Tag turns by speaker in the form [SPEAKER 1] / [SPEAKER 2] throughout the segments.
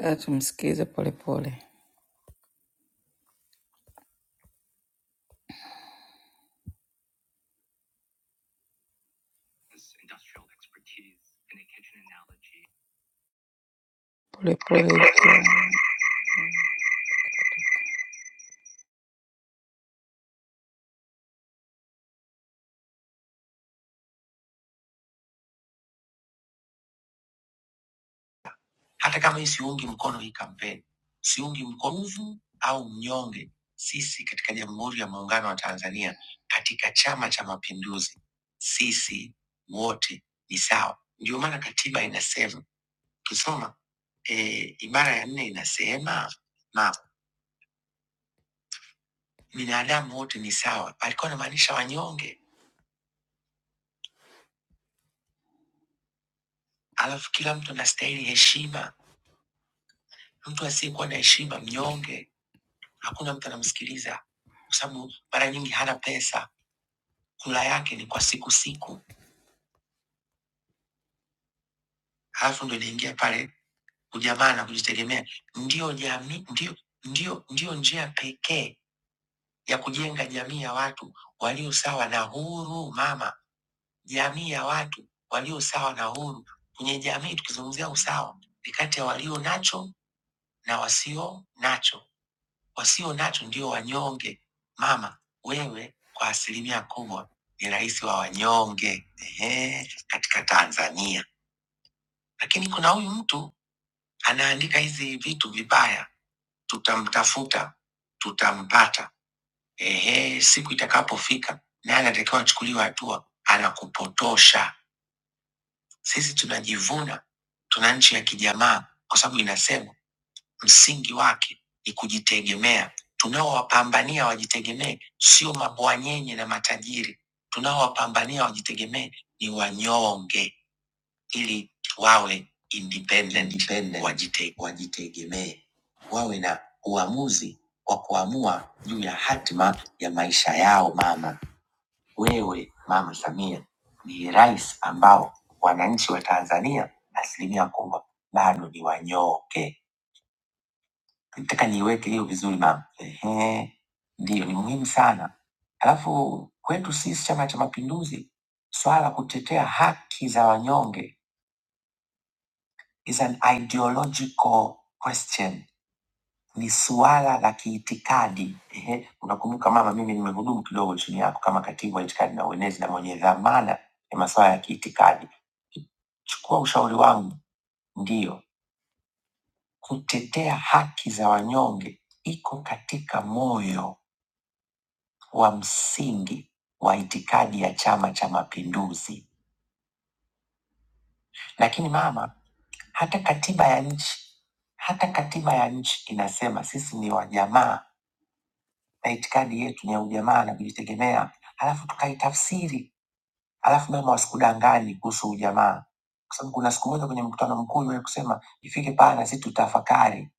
[SPEAKER 1] Nataka tumsikize polepole polepole huko.
[SPEAKER 2] hata kama hii siungi mkono hii kampeni, siungi mkono mvu au mnyonge. Sisi katika Jamhuri ya Muungano wa Tanzania, katika Chama cha Mapinduzi, sisi wote ni sawa. Ndio maana katiba inasema, ukisoma eh, ibara ya nne inasema na binadamu wote ni sawa. Alikuwa anamaanisha wanyonge, alafu kila mtu anastahili heshima. Mtu asiyekuwa na heshima, mnyonge, hakuna mtu anamsikiliza, kwa sababu mara nyingi hana pesa kula yake ni kwa siku siku, alafu ndo inaingia pale ujamaa na kujitegemea. Ndiyo jamii, ndiyo, ndiyo, ndiyo njia pekee ya kujenga jamii ya watu walio sawa na huru. Mama, jamii ya watu walio sawa na huru. Kwenye jamii tukizungumzia usawa, ni kati ya walio nacho na wasio nacho. Wasio nacho ndio wanyonge. Mama, wewe kwa asilimia kubwa ni rais wa wanyonge ehe, katika Tanzania lakini kuna huyu mtu anaandika hizi vitu vibaya, tutamtafuta, tutampata. Ehe, siku itakapofika naye anatakiwa achukuliwe hatua, anakupotosha. Sisi tunajivuna, tuna nchi ya kijamaa kwa sababu inasema msingi wake ni kujitegemea. Tunaowapambania wajitegemee sio mabwanyenye na matajiri, tunaowapambania wajitegemee ni wanyonge ili wawe independent, independent. Wajite, wajitegemee, wawe na uamuzi wa kuamua juu ya hatima ya maisha yao. Mama wewe, Mama Samia ni rais ambao wananchi wa Tanzania asilimia kubwa bado ni wanyonge. Nataka niiweke hiyo vizuri mama. Ehe, ndiyo ni muhimu sana. Alafu kwetu sisi Chama cha Mapinduzi, swala la kutetea haki za wanyonge is an ideological question, ni suala la kiitikadi. Ehe, unakumbuka mama, mimi nimehudumu kidogo chini yako kama katibu wa itikadi na uenezi na mwenye dhamana ya masuala ya kiitikadi. Chukua ushauri wangu, ndiyo kutetea haki za wanyonge iko katika moyo wa msingi wa itikadi ya Chama cha Mapinduzi. Lakini mama, hata katiba ya nchi, hata katiba ya nchi inasema sisi ni wajamaa na itikadi yetu ni ya ujamaa na kujitegemea, halafu tukaitafsiri Alafu mama wasikudanganye kuhusu ujamaa, kwa sababu kuna siku moja kwenye mkutano mkuu iliwahi kusema ifike pale na sisi tutafakari.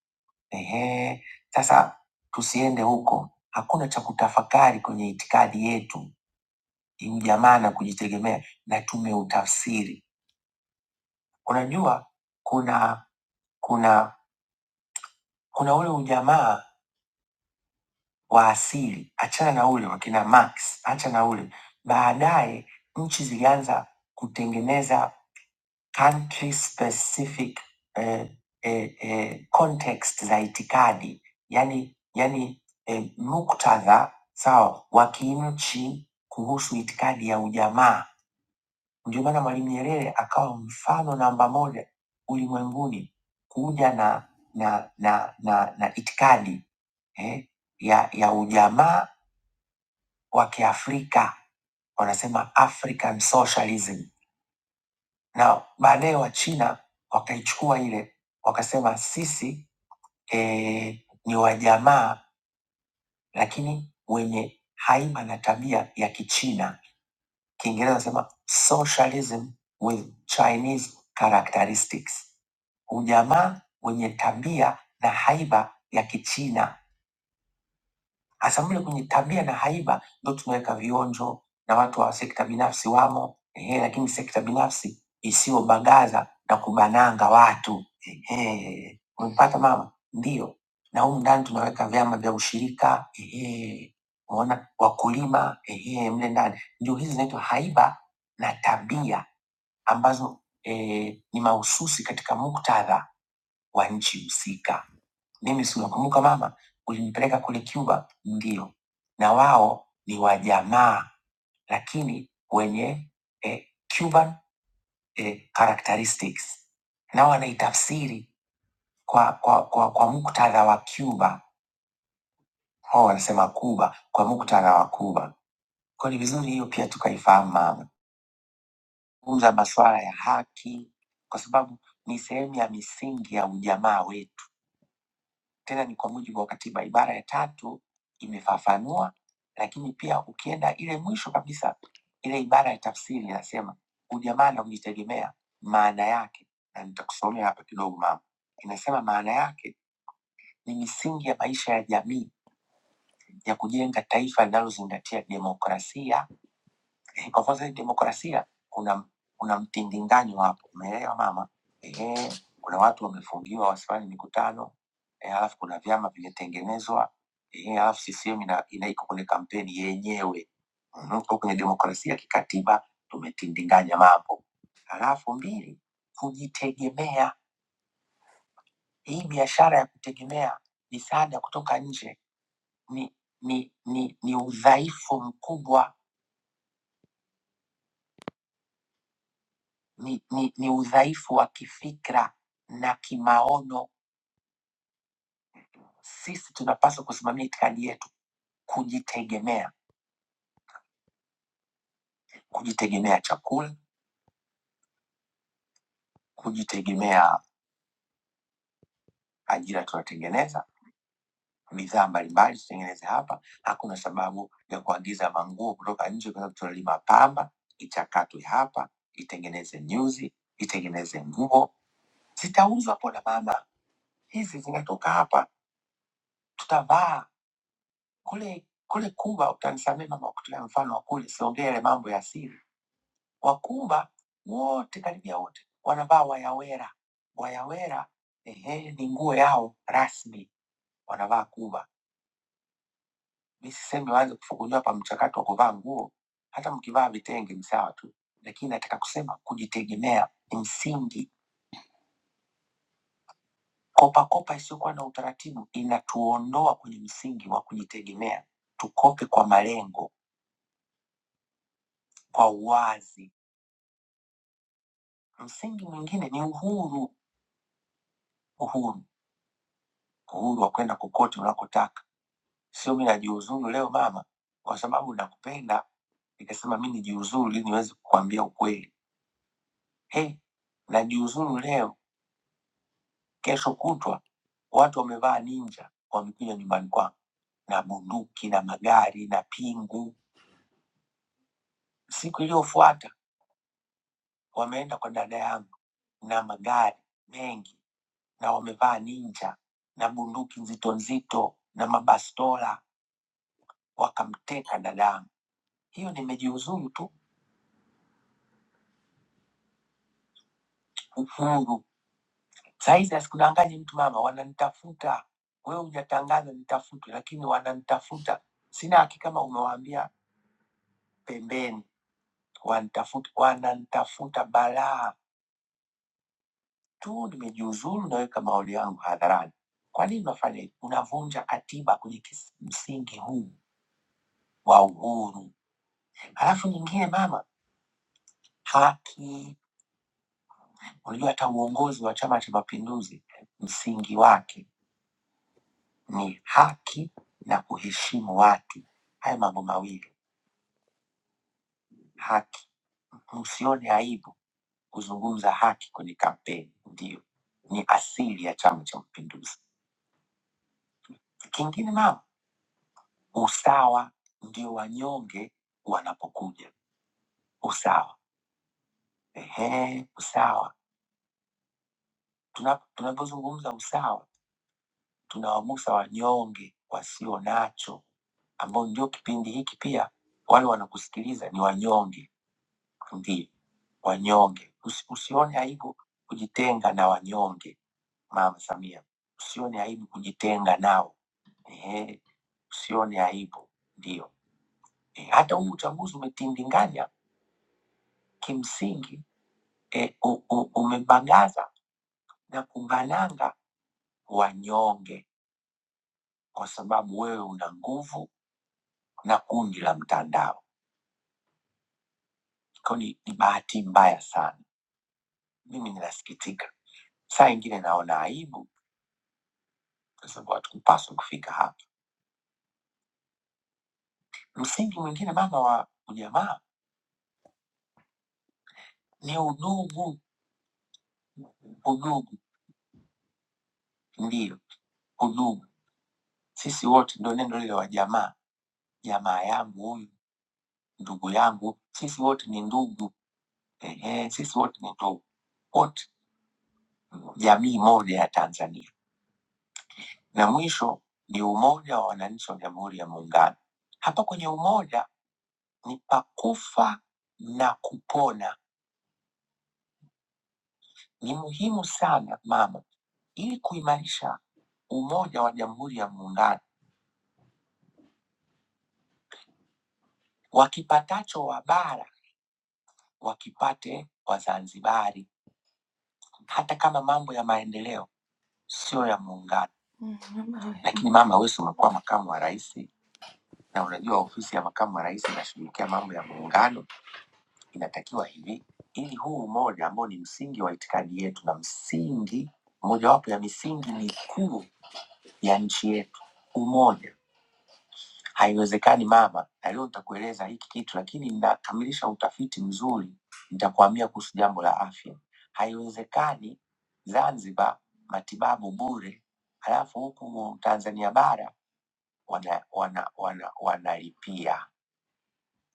[SPEAKER 2] Ehe, sasa tusiende huko, hakuna cha kutafakari kwenye itikadi yetu, ni ujamaa na kujitegemea, na tumeutafsiri. Unajua kuna kuna kuna ule ujamaa wa asili, achana na ule wakina Marx, acha na ule. Baadaye nchi zilianza kutengeneza country specific eh, eh, eh, context za itikadi yani, yani eh, muktadha sawa wa kinchi kuhusu itikadi ya ujamaa Ndio maana Mwalimu Nyerere akawa mfano namba moja ulimwenguni kuja na na na na, na itikadi eh, ya ya ujamaa wa Kiafrika, wanasema African socialism, na baadaye wa China wakaichukua ile wakasema sisi eh, ni wajamaa lakini wenye haiba na tabia ya Kichina. Kiingereza nasema socialism with Chinese characteristics ujamaa wenye tabia na haiba ya Kichina Hasa mle kwenye tabia na haiba ndo tunaweka vionjo na watu wa sekta binafsi wamo, ehe, lakini sekta binafsi isiyobagaza na kubananga watu. Ehe, umepata mama? Ndio, na humu ndani tunaweka vyama vya ushirika ehe, umeona wakulima ehe, mle ndani ndio hizi zinaitwa haiba na tabia ambazo eh, ni mahususi katika muktadha wa nchi husika. Mimi si unakumbuka mama? ulinipeleka kule Cuba? Ndio. Na wao ni wajamaa lakini wenye eh, Cuban eh, characteristics, nao wanaitafsiri kwa, kwa, kwa, kwa muktadha wa Cuba. Hao wanasema Cuba kwa muktadha wa Cuba. Kwa ni vizuri hiyo pia tukaifahamu mama, zungumza masuala ya haki, kwa sababu ni sehemu ya misingi ya ujamaa wetu. tena ni kwa mujibu wa katiba. Ibara ya tatu imefafanua, lakini pia ukienda ile mwisho kabisa, ile ibara ya tafsiri inasema ujamaa na kujitegemea, maana yake, na nitakusomea hapa kidogo mama, inasema maana yake ni misingi ya maisha ya jamii ya kujenga taifa linalozingatia demokrasia Eh, Kwa kwanza demokrasia kuna kuna mtindinganyo hapo, umeelewa mama? Ehe, kuna watu wamefungiwa wasifanye mikutano eh, alafu kuna vyama vimetengenezwa eh, alafu CCM ina, ina iko kwenye kampeni yenyewe Mhm, kwa kwenye demokrasia kikatiba tumetindinganya mambo. Alafu mbili, kujitegemea. Hii biashara ya kutegemea misaada kutoka nje ni ni ni, ni udhaifu mkubwa ni, ni, ni udhaifu wa kifikra na kimaono. Sisi tunapaswa kusimamia itikadi yetu, kujitegemea, kujitegemea chakula, kujitegemea ajira tunatengeneza bidhaa mbalimbali tutengeneze hapa. Hakuna sababu ya kuagiza manguo kutoka nje, kwa sababu tunalima pamba, ichakatwe hapa, itengeneze nyuzi, itengeneze nguo, zitauzwa. Pona mama, hizi zinatoka hapa, tutavaa Kule kule Kuba, utanisamehe mama, kwa kutolea mfano wa kule, siongee yale mambo ya siri. Wakuba wote, karibia wote, wanavaa wayawera. Wayawera ehe, ni nguo yao rasmi, wanavaa Kuba. Mi sisemi waanze kufunguliwa hapa mchakato wa kuvaa nguo, hata mkivaa vitenge ni sawa tu, lakini nataka kusema kujitegemea ni msingi. Kopakopa isiyokuwa na utaratibu inatuondoa kwenye msingi wa kujitegemea. Tukope kwa malengo, kwa uwazi Msingi mwingine ni uhuru, uhuru, uhuru wa kwenda kokote unakotaka. Sio mi najiuzuru leo mama, kwa sababu nakupenda, nikasema mi nijiuzuru ili niweze kukwambia ukweli. Hey, najiuzuru leo, kesho kutwa watu wamevaa ninja wamekuja nyumbani kwangu na bunduki na magari na pingu. Siku iliyofuata wameenda kwa dada yangu na magari mengi na wamevaa ninja na bunduki nzito nzito na mabastola wakamteka dadangu. Hiyo nimejiuzuru tu uhuru. Sahizi asikudanganyi mtu mama, wananitafuta. Wewe hujatangaza nitafutwe, lakini wananitafuta. Sina hakika kama umewaambia pembeni, wanitafuta, wananitafuta balaa tu. Nimejiuzuru, naweka maoni yangu hadharani. Kwa nini unafanya hivi? Unavunja katiba kwenye kis- msingi huu wa uhuru. Halafu nyingine mama, haki. Unajua hata uongozi wa Chama cha Mapinduzi msingi wake ni haki na kuheshimu watu. Haya mambo mawili, haki. Msione aibu kuzungumza haki kwenye kampeni, ndio ni asili ya Chama cha Mapinduzi. Kingine mama, usawa. Ndio wanyonge wanapokuja, usawa. Ehe, usawa. Tuna- Tunapozungumza usawa, tunawagusa wanyonge wasio nacho, ambao ndio kipindi hiki pia wale wanakusikiliza ni wanyonge Ndiyo, wanyonge. Usi, usione aibu kujitenga na wanyonge, Mama Samia. Usione aibu kujitenga nao. Ehe, usione aibu. Ndiyo. E, hata huu uchaguzi umetindinganya kimsingi, e, u, u, umebagaza na kubananga wanyonge kwa sababu wewe una nguvu na kundi la mtandao. Kwa ni, ni bahati mbaya sana. Mimi ninasikitika, saa ingine naona aibu kwa sababu hatukupaswa kufika hapa. Msingi mwingine mama wa ujamaa ni udugu. Udugu ndiyo udugu, sisi wote ndo neno lile wa jamaa, jamaa yangu huyu, ndugu yangu, sisi wote ni ndugu. Ehe, sisi wote ni ndugu, wote jamii moja ya Tanzania. Na mwisho ni umoja wa wananchi wa Jamhuri ya Muungano. Hapa kwenye umoja ni pakufa na kupona. ni muhimu sana mama, ili kuimarisha umoja wa Jamhuri ya Muungano. Wakipatacho wa bara wakipate Wazanzibari, hata kama mambo ya maendeleo sio ya muungano. Mm, mama we. Lakini mama, wewe si umekuwa makamu wa rais, na unajua ofisi ya makamu wa rais inashughulikia mambo ya muungano. Inatakiwa hivi, ili huu umoja ambao ni msingi wa itikadi yetu na msingi mojawapo ya misingi mikuu ya nchi yetu, umoja Haiwezekani mama, na leo nitakueleza hiki kitu, lakini ninakamilisha utafiti mzuri, nitakuambia kuhusu jambo la afya. Haiwezekani Zanzibar matibabu bure, halafu huku mu- Tanzania bara wanalipia wana, wana, wanalipia.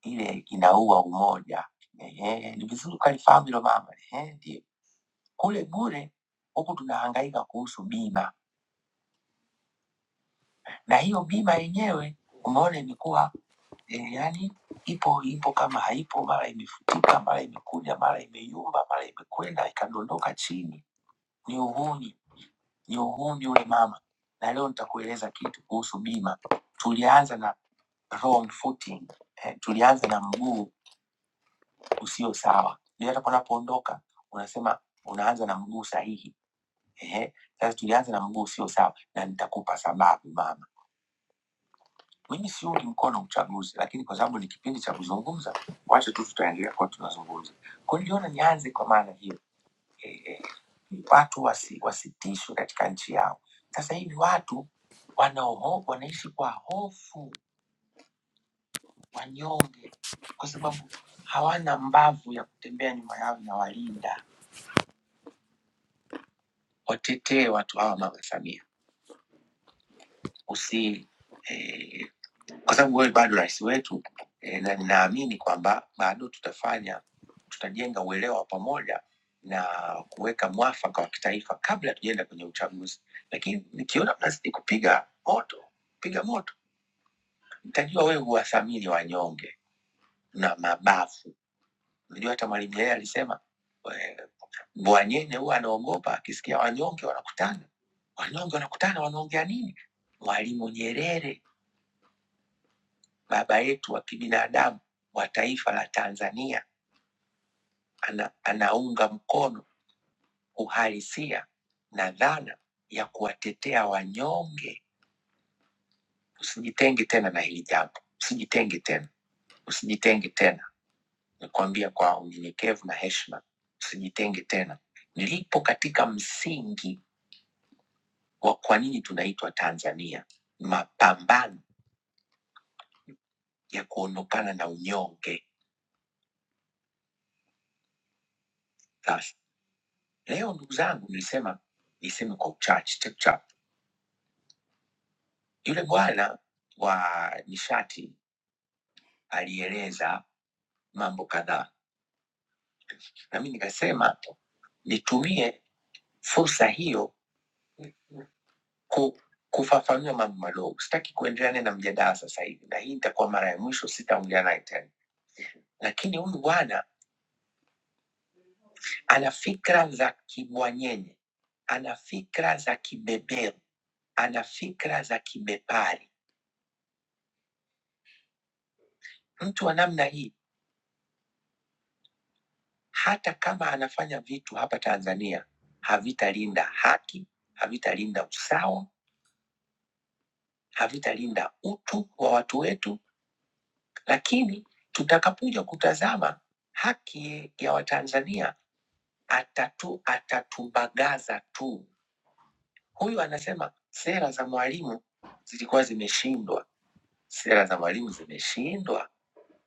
[SPEAKER 2] Ile inaua umoja. Ehe, ni vizuri ukalifahamu hilo mama. Ehe, ndio kule bure, huku tunahangaika kuhusu bima, na hiyo bima yenyewe umeona imekuwa Eh, yaani ipo ipo kama haipo, mara imefutika, mara imekuja, mara imeyumba, mara imekwenda ikadondoka chini. Ni uhuni, ni uhuni ule mama. Na leo nitakueleza kitu kuhusu bima. Tulianza na wrong footing. Eh, tulianza na mguu usio sawa, ndio hata unapoondoka unasema unaanza na mguu sahihi. Ehe, sasa tulianza na mguu usio sawa, na nitakupa sababu mama. Mimi siungi mkono uchaguzi, lakini kwa sababu ni kipindi cha kuzungumza, wacha tu tutaendelea kuwa tunazungumza. Kwa hiyo niliona nianze kwa maana hiyo eh, eh, watu wasi, wasitishwe katika nchi yao. Sasa hivi watu wanaoho, wanaishi kwa hofu, wanyonge, kwa sababu hawana mbavu ya kutembea nyuma yao na walinda. Watetee watu hawa, Mama Samia, usiri kwa sababu wewe bado rais wetu e, na ninaamini kwamba bado tutafanya tutajenga uelewa wa pamoja na kuweka mwafaka wa kitaifa kabla hatujaenda kwenye uchaguzi. Lakini nikiona mnazidi kupiga moto piga moto, nitajua wewe huwathamini wanyonge na mabafu. Unajua hata Mwalimu Nyerere alisema eh, Mbwanyene huwa anaogopa akisikia wanyonge wanakutana, wanyonge wanakutana, wanaongea nini? Mwalimu Nyerere, baba yetu wa kibinadamu wa taifa la Tanzania ana, anaunga mkono uhalisia na dhana ya kuwatetea wanyonge. Usijitenge tena na hili jambo, usijitenge tena, usijitenge tena. Nakwambia kwa unyenyekevu na heshima, usijitenge tena. Nilipo katika msingi wa kwa nini tunaitwa Tanzania, mapambano ya kuondokana na unyonge. Sasa leo, ndugu zangu, nilisema niseme kwa uchache chapchap, yule bwana wa nishati alieleza mambo kadhaa, na mi nikasema nitumie fursa hiyo ku, kufafanua mambo madogo. Sitaki kuendelea naye na mjadala sasa hivi, na hii itakuwa mara ya mwisho, sitaongea naye tena. Lakini huyu bwana ana fikra za kibwanyenye, ana fikra za kibeberu, ana fikra za kibepari. Mtu wa namna hii, hata kama anafanya vitu hapa Tanzania, havitalinda haki, havitalinda usawa, havitalinda utu wa watu wetu Lakini tutakapokuja kutazama haki ya Watanzania atatu atatumbagaza tu. Huyu anasema sera za Mwalimu zilikuwa zimeshindwa, sera za Mwalimu zimeshindwa.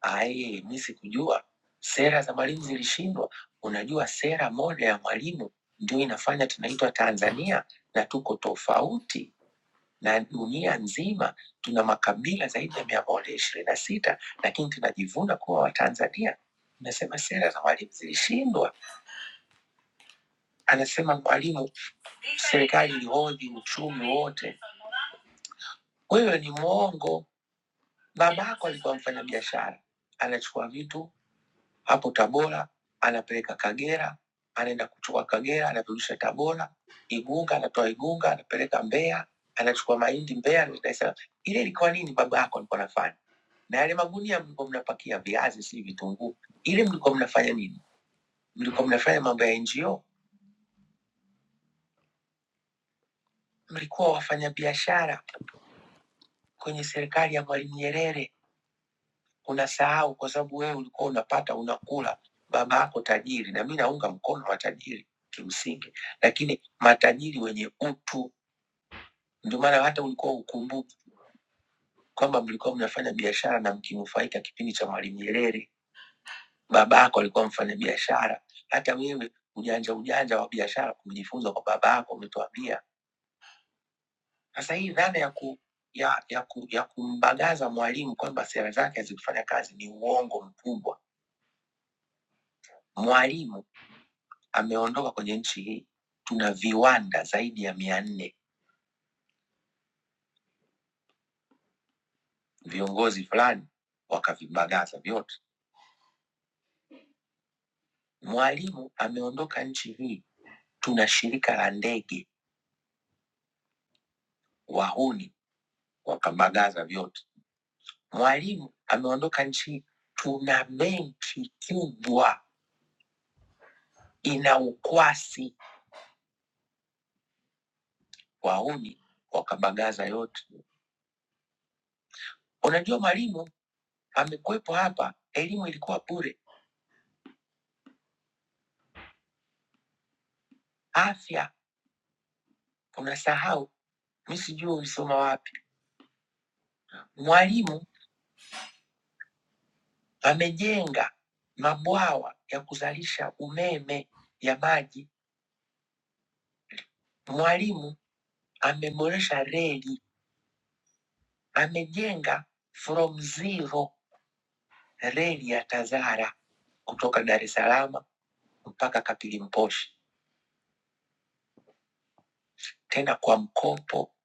[SPEAKER 2] Aye, mi sikujua sera za Mwalimu zilishindwa. Unajua sera moja ya Mwalimu ndio inafanya tunaitwa Tanzania na tuko tofauti na dunia nzima tuna makabila zaidi ya mia moja ishirini na sita lakini tunajivuna kuwa Watanzania. Nasema sera za mwalimu zilishindwa. Anasema mwalimu, serikali ilihodhi uchumi wote. Wewe ni mwongo. Babako alikuwa mfanyabiashara, anachukua vitu hapo Tabora anapeleka Kagera, anaenda kuchukua Kagera anarudisha Tabora, Igunga anatoa Igunga anapeleka Mbeya, anachukua mahindi Mbeya. anarudisha Dar es Salaam. Ile ilikuwa nini babako alikuwa anafanya? na yale magunia mlikuwa mnapakia viazi, si vitunguu, ile mlikuwa mnafanya nini? Mlikuwa mnafanya mambo ya NGO, mlikuwa wafanyabiashara kwenye serikali ya Mwalimu Nyerere. Unasahau kwa sababu wewe ulikuwa unapata unakula, baba yako tajiri, na mi naunga mkono matajiri kimsingi, lakini matajiri wenye utu. Ndio maana hata ulikuwa ukumbuki kwamba mlikuwa mnafanya biashara na mkinufaika kipindi cha Mwalimu Nyerere Babako alikuwa mfanyabiashara. Hata wewe ujanja ujanja wa biashara kujifunza kwa babako, umetuambia. Sasa hii dhana ya ku ya, ya, ku, ya kumbagaza mwalimu kwamba sera zake hazikufanya kazi ni uongo mkubwa. Mwalimu ameondoka kwenye nchi hii, tuna viwanda zaidi ya mia nne, viongozi fulani wakavibagaza vyote. Mwalimu ameondoka nchi hii, tuna shirika la ndege, wahuni wakabagaza vyote. mwalimu ameondoka nchi, tuna benki kubwa ina ukwasi. Wauni wakabagaza yote. Unajua mwalimu amekuwepo hapa, elimu ilikuwa bure, afya unasahau, mi sijui ulisoma wapi. Mwalimu amejenga mabwawa ya kuzalisha umeme ya maji. Mwalimu ameboresha reli, amejenga from zero reli ya Tazara kutoka Dar es Salaam mpaka Kapilimposhi, tena kwa mkopo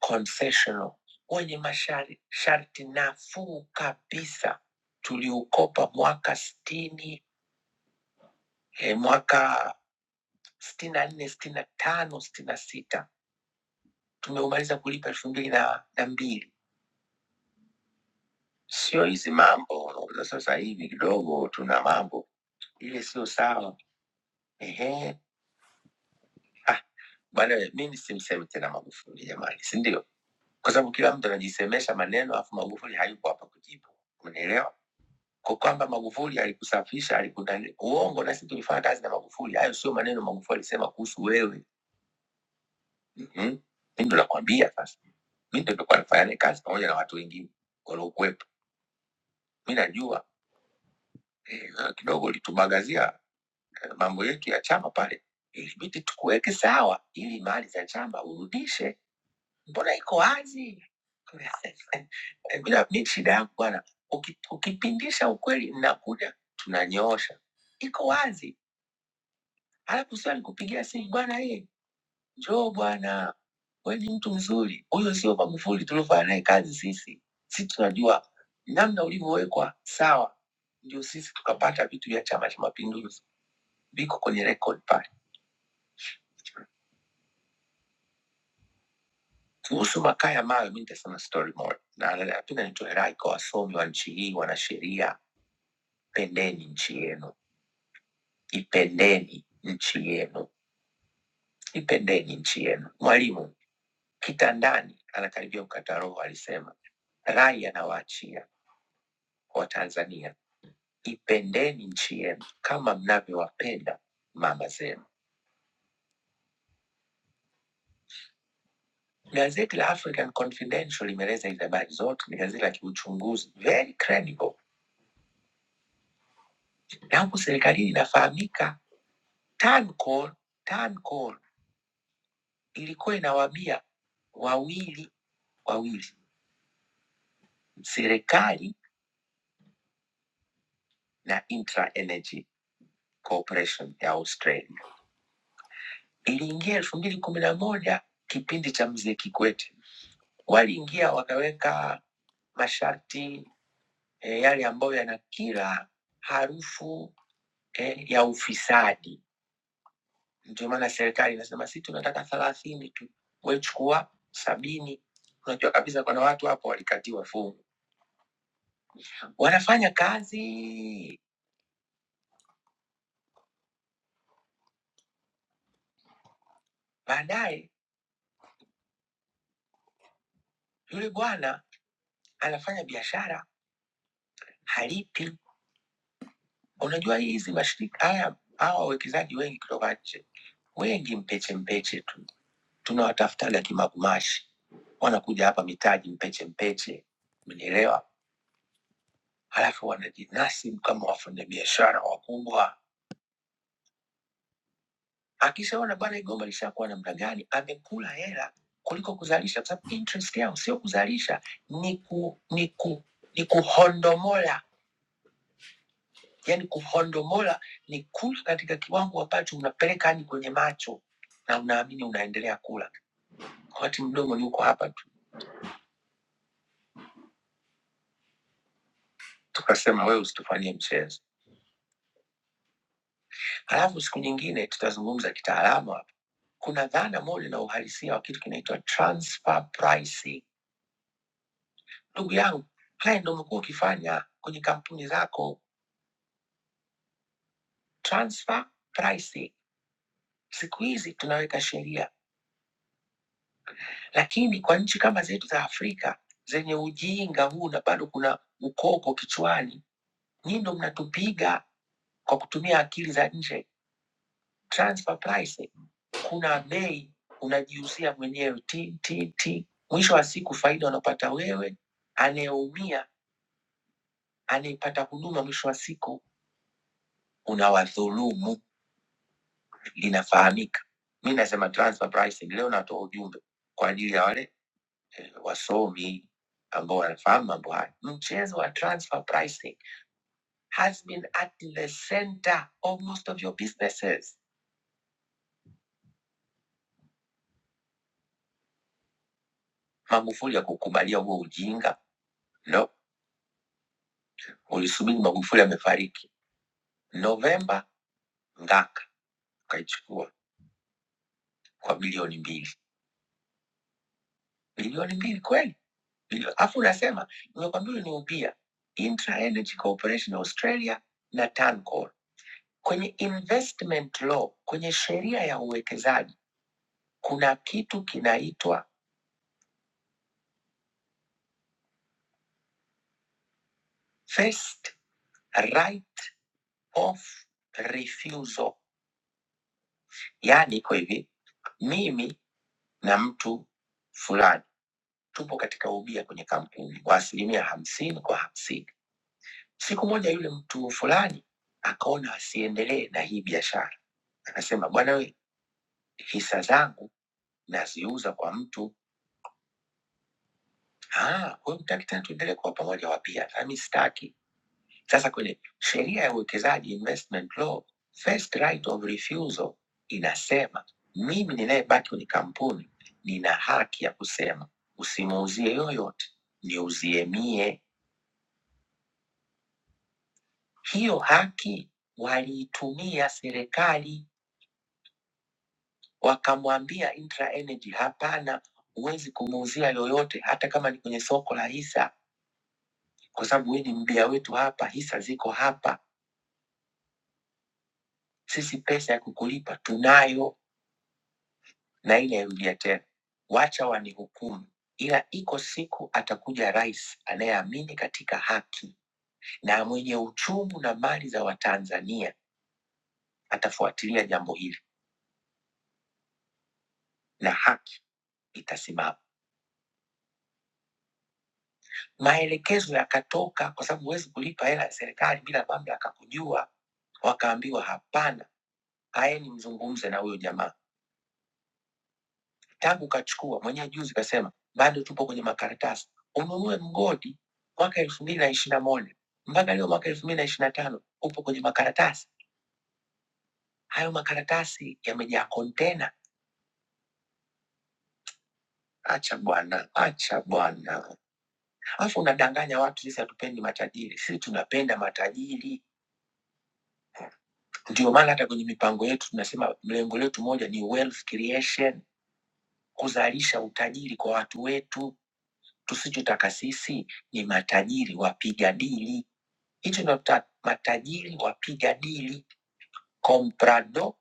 [SPEAKER 2] concessional wenye mashari- sharti nafuu kabisa. Tuliukopa mwaka sitini eh, mwaka sitini na nne sitini na tano sitini na sita tumeumaliza kulipa elfu mbili na na mbili. Sio hizi mambo unaona, sasa hivi kidogo tuna mambo ile, sio sawa. Ehe, ah, bwana, mimi simsemi tena Magufuli jamani, si ndio? kwa sababu kila mtu anajisemesha maneno alafu Magufuli hayupo hapa kujibu, umenielewa? Kwa kwamba Magufuli alikusafisha alikudani, uongo. Na sisi tulifanya kazi na Magufuli, hayo sio maneno Magufuli alisema kuhusu wewe. Mhm. Mm, Mimi ndo nakwambia sasa, mimi ndo nilikuwa nafanya naye kazi pamoja na watu wengine waliokuwepo, mi najua eh, wewe kidogo ulitumagazia eh, mambo yetu ya chama pale, ilibidi tukuweke sawa ili mali za chama urudishe mbona iko wazi? Bila mi shida yangu bwana, uki- ukipindisha ukweli mnakuja tunanyoosha, iko wazi. Halafu sio nikupigia simu bwana, ye njoo bwana, we ni mtu mzuri. Huyo sio Magufuli tuliofanya naye kazi sisi, si tunajua namna ulivyowekwa sawa, ndio sisi tukapata vitu vya Chama cha Mapinduzi, viko kwenye rekodi pale. Kuhusu makaa ya mawe, mi nitasema story moja, na nataka nitoe rai kwa wasomi wa nchi hii, wanasheria, pendeni nchi yenu, ipendeni nchi yenu, ipendeni nchi yenu. Mwalimu kitandani anakaribia kukata roho, alisema rai anawaachia Watanzania, ipendeni nchi yenu kama mnavyowapenda mama zenu. Gazeti la African Confidential limeeleza hizi habari zote, ni gazeti la kiuchunguzi, very credible, na huku serikalini inafahamika Tancol, Tancol ilikuwa inawaambia wawili wawili, serikali na Intra Energy Corporation ya Australia. Iliingia elfu mbili kumi na moja kipindi cha mzee Kikwete, waliingia wakaweka masharti e, yale ambayo yana kila harufu e, ya ufisadi. Ndio maana serikali inasema sisi tunataka thelathini tu, we chukua sabini. Unajua kabisa kuna watu hapo walikatiwa fungu wanafanya kazi. Baadaye yule bwana anafanya biashara, halipi. Unajua hizi mashirika haya, hawa wawekezaji wengi kutoka nje, wengi mpeche mpeche tu, tunawatafutaga kimagumashi, wanakuja hapa mitaji mpeche mpeche, umenielewa? Halafu wanajinasibu kama wafanyabiashara wakubwa. Akishaona bwana igomba lishakuwa namna gani, amekula hela kuliko kuzalisha, kwa sababu interest yao sio kuzalisha, ni ku, ni ku, ni kuhondomola yani kuhondomola ni kula katika kiwango ambacho unapeleka hadi kwenye macho na unaamini unaendelea kula, wakati mdomo ni uko hapa tu. Tukasema wewe usitufanyie mchezo. Halafu siku nyingine tutazungumza kitaalamu hapa. Kuna dhana moja na uhalisia wa kitu kinaitwa transfer pricing. Ndugu yangu, haya ndio umekuwa ukifanya kwenye kampuni zako, transfer pricing. Siku hizi tunaweka sheria, lakini kwa nchi kama zetu za Afrika zenye ujinga huu na bado kuna ukoko kichwani, Nyinyi ndo mnatupiga kwa kutumia akili za nje. Transfer pricing, kuna bei unajiuzia mwenyewe ti, ti, ti. Mwisho wa siku faida unapata wewe, anayeumia anayepata huduma mwisho wa siku unawadhulumu, linafahamika. Mi nasema transfer pricing. Leo natoa ujumbe kwa ajili ya wale eh, wasomi ambao wanafahamu mambo haya. Mchezo wa transfer pricing has been at the center of most of your businesses Magufuli ya kukubalia huo ujinga no. Ulisubiri Magufuli amefariki Novemba, Ngaka ukaichukua kwa bilioni mbili, bilioni mbili kweli Bilio- Alafu unasema nimekwambia uliniupia Intra Energy Corporation Australia na Tancor. Kwenye investment law, kwenye sheria ya uwekezaji kuna kitu kinaitwa first right of refusal, yaani iko hivi, mimi na mtu fulani tupo katika ubia kwenye kampuni kwa asilimia hamsini kwa hamsini. Siku moja yule mtu fulani akaona asiendelee na hii biashara, akasema bwana we, hisa zangu naziuza kwa mtu. Ah, huyu mtaki tena tuendelee kuwa pamoja wapia? Nami sitaki. Sasa kwenye sheria ya uwekezaji investment law, first right of refusal inasema mimi ninayebaki kwenye kampuni nina haki ya kusema usimuuzie yoyote, niuzie mie Hiyo haki waliitumia serikali, wakamwambia Intra Energy, hapana, huwezi kumuuzia yoyote, hata kama ni kwenye soko la hisa, kwa sababu wewe ni mbia wetu hapa, hisa ziko hapa, sisi pesa ya kukulipa tunayo na ile yarudia tena, wacha wanihukumu. Ila iko siku atakuja rais anayeamini katika haki na mwenye uchungu na mali za Watanzania, atafuatilia jambo hili na haki itasimama. Maelekezo yakatoka, kwa sababu huwezi kulipa hela ya serikali bila mamlaka kujua. Wakaambiwa hapana, aeni mzungumze na huyo jamaa. Tangu kachukua mwenyewe juzi, kasema bado tupo kwenye makaratasi, ununue mgodi mwaka elfu mbili na ishiri na moja mpaka leo mwaka elfu mbili na ishiri na tano upo kwenye makaratasi. Hayo makaratasi yamejaa kontena. Acha bwana, acha bwana, alafu unadanganya watu. Sisi hatupendi matajiri, sisi tunapenda matajiri. Ndio maana hata kwenye mipango yetu tunasema lengo letu moja ni wealth creation, kuzalisha utajiri kwa watu wetu. Tusichotaka sisi ni matajiri wapiga dili, hicho ndio tuta- matajiri wapiga dili, comprado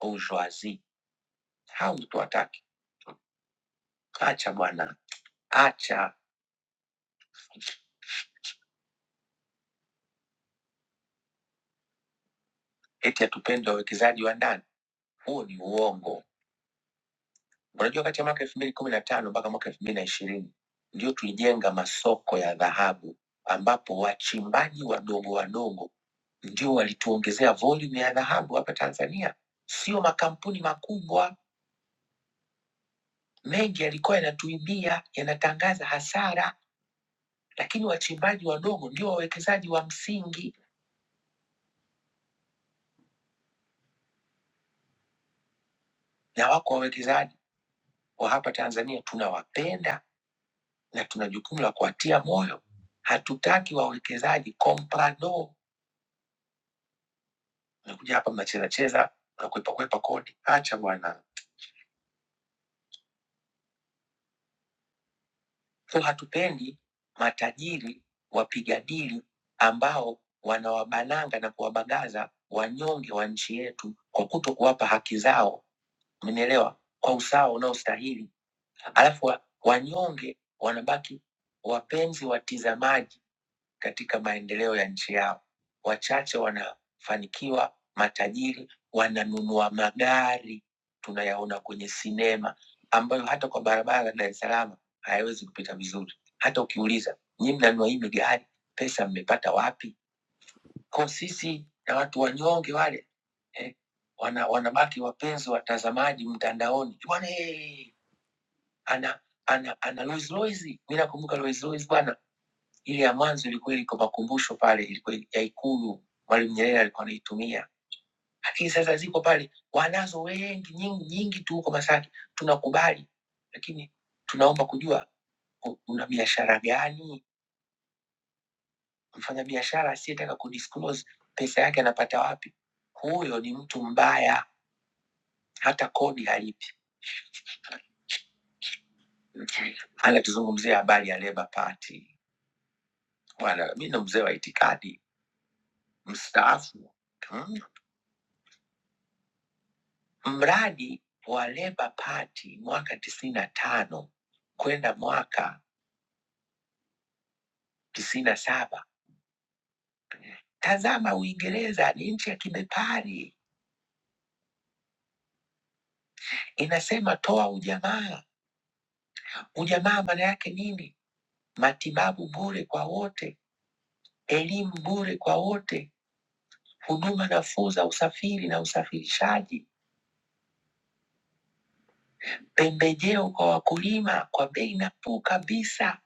[SPEAKER 2] bourgeoisie. Hao ndio tuwataki. Acha bwana, acha eti hatupende wawekezaji wa ndani, huo ni uongo. Unajua, kati ya mwaka elfu mbili kumi na tano mpaka mwaka elfu mbili na ishirini ndio tulijenga masoko ya dhahabu, ambapo wachimbaji wadogo wadogo ndio walituongezea volume ya dhahabu hapa Tanzania, sio makampuni makubwa. Mengi yalikuwa yanatuibia, yanatangaza hasara, lakini wachimbaji wadogo ndio wawekezaji wa msingi, na wako wawekezaji wa hapa Tanzania tunawapenda na tuna jukumu la kuwatia moyo. Hatutaki wawekezaji comprador mnakuja hapa mnacheza cheza mnakwepa kwepa kodi. Acha bwana. So hatupendi matajiri wapiga dili ambao wanawabananga na kuwabagaza wanyonge wa nchi yetu kwa kuto kuwapa haki zao, mmenielewa, kwa usawa unaostahili. Alafu wa- wanyonge wanabaki wapenzi watizamaji katika maendeleo ya nchi yao. Wachache wanafanikiwa, matajiri wananunua magari tunayaona kwenye sinema, ambayo hata kwa barabara ya Dar es Salaam hayawezi kupita vizuri. Hata ukiuliza nyinyi mnanunua hii migari, pesa mmepata wapi? Kwa sisi na watu wanyonge wale eh, wana, wanabaki wapenzi watazamaji mtandaoni bwana, hey, ana ana ana Rolls Royce. Mimi nakumbuka Rolls Royce bwana ile ya mwanzo ilikuwa iko makumbusho pale, ilikuwa ya Ikulu, Mwalimu Nyerere alikuwa anaitumia, lakini sasa ziko pale, wanazo wengi nyingi, nyingi tu huko Masaki. Tunakubali, lakini tunaomba kujua u- una biashara gani? Mfanya biashara asiyetaka kudisclose pesa yake anapata wapi, huyo ni mtu mbaya, hata kodi halipi. Anatuzungumzia habari ya Labour Party bwana, mi ndo mzee wa itikadi mstaafu Hmm. Mradi wa Labour Party mwaka tisini na tano kwenda mwaka tisini na saba Tazama, Uingereza ni nchi ya kibepari, inasema toa ujamaa. Ujamaa maana yake nini? Matibabu bure kwa wote, elimu bure kwa wote, huduma nafuu za usafiri na usafirishaji, pembejeo kwa wakulima kwa bei nafuu kabisa,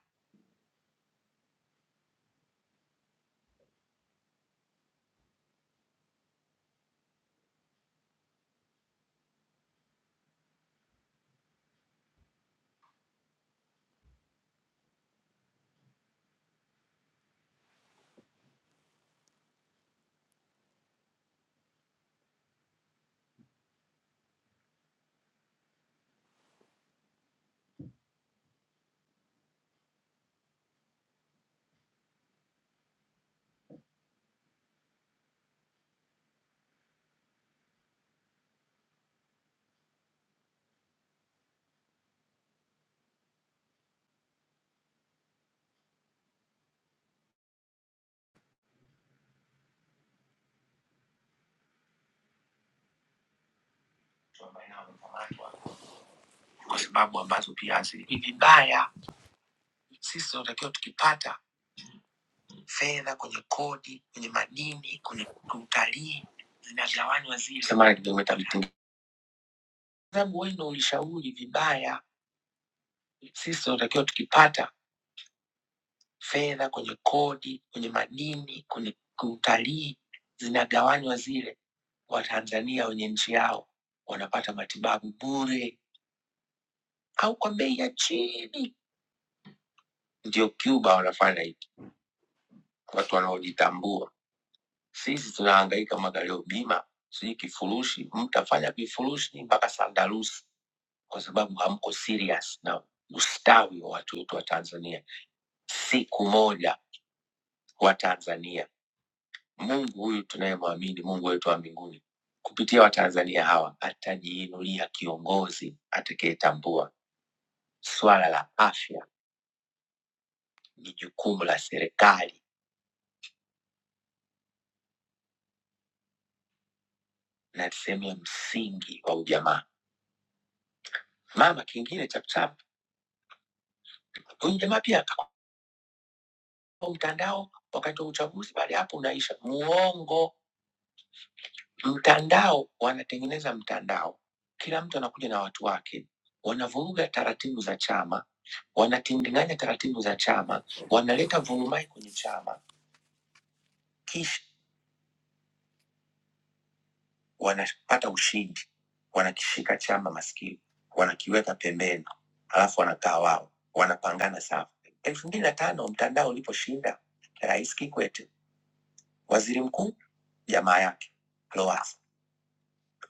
[SPEAKER 2] kwa sababu ambazo pia asili ni vibaya. Sisi tunatakiwa tukipata fedha, kwenye kodi, kwenye madini, kwenye utalii zinagawanywa zile. Sema na kimeweka vitu. Sababu wewe ndio ulishauri vibaya, sisi tunatakiwa tukipata fedha kwenye kodi, kwenye madini, kwenye utalii zinagawanywa zile, Watanzania wenye nchi yao wanapata matibabu bure au kwa bei ya chini. Ndio Cuba wanafanya hivi, watu wanaojitambua. Sisi tunahangaika magalio bima, sijui kifurushi, mtafanya vifurushi mpaka sandarusi, kwa sababu hamko serious na ustawi wa watu wetu wa Tanzania. Siku moja wa Tanzania, Mungu huyu tunayemwamini, Mungu wetu wa mbinguni, kupitia Watanzania hawa atajiinulia kiongozi atakayetambua swala la afya ni jukumu la serikali na sehemu ya msingi wa ujamaa. Mama kingine chapchap, huyu jamaa pia wa mtandao wakati wa uchaguzi, baada ya hapo unaisha. Muongo. Mtandao wanatengeneza mtandao, kila mtu anakuja na watu wake, wanavuruga taratibu za chama, wanatindiganya taratibu za chama, wanaleta vurumai kwenye chama, kisha wanapata ushindi, wanakishika chama maskini, wanakiweka pembeni, alafu wanakaa wao, wanapangana safu. elfu mbili na tano mtandao uliposhinda, Rais Kikwete waziri mkuu jamaa yake Lowassa.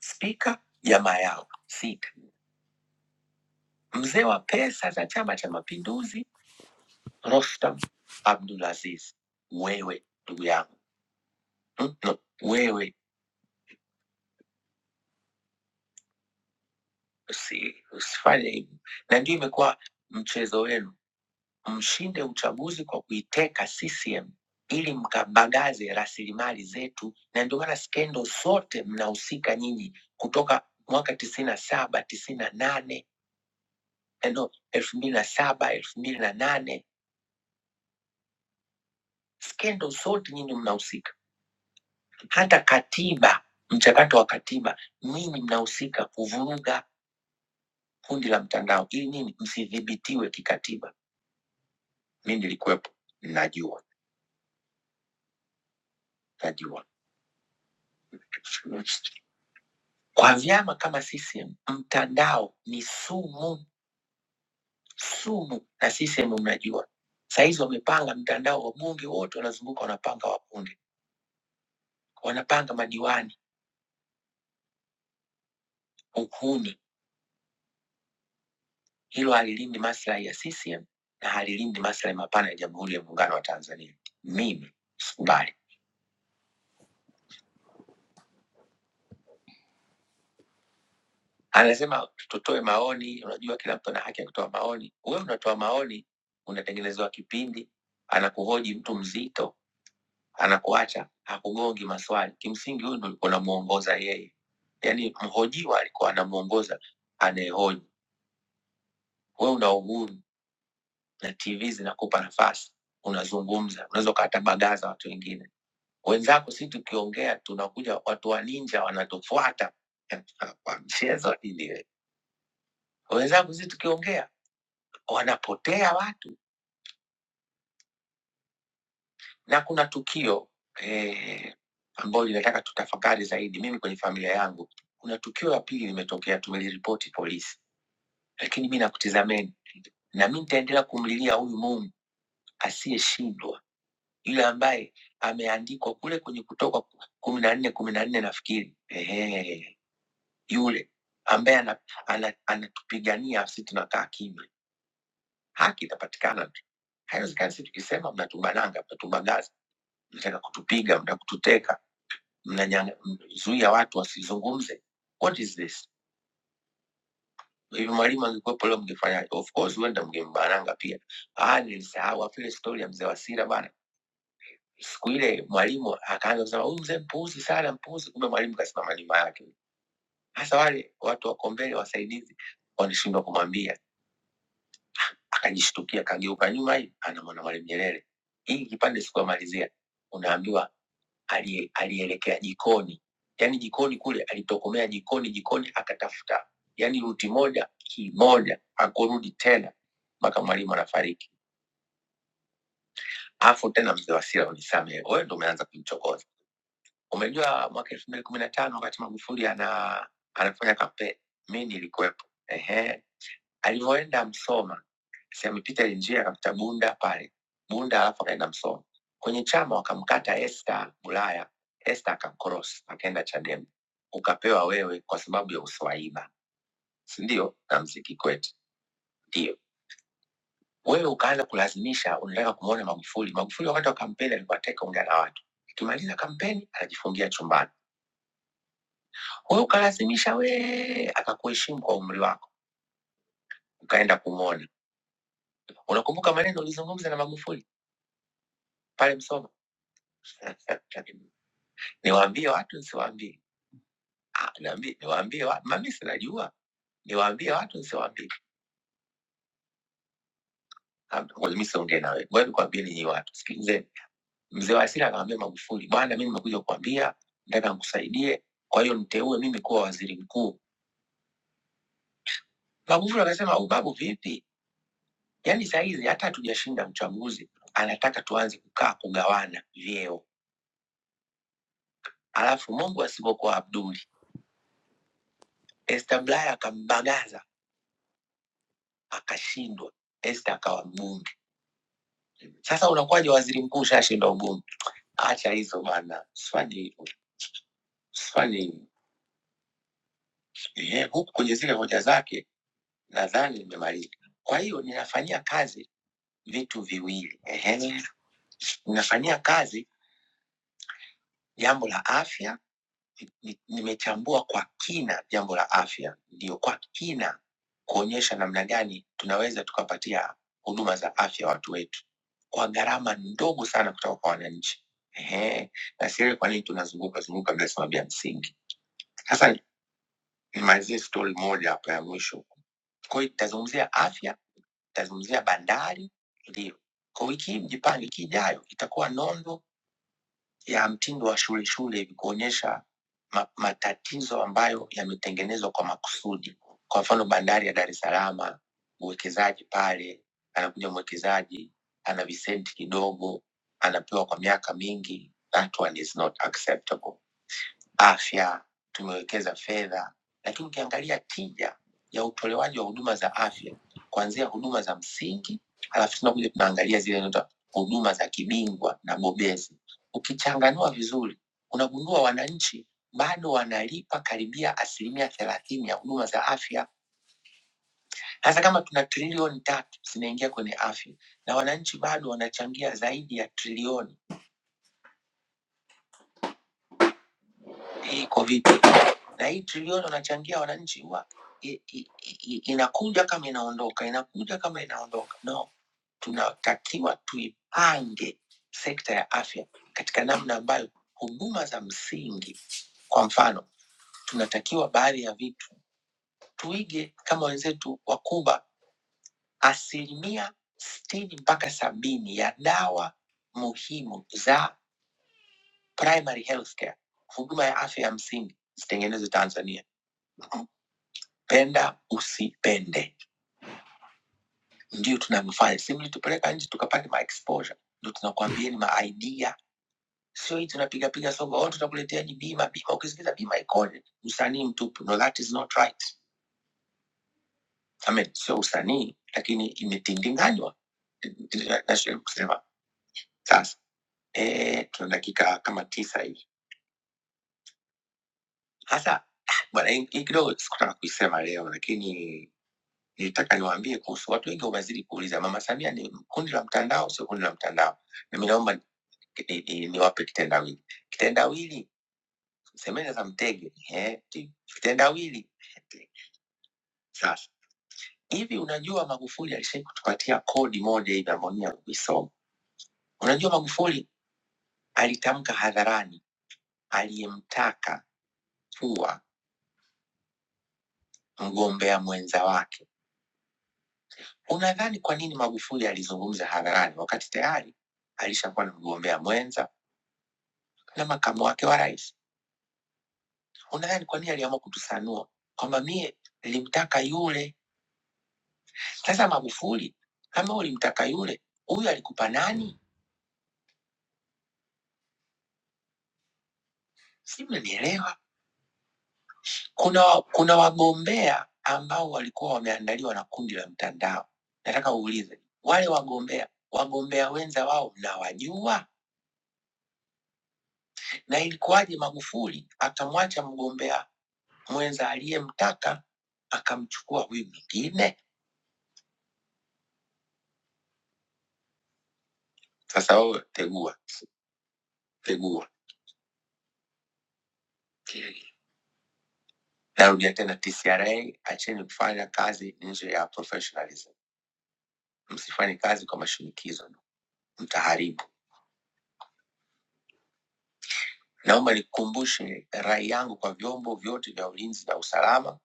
[SPEAKER 2] Spika jamaa yao sita, mzee wa pesa za Chama cha Mapinduzi Rostam Abdulaziz, wewe ndugu yangu mm, no, wewe usi, usifanye hivi, na ndio imekuwa mchezo wenu, mshinde uchaguzi kwa kuiteka CCM ili mkabagaze rasilimali zetu, na ndio maana skendo zote mnahusika nyinyi kutoka mwaka tisini na saba tisini na nane eh, no, elfu mbili na saba elfu mbili na nane skendo zote nyinyi mnahusika, hata katiba, mchakato wa katiba, nyinyi mnahusika kuvuruga kundi la mtandao ili nini, msidhibitiwe kikatiba. Mi nilikuwepo, najua, najua. Kwa vyama kama CCM, mtandao ni sumu, sumu, na CCM mnajua sahizi wamepanga mtandao, wabunge wote wanazunguka, wanapanga wabunge, wanapanga madiwani, ukuni Hilo halilindi maslahi ya CCM na halilindi maslahi mapana ya Jamhuri ya Muungano wa Tanzania. Mimi sikubali. Anasema tutoe maoni. Unajua, kila mtu ana haki ya kutoa maoni. Wewe unatoa maoni, unatengenezewa kipindi, anakuhoji mtu mzito, anakuacha hakugongi maswali. Kimsingi huyu ndo ulikuwa unamuongoza yeye, yaani mhojiwa alikuwa anamuongoza anayehoji. Wewe una uhuru na TV zinakupa nafasi, unazungumza, unaweza ukawatabagaza watu wengine wenzako si tukiongea tunakuja watu wa ninja wanatufuata kwa mchezo nini we? wenzako si tukiongea wanapotea watu na kuna tukio eh, ambayo linataka tutafakari zaidi mimi kwenye familia yangu kuna tukio la pili limetokea tumeliripoti polisi lakini mi nakutizameni na mi nitaendelea kumlilia huyu mungu asiyeshindwa yule ambaye ameandikwa kule kwenye kutoka kumi na nne kumi na nne nafikiri ehe yule ambaye ana- ana- anatupigania sisi tunakaa kimya, haki itapatikana tu. Haiwezekani sisi tukisema mnatubananga, mnatubagaza, mnataka kutupiga, mnataka kututeka, mnazuia watu wasizungumze. What is this? Hivi mwalimu angekuwepo leo mngefanyaje? Of course huenda mngembananga pia. Ah, nilisahau afu ile stori ya mzee Wasira bana. Siku ile mwalimu akaanza kusema huyu mzee mpuuzi sana, mpuuzi. Kumbe mwalimu kasimama nyuma yake. Hasa wale watu wako mbele, wasaidizi, wanashindwa kumwambia akajishtukia, akageuka nyuma hivi, anamwona Mwalimu Nyerere. Hii kipande sikuamalizia, unaambiwa ali- alielekea jikoni, yaani jikoni kule alitokomea jikoni, jikoni akatafuta, yaani ruti moja kimoja, hakurudi tena mpaka mwalimu anafariki. Afu tena mzee Wasira, unisamehe, wewe ndo umeanza kumchokoza. Umejua mwaka elfu mbili kumi na tano wakati Magufuli ana anafanya kampeni, mi nilikuwepo, Ehe, Alivyoenda Msoma, sehemu Peter Njia akakuta Bunda pale Bunda, alafu akaenda Msoma kwenye chama wakamkata Esther Bulaya. Esther akamkorosi akaenda Chadema, ukapewa wewe kwa sababu ya uswahima, si ndio? Na mziki kwetu ndio wewe ukaanza kulazimisha, unataka kumwona Magufuli. Magufuli wakati wa kampeni aliwateka ongea na watu, akimaliza kampeni anajifungia chumbani. Wewe ukalazimisha, wee akakuheshimu kwa umri wako, ukaenda kumwona. Unakumbuka maneno ulizungumza na Magufuli pale Msoma? niwaambie watu nsiwaambie? Ah, niambie- niwaambie watu, mami sinajua, niwaambie watu nsiwaambie? Kaambia, Ngoja mi siongee nawe, ngoja nikwambieni nyinyi watu, sikilizeni. Mzee wa Asili akamwambia Magufuli, bwana, mimi nimekuja kukwambia, nataka nikusaidie, kwa hiyo niteue mimi kuwa waziri mkuu. Magufuli akasema, "Au babu, vipi? Yaani sahizi hata hatujashinda uchaguzi, anataka tuanze kukaa kugawana vyeo, alafu Mungu asipokuwa Abduli. Esther Bulaya akambagaza akashindwa, Esther akawa mbunge Sasa unakuwaje waziri mkuu ushashinda ubunge? Acha hizo bana, usifanye hivyo, usifanye hivyo. Ehe, huku kwenye zile hoja zake nadhani nimemaliza. Kwa hiyo ninafanyia kazi vitu viwili. Ehe, ninafanyia kazi jambo la afya ni- ni- nimechambua kwa kina jambo la afya, ndio kwa kina kuonyesha namna gani tunaweza tukapatia huduma za afya watu wetu kwa gharama ndogo sana kutoka kwa wananchi. Ehe, na siri kwa nini tunazunguka zunguka bila sababu ya msingi. Sasa nimalizie stori moja hapa ya mwisho. Kwa hiyo itazungumzia afya, itazungumzia bandari, ndio kwa wiki hii mjipange, wiki ijayo itakuwa nondo ya mtindo wa shule shule hivi kuonyesha ma, matatizo ambayo yametengenezwa kwa makusudi. Kwa mfano bandari ya Dar es Salaam, uwekezaji pale, anakuja mwekezaji ana visenti kidogo, anapewa kwa miaka mingi. That one is not acceptable afya tumewekeza fedha, lakini ukiangalia tija ya utolewaji wa huduma za afya kuanzia huduma za msingi, halafu tunakuja tunaangalia zile zinaitwa huduma za kibingwa na bobezi. Ukichanganua vizuri, unagundua wananchi bado wanalipa karibia asilimia thelathini ya huduma za afya. Hasa kama tuna trilioni tatu zinaingia kwenye afya na wananchi bado wanachangia zaidi ya trilioni. Hii COVID na hii trilioni wanachangia wananchi huwa i- i- i- inakuja kama inaondoka, inakuja kama inaondoka. No, tunatakiwa tuipange sekta ya afya katika namna ambayo huduma za msingi, kwa mfano, tunatakiwa baadhi ya vitu tuige kama wenzetu wa Kuba. Asilimia sitini mpaka sabini ya dawa muhimu za primary healthcare, huduma ya afya ya msingi, zitengenezwe Tanzania. Penda usipende ndio tunavyofanya, si mlitupeleka nje tukapate maexposure, ndio tunakuambia ni maidea, sio hii tunapiga piga soga, oh, tutakuletea ni bima bima. Ukisikiza bima ikoni usanii mtupu, no that is not right. I mean, sio usanii, lakini imetindinganywa. Nachoweza kusema sasa, eh, tuna dakika kama tisa hivi sasa. Bwana, hii hii kidogo sikutaka kuisema leo, lakini nilitaka niwaambie kuhusu watu wengi wamezidi kuuliza, Mama Samia ni kundi la mtandao, sio kundi la mtandao? Na mimi naomba ni- ni- niwape kitendawili. Kitendawili semeni za mtege eh, ti- kitendawili. Sasa hivi, unajua Magufuli alishai kutupatia kodi moja hivi ambayo mimi nakuisoma. Unajua Magufuli alitamka hadharani aliyemtaka kuwa mgombea mwenza wake. Unadhani kwa nini Magufuli alizungumza hadharani wakati tayari alishakuwa na mgombea mwenza na makamu wake wa rais? Unadhani kwa nini aliamua kutusanua kwamba mie nilimtaka yule Sasa Magufuli, kama ulimtaka yule, huyu alikupa nani? Si mnanielewa? Kuna, kuna wagombea ambao walikuwa wameandaliwa na kundi la mtandao. Nataka uulize wale wagombea, wagombea wenza wao mnawajua? Na ilikuwaje Magufuli akamwacha mgombea mwenza aliyemtaka akamchukua huyu mwingine? Sasa wewe tegua, tegua. Narudia tena, TCRA, acheni kufanya kazi nje ya professionalism. msifanye kazi kwa mashinikizo, mtaharibu. Naomba nikukumbushe rai yangu kwa vyombo vyote vya ulinzi na usalama,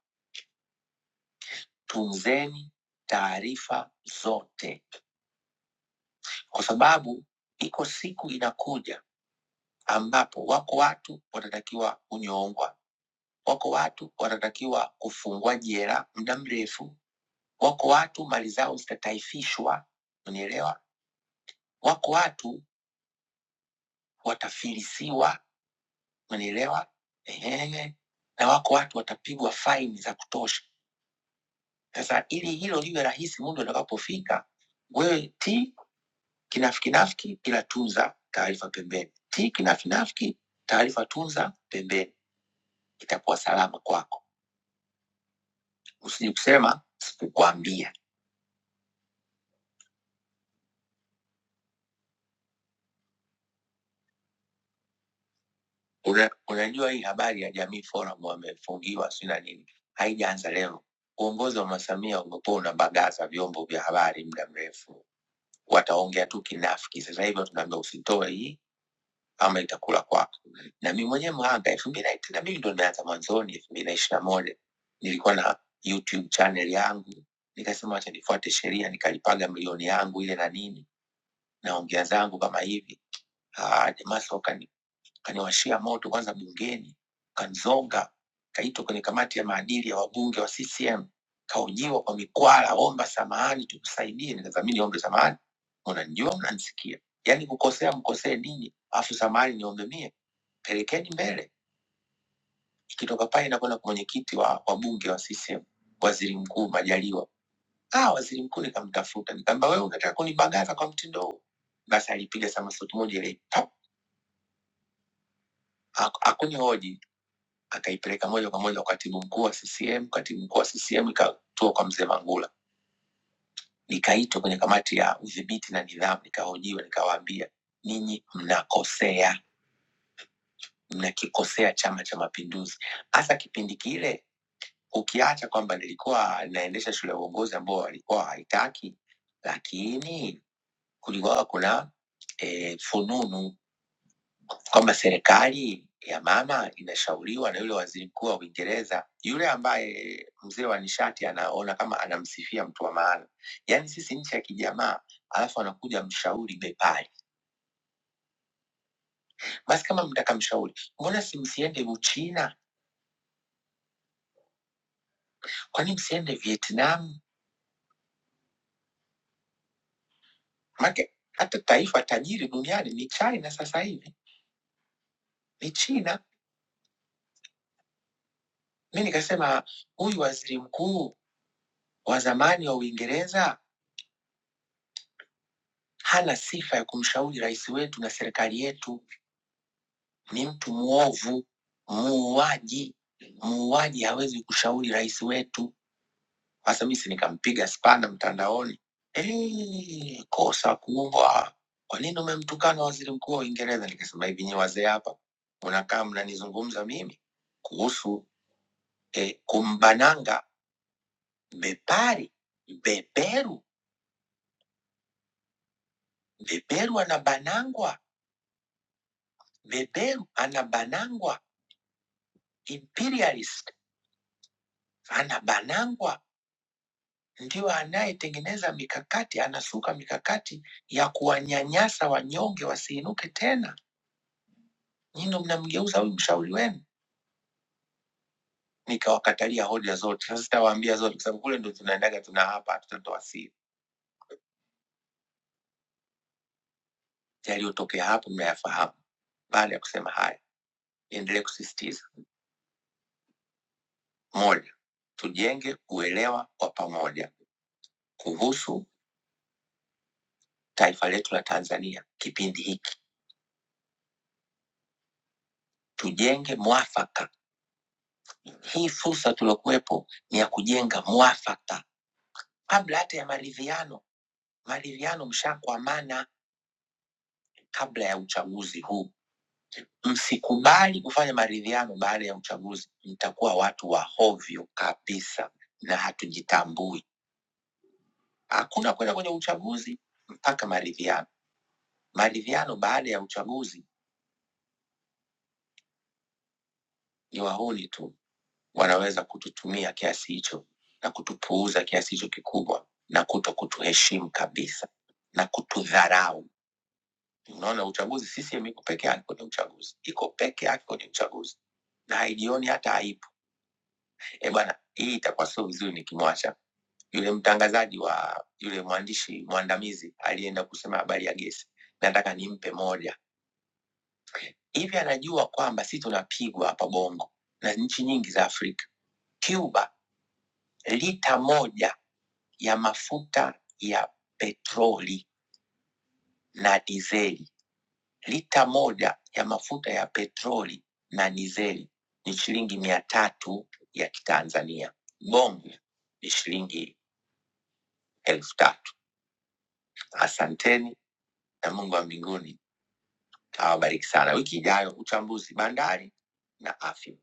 [SPEAKER 2] tunzeni taarifa zote, kwa sababu iko siku inakuja ambapo wako watu watatakiwa kunyongwa, wako watu watatakiwa kufungwa jela muda mrefu, wako watu mali zao zitataifishwa, unielewa? Wako watu watafilisiwa Unanielewa? Ehe. Na wako watu watapigwa faini za kutosha. Sasa ili hilo liwe rahisi muda utakapofika, wewe ti kinafikinafiki, ila tunza taarifa pembeni. Ti kinafinafiki, taarifa tunza pembeni, itakuwa salama kwako. Usije kusema sikukwambia. Una- Unajua hii habari ya Jamii Forum wamefungiwa si na nini, haijaanza leo. Uongozi wa Mama Samia umekuwa unabagaza vyombo vya habari muda mrefu wataongea tu kinafiki. Sasa hivi tunaambia usitoe hii ama itakula kwako. Na mimi mwenyewe mhanga elfu mbili na tena, mimi ndo nimeanza mwanzoni, elfu mbili na ishirini na moja nilikuwa na YouTube channel yangu, nikasema wacha nifuate sheria, nikalipaga milioni yangu ile na nini, naongea zangu kama hivi. Ah, jamaa soka kaniwashia moto kwanza bungeni, kanzonga, kaitwa kwenye kamati ya maadili ya wabunge wa CCM, kahojiwa kwa mikwala, omba samahani tukusaidie. Nikadhamini ombe samahani, mnanijua, mnanisikia, yaani kukosea mkosee ninyi, afu samahani niombe mie, pelekeni mbele. Ikitoka pale inakwenda kwa mwenyekiti wa wabunge wa CCM, waziri mkuu Majaliwa. Ah, waziri mkuu nikamtafuta, nikamwambia wewe unataka kunibagaza kwa mtindo huu? Basi alipiga samasuti moja ile, pap, hakunihoji akaipeleka moja kwa moja kwa katibu mkuu wa CCM. Katibu mkuu wa CCM ikatua kwa mzee Mangula, nikaitwa kwenye kamati ya udhibiti na nidhamu, nikahojiwa, nikawaambia ninyi mnakosea, mnakikosea Chama cha Mapinduzi. Hasa kipindi kile, ukiacha kwamba nilikuwa naendesha shule ya uongozi ambao walikuwa haitaki, lakini kulikuwa kuna e, fununu kwamba serikali ya mama inashauriwa na yule waziri mkuu wa Uingereza, yule ambaye mzee wa nishati anaona kama anamsifia mtu wa maana. Yaani sisi nchi ya kijamaa, alafu anakuja mshauri bepari. Basi kama mtaka mshauri, mbona si msiende Uchina? Kwa nini msiende Vietnam? Make hata taifa tajiri duniani ni China sasa hivi, ni China. Mi nikasema huyu waziri mkuu wa zamani wa Uingereza hana sifa ya kumshauri rais wetu na serikali yetu ni mtu mwovu, muuaji. Muuaji hawezi kushauri rais wetu. Sasa mimi si nikampiga spana mtandaoni, eh, kosa kubwa. Kwa nini umemtukana waziri mkuu wa Uingereza? Nikasema hivi, nyi wazee hapa mnakaa mnanizungumza mimi kuhusu eh, kumbananga bepari beberu beberu anabanangwa beberu anabanangwa imperialist anabanangwa ndio anayetengeneza mikakati, anasuka mikakati ya kuwanyanyasa wanyonge wasiinuke tena. Nyinyi ndo mnamgeuza huyu mshauri wenu. Nikawakatalia hoja zote, sasa sitawaambia zote, kwa sababu kule ndo tunaendaga tuna hapa, hatutatoa siri. Yaliyotokea hapo mnayafahamu. Baada ya kusema haya, niendelee kusisitiza: moja, tujenge uelewa wa pamoja kuhusu taifa letu la Tanzania kipindi hiki, tujenge mwafaka. Hii fursa tuliokuwepo ni ya kujenga mwafaka kabla hata ya maridhiano maridhiano mshakwamana kabla ya uchaguzi huu. Msikubali kufanya maridhiano baada ya uchaguzi, mtakuwa watu wa hovyo kabisa na hatujitambui. Hakuna kwenda kwenye uchaguzi mpaka maridhiano. Maridhiano baada ya uchaguzi ni wahuni tu, wanaweza kututumia kiasi hicho na kutupuuza kiasi hicho kikubwa, na kuto kutuheshimu kabisa na kutudharau. unaona uchaguzi CCM iko peke yake kwenye uchaguzi iko peke yake kwenye uchaguzi na haijioni hata aibu eh bwana hii itakuwa sio vizuri nikimwacha yule mtangazaji wa yule mwandishi mwandamizi alienda kusema habari ya gesi nataka nimpe moja hivi anajua kwamba si tunapigwa hapa bongo na nchi nyingi za afrika cuba lita moja ya mafuta ya petroli na dizeli. Lita moja ya mafuta ya petroli na dizeli ni shilingi mia tatu ya Kitanzania, bonge ni shilingi elfu tatu. Asanteni na Mungu wa mbinguni awabariki sana. Wiki ijayo uchambuzi bandari na afya.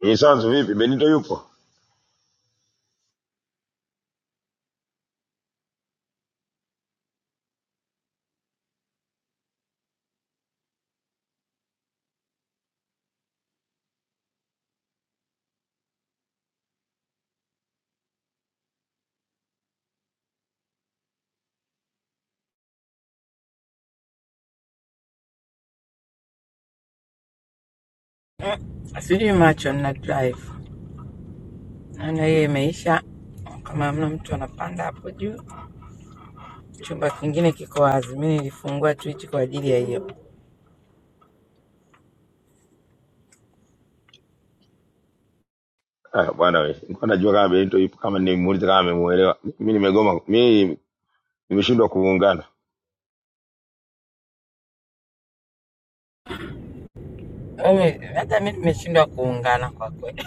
[SPEAKER 3] Eh, Sanzu vipi? Benito yupo?
[SPEAKER 1] Sijui macho na drive, naona hiyo imeisha. Kama hamna mtu anapanda hapo juu, chumba kingine kiko wazi. Mi nilifungua tu hichi kwa ajili ya hiyo.
[SPEAKER 3] Ah, bwana wewe. Nilikuwa najua kama Benito yupo kama nimemuuliza kama amemuelewa. Mimi nimegoma. Mimi nimeshindwa kuungana.
[SPEAKER 1] Wewe, Hata mi tumeshindwa kuungana kwa kweli,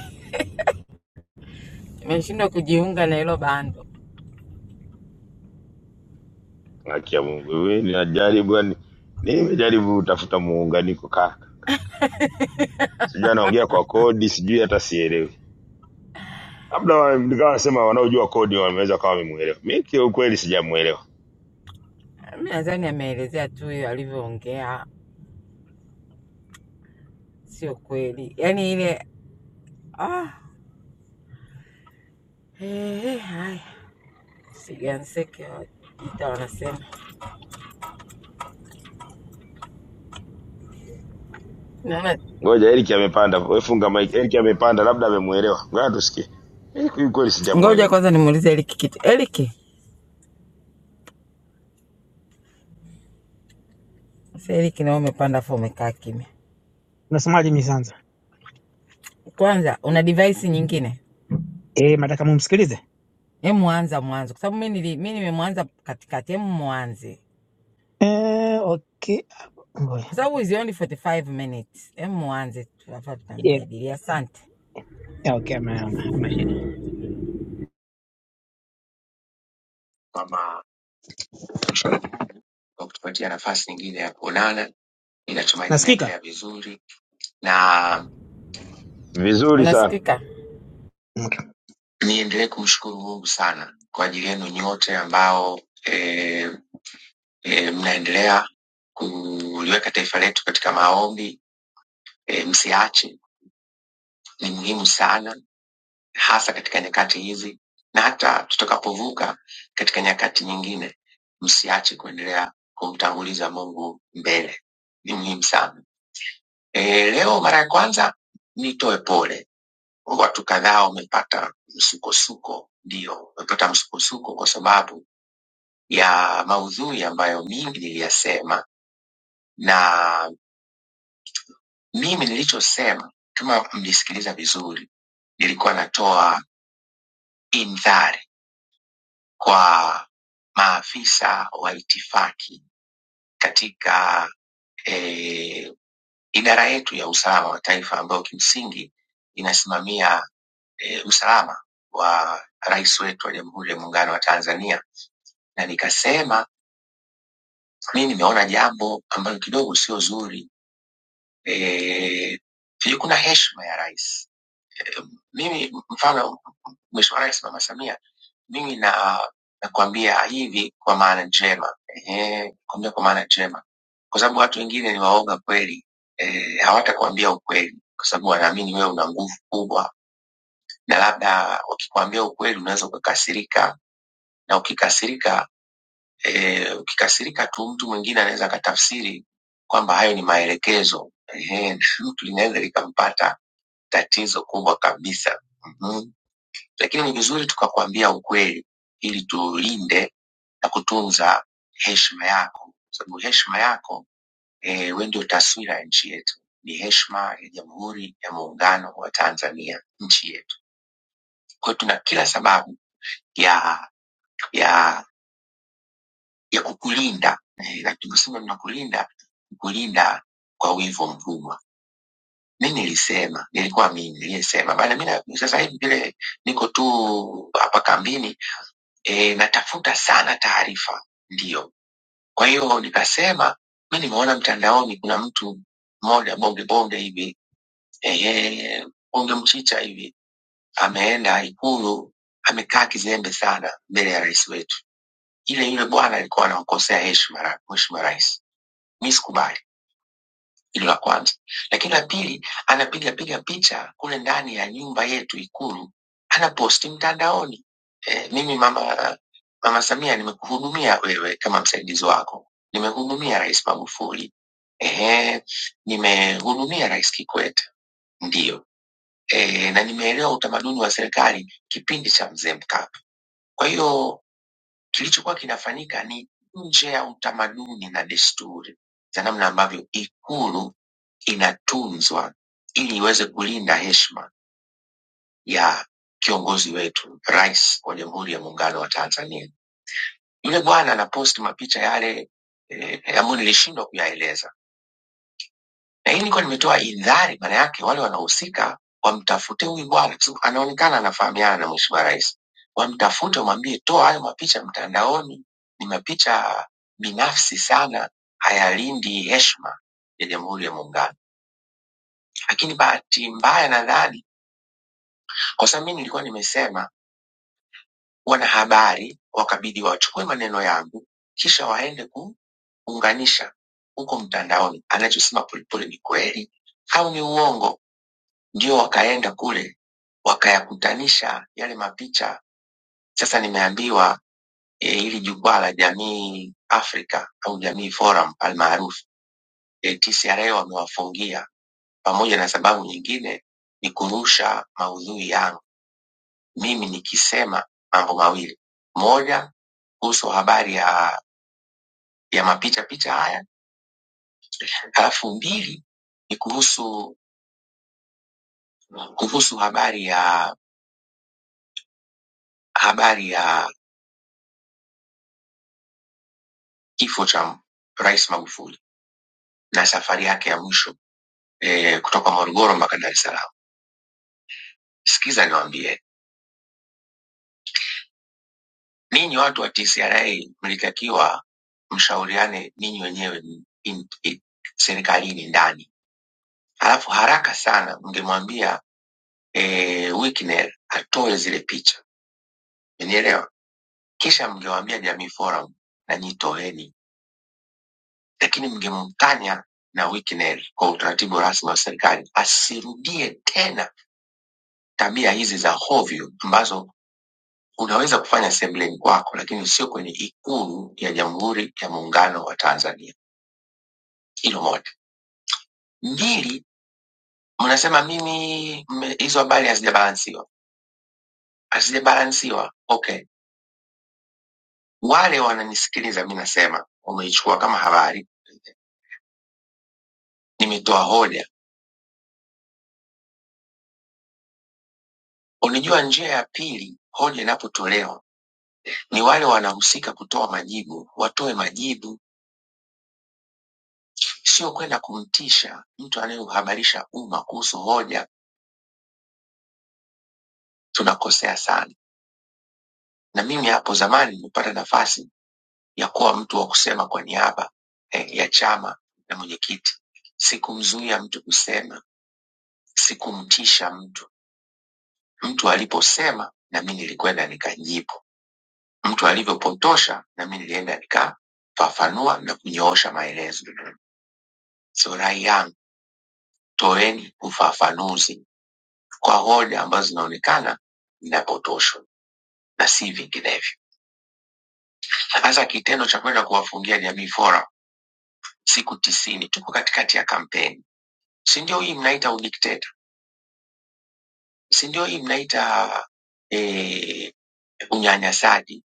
[SPEAKER 1] tumeshindwa kujiunga na hilo bando.
[SPEAKER 3] Haki ya Mungu. Wewe ninajaribu yani nimejaribu kutafuta muunganiko kaka. Sijui anaongea kwa kodi, sijui hata sielewi. Labda wa- nikawa nasema wanaojua kodi wameweza kama wamemuelewa. Mimi kwa ukweli sijamuelewa.
[SPEAKER 1] Mi nadhani ameelezea tu hiyo alivyoongea, sio kweli, yaani ile ah, eh, eh, haya siganseke ita wanasema naona.
[SPEAKER 3] Ngoja Eric amepanda. Wewe funga mic. Eric amepanda labda amemuelewa. Ngoja tusikie. Mimi kwa kweli sijamuelewa.
[SPEAKER 1] Ngoja kwanza nimuulize Eliki kitu. Eliki, Sasa hili kinao umepanda afu umekaa kimya.
[SPEAKER 4] Unasemaje Misanzu?
[SPEAKER 1] Kwanza una device nyingine?
[SPEAKER 4] Eh, nataka mumsikilize.
[SPEAKER 1] Hemu anza mwanzo kwa sababu mimi nili mimi nimemwanza katikati. Hemu mwanze.
[SPEAKER 4] Eh, okay.
[SPEAKER 1] Kwa
[SPEAKER 4] Ngoja.
[SPEAKER 1] sababu is only 45 minutes. Hemu mwanze tu hapa
[SPEAKER 4] Yeah.
[SPEAKER 1] tutamjadili. Asante.
[SPEAKER 4] Yeah, okay, ama, ama, ama shida. kwamba kwa kutupatia nafasi nyingine ya kuonana. Ninatumaini Nasikika? mnaendelea vizuri na
[SPEAKER 3] Vizuri sana.
[SPEAKER 1] Unasikika?
[SPEAKER 4] Okay. niendelee kumshukuru Mungu sana kwa ajili yenu nyote ambao e, e, mnaendelea kuliweka taifa letu katika maombi. E, msiache, ni muhimu sana hasa katika nyakati hizi na hata tutakapovuka katika nyakati nyingine, msiache kuendelea kumtanguliza Mungu mbele, ni muhimu sana. E, leo mara ya kwanza nitoe pole, watu kadhaa wamepata msukosuko, ndio wamepata msukosuko kwa sababu ya maudhui ambayo mingi niliyasema, na mimi nilichosema, kama mlisikiliza vizuri, nilikuwa natoa indhari kwa maafisa wa itifaki katika eh, idara yetu ya usalama wa taifa ambayo kimsingi inasimamia eh, usalama wa rais wetu wa Jamhuri ya Muungano wa Tanzania, na nikasema mimi nimeona jambo ambalo kidogo sio zuri eh, kuna heshima ya rais eh, mimi mfano Mheshimiwa Rais Mama Samia mimi na nakwambia hivi kwa maana njema ehe, kwambia kwa maana njema, kwa sababu watu wengine ni waoga kweli e, hawatakwambia ukweli kwa sababu wanaamini wewe una nguvu kubwa, na labda wakikwambia ukweli unaweza ukakasirika, na ukikasirika e, ukikasirika tu mtu mwingine anaweza akatafsiri kwamba hayo ni maelekezo ehe, na mtu linaweza likampata tatizo kubwa kabisa mm -hmm. Lakini ni vizuri tukakwambia ukweli ili tulinde na kutunza heshima yako, sababu heshima yako eh, wewe ndio taswira ya nchi yetu, ni heshima ya Jamhuri ya Muungano wa Tanzania, nchi yetu. Kwa hiyo tuna kila sababu ya ya ya kukulinda eh, na tunaposema tunakulinda, ni kulinda kwa wivu mkubwa. Mi nilisema, nilikuwa mimi niliyesema, maana mi sasa hivi vile niko tu hapa kambini e, natafuta sana taarifa, ndio Kwa hiyo nikasema mi nimeona mtandaoni kuna mtu mmoja bonge bonge hivi ehe, bonge mchicha hivi ameenda Ikulu, amekaa kizembe sana mbele ya rais wetu. Ile yule bwana alikuwa anawakosea heshima ra- mheshimiwa rais. Mi sikubali. Hilo la kwanza. Lakini la pili, anapiga piga picha kule ndani ya nyumba yetu Ikulu, anaposti mtandaoni. E, mimi mama mama Samia, nimekuhudumia wewe kama msaidizi wako, nimehudumia Rais Magufuli, e, nimehudumia Rais Kikwete, ndiyo e, na nimeelewa utamaduni wa serikali kipindi cha mzee Mkapa. Kwa hiyo kilichokuwa kinafanyika ni nje ya utamaduni na desturi za namna ambavyo Ikulu inatunzwa ili iweze kulinda heshima ya kiongozi wetu, Rais wa Jamhuri ya Muungano wa Tanzania. Yule bwana anaposti mapicha yale eh, ambayo nilishindwa kuyaeleza, na hii nilikuwa nimetoa indhari, maana yake wale wanaohusika wamtafute huyu bwana, kwa sababu anaonekana anafahamika na Mheshimiwa Rais, wamtafute, wamwambie toa hayo mapicha mtandaoni, ni mapicha binafsi sana, hayalindi heshima ya Jamhuri ya Muungano. Lakini bahati mbaya nadhani kwa sababu mimi nilikuwa nimesema wanahabari wakabidi wachukue maneno yangu kisha waende kuunganisha huko mtandaoni anachosema Polepole ni kweli au ni uongo, ndio wakaenda kule wakayakutanisha yale mapicha. Sasa nimeambiwa e, hili jukwaa la Jamii Afrika au Jamii Forum almaarufu e, TCRA wamewafungia pamoja na sababu nyingine ni kurusha maudhui yangu mimi nikisema mambo mawili. Moja kuhusu habari ya, ya mapicha picha haya, halafu mbili ni kuhusu kuhusu habari ya habari ya kifo cha Rais Magufuli na safari yake ya mwisho eh, kutoka Morogoro mpaka Dar es Salaam. Sikiza niwaambie, ninyi watu wa TCRA mlitakiwa mshauriane ninyi wenyewe in, in, serikalini ndani, halafu haraka sana mngemwambia eh, Wikner atoe zile picha, umenielewa? Kisha mngewaambia Jamii Forum na nyi toeni, lakini mngemtanya na Wikner kwa utaratibu rasmi wa serikali asirudie tena tabia hizi za hovyo ambazo unaweza kufanya sembleni kwako, lakini sio kwenye Ikulu ya Jamhuri ya Muungano wa Tanzania. Hilo moja. Mbili, mnasema mimi mme- hizo habari hazijabalansiwa, hazijabalansiwa. Okay, wale wananisikiliza, mi nasema wameichukua kama habari Nimetoa hoja. Unajua, njia ya pili hoja inapotolewa ni wale wanahusika kutoa majibu watoe majibu, sio kwenda kumtisha mtu anayeuhabarisha umma kuhusu hoja. Tunakosea sana, na mimi hapo zamani nimepata nafasi ya kuwa mtu wa kusema kwa niaba eh, ya chama na mwenyekiti. Sikumzuia mtu kusema, sikumtisha mtu. Mtu aliposema na mimi nilikwenda nikajibu. mtu alivyopotosha nami nilienda nikafafanua na kunyoosha maelezo so rai yangu toeni ufafanuzi kwa hoja ambazo zinaonekana zinapotoshwa na si vinginevyo hasa kitendo cha kwenda kuwafungia jamii fora siku tisini tuko katikati ya kampeni si ndio hii mnaita udikteta si ndio hii mnaita eh, unyanyasaji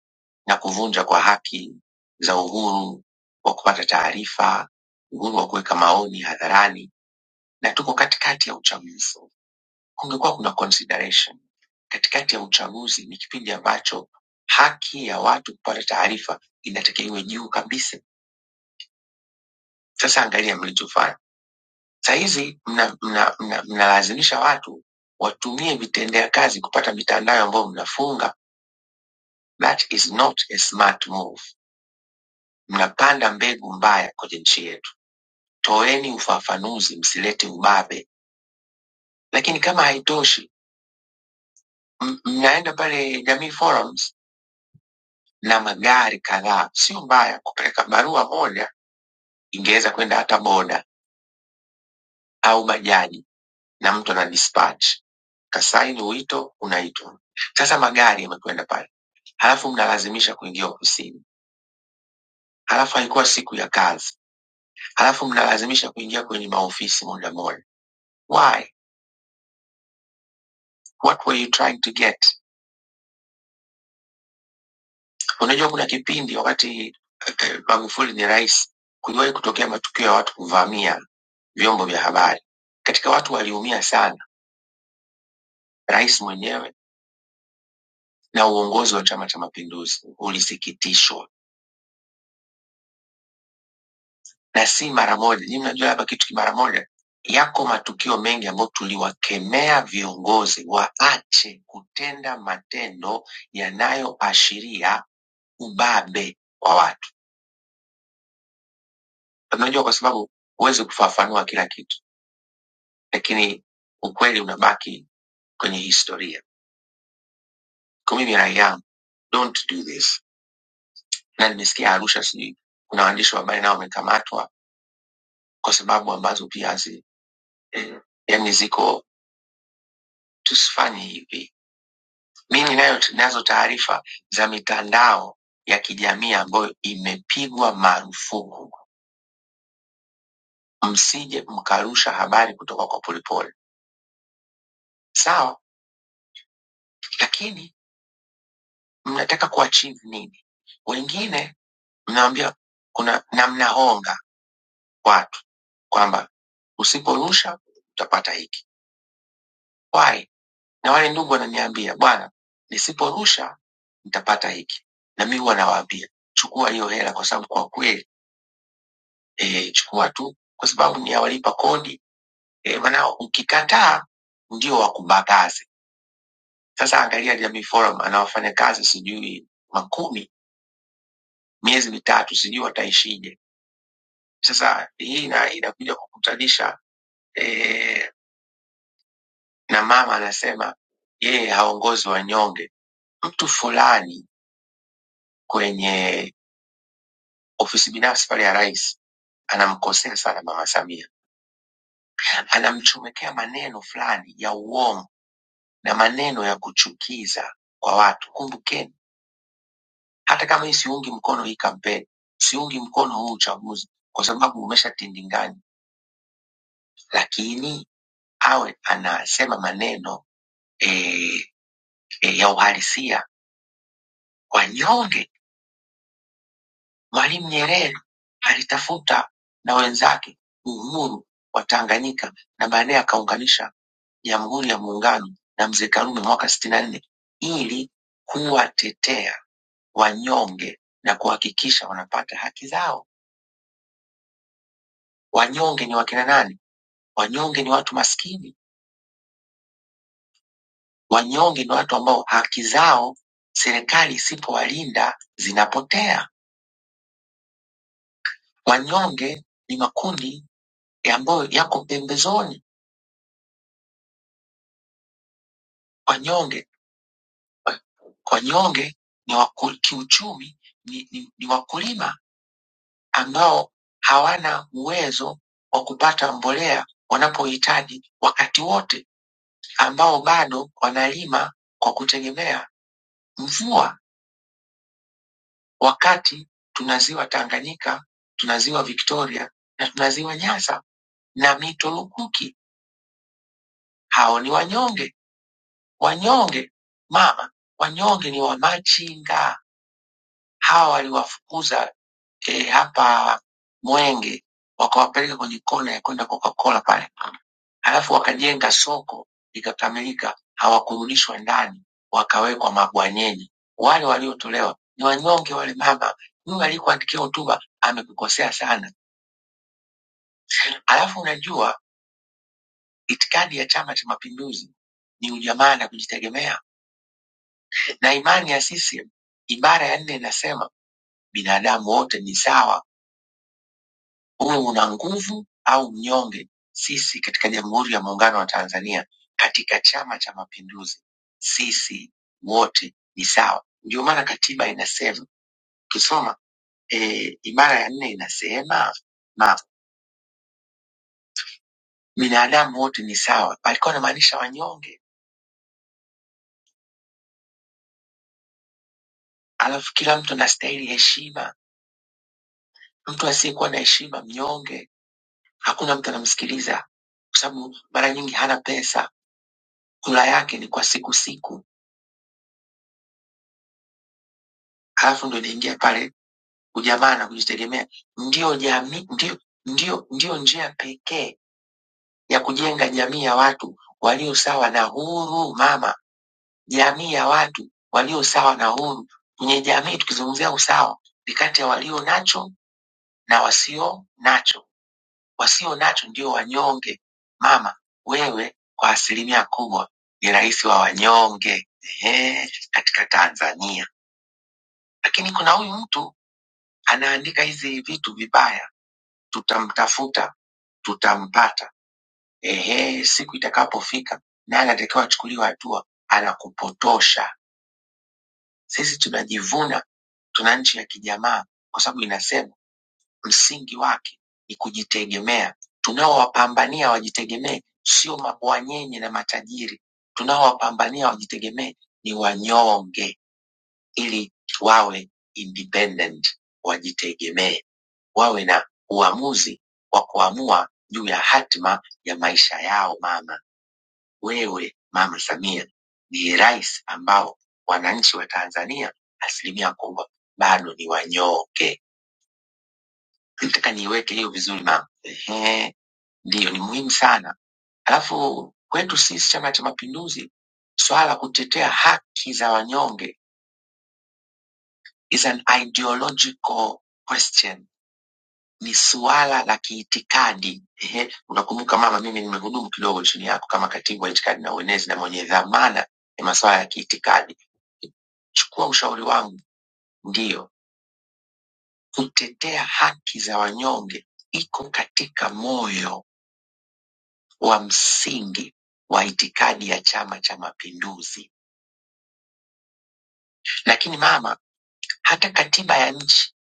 [SPEAKER 4] na kuvunja kwa haki za uhuru wa kupata taarifa uhuru wa kuweka maoni hadharani na tuko katikati ya uchaguzi. Kungekuwa kuna consideration katikati ya uchaguzi, ni kipindi ambacho haki ya watu kupata taarifa inatakiwa iwe juu kabisa. Sasa angalia mlichofanya saa hizi, mnalazimisha mna, mna, mna mnalazimisha watu watumie vitendea kazi kupata mitandao ambayo mnafunga. That is not a smart move. Mnapanda mbegu mbaya kwenye nchi yetu. Toeni ufafanuzi, msilete ubabe. Lakini kama haitoshi, m- mnaenda pale Jamii Forums na magari kadhaa. Sio mbaya kupeleka barua moja, ingeweza kwenda hata boda au bajaji, na mtu ana dispatch kasaini wito unaitwa. Sasa magari yamekwenda pale, halafu mnalazimisha kuingia ofisini, halafu haikuwa siku ya kazi, halafu mnalazimisha kuingia kwenye maofisi moja moja. Why? What were you trying to get? Unajua kuna kipindi wakati eh, Magufuli ni rais, kuliwahi kutokea matukio ya watu kuvamia vyombo vya habari. Katika watu waliumia sana Rais mwenyewe na uongozi wa Chama cha Mapinduzi ulisikitishwa na si mara moja. Nyinyi mnajua hapa kitu ki mara moja. Yako matukio mengi ambayo tuliwakemea viongozi waache kutenda matendo yanayoashiria ubabe wa watu. Unajua, kwa sababu huwezi kufafanua kila kitu, lakini ukweli unabaki kwenye historia. Kwa mimi rai yangu, don't do this. Na nimesikia Arusha, sijui kuna waandishi wa habari nao wamekamatwa kwa sababu ambazo pia hazi eh, yani ziko tusifanye hivi. Mi ninayo nazo taarifa za mitandao ya kijamii ambayo imepigwa marufuku, msije mkarusha habari kutoka kwa Polepole, sawa. Lakini mnataka kuachieve nini? Wengine mnaambia kuna na mnahonga watu kwamba usiporusha utapata hiki. Why? Na wale ndugu wananiambia, bwana, nisiporusha nitapata hiki, na mi huwa nawaambia chukua hiyo hela, kwa sababu kwa kweli eh, chukua tu, kwa sababu ni ya walipa kodi eh, maana ukikataa ndio wakubagaze. Sasa angalia Jamii Forum ana wafanyakazi sijui makumi, miezi mitatu, sijui wataishije. Sasa hii ina- inakuja kukutanisha eh, na mama anasema yeye haongozi wanyonge, mtu fulani kwenye ofisi binafsi pale ya rais anamkosea sana mama Samia, anamchomekea maneno fulani ya uongo na maneno ya kuchukiza kwa watu. Kumbukeni, hata kama hii siungi mkono hii kampeni, siungi mkono huu uchaguzi kwa sababu umeshatindingani, lakini awe anasema maneno e, e, ya uhalisia wanyonge Mwalimu Nyerere alitafuta na wenzake uhuru wa Tanganyika na baadaye akaunganisha Jamhuri ya Muungano na Mzee Karume mwaka sitini na nne ili kuwatetea wanyonge na kuhakikisha wanapata haki zao. Wanyonge ni wakina nani? Wanyonge ni watu maskini. Wanyonge ni watu ambao haki zao serikali isipowalinda zinapotea. Wanyonge ni makundi ambayo yako pembezoni. Wanyonge Wanyonge ni waku- kiuchumi ni, ni, ni wakulima ambao hawana uwezo wa kupata mbolea wanapohitaji wakati wote, ambao bado wanalima kwa kutegemea mvua, wakati tuna ziwa Tanganyika, tuna ziwa Victoria na tuna ziwa Nyasa na mito lukuki. Hao ni wanyonge, wanyonge mama, wanyonge ni wamachinga. Hawa waliwafukuza eh, hapa Mwenge, wakawapeleka kwenye kona ya kwenda Coca-Cola pale, halafu wakajenga soko likakamilika, hawakurudishwa ndani, wakawekwa mabwanyenye. Wale waliotolewa ni wanyonge wale. Mama huyu aliyekuandikia hotuba amekukosea sana. Alafu unajua itikadi ya Chama cha Mapinduzi ni ujamaa na kujitegemea, na imani ya CCM ibara ya nne inasema binadamu wote ni sawa uwe una nguvu au mnyonge, sisi katika Jamhuri ya Muungano wa Tanzania, katika Chama cha Mapinduzi, sisi wote ni sawa. Ndio maana katiba inasema, ukisoma e, ibara ya nne inasema na binadamu wote ni sawa, alikuwa anamaanisha wanyonge. Alafu kila mtu anastahili heshima, mtu asiyekuwa na heshima mnyonge, hakuna mtu anamsikiliza, kwa sababu mara nyingi hana pesa, kula yake ni kwa siku siku, alafu ndo inaingia pale ujamaa na kujitegemea ndio jamii, ndio, ndio, ndio njia pekee ya kujenga jamii ya watu walio sawa na huru. Mama, jamii ya watu walio sawa na huru. Kwenye jamii tukizungumzia usawa ni kati ya walio nacho na wasio nacho. Wasio nacho ndio wanyonge. Mama, wewe kwa asilimia kubwa ni rais wa wanyonge ehe, katika Tanzania, lakini kuna huyu mtu anaandika hizi vitu vibaya Tutamtafuta, tutampata. Ehe, siku itakapofika, naye anatakiwa achukuliwe hatua, anakupotosha. Sisi tunajivuna tuna nchi ya kijamaa, kwa sababu inasema msingi wake ni kujitegemea. Tunaowapambania wajitegemee sio mabwanyenye na matajiri, tunaowapambania wajitegemee ni wanyonge ili wawe independent, wajitegemee, wawe na uamuzi wa kuamua juu ya hatima ya maisha yao. Mama wewe, Mama Samia ndiye rais ambao wananchi wa Tanzania asilimia kubwa bado ni wanyonge. Nataka niiweke hiyo vizuri mama. Ehe, ndiyo ni muhimu sana. Alafu kwetu sisi Chama cha Mapinduzi, swala la kutetea haki za wanyonge is an ideological question ni suala la kiitikadi. Ehe, unakumbuka mama, mimi nimehudumu kidogo chini yako kama katibu wa itikadi na uenezi na mwenye dhamana ya masuala ya kiitikadi. Chukua ushauri wangu, ndiyo kutetea haki za wanyonge iko katika moyo wa msingi wa itikadi ya Chama cha Mapinduzi. Lakini mama, hata katiba ya nchi,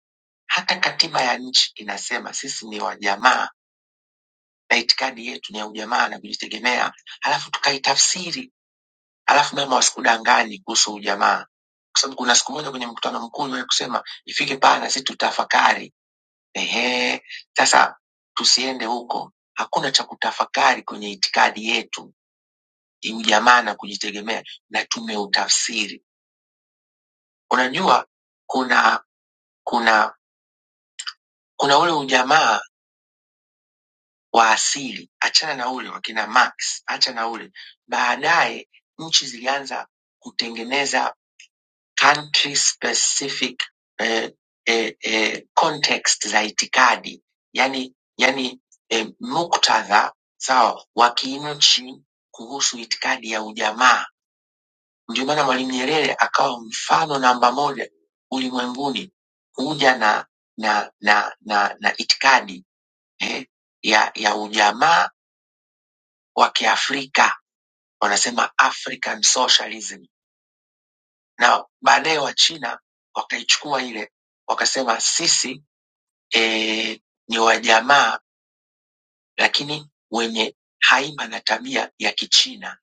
[SPEAKER 4] hata katiba ya nchi inasema sisi ni wajamaa na itikadi yetu ni ya ujamaa na kujitegemea, halafu tukaitafsiri Alafu mema wasikudanganyi kuhusu ujamaa, kwa sababu kuna siku moja kwenye mkutano mkuu uliwahi kusema ifike pahala sisi tutafakari. Ehe, sasa tusiende huko. Hakuna cha kutafakari kwenye itikadi yetu, ujamaa na kujitegemea, na tumeutafsiri. Unajua kuna kuna kuna ule ujamaa wa asili, achana na ule wakina Marx, acha na ule. Baadaye nchi zilianza kutengeneza country specific eh, eh, eh, context za itikadi yani, yani eh, muktadha sawa wa kinchi kuhusu itikadi ya ujamaa. Ndio maana Mwalimu Nyerere akawa mfano namba moja ulimwenguni kuja na na na na, na itikadi eh, ya, ya ujamaa wa Kiafrika, wanasema African socialism na baadaye Wachina wakaichukua ile wakasema sisi eh, ni wajamaa lakini wenye haiba na tabia ya Kichina.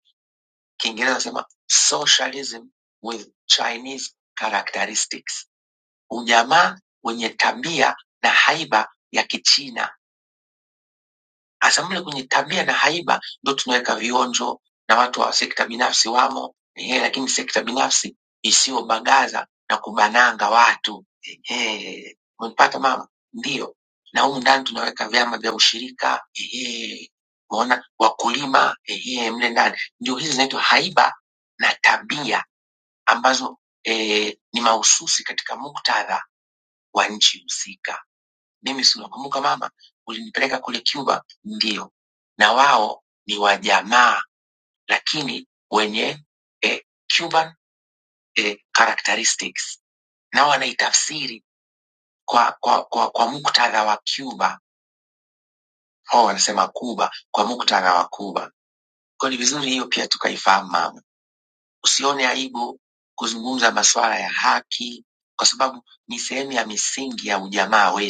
[SPEAKER 4] Kiingereza nasema socialism with Chinese characteristics, ujamaa wenye tabia na haiba ya Kichina Hasa mle kwenye tabia na haiba ndo tunaweka vionjo na watu wa sekta binafsi wamo ehe, lakini sekta binafsi isiyobagaza na kubananga watu ehe. Umempata mama? Ndio, na humu ndani tunaweka vyama vya ushirika ehe, umeona wakulima ehe, mle ndani ndio hizi zinaitwa haiba na tabia ambazo eh, ni mahususi katika muktadha wa nchi husika. Mimi si unakumbuka mama, ulinipeleka kule Cuba? Ndio. Na wao ni wajamaa, lakini wenye eh, Cuban eh, characteristics, nao wanaitafsiri kwa, kwa, kwa, kwa muktadha wa Cuba. Wao wanasema Cuba kwa muktadha wa Cuba. Kwa ni vizuri hiyo pia tukaifahamu mama. Usione aibu kuzungumza masuala ya haki, kwa sababu ni sehemu ya misingi ya ujamaa wetu.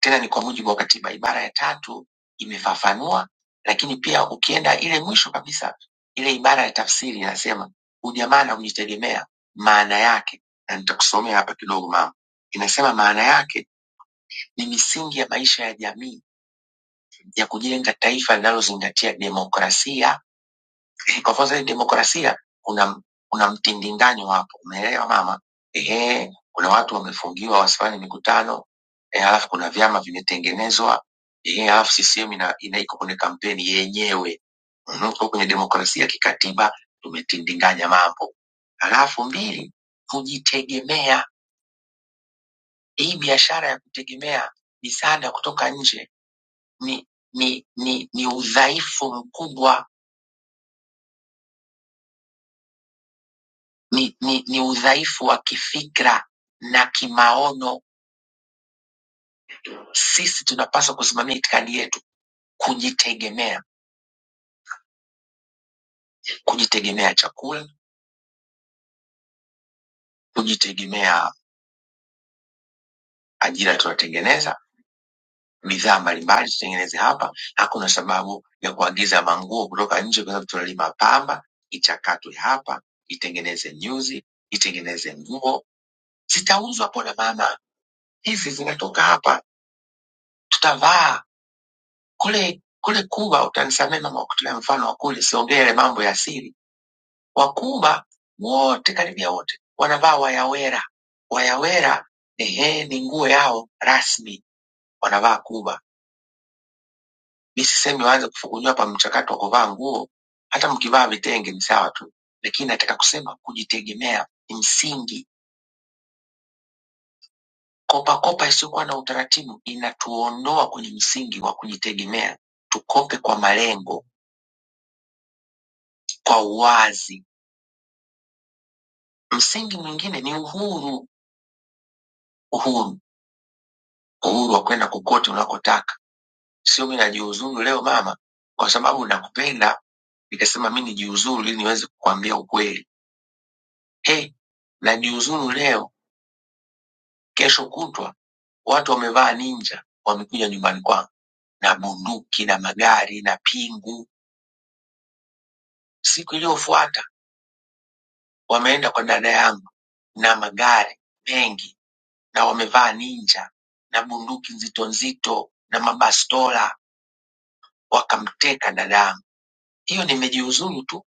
[SPEAKER 4] tena ni kwa mujibu wa katiba. Ibara ya tatu imefafanua, lakini pia ukienda ile mwisho kabisa, ile ibara ya tafsiri inasema ujamaa na kujitegemea, maana yake, na nitakusomea hapa kidogo mama, inasema maana yake ni misingi ya maisha ya jamii ya kujenga taifa linalozingatia demokrasia kwa sababu demokrasia una, una mtindindanyo hapo, umeelewa mama? Ehe, kuna watu wamefungiwa wasifanye mikutano e, halafu kuna vyama vimetengenezwa e, halafu CCM ina, ina iko kwenye kampeni yenyewe Mhm, kwa kwenye demokrasia kikatiba tumetindinganya mambo. Halafu mbili, kujitegemea. Hii biashara ya kutegemea misaada kutoka nje ni ni ni, ni udhaifu mkubwa ni, ni, ni udhaifu wa kifikra na kimaono. Sisi tunapaswa kusimamia itikadi yetu, kujitegemea, kujitegemea chakula, kujitegemea ajira tunatengeneza, bidhaa mbalimbali tutengeneze hapa. Hakuna sababu ya kuagiza manguo kutoka nje, kwa sababu tunalima pamba, ichakatwe hapa, itengeneze nyuzi, itengeneze nguo, zitauzwa. Pona mama, hizi zinatoka hapa, tutavaa Kule kule Kuba utanisamee mama, kwa kutolea mfano wa kule, siongee yale mambo ya siri. Wakuba wote karibia wote wanavaa wayawera. Wayawera ehe, ni nguo yao rasmi, wanavaa Kuba. Mi sisemi waanze kufukunywa hapa mchakato wa kuvaa nguo, hata mkivaa vitenge ni sawa tu, lakini nataka kusema kujitegemea ni msingi. Kopakopa isiyokuwa na utaratibu inatuondoa kwenye msingi wa kujitegemea. Tukope kwa malengo, kwa uwazi Msingi mwingine ni uhuru, uhuru, uhuru wa kwenda kokote unakotaka. Sio mi najiuzuru leo mama, kwa sababu nakupenda nikasema mi nijiuzuru ili niweze kukwambia ukweli. Hey, najiuzuru leo, kesho kutwa watu wamevaa ninja wamekuja nyumbani kwangu na bunduki na magari na pingu. Siku iliyofuata wameenda kwa dada yangu na magari mengi na wamevaa ninja na bunduki nzito nzito na mabastola wakamteka dadangu. Hiyo nimejiuzuru tu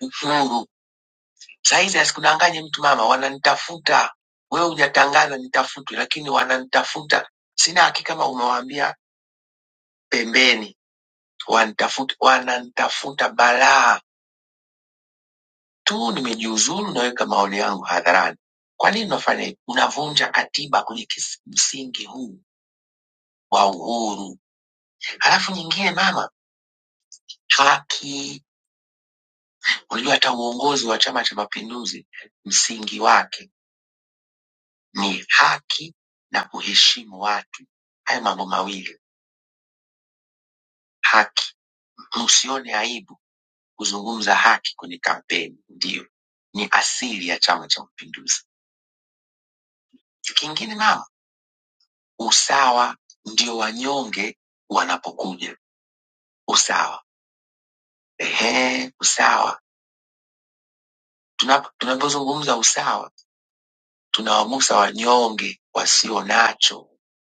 [SPEAKER 4] uhuru. Saizi asikudanganye mtu mama, wananitafuta. Wewe hujatangaza nitafutwe, lakini wananitafuta. Sina hakika kama umewaambia pembeni, wanitafuta, wananitafuta balaa tu. Nimejiuzuru, naweka maoni yangu hadharani. Kwa nini unafanya hivi? Unavunja katiba kwenye kis- msingi huu wa uhuru. Halafu nyingine mama, haki. Unajua hata uongozi wa Chama cha Mapinduzi msingi wake ni haki na kuheshimu watu. Haya mambo mawili, haki, msione aibu kuzungumza haki kwenye kampeni, ndiyo ni asili ya Chama cha Mapinduzi. Kingine mama, usawa, ndio wanyonge wanapokuja, usawa. Ehe, usawa. Tunap- Tunapozungumza usawa, tunawagusa wanyonge wasio nacho,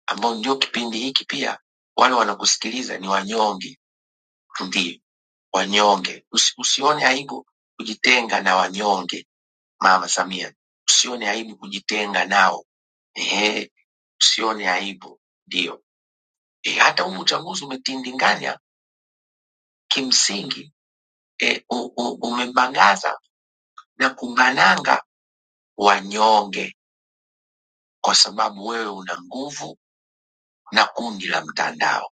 [SPEAKER 4] ambao ndio kipindi hiki pia wale wanakusikiliza ni wanyonge Tulie wanyonge, usi, usione aibu kujitenga na wanyonge. Mama Samia, usione aibu kujitenga nao. Ehe, usione aibu, ndio e, hata huu uchaguzi umetindinganya kimsingi e, u, u, umebangaza na kubananga wanyonge, kwa sababu wewe una nguvu na kundi la mtandao.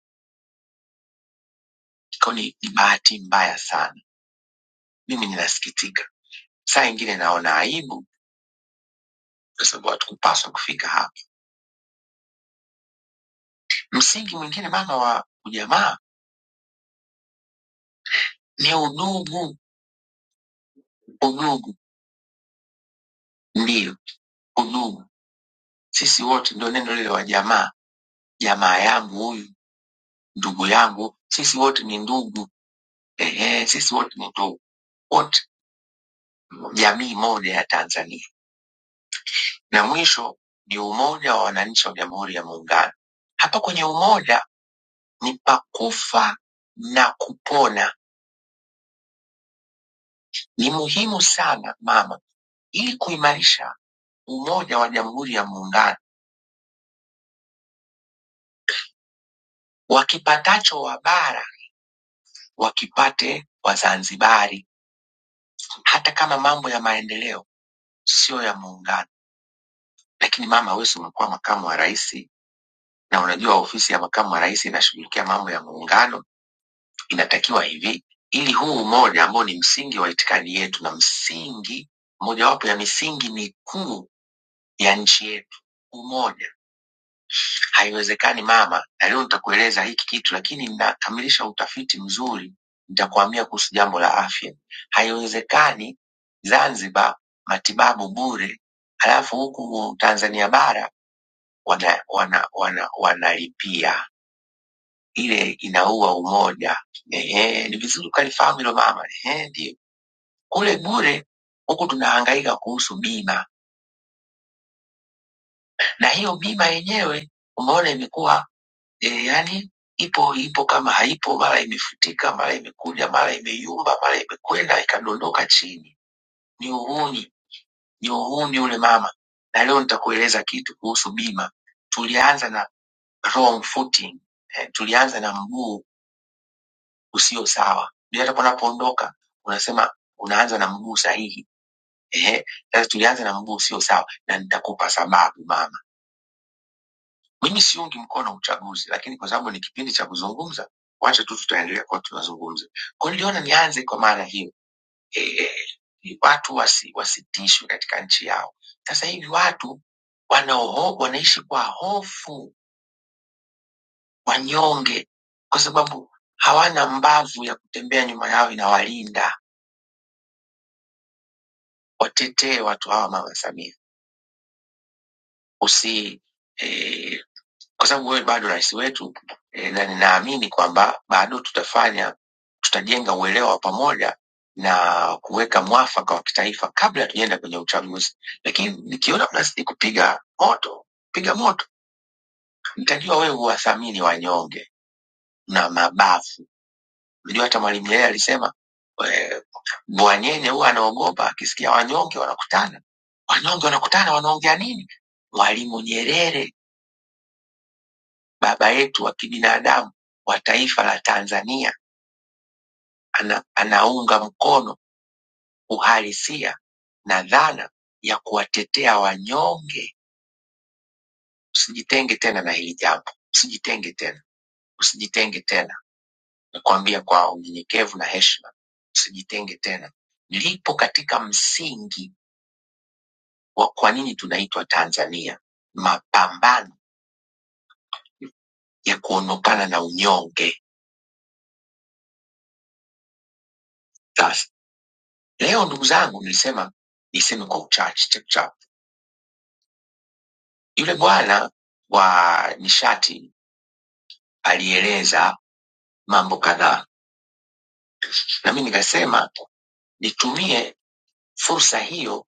[SPEAKER 4] Kwa ni, ni bahati mbaya sana. Mimi ninasikitika, saa ingine naona aibu, kwa sababu hatukupaswa kufika hapa. Msingi mwingine mama wa ujamaa ni udugu. Udugu ndiyo, udugu. Sisi wote ndio neno lile wa jamaa, jamaa yangu huyu, ndugu yangu, sisi wote ni ndugu. Ehe, sisi wote ni ndugu, wote jamii moja ya Tanzania. Na mwisho ni umoja wa wananchi wa Jamhuri ya Muungano. Hapa kwenye umoja ni pakufa na kupona. Ni muhimu sana mama, ili kuimarisha umoja wa Jamhuri ya Muungano Wakipatacho Wabara wakipate Wazanzibari, hata kama mambo ya maendeleo sio ya muungano. Lakini mama, wewe si umekuwa makamu wa rais, na unajua ofisi ya makamu wa rais inashughulikia mambo ya muungano. Inatakiwa hivi, ili huu umoja ambao ni msingi wa itikadi yetu na msingi mojawapo ya misingi mikuu ya nchi yetu, umoja Haiwezekani mama, na leo nitakueleza hiki kitu, lakini ninakamilisha utafiti mzuri, nitakuambia kuhusu jambo la afya. Haiwezekani Zanzibar matibabu bure, halafu huku Tanzania bara wana wana wana wanalipia. Ile inaua umoja. Ehe, ni vizuri ukalifahamu hilo mama. Ehe, ndio kule bure, huku tunahangaika kuhusu bima, na hiyo bima yenyewe umeona imekuwa duniani ipo ipo kama haipo, mara imefutika, mara imekuja, mara imeyumba, mara imekwenda ikadondoka chini. Ni uhuni, ni uhuni ule mama. Na leo nitakueleza kitu kuhusu bima. Tulianza na wrong footing, eh, tulianza na mguu usio sawa. Ndio hata unapoondoka unasema unaanza na mguu sahihi. Ehe, sasa tulianza na mguu usio sawa, na nitakupa sababu maana Mimi siungi mkono uchaguzi, lakini kwa sababu ni kipindi cha kuzungumza, wacha tu tutaendelea kuwa tunazungumza. Kwa hiyo niliona nianze kwa maana hiyo e, e, ni watu wasi, wasitishwe katika nchi yao. Sasa hivi watu wanaoho, wanaishi kwa hofu, wanyonge, kwa sababu hawana mbavu ya kutembea nyuma yao inawalinda. Watetee watu hawa, Mama Samia, usi e, kwa sababu wewe bado rais wetu e, na ninaamini kwamba bado tutafanya tutajenga uelewa wa pamoja na kuweka mwafaka wa kitaifa kabla hatujaenda kwenye uchaguzi. Lakini nikiona mnazidi kupiga moto, piga moto, mtajua wewe huwathamini wanyonge na mabavu. Unajua hata Mwalimu yeye alisema eh, Bwanyenye huwa anaogopa akisikia wanyonge wanakutana, wanyonge wanakutana, wanaongea nini? Mwalimu Nyerere baba yetu wa kibinadamu wa taifa la Tanzania ana, anaunga mkono uhalisia na dhana ya kuwatetea wanyonge. Usijitenge tena na hili jambo, usijitenge tena, usijitenge tena, nakwambia kwa unyenyekevu na heshima, usijitenge tena. Lipo katika msingi wa kwa nini tunaitwa Tanzania, mapambano ya kuondokana na unyonge. Sasa leo, ndugu zangu, nilisema niseme kwa uchache chapchap Yule bwana wa nishati alieleza mambo kadhaa, na mimi nikasema nitumie fursa hiyo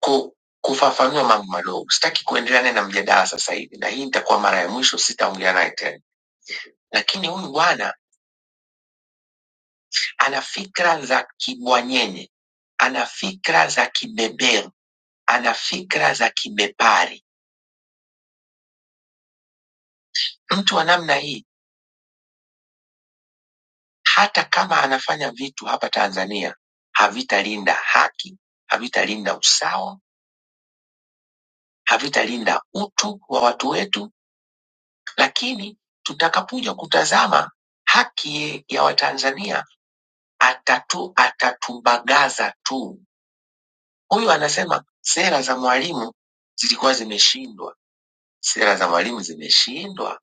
[SPEAKER 4] ku, kufafanua mambo madogo. Sitaki kuendelea naye na mjadala sasa hivi, na hii itakuwa mara ya mwisho, sitaongea naye tena. Lakini huyu bwana ana fikra za kibwanyenye, ana fikra za kibeberu, ana fikra za kibepari. Mtu wa namna hii hata kama anafanya vitu hapa Tanzania havitalinda haki, havitalinda usawa, havitalinda utu wa watu wetu, lakini tutakapokuja kutazama haki ya Watanzania atatu atatubagaza tu. Huyu anasema sera za Mwalimu zilikuwa zimeshindwa, sera za Mwalimu zimeshindwa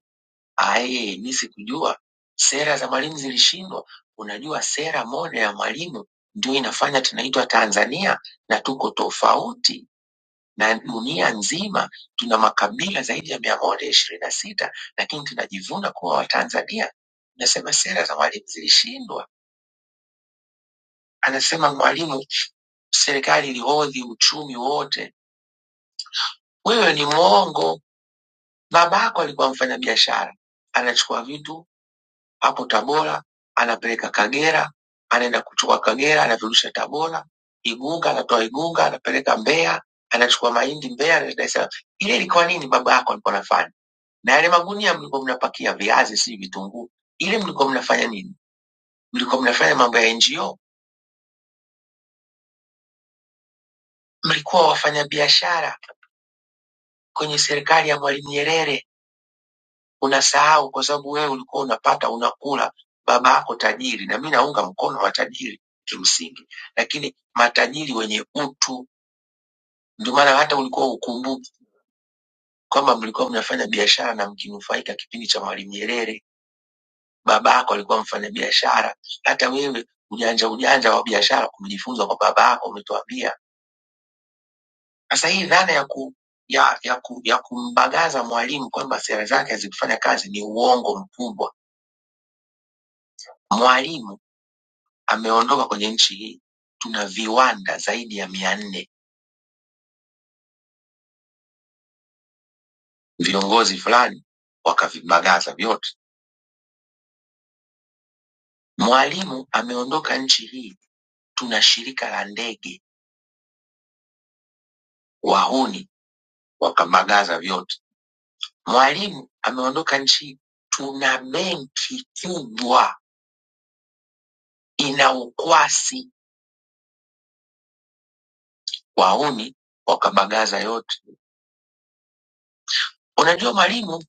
[SPEAKER 4] Aye, mi sikujua sera za mwalimu zilishindwa. Unajua sera moja ya mwalimu ndio inafanya tunaitwa Tanzania na tuko tofauti na dunia nzima. Tuna makabila zaidi ya mia moja ishirini na sita lakini tunajivuna kuwa Watanzania. Nasema sera za mwalimu zilishindwa. Anasema mwalimu, serikali ilihodhi uchumi wote. Wewe ni mwongo. Babako alikuwa mfanyabiashara, anachukua vitu hapo Tabora, anapeleka Kagera, anaenda kuchukua Kagera, anavyorusha Tabora, Igunga anatoa Igunga, anapeleka Mbeya, anachukua mahindi Mbeya, anaenda Dar es Salaam. Ile ilikuwa nini baba yako alikuwa anafanya? Na yale magunia mlikuwa mnapakia viazi, si vitunguu, ile mlikuwa mnafanya nini? Mlikuwa mnafanya mambo ya NGO? Mlikuwa wafanya biashara kwenye serikali ya Mwalimu Nyerere. unasahau kwa sababu wewe ulikuwa unapata unakula babako tajiri na mi naunga mkono matajiri kimsingi lakini matajiri wenye utu ndio maana hata ulikuwa ukumbuki kwamba mlikuwa mnafanya biashara na mkinufaika kipindi cha mwalimu nyerere babako alikuwa mfanya biashara hata wewe ujanja ujanja wa biashara kujifunza kwa babako umetuambia sasa hii dhana ya ku ya, ya, ku, ya kumbagaza mwalimu kwamba sera zake hazikufanya kazi ni uongo mkubwa mwalimu ameondoka kwenye nchi hii, tuna viwanda zaidi ya mia nne. Viongozi fulani wakavibagaza vyote. Mwalimu ameondoka nchi hii, tuna shirika la ndege, wahuni wakabagaza vyote. Mwalimu ameondoka nchi hii, tuna benki kubwa ina ukwasi, wahuni wakabagaza yote. Unajua mwalimu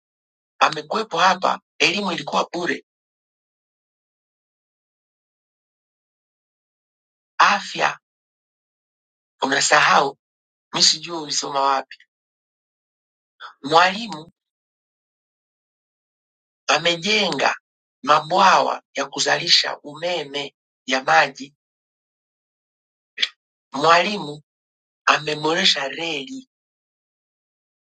[SPEAKER 4] amekuwepo hapa, elimu ilikuwa bure, afya unasahau, mi sijui ulisoma wapi. Mwalimu Wamejenga mabwawa ya kuzalisha umeme ya maji. Mwalimu ameboresha reli.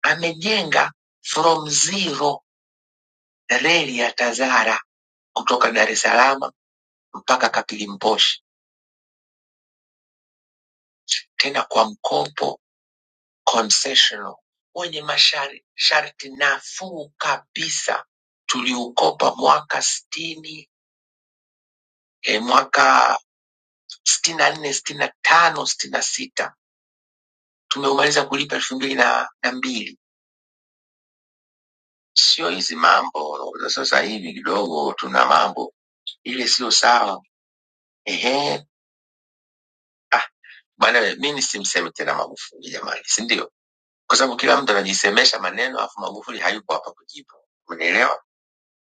[SPEAKER 4] Amejenga from zero reli ya TAZARA kutoka Dar es Salaam mpaka Kapilimposhi, tena kwa mkopo concessional wenye masharti nafuu kabisa. Tuliukopa mwaka sitini eh, mwaka sitini na nne, sitini na tano, sitini na sita tumeumaliza kulipa elfu mbili na na mbili sio hizi mambo za sasa hivi, kidogo tuna mambo ile sio sawa. Ehe, ah, bwana, mimi simsemi tena Magufuli jamani, si ndio? Kwa sababu kila mtu anajisemesha maneno, afu Magufuli hayupo hapa kujibu, umeelewa?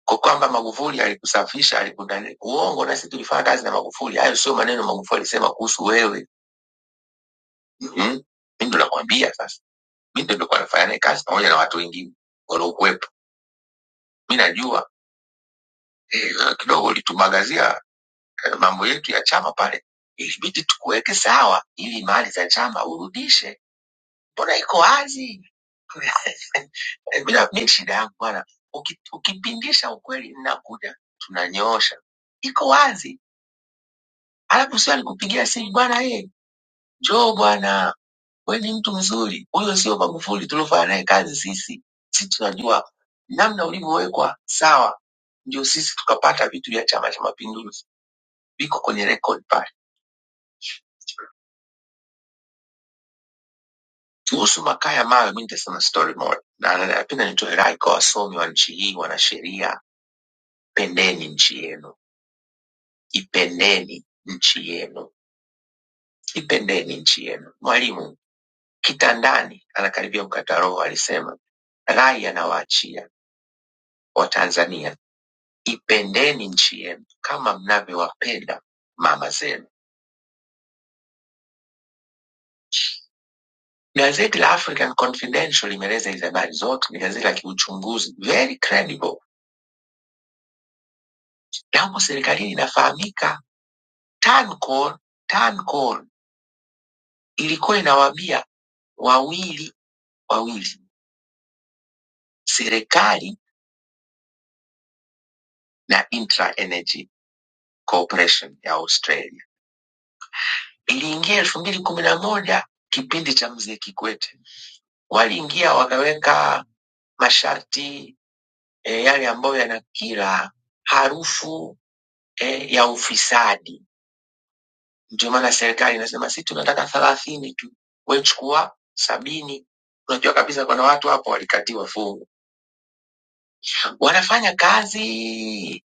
[SPEAKER 4] Kwa kwamba Magufuli alikusafisha, alikudani uongo, na sisi tulifanya kazi na Magufuli. Hayo sio maneno Magufuli alisema kuhusu wewe. Mhm. Mimi ndo nakwambia sasa, mimi ndo nilikuwa nafanya naye kazi pamoja na watu wengine waliokuwepo, mimi najua eh, kidogo ulitumagazia eh, mambo yetu ya chama pale, ilibidi tukuweke sawa ili mali za chama urudishe, mbona iko wazi? Bila mi shida yangu bwana, uki- ukipindisha ukweli ninakuja, tunanyoosha, iko wazi. Alafu sio alikupigia simu bwana, ye njoo bwana, we ni mtu mzuri, huyo sio Magufuli tuliofanya naye kazi sisi, si tunajua namna ulivyowekwa sawa, ndio sisi tukapata vitu vya Chama cha Mapinduzi, viko kwenye rekodi pale kuhusu makaa ya mawe mi nitasema storymoja na anapenda nitoe rai kwa wasomi wa nchi hii wanasheria pendeni nchi yenu ipendeni nchi yenu ipendeni nchi yenu mwalimu kitandani anakaribia kukata roho alisema rai anawaachia watanzania ipendeni nchi yenu kama mnavyowapenda mama zenu gazeti la african confidential limeeleza hizi habari zote ni gazeti la kiuchunguzi very credible yamo serikalini inafahamika Tancol, Tancol ilikuwa inawabia wawili wawili, serikali na Intra Energy Corporation ya Australia. Iliingia elfu mbili kumi na moja kipindi cha mzee Kikwete, waliingia wakaweka masharti e, yale ambayo yana kila harufu e, ya ufisadi. Ndio maana serikali inasema sisi tunataka thelathini tu, we chukua sabini. Unajua kabisa kuna watu hapo walikatiwa fungu wanafanya kazi.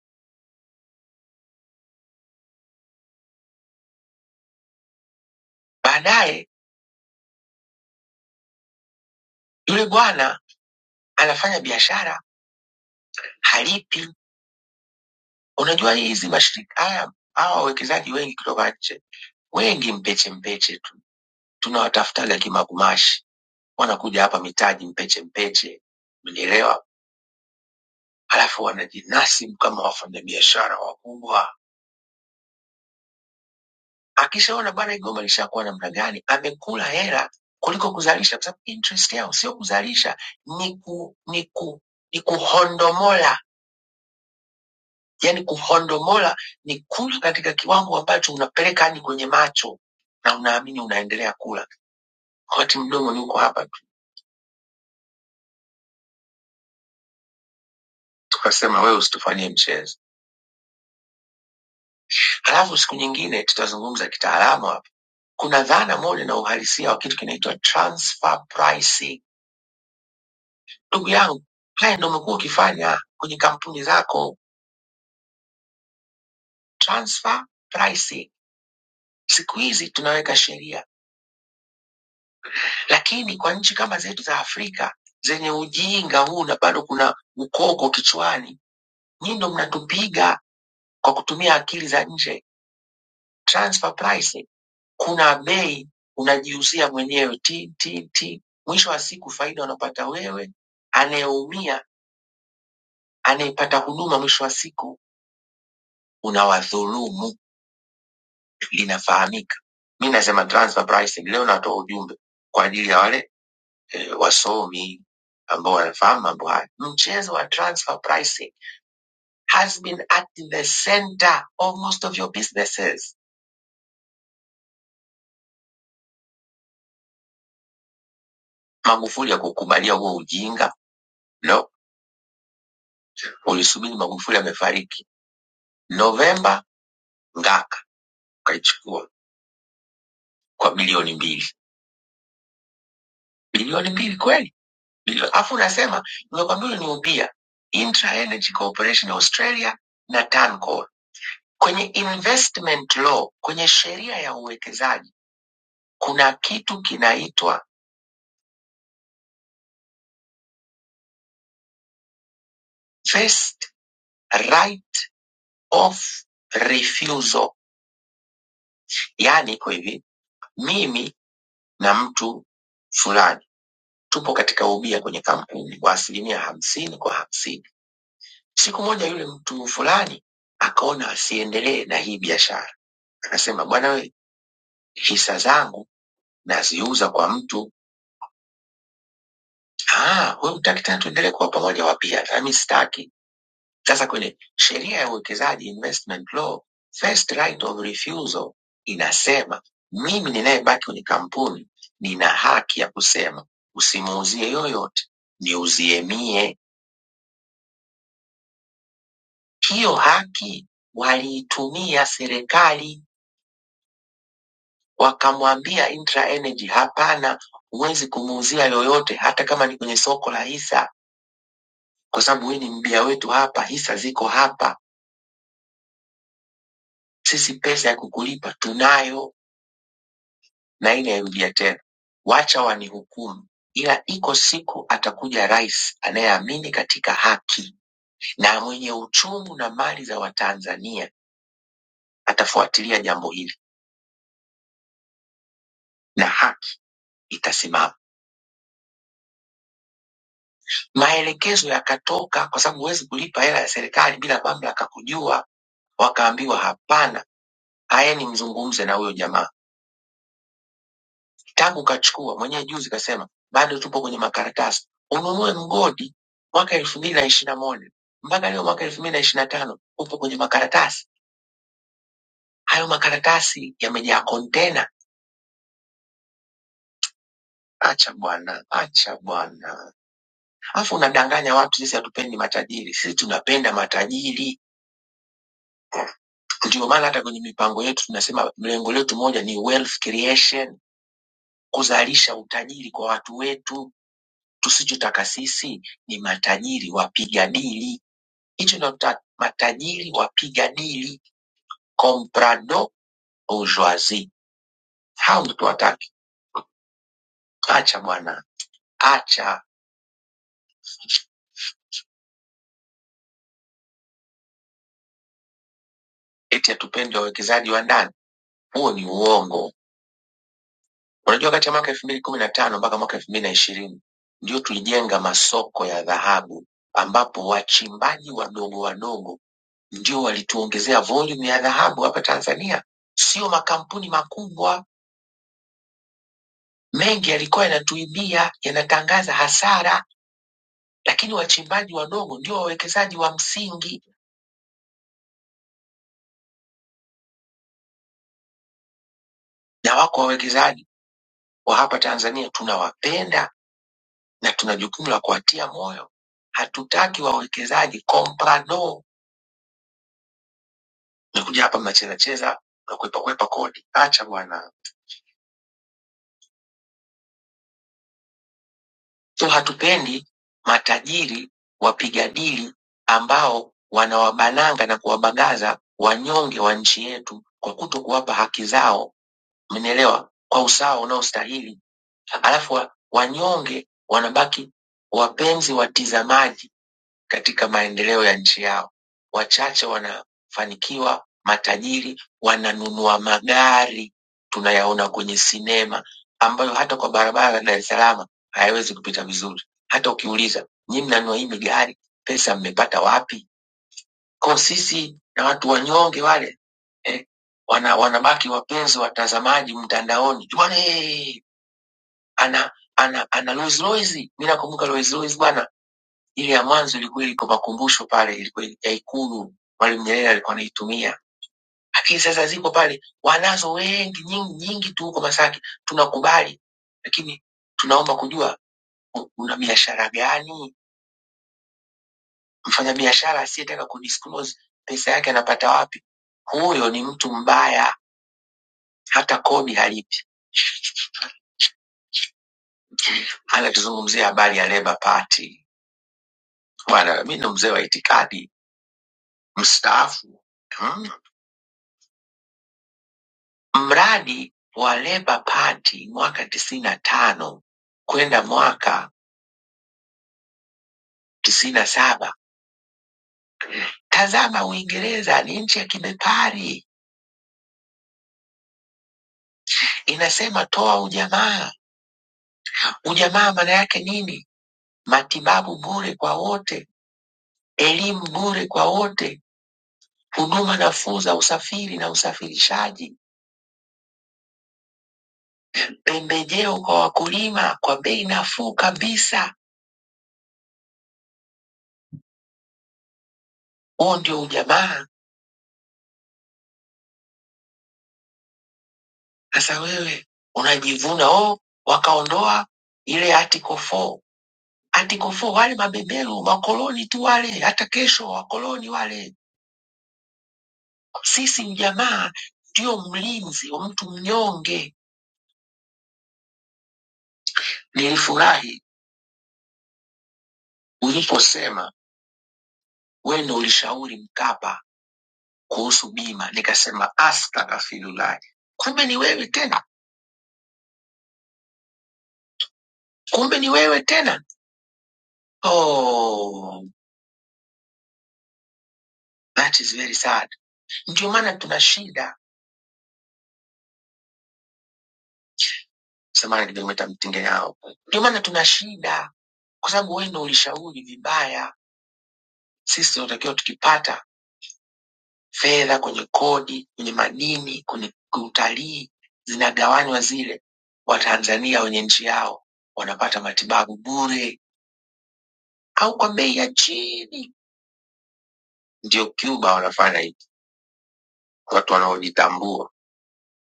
[SPEAKER 4] Baadaye yule bwana anafanya biashara, halipi. Unajua hizi mashirika haya, hawa wawekezaji wengi kutoka nje, wengi mpeche mpeche tu, tunawatafutaga kimagumashi, wanakuja hapa mitaji mpeche mpeche, mnielewa? Halafu wanajinasibu kama wafanyabiashara wakubwa. Akishaona bwana hii goma lishakuwa namna gani, amekula hela kuliko kuzalisha, kwa sababu interest yao sio kuzalisha, ni ku, ni ku, ni kuhondomola yani kuhondomola ni kula katika kiwango ambacho unapeleka hadi kwenye macho na unaamini unaendelea kula wakati mdomo ni uko hapa tu. tukasema wewe usitufanyie mchezo halafu siku nyingine tutazungumza kitaalamu hapa kuna dhana moja na uhalisia wa kitu kinaitwa transfer pricing ndugu yangu haya ndo umekuwa ukifanya kwenye kampuni zako transfer pricing siku hizi tunaweka sheria lakini kwa nchi kama zetu za afrika zenye ujinga huu na bado kuna ukoko kichwani Nyinyi ndo mnatupiga kwa kutumia akili za nje. Transfer pricing, kuna bei unajiuzia mwenyewe ti ti ti. Mwisho wa siku faida unapata wewe, anayeumia anayepata huduma mwisho wa siku unawadhulumu. Linafahamika. Mi nasema transfer pricing. Leo natoa ujumbe kwa ajili ya wale e, wasomi ambao wanafahamu mambo haya. Mchezo wa transfer pricing has been at the center of most of your businesses. Magufuli hakukubalia huo ujinga. No, ulisubiri Magufuli amefariki Novemba, Ngaka ukaichukua kwa bilioni mbili. Bilioni mbili kweli? Bilioni afu unasema nimekwambia uliniupia Intra Energy Corporation Australia na Tancoal. Kwenye investment law, kwenye sheria ya uwekezaji kuna kitu kinaitwa first right of refusal, yaani iko hivi, mimi na mtu fulani tupo katika ubia kwenye kampuni kwa asilimia hamsini kwa hamsini. Siku moja yule mtu fulani akaona asiendelee na hii biashara, akasema bwana we, hisa zangu naziuza kwa mtu. Ah, wewe hutaki tena tuendelee kuwa pamoja wapia? Nami sitaki. Sasa kwenye sheria ya uwekezaji investment law, first right of refusal inasema mimi ninayebaki kwenye kampuni nina haki ya kusema usimuuzie yoyote, niuzie mie Hiyo haki waliitumia serikali wakamwambia Intra Energy hapana, huwezi kumuuzia yoyote, hata kama ni kwenye soko la hisa, kwa sababu wewe ni mbia wetu hapa, hisa ziko hapa, sisi pesa ya kukulipa tunayo na ile yarudia tena, wacha wanihukumu. Ila iko siku atakuja rais anayeamini katika haki na mwenye uchungu na mali za Watanzania, atafuatilia jambo hili na haki itasimama. Maelekezo yakatoka kwa sababu huwezi kulipa hela ya serikali bila mamlaka kujua. Wakaambiwa hapana, aeni mzungumze na huyo jamaa. Tangu kachukua mwenyewe, juzi kasema bado tupo kwenye makaratasi, ununue mgodi mwaka elfu mbili na ishiri na moja mpaka leo mwaka elfu mbili na ishiri na tano upo kwenye makaratasi. Hayo makaratasi yamejaa kontena. Acha bwana, acha bwana, alafu unadanganya watu. Sisi hatupendi matajiri, sisi tunapenda matajiri. Ndio maana hata kwenye mipango yetu tunasema lengo letu moja ni wealth creation, kuzalisha utajiri kwa watu wetu. Tusichotaka sisi ni matajiri wapiga dili, hicho ndio tunataka, matajiri wapiga dili, comprador bourgeoisie. Hao ndio tuwataki. Acha bwana, acha eti hatupendi wawekezaji wa ndani, huo ni uongo. Unajua, kati ya mwaka elfu mbili kumi na tano mpaka mwaka elfu mbili na ishirini ndio tulijenga masoko ya dhahabu ambapo wachimbaji wadogo wadogo ndio walituongezea volume ya dhahabu hapa Tanzania, sio makampuni makubwa. Mengi yalikuwa yanatuibia, yanatangaza hasara, lakini wachimbaji wadogo ndio wawekezaji wa msingi, na wako wawekezaji wa hapa Tanzania tunawapenda na tuna jukumu la kuwatia moyo. Hatutaki wawekezaji komprador, mnakuja hapa mnachezacheza mnakwepakwepa kodi, acha bwana. So hatupendi matajiri wapiga dili ambao wanawabananga na kuwabagaza wanyonge wa nchi yetu kwa kuto kuwapa haki zao, mnaelewa, kwa usawa unaostahili. Alafu wa- wanyonge wanabaki wapenzi watizamaji katika maendeleo ya nchi yao. Wachache wanafanikiwa, matajiri wananunua magari tunayaona kwenye sinema, ambayo hata kwa barabara la Dar es Salaam hayawezi kupita vizuri. Hata ukiuliza nyi mnanunua hii migari, pesa mmepata wapi? Kwa sisi na watu wanyonge wale eh, wana, wanabaki wapenzi watazamaji mtandaoni bwana, hey, ana ana ana Rolls Royce. Mimi nakumbuka Rolls Royce bwana ile ya mwanzo ilikuwa iko makumbusho pale, ilikuwa ya Ikulu, Mwalimu Nyerere alikuwa anaitumia, lakini sasa ziko pale, wanazo wengi nyingi nyingi tu huko Masaki, tunakubali, lakini tunaomba kujua u- una biashara gani? Mfanyabiashara asiyetaka kudisclose pesa yake anapata wapi? Huyo ni mtu mbaya, hata kodi halipi. Anatuzungumzia habari ya Labour Party bwana, mi ndo mzee wa itikadi mstaafu. Hmm, Mradi wa Labour Party mwaka tisini na tano kwenda mwaka tisini na saba. Tazama Uingereza ni nchi ya kibepari, inasema toa ujamaa. Ujamaa maana yake nini? Matibabu bure kwa wote, elimu bure kwa wote, huduma nafuu za usafiri na usafirishaji, pembejeo kwa wakulima kwa bei nafuu kabisa. Huo ndio ujamaa. Sasa wewe unajivuna oh, wakaondoa ile Article 4. Article 4 wale mabeberu makoloni tu wale, hata kesho wakoloni wale. Sisi mjamaa ndio mlinzi wa mtu mnyonge. Nilifurahi uliposema wewe ndio ulishauri Mkapa kuhusu bima, nikasema astaghfirullah, kumbe ni wewe tena, kumbe ni wewe tena. Oh, that is very sad. Ndio maana tuna shida samani kilomita mtinge yao. Ndio maana tuna shida, kwa sababu wewe ndio ulishauri vibaya. Sisi tunatakiwa tukipata fedha kwenye kodi, kwenye madini, kwenye utalii, zinagawanywa zile, Watanzania wenye nchi yao wanapata matibabu bure au kwa bei ya chini. Ndio Cuba wanafanya hivi, watu wanaojitambua.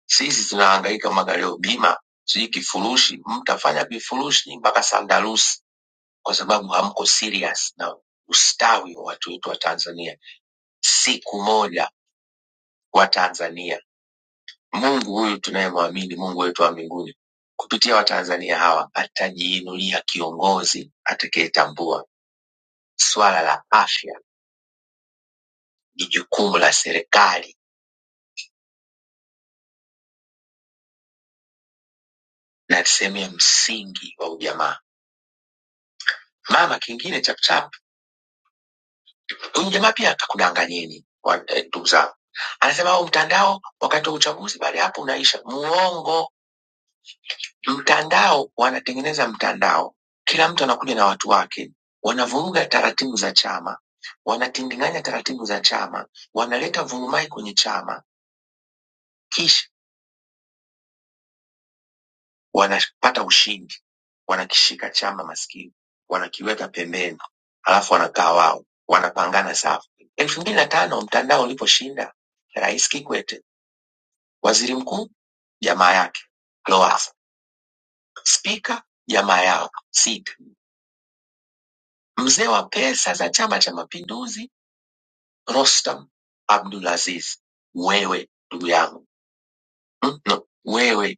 [SPEAKER 4] Sisi tunahangaika magalio bima, sijui kifurushi, mtu afanya vifurushi mpaka sandarusi kwa sababu hamko serious na ustawi wa watu wetu wa Tanzania. Siku moja wa Tanzania, Mungu huyu tunayemwamini, Mungu wetu wa mbinguni, kupitia Watanzania hawa atajiinulia kiongozi atakayetambua swala la afya ni jukumu la serikali na sehemu ya msingi wa ujamaa. Mama kingine chapchap, huyu jamaa pia akakudanganyeni wa- eh, ndugu zangu, anasema au mtandao wakati wa uchaguzi, baada ya hapo unaisha. Muongo. mtandao wanatengeneza mtandao kila mtu anakuja na watu wake wanavuruga taratibu za chama wanatindinganya taratibu za chama wanaleta vurumai kwenye chama kisha wanapata ushindi wanakishika chama maskini wanakiweka pembeni alafu wanakaa wao wanapangana safu elfu mbili na tano mtandao uliposhinda rais kikwete waziri mkuu jamaa yake loafa spika jamaa yao sita Mzee wa pesa za Chama cha Mapinduzi Rostam Abdulaziz, wewe ndugu yangu mm, no, wewe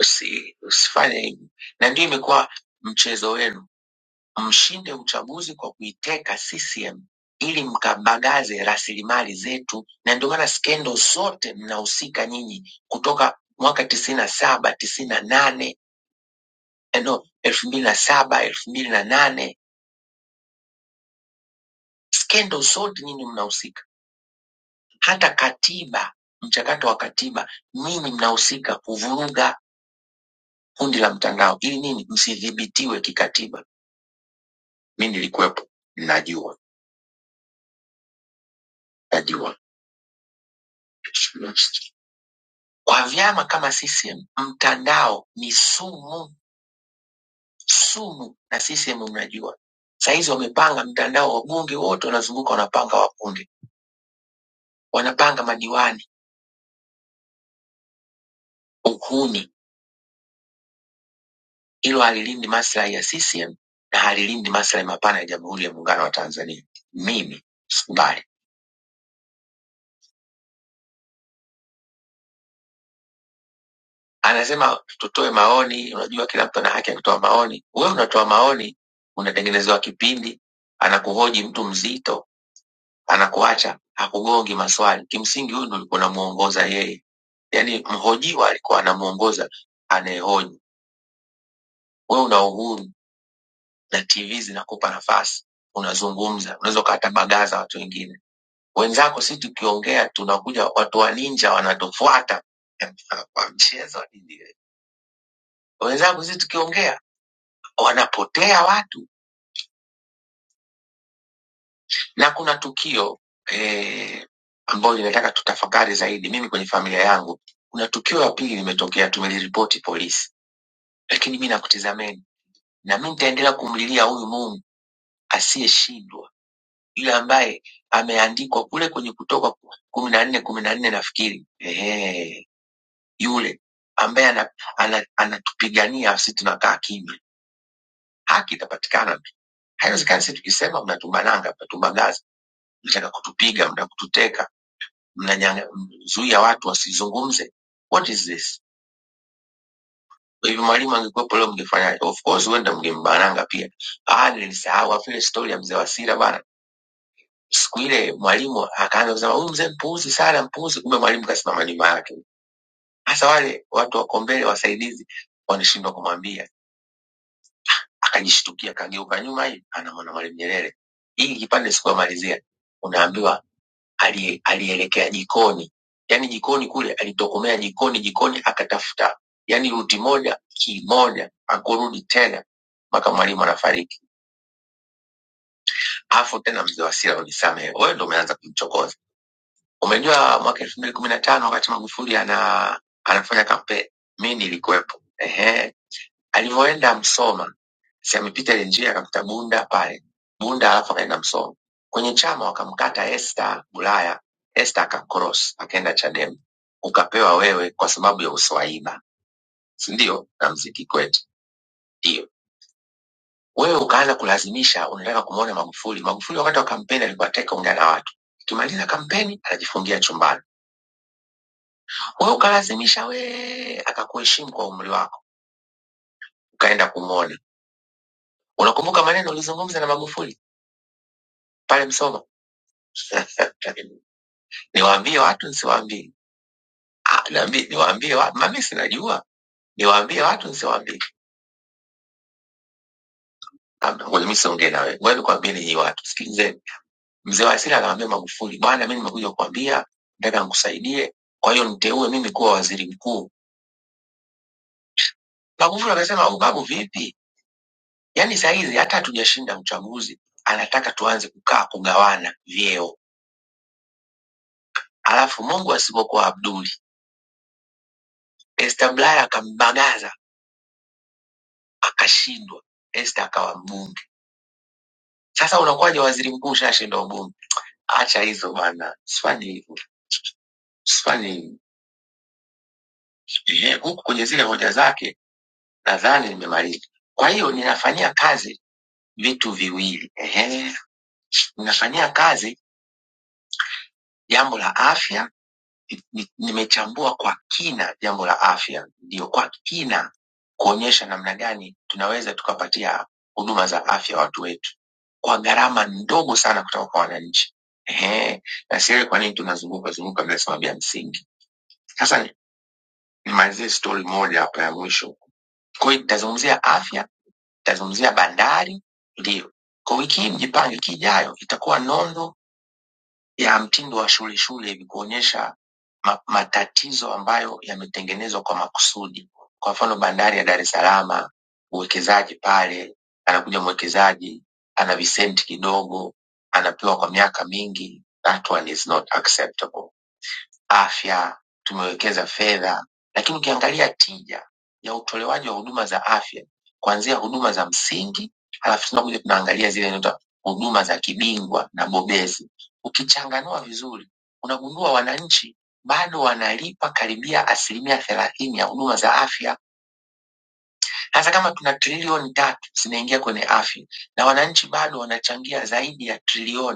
[SPEAKER 4] usi, usifanye hivi, na ndio imekuwa mchezo wenu, mshinde uchaguzi kwa kuiteka CCM ili mkabagaze rasilimali zetu, na ndio maana skendo zote mnahusika nyinyi, kutoka mwaka tisini na saba tisini na nane eh, no, elfu mbili na saba elfu mbili na nane skendo zote nyinyi mnahusika hata katiba, mchakato wa katiba, ninyi mnahusika kuvuruga kundi la mtandao ili nini? Msidhibitiwe kikatiba. Mi nilikuwepo, najua najua. Kwa vyama kama CCM, mtandao ni sumu, sumu, na CCM mnajua sahizi wamepanga mtandao, wabunge wote wanazunguka, wanapanga wabunge, wanapanga madiwani, uhuni. Hilo halilindi maslahi ya CCM na halilindi maslahi mapana ya Jamhuri ya Muungano wa Tanzania. Mimi sikubali. anasema tutoe maoni. Unajua, kila mtu ana haki ya kutoa maoni. Wewe unatoa maoni, unatengenezewa kipindi, anakuhoji mtu mzito, anakuacha hakugongi maswali. Kimsingi huyu ndo ulikuwa unamuongoza yeye, yaani mhojiwa alikuwa anamuongoza anayehoji. Wewe una uhuru na TV zinakupa nafasi, unazungumza, unaweza ukawatabagaza watu wengine. Wenzako si tukiongea tunakuja watu wa ninja wanatufuata kwa mchezo wa dini. Wenzangu sisi tukiongea wanapotea watu na kuna tukio eh, ambayo linataka tutafakari zaidi mimi kwenye familia yangu kuna tukio la pili limetokea tumeliripoti polisi lakini mi nakutizameni na mi nitaendelea kumlilia huyu mungu asiyeshindwa yule ambaye ameandikwa kule kwenye kutoka kumi na nne kumi na nne nafikiri Ehe, yule ambaye ana- ana- anatupigania sisi tunakaa kimya haki itapatikana haiwezekani sisi tukisema mnatumbananga mnatumbangaza mnataka kutupiga, mnataka kututeka, mnazuia watu wasizungumze. What is this? Kwa hivyo mwalimu angekuwepo leo mngefanyaje? Of course huenda mngembananga pia. Ah, nilisahau afu ile story ya mzee Wasira bana. Siku ile mwalimu akaanza kusema huyu mzee mpuuzi sana, mpuuzi, kumbe mwalimu kasimama nyuma yake. Hasa wale watu wako mbele, wasaidizi, wanashindwa kumwambia. Akajishtukia, kageuka nyuma, hii anamwona Mwalimu Nyerere. Hii kipande sikumalizia, unaambiwa ali- alielekea jikoni, yaani jikoni kule alitokomea jikoni, jikoni akatafuta, yaani ruti moja kimoja, akurudi tena mpaka mwalimu anafariki. Afu tena mzee wa Sira, unisamehe, wewe ndo umeanza kumchokoza. Umejua mwaka elfu mbili kumi na tano wakati Magufuli ana anafanya kampeni, mi nilikuwepo, Ehe, Alivyoenda Msoma si amepita ile njia akamkuta Bunda pale Bunda, alafu akaenda Msoma kwenye chama wakamkata Esta Bulaya. Esta akakros akaenda Chadema, ukapewa wewe kwa sababu ya uswaiba, si ndio? Na mziki kwetu, ndio wewe ukaanza kulazimisha, unataka kumwona Magufuli. Magufuli wakati wa kampeni alikuwa teka ongea na watu, akimaliza kampeni anajifungia chumbani. Wewe ukalazimisha, wee akakuheshimu kwa umri wako, ukaenda kumwona. Unakumbuka maneno ulizungumza na Magufuli pale Msoma? niwaambie watu nsiwaambie Ah, naambi- niwaambie watu mami sinajua niwaambie watu nsiwaambie Naambia, ngoja mi siongee nawe ngoja nikwambieni nyii watu sikilizeni mzee wa asili anawambia magufuli bwana mi nimekuja kukwambia nataka nkusaidie kwa hiyo niteue mimi kuwa waziri mkuu magufuli akasema "Oh, babu vipi yaani sahizi hata hatujashinda uchaguzi anataka tuanze kukaa kugawana vyeo alafu mungu asipokuwa abduli este blaya akambagaza akashindwa este akawa mbunge Sasa unakuwaje waziri mkuu ushashinda ubunge? Acha hizo bana, sifanyi hivyo, sifanyi hivyo. Ehe, Huku kwenye zile hoja zake nadhani nimemaliza. Kwa hiyo ninafanyia kazi vitu viwili, ehe, ninafanyia kazi jambo la afya ni- nimechambua kwa kina jambo la afya, ndio kwa kina kuonyesha namna gani tunaweza tukapatia huduma za afya watu wetu kwa gharama ndogo sana kutoka kwa wananchi. Ehe, na sielewi kwa nini tunazunguka zunguka bila sababu ya msingi. Sasa ni- nimalizie stori moja hapa ya mwisho. Kwa hiyo nitazungumzia afya, nitazungumzia bandari, ndio kwa wiki hii mjipange, wiki ijayo itakuwa nondo ya mtindo wa shule shule hivi kuonyesha ma- matatizo ambayo yametengenezwa kwa makusudi. Kwa mfano bandari ya Dar es Salaam, uwekezaji pale, anakuja mwekezaji ana visenti kidogo, anapewa kwa miaka mingi. That one is not acceptable afya, tumewekeza fedha, lakini ukiangalia tija ya utolewaji wa huduma za afya kuanzia huduma za msingi, halafu tunakuja tunaangalia zile inaitwa huduma za kibingwa na bobezi. Ukichanganua vizuri, unagundua wananchi bado wanalipa karibia asilimia thelathini ya huduma za afya, hasa kama tuna trilioni tatu zinaingia kwenye afya na wananchi bado wanachangia zaidi ya trilioni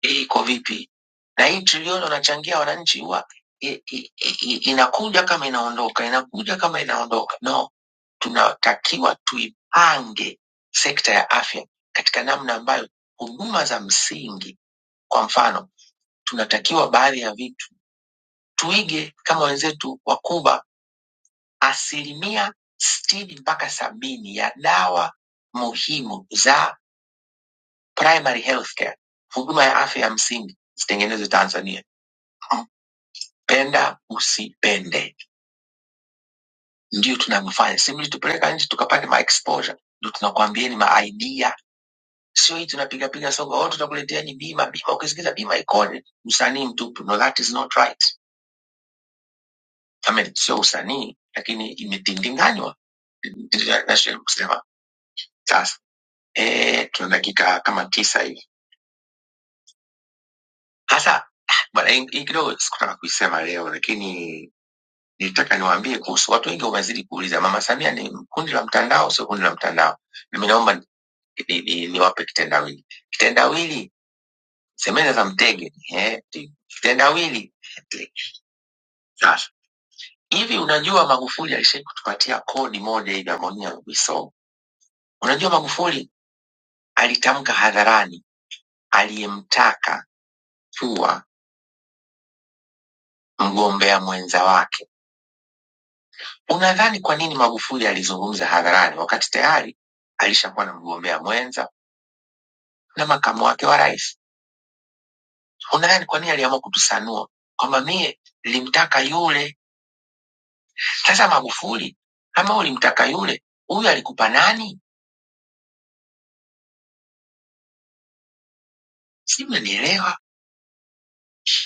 [SPEAKER 4] hii iko vipi, na hii trilioni wanachangia wananchi huwa i- i- i- inakuja kama inaondoka, inakuja kama inaondoka. No, tunatakiwa tuipange sekta ya afya katika namna ambayo huduma za msingi, kwa mfano, tunatakiwa baadhi ya vitu tuige kama wenzetu wa Kuba, asilimia sitini mpaka sabini ya dawa muhimu za primary healthcare, huduma ya afya ya msingi zitengenezwe Tanzania. penda usipende, ndio tunavyofanya. Si mlitupeleka nje tukapate ma exposure, ndio tunakwambieni ma idea, sio hii tunapiga piga soga, oh, tutakuletea ni bima bima. Ukisikiza bima ikoje, usanii mtupu. No, that is not right. I mean, sio usanii, lakini imetindinganywa. Nachoweza kusema sasa, eh, tuna dakika kama tisa hivi sasa. Bwana, hii hii kidogo sikutaka kuisema leo, lakini nilitaka niwaambie kuhusu watu wengi wamezidi kuuliza, Mama Samia ni kundi la mtandao, sio kundi la mtandao? na Mimi naomba ni, ni, niwape kitendawili. Kitendawili semena za mtege eh, ti- kitendawili. Sasa hivi, unajua Magufuli alishai kutupatia kodi moja hivi ambayo nyinyi hamkuisoma. Unajua Magufuli alitamka hadharani aliyemtaka kuwa mgombea mwenza wake. Unadhani kwa nini Magufuli alizungumza hadharani wakati tayari alishakuwa na mgombea mwenza na makamu wake wa rais? Unadhani kwa nini aliamua kutusanua kwamba mie nilimtaka yule Sasa Magufuli, kama ulimtaka yule, huyu alikupa nani? Si mmenielewa?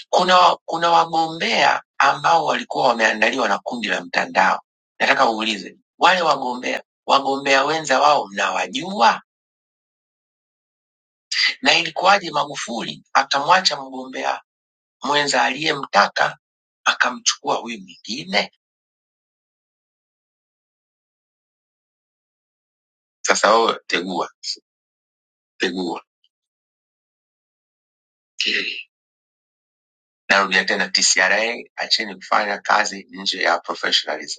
[SPEAKER 4] Kuna kuna wagombea ambao walikuwa wameandaliwa na kundi la mtandao. Nataka uulize wale wagombea, wagombea wenza wao mnawajua? Na ilikuwaje Magufuli akamwacha mgombea mwenza aliyemtaka akamchukua huyu mwingine? Sasa wewe tegua, tegua. Narudia tena, TCRA, acheni kufanya kazi nje ya professionalism.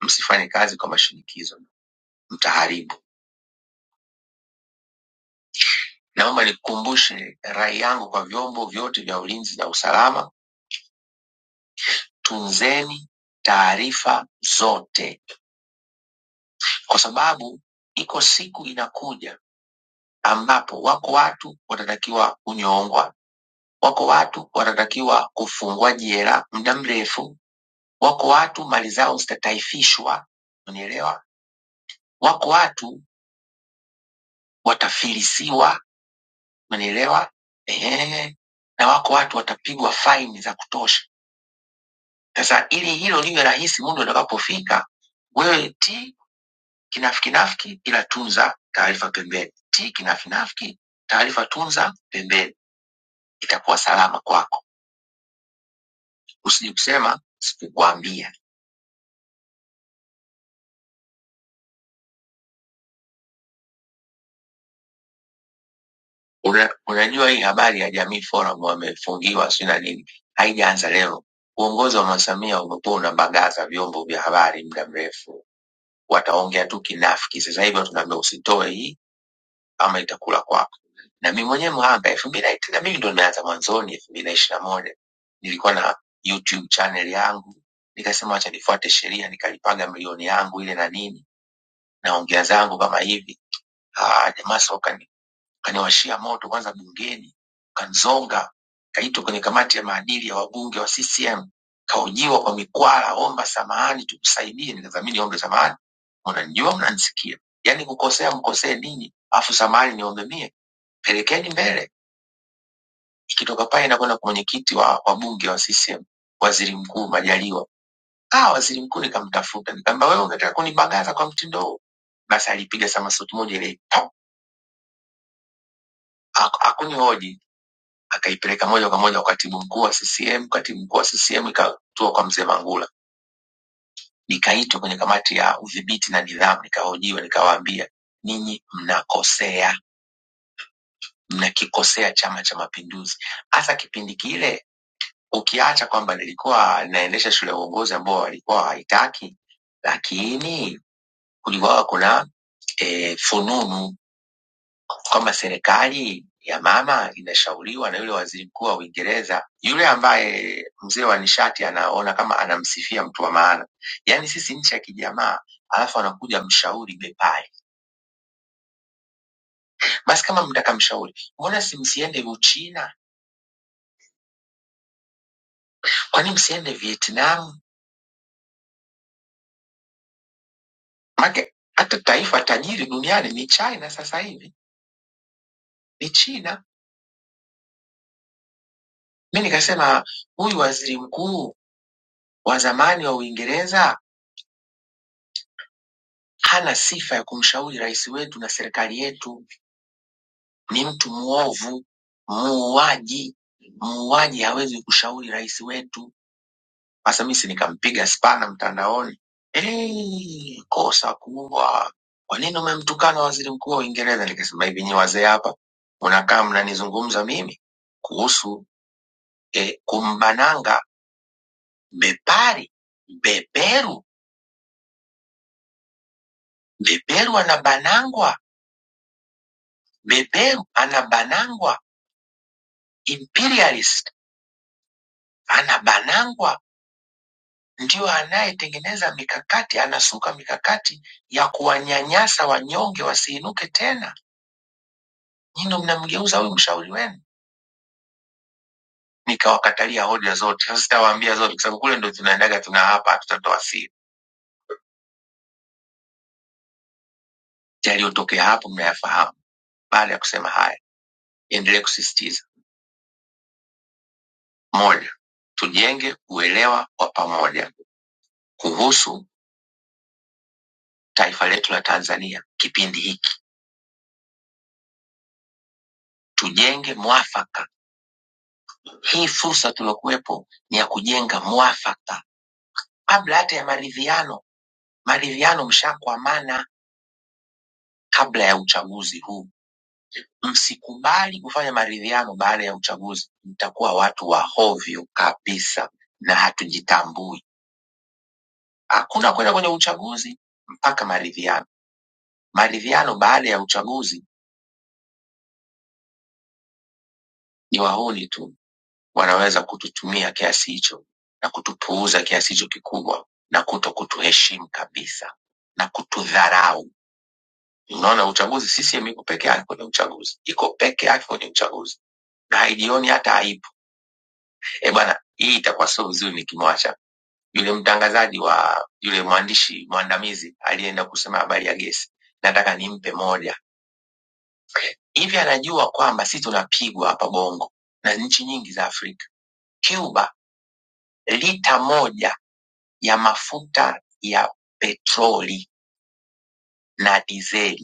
[SPEAKER 4] Msifanye kazi kwa mashinikizo, mtaharibu. Naomba nikumbushe rai yangu kwa vyombo vyote vya ulinzi na usalama, tunzeni taarifa zote, kwa sababu iko siku inakuja ambapo wako watu watatakiwa kunyongwa, wako watu watatakiwa kufungwa jela muda mrefu, wako watu mali zao zitataifishwa, unielewa? Wako watu watafilisiwa Umenielewa? Ehe. Na wako watu watapigwa faini za kutosha. Sasa ili hilo liwe rahisi muda utakapofika, wewe ti kinafikinafiki, ila tunza taarifa pembeni. Ti kinafinafiki, taarifa tunza pembeni, itakuwa salama kwako. Usije kusema sikukwambia. Una, unajua hii habari ya Jamii Forum wamefungiwa si na nini, haijaanza leo. Uongozi wa Mama Samia umekuwa unabagaza vyombo vya habari muda mrefu wataongea tu kinafiki. Sasa hivi tunaambia usitoe hii ama itakula kwako. Na mimi mwenyewe mhanga elfu mbili na tena mimi ndo nimeanza mwanzoni elfu mbili na ishirini na moja nilikuwa na YouTube channel yangu, nikasema wacha nifuate sheria, nikalipaga milioni yangu ile na nini, naongea zangu kama hivi. Ah, jamaa soka kaniwashia moto kwanza bungeni, kanzonga, kaitwa kwenye kamati ya maadili ya wabunge wa CCM, kahojiwa kwa mikwala, omba samahani tukusaidie. Nikadhamini ombe samahani, mnanijua, mnanisikia, yaani kukosea mkosee ninyi, afu samahani niombe mie, pelekeni mbele. Ikitoka pale inakwenda kwa mwenyekiti wa wabunge wa CCM, waziri mkuu Majaliwa. Ah, waziri mkuu nikamtafuta, nikamwambia wewe unataka kunibagaza kwa mtindo huu? Basi alipiga samasuti moja ile, pop, hakunihoji akaipeleka moja kwa moja kwa katibu mkuu wa CCM. Katibu mkuu wa CCM ikatua kwa mzee Mangula, nikaitwa kwenye kamati ya udhibiti na nidhamu, nikahojiwa, nikawaambia ninyi mnakosea, mnakikosea Chama cha Mapinduzi. Hasa kipindi kile, ukiacha kwamba nilikuwa naendesha shule ya uongozi ambao walikuwa hawaitaki, lakini kulikuwa kuna e, fununu kwamba serikali ya mama inashauriwa na yule waziri mkuu wa Uingereza, yule ambaye mzee wa nishati anaona kama anamsifia mtu wa maana. Yaani sisi nchi ya kijamaa, alafu anakuja mshauri bepai. Basi kama mtaka mshauri, mbona si msiende Uchina? Kwa nini msiende Vietnam? Make hata taifa tajiri duniani ni China sasa hivi, ni China. Mi nikasema huyu waziri mkuu wa zamani wa Uingereza hana sifa ya kumshauri rais wetu na serikali yetu ni mtu mwovu, muuaji. Muuaji hawezi kushauri rais wetu. Sasa mimi si nikampiga spana mtandaoni, eh, kosa kubwa. Kwa nini umemtukana waziri mkuu wa Uingereza? Nikasema hivi, nyi wazee hapa mnakaa mnanizungumza mimi kuhusu eh, kumbananga bepari beberu beberu anabanangwa, beberu anabanangwa, imperialist anabanangwa ndio anayetengeneza mikakati, anasuka mikakati ya kuwanyanyasa wanyonge wasiinuke tena. Nyinyi ndo mnamgeuza huyu mshauri wenu. Nikawakatalia hoja zote, sasa sitawaambia zote, kwa sababu kule ndo tunaendaga tuna hapa, hatutatoa siri. Yaliyotokea hapo mnayafahamu. Baada ya kusema haya, endelee kusisitiza: moja, tujenge uelewa wa pamoja kuhusu taifa letu la Tanzania kipindi hiki, tujenge mwafaka. Hii fursa tuliokuwepo ni ya kujenga mwafaka kabla hata ya maridhiano, maridhiano mshakwamana kabla ya uchaguzi huu. Msikubali kufanya maridhiano baada ya uchaguzi, mtakuwa watu wa hovyo kabisa na hatujitambui. Hakuna kwenda kwenye uchaguzi mpaka maridhiano. Maridhiano baada ya uchaguzi ni wahuni tu wanaweza kututumia kiasi hicho na kutupuuza kiasi hicho kikubwa na kuto kutuheshimu kabisa na kutudharau. Unaona, uchaguzi, CCM iko peke yake kwenye uchaguzi, iko peke yake kwenye uchaguzi na haijioni hata aibu. Eh bwana, hii itakuwa sio vizuri nikimwacha yule mtangazaji wa yule mwandishi mwandamizi aliyeenda kusema habari ya gesi, nataka nimpe moja hivi. Anajua kwamba sisi tunapigwa hapa Bongo na nchi nyingi za Afrika. Cuba, lita moja ya mafuta ya petroli na dizeli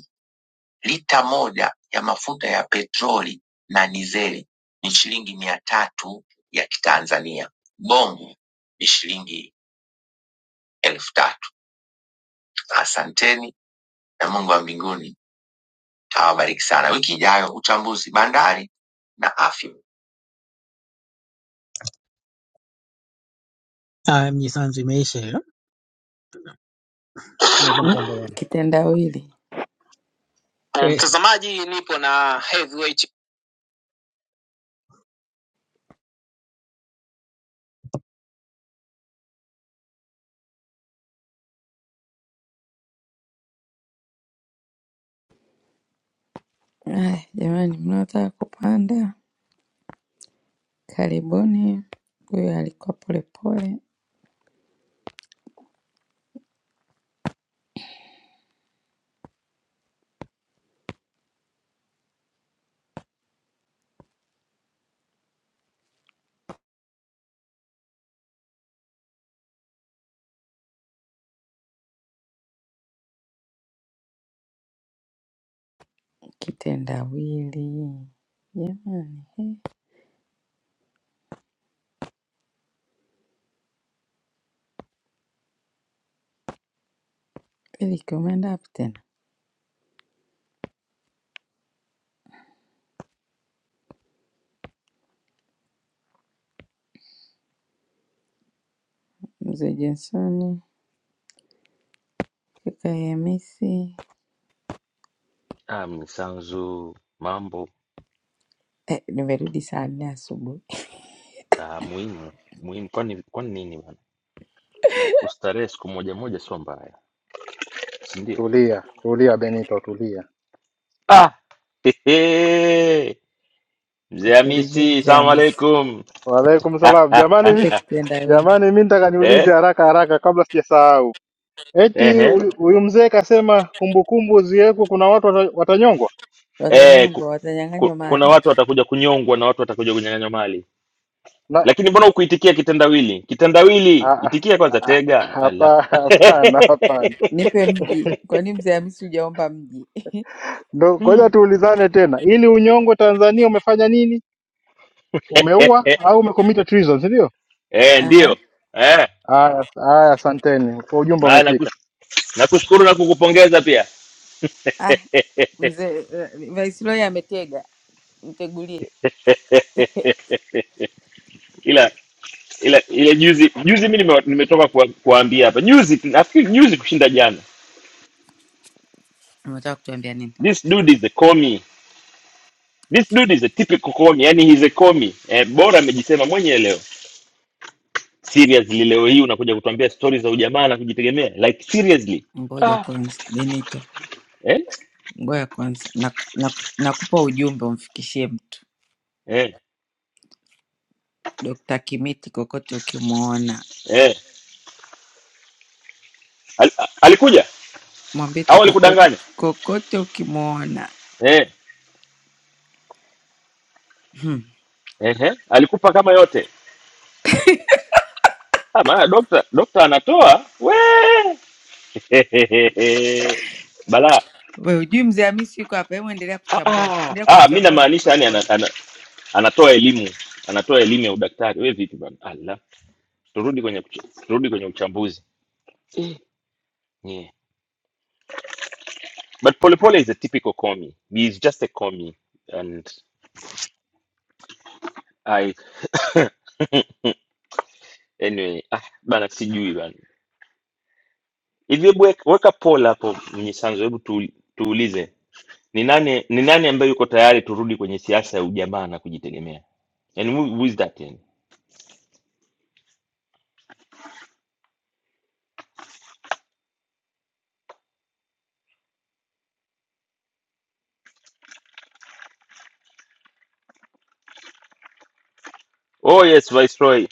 [SPEAKER 4] Lita moja ya mafuta ya petroli na dizeli ni shilingi mia tatu ya Kitanzania, bongo ni shilingi elfu tatu. Asanteni na Mungu wa mbinguni awabariki sana. Wiki ijayo uchambuzi bandari na afya. Ah, mnyisanzu imeisha hiyo.
[SPEAKER 2] Mm, Kitendawili.
[SPEAKER 4] Mtazamaji, nipo na heavyweight
[SPEAKER 2] Aya, jamani, mnaotaka kupanda karibuni. Huyo alikuwa polepole kitendawili jamani, eh, ili kumeenda wapi tena? Mzee Johnson, kaka Hamisi.
[SPEAKER 5] Ah, Mnyisanzu, mambo
[SPEAKER 2] Eh, nimerudi saa nne asubuhi.
[SPEAKER 5] ah, muhimu muhimu. Kwani kwani nini bana, kustarehe siku moja moja sio mbaya, si ndio?
[SPEAKER 6] Tulia, tulia Benito, tulia.
[SPEAKER 5] Ah, hehe, mzee
[SPEAKER 2] Msalimie
[SPEAKER 5] Hamisi,
[SPEAKER 2] mzee
[SPEAKER 5] salamu
[SPEAKER 2] Hamisi,
[SPEAKER 5] alaikum.
[SPEAKER 6] Waalaikum salam.
[SPEAKER 5] Ah,
[SPEAKER 6] Jamani mi,
[SPEAKER 2] mpe kitendawili.
[SPEAKER 6] jamani mi nataka
[SPEAKER 5] eh,
[SPEAKER 6] niulize haraka haraka kabla sijasahau. Eti
[SPEAKER 5] ehe,
[SPEAKER 6] huyu huyu mzee kasema kumbukumbu ziwekwe, kuna watu wata- watanyongwa?
[SPEAKER 5] eh, ku,
[SPEAKER 2] Watanyongwa,
[SPEAKER 5] ku,
[SPEAKER 2] watanyang'anywa
[SPEAKER 5] kuna
[SPEAKER 2] mali.
[SPEAKER 5] watu watakuja kunyongwa na watu watakuja kunyang'anywa mali,
[SPEAKER 6] Na
[SPEAKER 5] lakini mbona hukuitikia kitendawili? Kitendawili,
[SPEAKER 6] a- a-
[SPEAKER 5] itikia kwanza,
[SPEAKER 6] a-
[SPEAKER 5] tega ala
[SPEAKER 6] hapa- hapana, hapana.
[SPEAKER 2] Nipe mji. Kwa nini mzee Hamisi hujaomba mji?
[SPEAKER 6] Ndo
[SPEAKER 5] Hmm.
[SPEAKER 6] ngoja tuulizane tena, ili unyongwe Tanzania umefanya nini? Umeua au umekomita treason, si ndio?
[SPEAKER 5] eh,
[SPEAKER 2] Aha.
[SPEAKER 5] ndio eh,
[SPEAKER 6] Haya, haya, asanteni kwa ujumbe
[SPEAKER 5] na
[SPEAKER 6] umefika.
[SPEAKER 5] nakush- nakushukuru na kukupongeza pia
[SPEAKER 2] Ah, mzee uh, Viceroy ametega, mtegulie.
[SPEAKER 5] ila ile ile juzi juzi mi nime- nimetoka kuwa- kuwaambia hapa juzi nafikiri juzi kushinda jana
[SPEAKER 2] Unataka kutuambia nini?
[SPEAKER 5] this dude is a commie this dude is a typical commie yani he's a commie eh, bora amejisema mwenyewe leo seriously leo hii unakuja kutuambia stories za ujamaa na kujitegemea like seriously
[SPEAKER 2] Ngoja
[SPEAKER 5] ah
[SPEAKER 2] kwanza, Benito,
[SPEAKER 5] eh
[SPEAKER 2] ngoja kwanza, nakupa na, na nakupa ujumbe umfikishie mtu.
[SPEAKER 5] eh
[SPEAKER 2] Dokta Kimiti kokote ukimwona
[SPEAKER 5] eh Al, a- alikuja
[SPEAKER 2] mwambie tu
[SPEAKER 5] au
[SPEAKER 2] kokote,
[SPEAKER 5] alikudanganya
[SPEAKER 2] kokote ukimuona
[SPEAKER 5] eh
[SPEAKER 2] hmm.
[SPEAKER 5] eh eh. alikupa kama yote ah maana doctor doctor anatoa we bala
[SPEAKER 2] We ujui mzee Hamisi yuko hapa, hebu endelea
[SPEAKER 5] ah,
[SPEAKER 2] kuchambua,
[SPEAKER 5] ah,
[SPEAKER 2] endelea
[SPEAKER 5] ah, mi
[SPEAKER 2] kumchambua
[SPEAKER 5] namaanisha
[SPEAKER 2] polepole.
[SPEAKER 5] yani anatoa elimu anatoa elimu ya udaktari we vipi bana ala turudi kwenye kuch- turudi kwenye uchambuzi eh, yeah. but polepole is a typical commie he is just a commie and i anyway ah, bana sijui bana hivi hebu weka weka poll hapo mnyisanzo hebu tu, tuulize ni nani ni nani ambaye yuko tayari turudi kwenye siasa ya ujamaa na kujitegemea yani who, who is that yani oh yes viceroy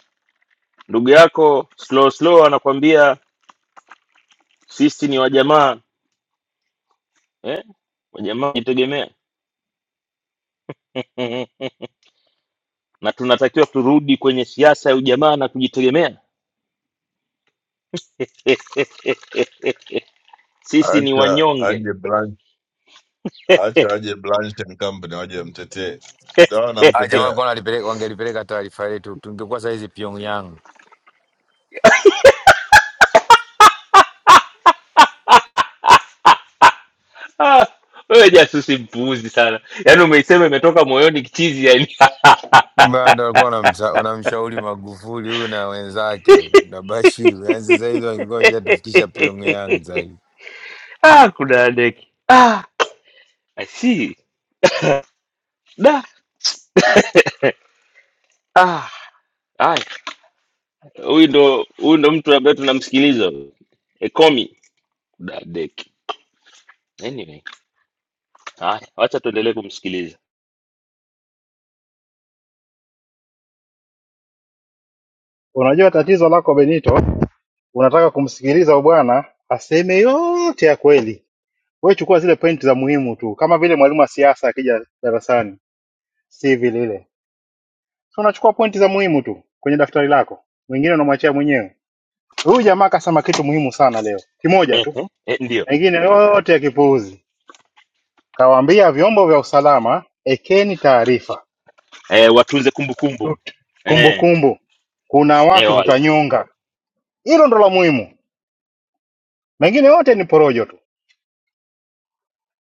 [SPEAKER 5] ndugu yako slow slow anakwambia sisi ni wajamaa eh? Wajamaa wajitegemea na tunatakiwa turudi kwenye siasa ya ujamaa na kujitegemea. Sisi ni
[SPEAKER 7] Acha
[SPEAKER 5] wanyonge.
[SPEAKER 7] aje Blanche, acha aje Blanche and Company waje mtetee. Tutaona
[SPEAKER 8] Hawa jamaa
[SPEAKER 7] mtetee.
[SPEAKER 8] walikuwa wanalipeleka- wangelipeleka taarifa letu, tungekuwa saa hizi Pyongyang.
[SPEAKER 5] Ah, Wewe jasusi mpuuzi sana, yaani umeisema imetoka moyoni kichizi, yani
[SPEAKER 8] Kumbe hata walikuwa wanamsa- wanamshauri Magufuli huyu na wenzake huyu na Bashir, yaani sasa hizi wangekuwa washatufikisha Pyongyang zaidi.
[SPEAKER 5] ah, kuna deki ah, I see da ah, haya huyu ndo huyu ndo mtu ambaye tunamsikiliza huyu. Ekomi kuna deki anyway. Haya, wacha tuendelee kumsikiliza
[SPEAKER 6] Unajua tatizo lako Benito, unataka kumsikiliza bwana aseme yote ya kweli wewe chukua zile pointi za muhimu tu, kama vile mwalimu wa siasa akija darasani, si vile ile. So unachukua pointi za muhimu tu kwenye daftari lako, mwingine unamwachia mwenyewe. Huyu jamaa akasema kitu muhimu sana leo, kimoja tu,
[SPEAKER 5] Ehe, eh, ndio
[SPEAKER 6] mengine yote ya kipuuzi. Kawaambia vyombo vya usalama, ekeni taarifa,
[SPEAKER 5] eh, watunze kumbukumbu
[SPEAKER 6] Tut-
[SPEAKER 5] eh,
[SPEAKER 6] kumbukumbu, kuna
[SPEAKER 5] eh,
[SPEAKER 6] watu
[SPEAKER 5] wala
[SPEAKER 6] tutanyonga. Hilo ndo la muhimu, mengine yote ni porojo tu.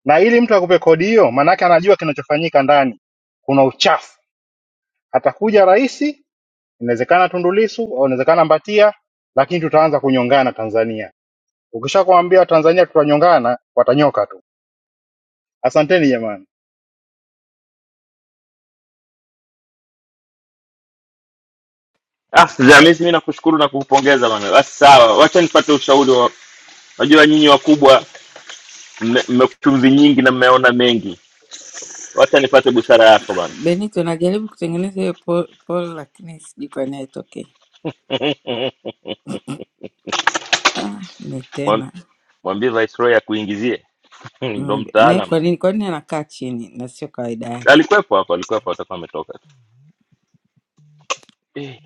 [SPEAKER 6] Na ili mtu akupe kodi hiyo, maanake anajua kinachofanyika ndani, kuna uchafu. Atakuja rais inawezekana Tundu Lissu, au inawezekana Mbatia, lakini tutaanza kunyongana Tanzania. Ukishakwambia Watanzania tutanyongana, watanyoka tu. Asanteni jamani.
[SPEAKER 5] ah, Zamis, mimi nakushukuru na kukupongeza bana. Basi sawa, wacha nipate ushauri wa, najua nyinyi wakubwa mme- mmekuwa chumvi nyingi na mmeona mengi wacha nipate busara yako bana
[SPEAKER 2] Benito, najaribu kutengeneza hiyo po- poll lakini sijui kwa nini haitokei. Ah, mi
[SPEAKER 5] Mwa-
[SPEAKER 2] tena
[SPEAKER 5] mwambie viceroy akuingizie ndo
[SPEAKER 2] Mm, naye
[SPEAKER 5] mtaalam
[SPEAKER 2] kwa nini kwa nini anakaa chini na sio kawaida yake?
[SPEAKER 5] alikuwepo hapo alikuwepo atakuwa ametoka tu eh,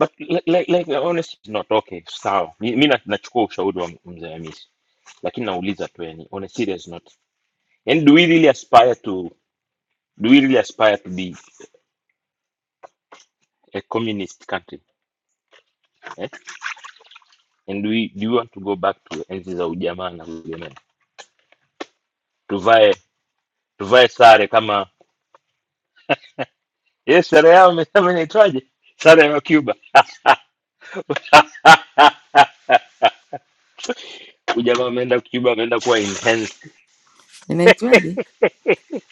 [SPEAKER 5] but like, like, like honestly it's not okay sawa mi, mi na- nachukua ushauri wa mzee amisi lakini nauliza tu yani on a serious note and do we really aspire to do we really aspire to be a communist country eh? and do we, do we want to go back to enzi za ujamaa na ulemeni tuvae tuvae sare kama yes sare yao imesema inaitwaje sare ya cuba Huyu jamaa ameenda Cuba, ameenda kuwa enhanced.
[SPEAKER 2] Inaitwaje?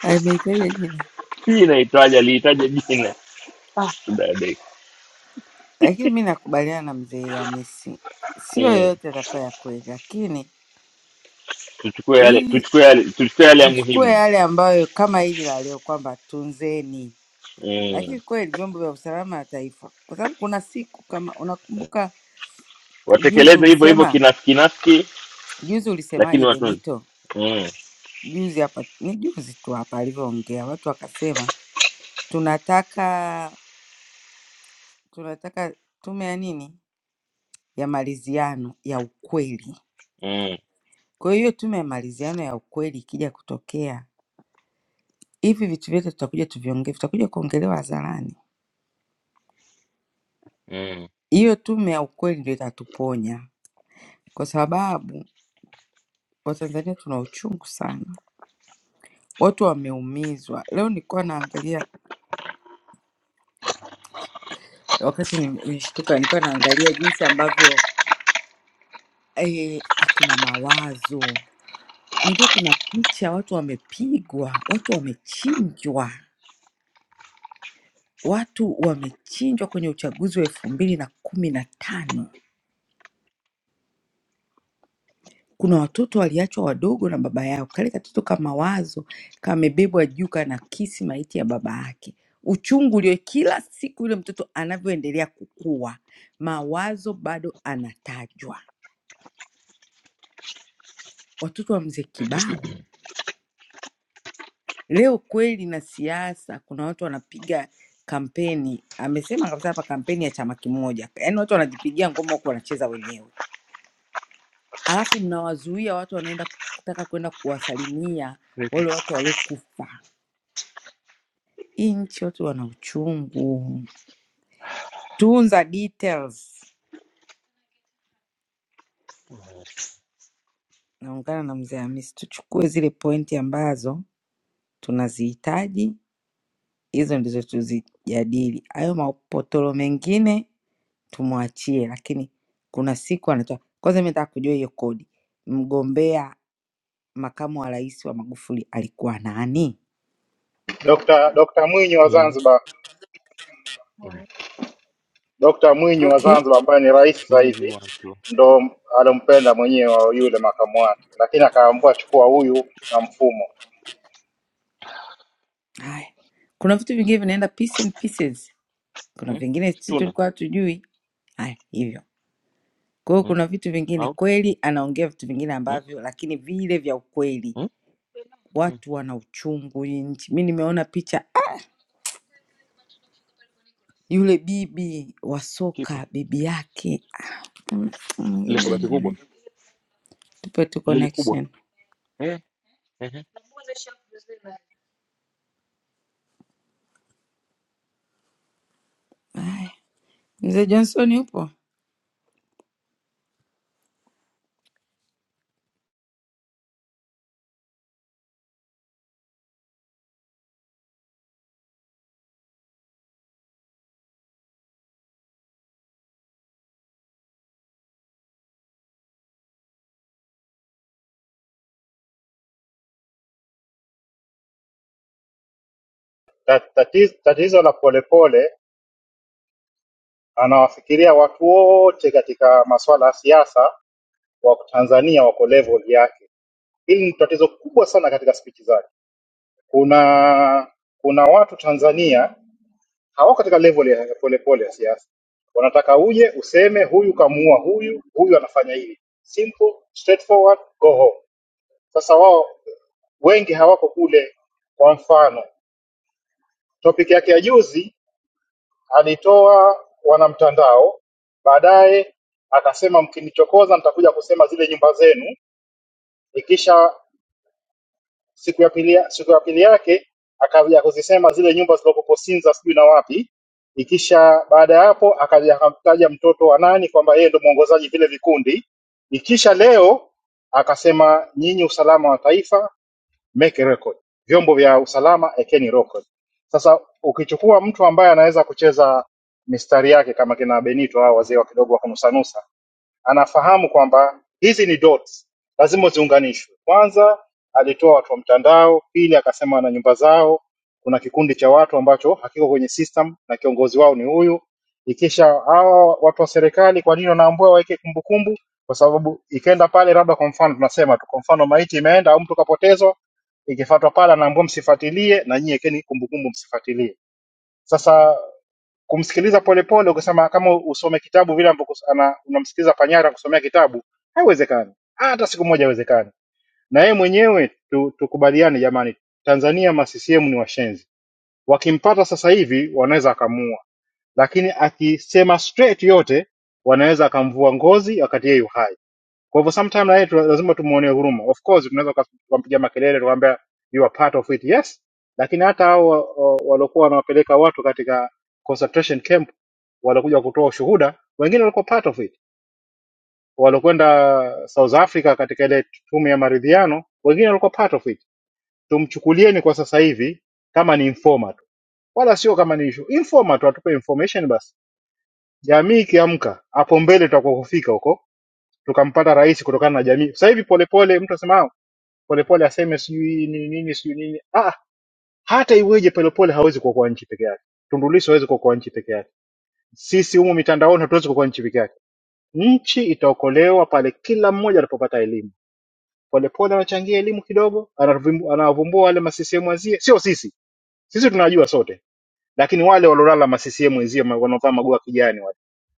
[SPEAKER 2] Ameitaja jina,
[SPEAKER 5] Hii inaitwaje? Aliitaja jina Dada.
[SPEAKER 2] lakini mi nakubaliana na mzee Hamisi, sio
[SPEAKER 5] mm.
[SPEAKER 2] yoyote atakuwa ya kweli, lakini
[SPEAKER 5] Tuchukue yale,
[SPEAKER 2] ili
[SPEAKER 5] tuchukue yale, tuchukue yale ya
[SPEAKER 2] tuchukue
[SPEAKER 5] muhimu
[SPEAKER 2] yale ambayo kama hili la leo kwamba tunzeni
[SPEAKER 5] mm.
[SPEAKER 2] lakini kweli vyombo vya usalama wa taifa, kwa sababu kuna siku kama unakumbuka, juzi
[SPEAKER 5] Watekeleze hivyo hivyo
[SPEAKER 2] ulisema,
[SPEAKER 5] kinaski naski,
[SPEAKER 2] juzi
[SPEAKER 5] lakini
[SPEAKER 2] ulisemaje
[SPEAKER 5] watunze
[SPEAKER 2] Benito?
[SPEAKER 5] mm.
[SPEAKER 2] Juzi hapa ni juzi tu hapa alivyoongea, watu wakasema tunataka tunataka tume ya nini ya maridhiano ya ukweli.
[SPEAKER 5] mm.
[SPEAKER 2] Kwa hiyo tume ya maridhiano ya ukweli ikija kutokea, hivi vitu vyote tutakuja tuviongee, vitakuja kuongelewa hadharani.
[SPEAKER 5] mm.
[SPEAKER 2] Hiyo tume ya ukweli ndio itatuponya, kwa sababu Watanzania tuna uchungu sana watu wameumizwa. Leo nilikuwa naangalia, wakati nimeshtuka, nilikuwa naangalia jinsi ambavyo eh, akina Mawazo, unajua kuna picha watu wamepigwa, watu wamechinjwa, watu wamechinjwa kwenye uchaguzi wa elfu mbili na kumi na tano Kuna watoto waliachwa wadogo na baba yao, kale katoto kama wazo kamebebwa juu, kanakisi maiti ya baba yake. Uchungu ulio kila siku yule mtoto anavyoendelea kukua, mawazo bado anatajwa. Watoto wa mzee Kibao leo kweli na siasa, kuna watu wanapiga kampeni, amesema kabisa hapa, kampeni ya chama kimoja, yaani watu wanajipigia ngoma huku wanacheza wenyewe, alafu mnawazuia watu wanaenda kutaka kwenda kuwasalimia
[SPEAKER 5] mm.
[SPEAKER 2] wale watu waliokufa Hii nchi watu wana uchungu. Tunza details. Naungana na mzee Hamisi, tuchukue zile pointi ambazo tunazihitaji, hizo ndizo tuzijadili. Hayo mapotolo mengine tumwachie, lakini kuna siku anatoa. Kwanza mimi nataka kujua hiyo kodi, mgombea makamu wa rais wa Magufuli alikuwa nani?
[SPEAKER 6] Dr. Dr. Mwinyi wa
[SPEAKER 5] mm.
[SPEAKER 6] Zanzibar, Dr. Mwinyi wa
[SPEAKER 2] Okay,
[SPEAKER 6] Zanzibar ambaye ni rais sasa
[SPEAKER 5] Maybe you
[SPEAKER 6] hivi
[SPEAKER 5] want to
[SPEAKER 6] ndo alompenda mwenyewe yule makamu wake, lakini akaambiwa chukua huyu na mfumo.
[SPEAKER 2] haya, kuna vitu vingine vinaenda piece and pieces, kuna
[SPEAKER 5] mm?
[SPEAKER 2] vingine sisi
[SPEAKER 5] tuna
[SPEAKER 2] tulikuwa hatujui. Haya, hivyo. Kwa hiyo
[SPEAKER 5] mm?
[SPEAKER 2] kuna vitu vingine
[SPEAKER 5] au
[SPEAKER 2] kweli anaongea vitu vingine
[SPEAKER 5] mm?
[SPEAKER 2] ambavyo lakini vile vya ukweli.
[SPEAKER 5] mm? mm.
[SPEAKER 2] Watu wana uchungu hii nchi. Mi nimeona picha ah, yule bibi wa
[SPEAKER 5] kipe
[SPEAKER 2] soka bibi yake Ah, mm,
[SPEAKER 5] lile
[SPEAKER 2] mwingine
[SPEAKER 5] kabati kubwa
[SPEAKER 2] aendelee. Tupe tu
[SPEAKER 5] lili kubwa
[SPEAKER 2] connection.
[SPEAKER 5] eh? eh,
[SPEAKER 2] Haya. Mzee Johnson yupo?
[SPEAKER 6] Ta- tatiz- Tatizo la polepole, anawafikiria watu wote katika masuala ya siasa wa Tanzania wako level yake. Hili ni tatizo kubwa sana katika spichi zake kuna kuna watu Tanzania hawako katika level ya ya polepole ya siasa, wanataka uje useme huyu kamuua huyu, huyu anafanya hivi, simple straightforward, go home. Sasa wao wengi hawako kule. Kwa mfano topic yake ya juzi alitoa wanamtandao, baadaye akasema mkinichokoza nitakuja kusema zile nyumba zenu, ikisha siku ya pili, ya- siku ya pili yake akaja kuzisema zile nyumba zilizopoposinza sijui na wapi. Ikisha baada ya hapo akaja akamtaja mtoto wa nani kwamba yeye ndo mwongozaji vile vikundi. Ikisha leo akasema nyinyi usalama wa taifa make record, vyombo vya usalama ekeni record. Sasa ukichukua mtu ambaye anaweza kucheza mistari yake kama kina Benito hao wazee wa kidogo wa kunusanusa anafahamu kwamba hizi ni dots, lazima ziunganishwe. Kwanza alitoa watu wa mtandao, pili akasema wana nyumba zao, kuna kikundi cha watu ambacho hakiko kwenye system na kiongozi wao ni huyu. Ikisha hawa watu wa serikali, kwa nini wanaambua waweke kumbukumbu? Kwa sababu ikenda pale, labda kwa mfano tunasema tu, kwa mfano maiti imeenda au mtu kapotezwa, ikifuatwa pale, anaambua msifuatilie, na nyie ekeni kumbukumbu, msifuatilie. Sasa kumsikiliza polepole ukasema kama usome kitabu vile ambavyo kus- ana- unamsikiliza panyara kusomea kitabu haiwezekani hata siku moja haiwezekani na yeye mwenyewe tu, tukubaliane jamani tanzania ma CCM ni washenzi wakimpata sasa hivi wanaweza akamuua lakini akisema straight yote wanaweza akamvua ngozi wakati yeye yu hai kwa hivyo sometime na yeye tu- lazima tumuonee huruma. Of course tunaweza tuka- tukampigia makelele tukamwambia you are part of it. Yes. Lakini hata hao wa- wa- waliokuwa wanawapeleka watu katika concentration camp waliokuja kutoa ushuhuda, wengine walikuwa part of it. Waliokwenda South Africa katika ile tume ya maridhiano, wengine walikuwa part of it. Tumchukulieni kwa sasa hivi kama ni informer tu. Wala sio kama ni issue. Informer tu atupe information basi. Jamii ikiamka, hapo mbele tutakuwa kufika huko tukampata rais kutokana na jamii. Sasa hivi polepole mtu asema "Ah, Polepole aseme sijui nini nini sijui nini. Ah, ah, hata iweje Polepole hawezi kuokoa nchi peke yake. Tundu Lissu hawezi kuokoa nchi peke yake. Sisi humu mitandaoni hatuwezi kuokoa nchi peke yake. Nchi itaokolewa pale kila mmoja anapopata elimu. Polepole anachangia elimu kidogo, anavumbu- anawavumbua wale masisiemu wazie, sio sisi. Sisi tunajua sote, lakini wale walolala masisiemu wenzie ma- wanaovaa magoa kijani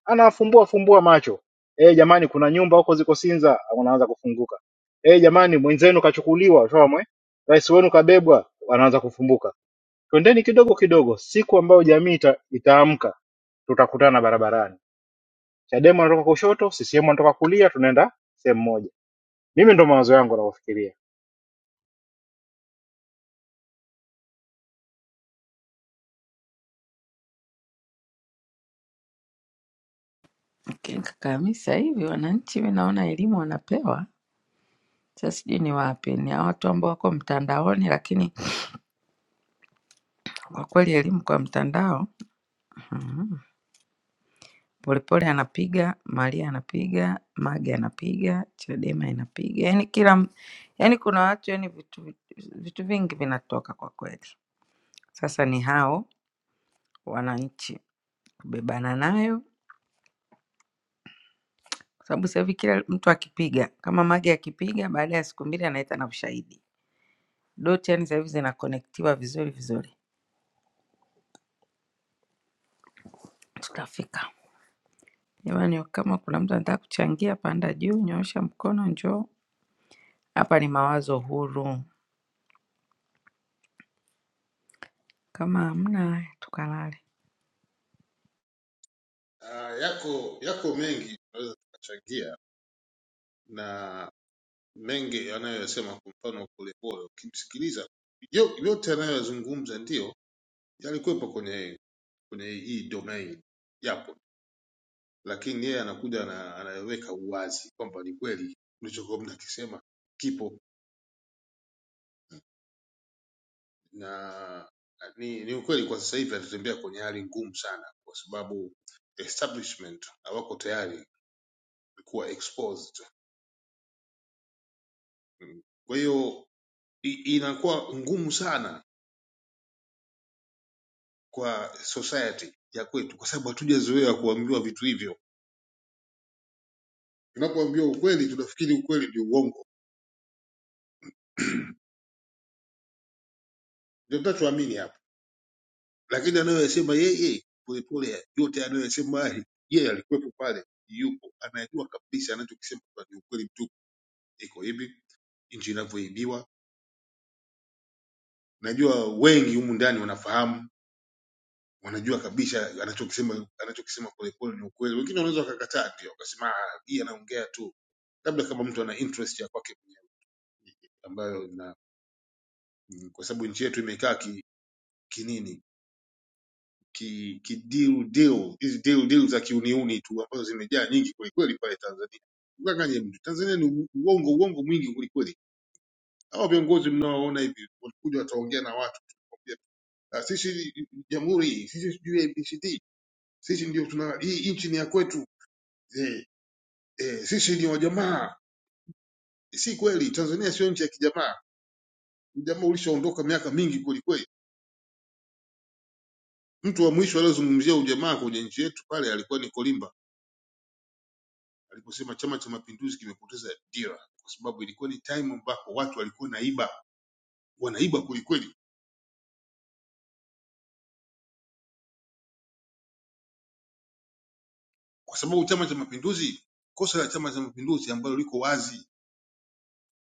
[SPEAKER 6] anafumbua fumbua macho eh, jamani kuna nyumba huko ziko Sinza, wanaanza kufunguka. Eh, jamani mwenzenu kachukuliwa shomwe, rais wenu kabebwa, wanaanza kufumbuka. Twendeni kidogo kidogo, siku ambayo jamii ita, itaamka tutakutana barabarani. Chadema wanatoka kushoto, CCM wanatoka kulia, tunaenda sehemu moja. Mimi ndo mawazo yangu navyofikiria.
[SPEAKER 2] Okay, kaka Hamisi, sasa hivi wananchi mi naona elimu wanapewa, sasa sijui ni wapi, ni hawa watu ambao wako mtandaoni, lakini kwa kweli elimu kwa mtandao Polepole anapiga, Maria anapiga, Mage anapiga, Chadema inapiga. Yaani kila yaani kuna watu yaani vitu vitu vingi vinatoka kwa kweli. Sasa ni hao wananchi kubebana nayo kwa sababu sasa hivi kila mtu akipiga kama Mage akipiga baada ya siku mbili anaita na ushahidi. Dot yaani sasa hivi zinakonektiwa vizuri vizuri. Tutafika. Jamani kama kuna mtu anataka kuchangia panda juu, nyoosha mkono njoo. Hapa ni mawazo huru. Kama hamna tukalale.
[SPEAKER 9] Ah, yako yako mengi tunaweza tukachangia na mengi anayosema kwa mfano Polepole, ukimsikiliza yo- yote anayozungumza ndio yalikuwepo kwenye kwenye hii domain yapo, lakini yeye anakuja na anaweka uwazi kwamba ni kweli mlichokuwa mnakisema kipo na ni, ni ukweli. Kwa sasa hivi anatembea kwenye hali ngumu sana, kwa sababu establishment hawako tayari kuwa exposed. Mm. Kwa hiyo i- inakuwa ngumu sana kwa society ya kwetu, kwa sababu hatujazoea kuambiwa vitu hivyo. Tunapoambiwa ukweli, tunafikiri ukweli ndio uongo, ndio tunachoamini hapa. Lakini anayoyasema yeye Polepole, yote anayoyasema yeye, yeye alikuwepo pale, yupo, anajua kabisa anachokisema kwamba ni ukweli mtupu. Iko hivi nchi inavyoibiwa, najua wengi humu ndani wanafahamu wanajua kabisa anachokisema anachokisema polepole ni ukweli wengine wanaweza wakakataa ndio wakasema "Ah, hii anaongea tu labda kama mtu ana interest ya kwake mwenyewe ambayo na mm, kwa sababu nchi yetu imekaa ki, kinini ki, ki deal deal hizi deal deal za kiuniuni tu ambazo zimejaa nyingi kwelikweli pale Tanzania mkanganye mtu Tanzania ni uongo uongo mwingi kwelikweli hawa viongozi mnaoona hivi walikuja wataongea na watu wakwambia, "Ah, sisi jamhuri sisi sijui ABCD sisi ndio tuna hii nchi ni ya kwetu Eh, eh, sisi ni wajamaa. Si kweli, Tanzania sio nchi ya kijamaa. Ujamaa ulishaondoka miaka mingi kwelikweli. Mtu wa mwisho aliyozungumzia ujamaa kwenye nchi yetu pale alikuwa ni Kolimba aliposema Chama cha Mapinduzi kimepoteza dira, kwa sababu ilikuwa ni time ambapo watu walikuwa naiba, wanaiba kwelikweli, kwa sababu Chama cha Mapinduzi, kosa la Chama cha Mapinduzi ambalo liko wazi,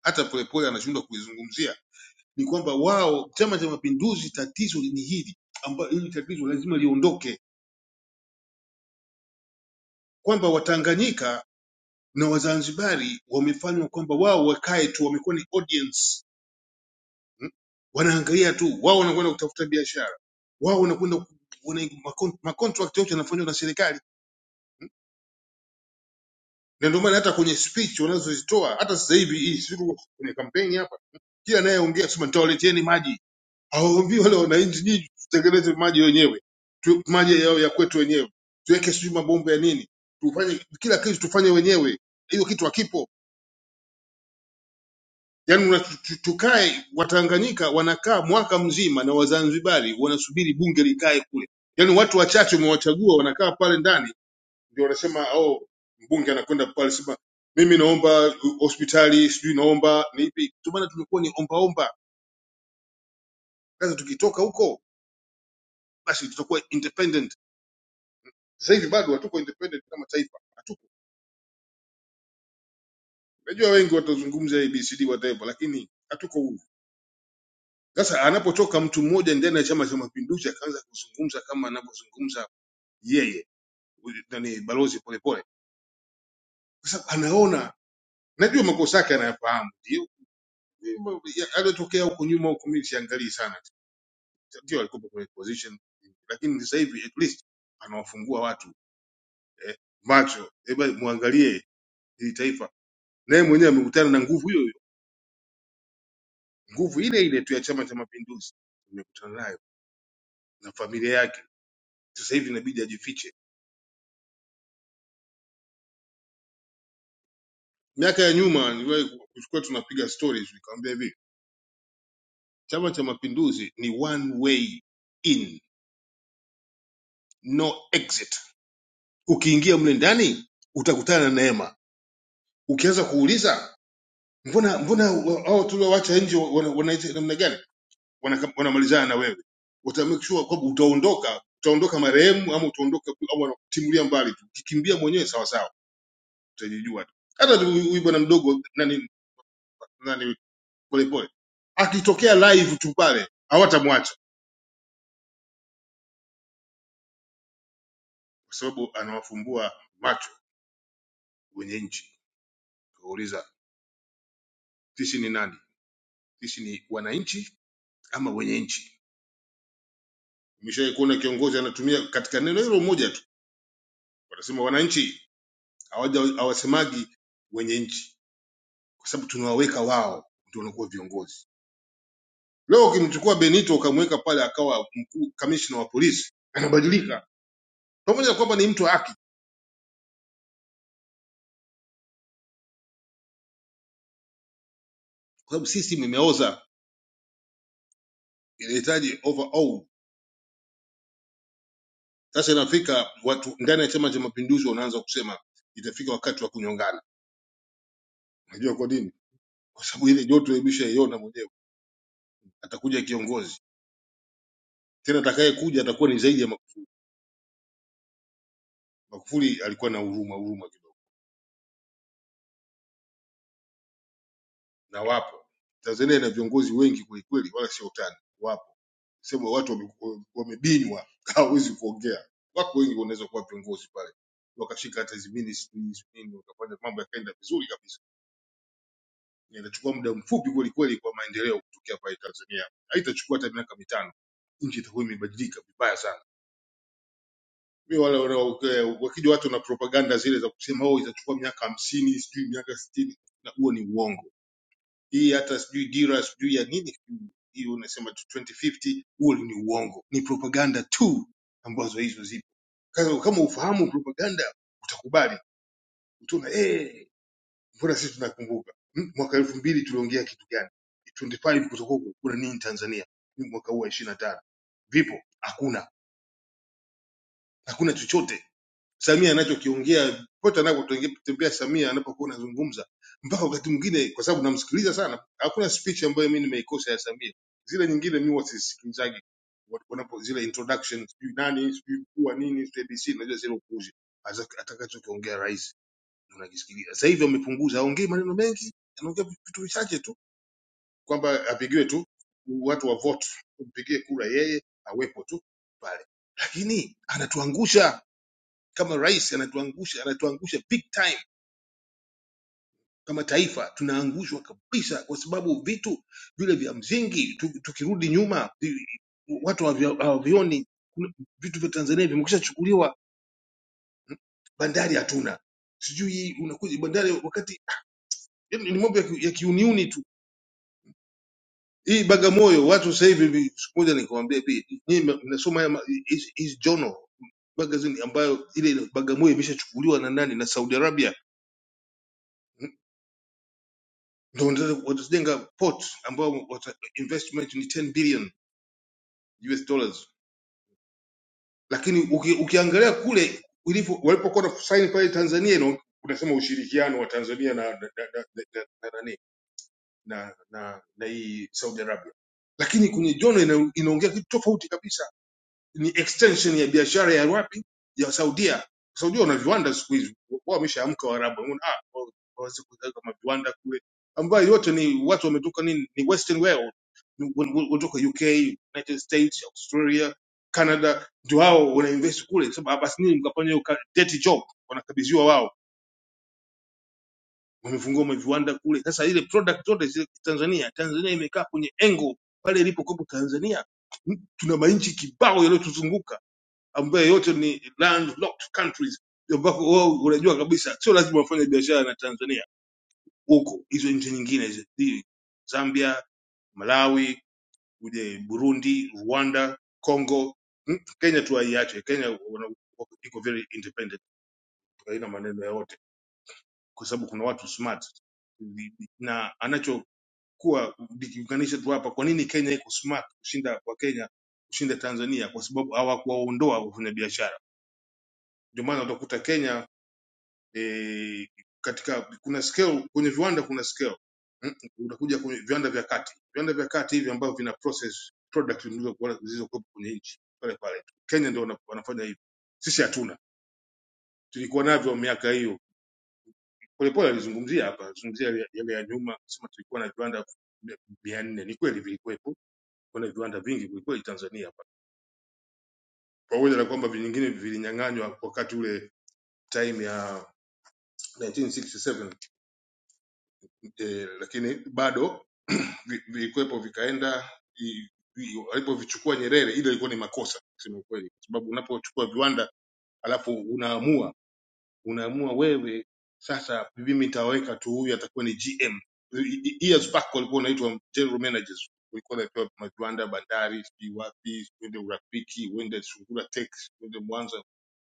[SPEAKER 9] hata Polepole anashindwa kuizungumzia ni kwamba wao, Chama cha Mapinduzi, tatizo ni hili ambalo hili tatizo lazima liondoke, kwamba Watanganyika na Wazanzibari wamefanywa kwamba wao wakae tu, wamekuwa ni audience mm? wanaangalia tu, wao wanakwenda kutafuta biashara, wao wanakwenda ku- wana- makon- macontract yote yanafanywa na serikali, na ndio maana hata kwenye speech wanazozitoa hata sasa hivi hii siku kwenye kampeni hapa, Hmm? kila anayeongea sema nitawaleteni maji, hawaambii wale wananchi, nyinyi tutengeneze maji wenyewe tu, maji yao ya kwetu wenyewe, tuweke sijui mabomba ya nini, tufanye kila kitu tufanye wenyewe, hiyo kitu hakipo Yaani una- tu- tu- tukae Watanganyika wanakaa mwaka mzima na Wazanzibari wanasubiri bunge likae kule. Yaani watu wachache umewachagua wanakaa pale ndani ndio wanasema oh, mbunge anakwenda pale sema mimi naomba hospitali sijui naomba ni ipi. Ndio maana tumekuwa ni omba omba. Sasa tukitoka huko basi tutakuwa independent. Sasa hivi bado hatuko independent kama taifa. Hatuko. Najua wengi watazungumza ABCD whatever lakini hatuko huru. Sasa anapotoka mtu mmoja ndani ya Chama cha Mapinduzi akaanza kuzungumza kama anavyozungumza yeye huyu nani balozi polepole kwa sababu anaona najua makosa yake anayafahamu ndio aliyotokea huko nyuma huko mimi siangalii sana ndio alikuwa kwenye position lakini sasa hivi at least anawafungua watu eh, macho hebu muangalie hili taifa naye mwenyewe amekutana na nguvu hiyo hiyo nguvu ile ile tu ya chama cha mapinduzi amekutana nayo na familia yake sasa hivi inabidi ajifiche miaka ya nyuma niliwahi kuchukua tunapiga stories nikamwambia hivi chama cha mapinduzi ni one way in no exit. Ukiingia mle ndani utakutana na neema. Ukianza kuuliza mbona mbona hao tuliowacha nje wana- wanaita namna gani, Wanaka- wanamalizana na wewe, uta make sure kwamba utaondoka, utaondoka marehemu ama utaondoka au wanakutimulia mbali tu. Ukikimbia mwenyewe sawa sawa, utajijua tu. Hata tu huyu huyu bwana mdogo nani nani polepole akitokea live tu pale hawatamwacha kwa sababu anawafumbua macho wenye nchi. Kauliza sisi ni nani? Sisi ni wananchi ama wenye nchi. Umeshawahi kuona kiongozi anatumia katika neno hilo moja tu, wanasema wananchi, hawaja- hawasemagi wenye nchi, kwa sababu tunawaweka wao ndio wanakuwa viongozi. Leo ukimchukua Benito ukamweka pale akawa mkuu kamishna wa polisi, anabadilika, pamoja na kwamba ni mtu wa haki, kwa sababu system imeoza, inahitaji overhaul. Sasa inafika watu ndani ya Chama cha Mapinduzi wanaanza kusema itafika wakati wa kunyongana. Unajua kwa nini? Kwa sababu ile joto imeshaiona mwenyewe, atakuja kiongozi tena atakaye kuja atakuwa ni zaidi ya Magufuli. Magufuli alikuwa na huruma huruma kidogo, na wapo Tanzania ina viongozi wengi kweli kweli, wala sio utani, wapo sema watu wame- wamebinywa, hawezi kuongea, wako wengi wanaweza kuwa viongozi pale, wakashika hata hizi ministry hizi nini, wakafanya mambo yakaenda vizuri kabisa. Na Inachukua muda mfupi kweli kweli kwa maendeleo kutokea pale Tanzania, haitachukua hata miaka mitano, nchi itakuwa imebadilika vibaya sana. Mi wale wana- wakija watu na propaganda zile za kusema oh, itachukua miaka hamsini sijui miaka sitini na huo ni uongo. Hii hata sijui dira sijui ya nini hiyo unasema tu 2050 huo ni uongo, ni propaganda tu ambazo hizo zipo. Sasa kama ufahamu propaganda utakubali, utaona eh, mbona sisi tunakumbuka Hmm, mwaka elfu mbili tuliongea kitu gani? 25 kutakuwa kuna nini Tanzania? Ni mwaka huu wa 25 vipo? Hakuna, hakuna chochote Samia anachokiongea pote anapotembea Samia anapokuwa anazungumza, mpaka wakati mwingine, kwa sababu namsikiliza sana, hakuna speech ambayo mimi nimeikosa ya Samia. Zile nyingine mimi wasisikilizaji wanapo zile introduction, sijui nani sijui kuwa nini sijui ABC, najua zile upuzi Asa- atakachokiongea rais unakisikilia. Sasa hivi wamepunguza, aongei maneno mengi, anaongea vitu vichache tu, kwamba apigiwe tu watu wa vote, tumpigie kura yeye awepo tu pale, lakini anatuangusha kama rais anatuangusha anatuangusha big time kama taifa tunaangushwa kabisa kwa sababu vitu vile vya msingi tu- tukirudi nyuma vi- watu havya- hawavioni Kuna- vitu vya tanzania vimekwisha chukuliwa bandari hatuna sijui unakuja bandari wakati yaani ni mambo ya ki- ya kiuniuni tu hii bagamoyo watu sasa hivi vi- siku moja nikamwambia bi nyinyi mna- mnasoma haya ma- hizi hizi journal magazine ambayo ile ile bagamoyo imeshachukuliwa na nani na saudi arabia ndio wanataka- watajenga port ambao wata investment ni 10 billion US dollars lakini uki, ukiangalia kule ilipo walipokuwa na sign pale Tanzania ino unasema ushirikiano wa Tanzania na na na na na, na, na, na, na, na hii Saudi Arabia lakini kwenye Jono ina, inaongea kitu tofauti kabisa ni extension ya biashara ya wapi ya Saudia. Saudia wana viwanda siku hizi, wao wameshaamka Waarabu, wanaona ah, wao- waweze kuweka kama viwanda kule, ambayo yote ni watu wametoka nini, ni western world, Ni- wa- wa- kutoka UK, United States, Australia, Canada, ndio wao wanainvest kule. Sasa basi nini, mkafanya hiyo ka- dirty job, wanakabidhiwa wao, wamefungua maviwanda kule. Sasa ile product zote zile Tanzania, Tanzania imekaa kwenye engo pale ilipokopo Tanzania, M- tuna manchi kibao yaliyotuzunguka ambayo yote ni landlocked countries ambako wao unajua kabisa sio lazima wafanye biashara na Tanzania huko hizo nchi nyingine hizo Hii, Zambia, Malawi, uje Burundi, Rwanda, Congo, Mm, Kenya tu haiache. Kenya wana- wako- iko very independent, haina maneno yoyote kwa sababu kuna watu smart na anachokuwa nikiunganisha tu hapa, kwa nini Kenya iko smart kushinda kwa Kenya kushinda Tanzania? Kwa sababu hawakuwaondoa wafanyabiashara. Ndio maana utakuta Kenya e, katika kuna scale kwenye viwanda kuna scale Mm, unakuja kwenye viwanda vya kati viwanda vya kati hivi ambavyo vina process product zilizokuwa- zilizokuwepo kwenye nchi pale pale tu Kenya ndio wana- wanafanya hivyo sisi hatuna tulikuwa navyo miaka hiyo polepole alizungumzia hapa alizungumzia yale yale ya nyuma sema tulikuwa na viwanda mia mia nne ni kweli vilikuwepo kuna viwanda vingi kwelikweli Tanzania hapa pamoja na kwamba vingine vilinyang'anywa wakati ule time ya 1967 eh, lakini bado vi- vilikuwepo vikaenda i- i- walipovichukua Nyerere, ile ilikuwa ni makosa kusema ukweli, kwa sababu unapochukua viwanda alafu unaamua unaamua wewe sasa, mimi nitaweka tu huyu atakuwa ni GM. I- i- Years back walikuwa wanaitwa general managers, walikuwa wanapewa maviwanda, bandari, sijui wapi, uende urafiki, uende Sungura Tex, uende Mwanza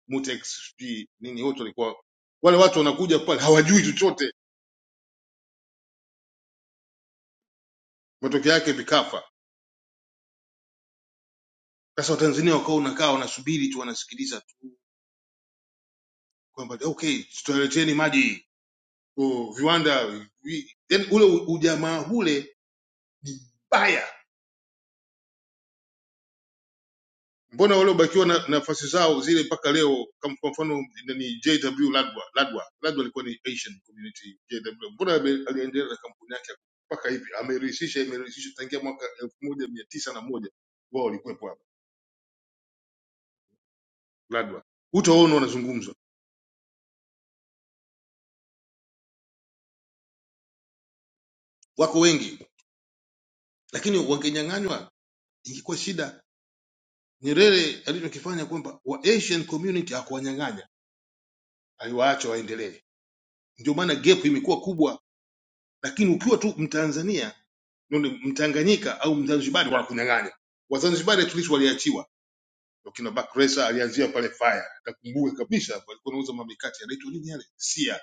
[SPEAKER 9] Mutex, sijui nini, wote walikuwa wale watu wanakuja pale hawajui chochote, matokeo yake vikafa. Sasa Watanzania wakawa unakaa wanasubiri tu wanasikiliza kwamba okay tunaleteni maji oh, viwanda vi, yani ule u- ujamaa ule ni mbaya mbona waliobakiwa na nafasi zao zile mpaka leo kama kwa mfano ni jw ladwa ladwa ladwa alikuwa ni asian community jw mbona ame- aliendelea na kampuni yake mpaka hivi amerihisisha imerahisisha tangia mwaka elfu moja mia tisa na moja wao walikuwepo hapa ladwa utaona wanazungumzwa wako wengi lakini wangenyang'anywa ingekuwa shida Nyerere alichokifanya kwamba wa Asian community hakuwanyang'anya, aliwaacha waendelee. Ndio maana gap imekuwa kubwa, lakini ukiwa tu Mtanzania ndio Mtanganyika au Mzanzibari wanakunyang'anya. Wazanzibari at least waliachiwa. Wakina Bakresa alianzia pale fire, nakumbuka kabisa, walikuwa wanauza mamikati yanaitwa nini yale, sia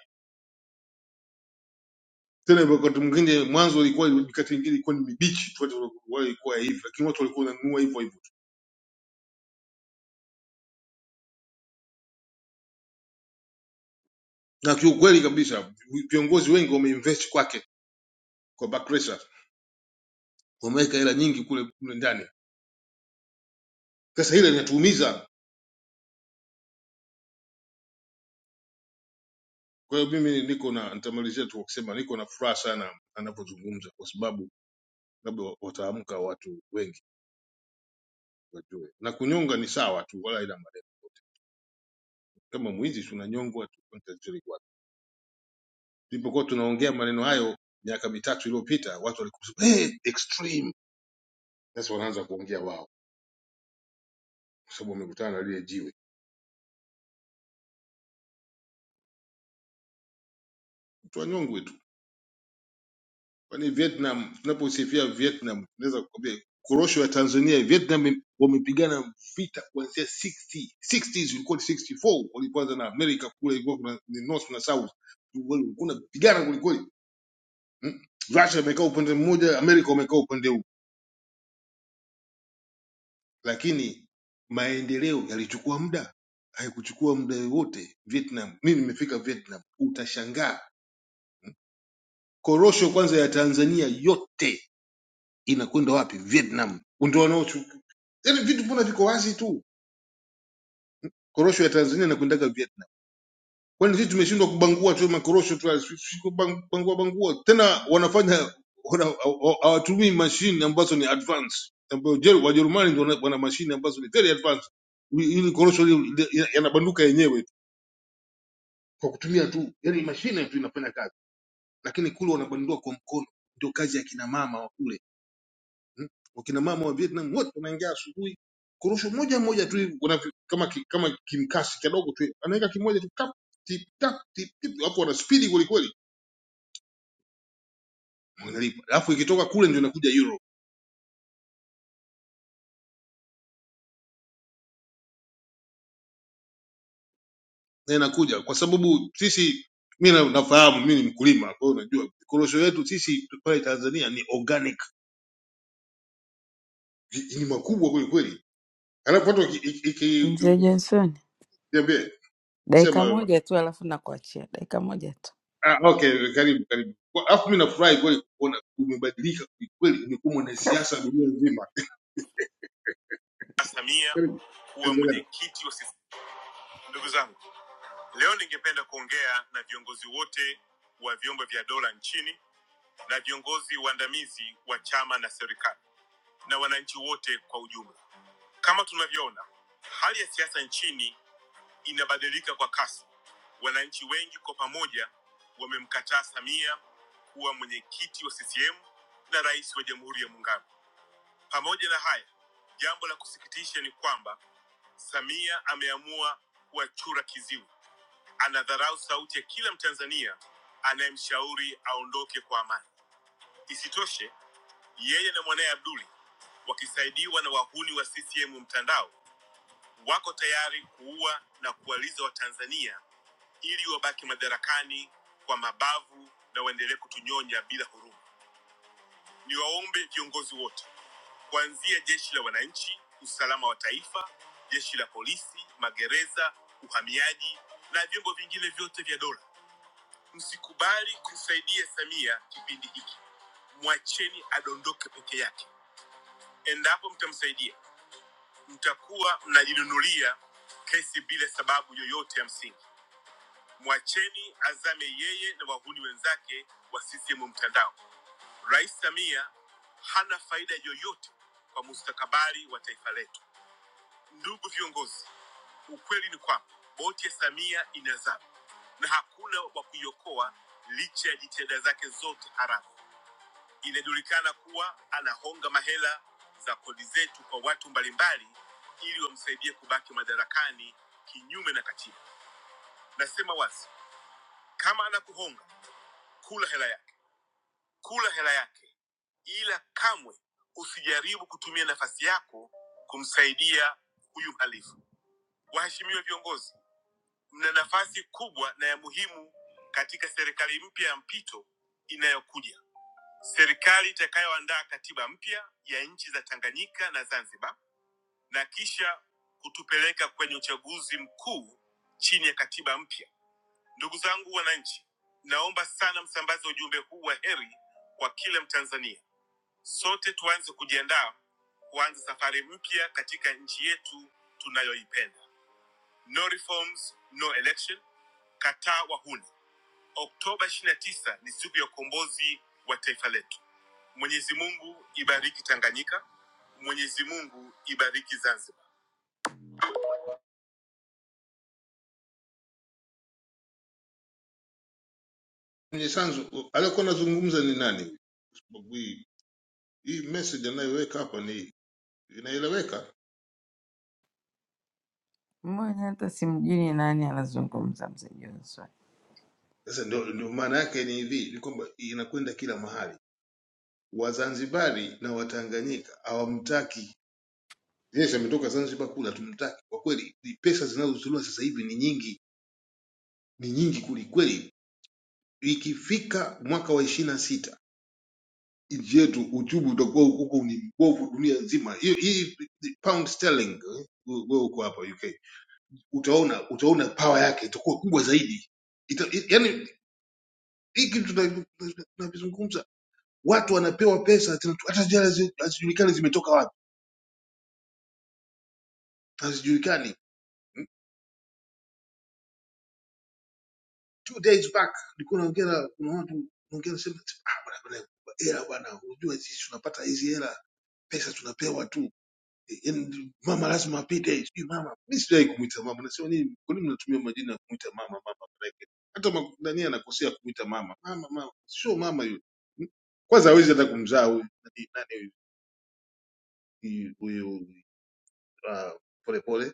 [SPEAKER 9] tena. Wakati mwingine mwanzo ilikuwa mikati mingine ilikuwa ni mibichi tu, watu walikuwa hivi, lakini watu walikuwa wananunua hivyo hivyo, na kiukweli kabisa viongozi wengi wameinvest kwake kwa Bakresa wameweka hela nyingi kule kule ndani. Sasa hilo linatuumiza. Kwa hiyo mimi niko na nitamalizia tu kwa kusema niko na furaha sana anapozungumza, kwa sababu labda wataamka watu wengi wajue, na kunyonga ni sawa tu, wala haina maneno. Kama mwizi tunanyongwa tu, tunachukuliwa wapi? Tulipokuwa tunaongea maneno hayo miaka mitatu iliyopita, watu walikuwa wanasema, hey, extreme. Sasa wanaanza kuongea wao, kwa sababu wamekutana na lile jiwe, tuwanyongwe tu. kwani Vietnam tunaposifia Vietnam tunaweza kukwambia korosho ya Tanzania Vietnam wamepigana vita kuanzia 60 60s ilikuwa ni 64 walipoanza na America kule ilikuwa kuna ni north na south Wal- kuna pigana kulikweli Mm. Russia imekaa upande mmoja America wamekaa upande huu lakini maendeleo yalichukua muda haikuchukua muda wote Vietnam mimi nimefika Vietnam utashangaa korosho kwanza ya Tanzania yote inakwenda wapi? Vietnam. Ndio wanaochu yaani vitu mbona viko wazi tu. Korosho ya Tanzania inakwendaga Vietnam. Kwani sisi tumeshindwa kubangua tu makorosho tu si- si kubang- bangua bangua. Tena wanafanya wana- hawa- hawatumii mashine ambazo ni advanced. Ambayo Jer- Wajerumani ndio wana wana mashine ambazo ni very advanced. Ili ili korosho li- li- yanabanduka yenyewe tu kwa kutumia tu, yaani mashine tu inafanya kazi, lakini kule wanabandua kwa mkono. Ndio kazi ya kina mama wa kule Mm. Wakina mama wa Vietnam wote wanaingia asubuhi kurusha moja moja tu hivi, kuna ki- kama ki- kama kimkasi kidogo tu hivi. anaweka kimoja tu tap tip tap tip tip, hapo wana spidi kweli kweli, wanalipa. Alafu ikitoka kule ndio inakuja euro na inakuja kwa sababu sisi mimi na- nafahamu mimi ni mkulima, kwa hiyo unajua korosho yetu sisi pale Tanzania ni organic, ni ni makubwa kweli kweli. Alafu watu
[SPEAKER 2] Mzee
[SPEAKER 9] ikiniambia
[SPEAKER 2] Johnson,
[SPEAKER 9] sema
[SPEAKER 2] dakika
[SPEAKER 9] wewe.
[SPEAKER 2] moja tu alafu nakuachia. Dakika moja tu.
[SPEAKER 9] Ah, okay, karibu karibu. Kwa- Alafu mimi nafurahi kweli kuona umebadilika kweli, umekuwa mwanasiasa dunia nzima. Karibu endelea. Kwenye sanzu aliyokuwa anazungumza ni nani? Sababu hii hii message anayoweka hapa ni inaeleweka.
[SPEAKER 2] Mmoja hata simjui ni nani anazungumza mzee Johnson.
[SPEAKER 9] Sasa ndio ndio maana yake ni hivi, ni kwamba inakwenda kila mahali. Wazanzibari na Watanganyika hawamtaki. Yes, ametoka Zanzibar kule, hatumtaki kwa kweli. ni Pesa zinazozuliwa sasa hivi ni nyingi, ni nyingi kweli kweli. Ikifika mwaka wa 26 nchi yetu uchumi utakuwa huko ni mbovu dunia nzima. Hiyo hii pound sterling eh, wewe uko hapa UK, utaona utaona power yake itakuwa kubwa zaidi. Ita, i- yani hii kitu tuna- tuna- tunavizungumza, watu wanapewa pesa tena tu- hata jela hazi- hazijulikani zimetoka wapi, hazijulikani. Mm, Two days back nilikuwa naongea na kuna watu naongea nasema ah, bwana bwana, hela bwana, unajua sisi tunapata hizi hela pesa tunapewa tu Yaani mama lazima apite, sijui mama. Mimi sijawahi kumwita mama, nasema nini, kwa nini mnatumia majina ya kumwita mama mama? Maanake hata ma- nani anakosea kumwita mama mama mama, sio mama yule. M- Kwanza hawezi hata kumzaa huyu nani nani huyu huyu, ah, polepole.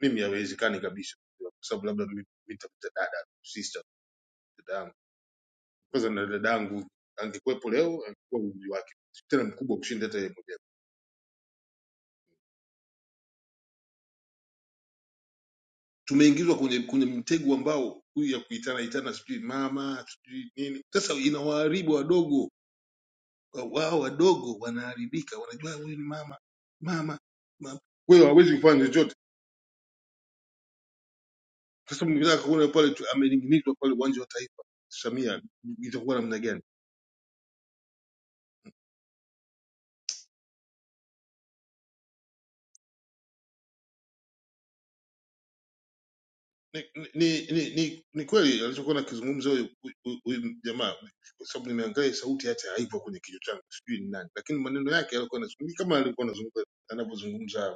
[SPEAKER 9] Mimi hawezekani kabisa, kwa sababu labda mimi nitamwita dada, sister, dada yangu. Kwanza na dada yangu angekuwepo leo, angekuwa umri wake tena mkubwa kushinda hata yeye mwenyewe. tumeingizwa kwenye kwenye mtego ambao huyu ya kuitana itana sijui mama sijui nini. Sasa inawaharibu wadogo wao, wadogo wanaharibika, wanajua huyu ni mama mama mama, wewe hawezi kufanya chochote. Sasa mnataka kuona pale tu- amening'inizwa pale uwanja wa Taifa, Samia itakuwa namna gani? Ni, ni, ni, ni, ni kweli alichokuwa nakizungumza huyu huyu- huyu jamaa, kwa sababu nimeangalia sauti yake haipo kwenye kichwa changu, sijui ni nani, lakini maneno yake yalikuwa yanazungumza kama alikuwa anazungumza anavyozungumza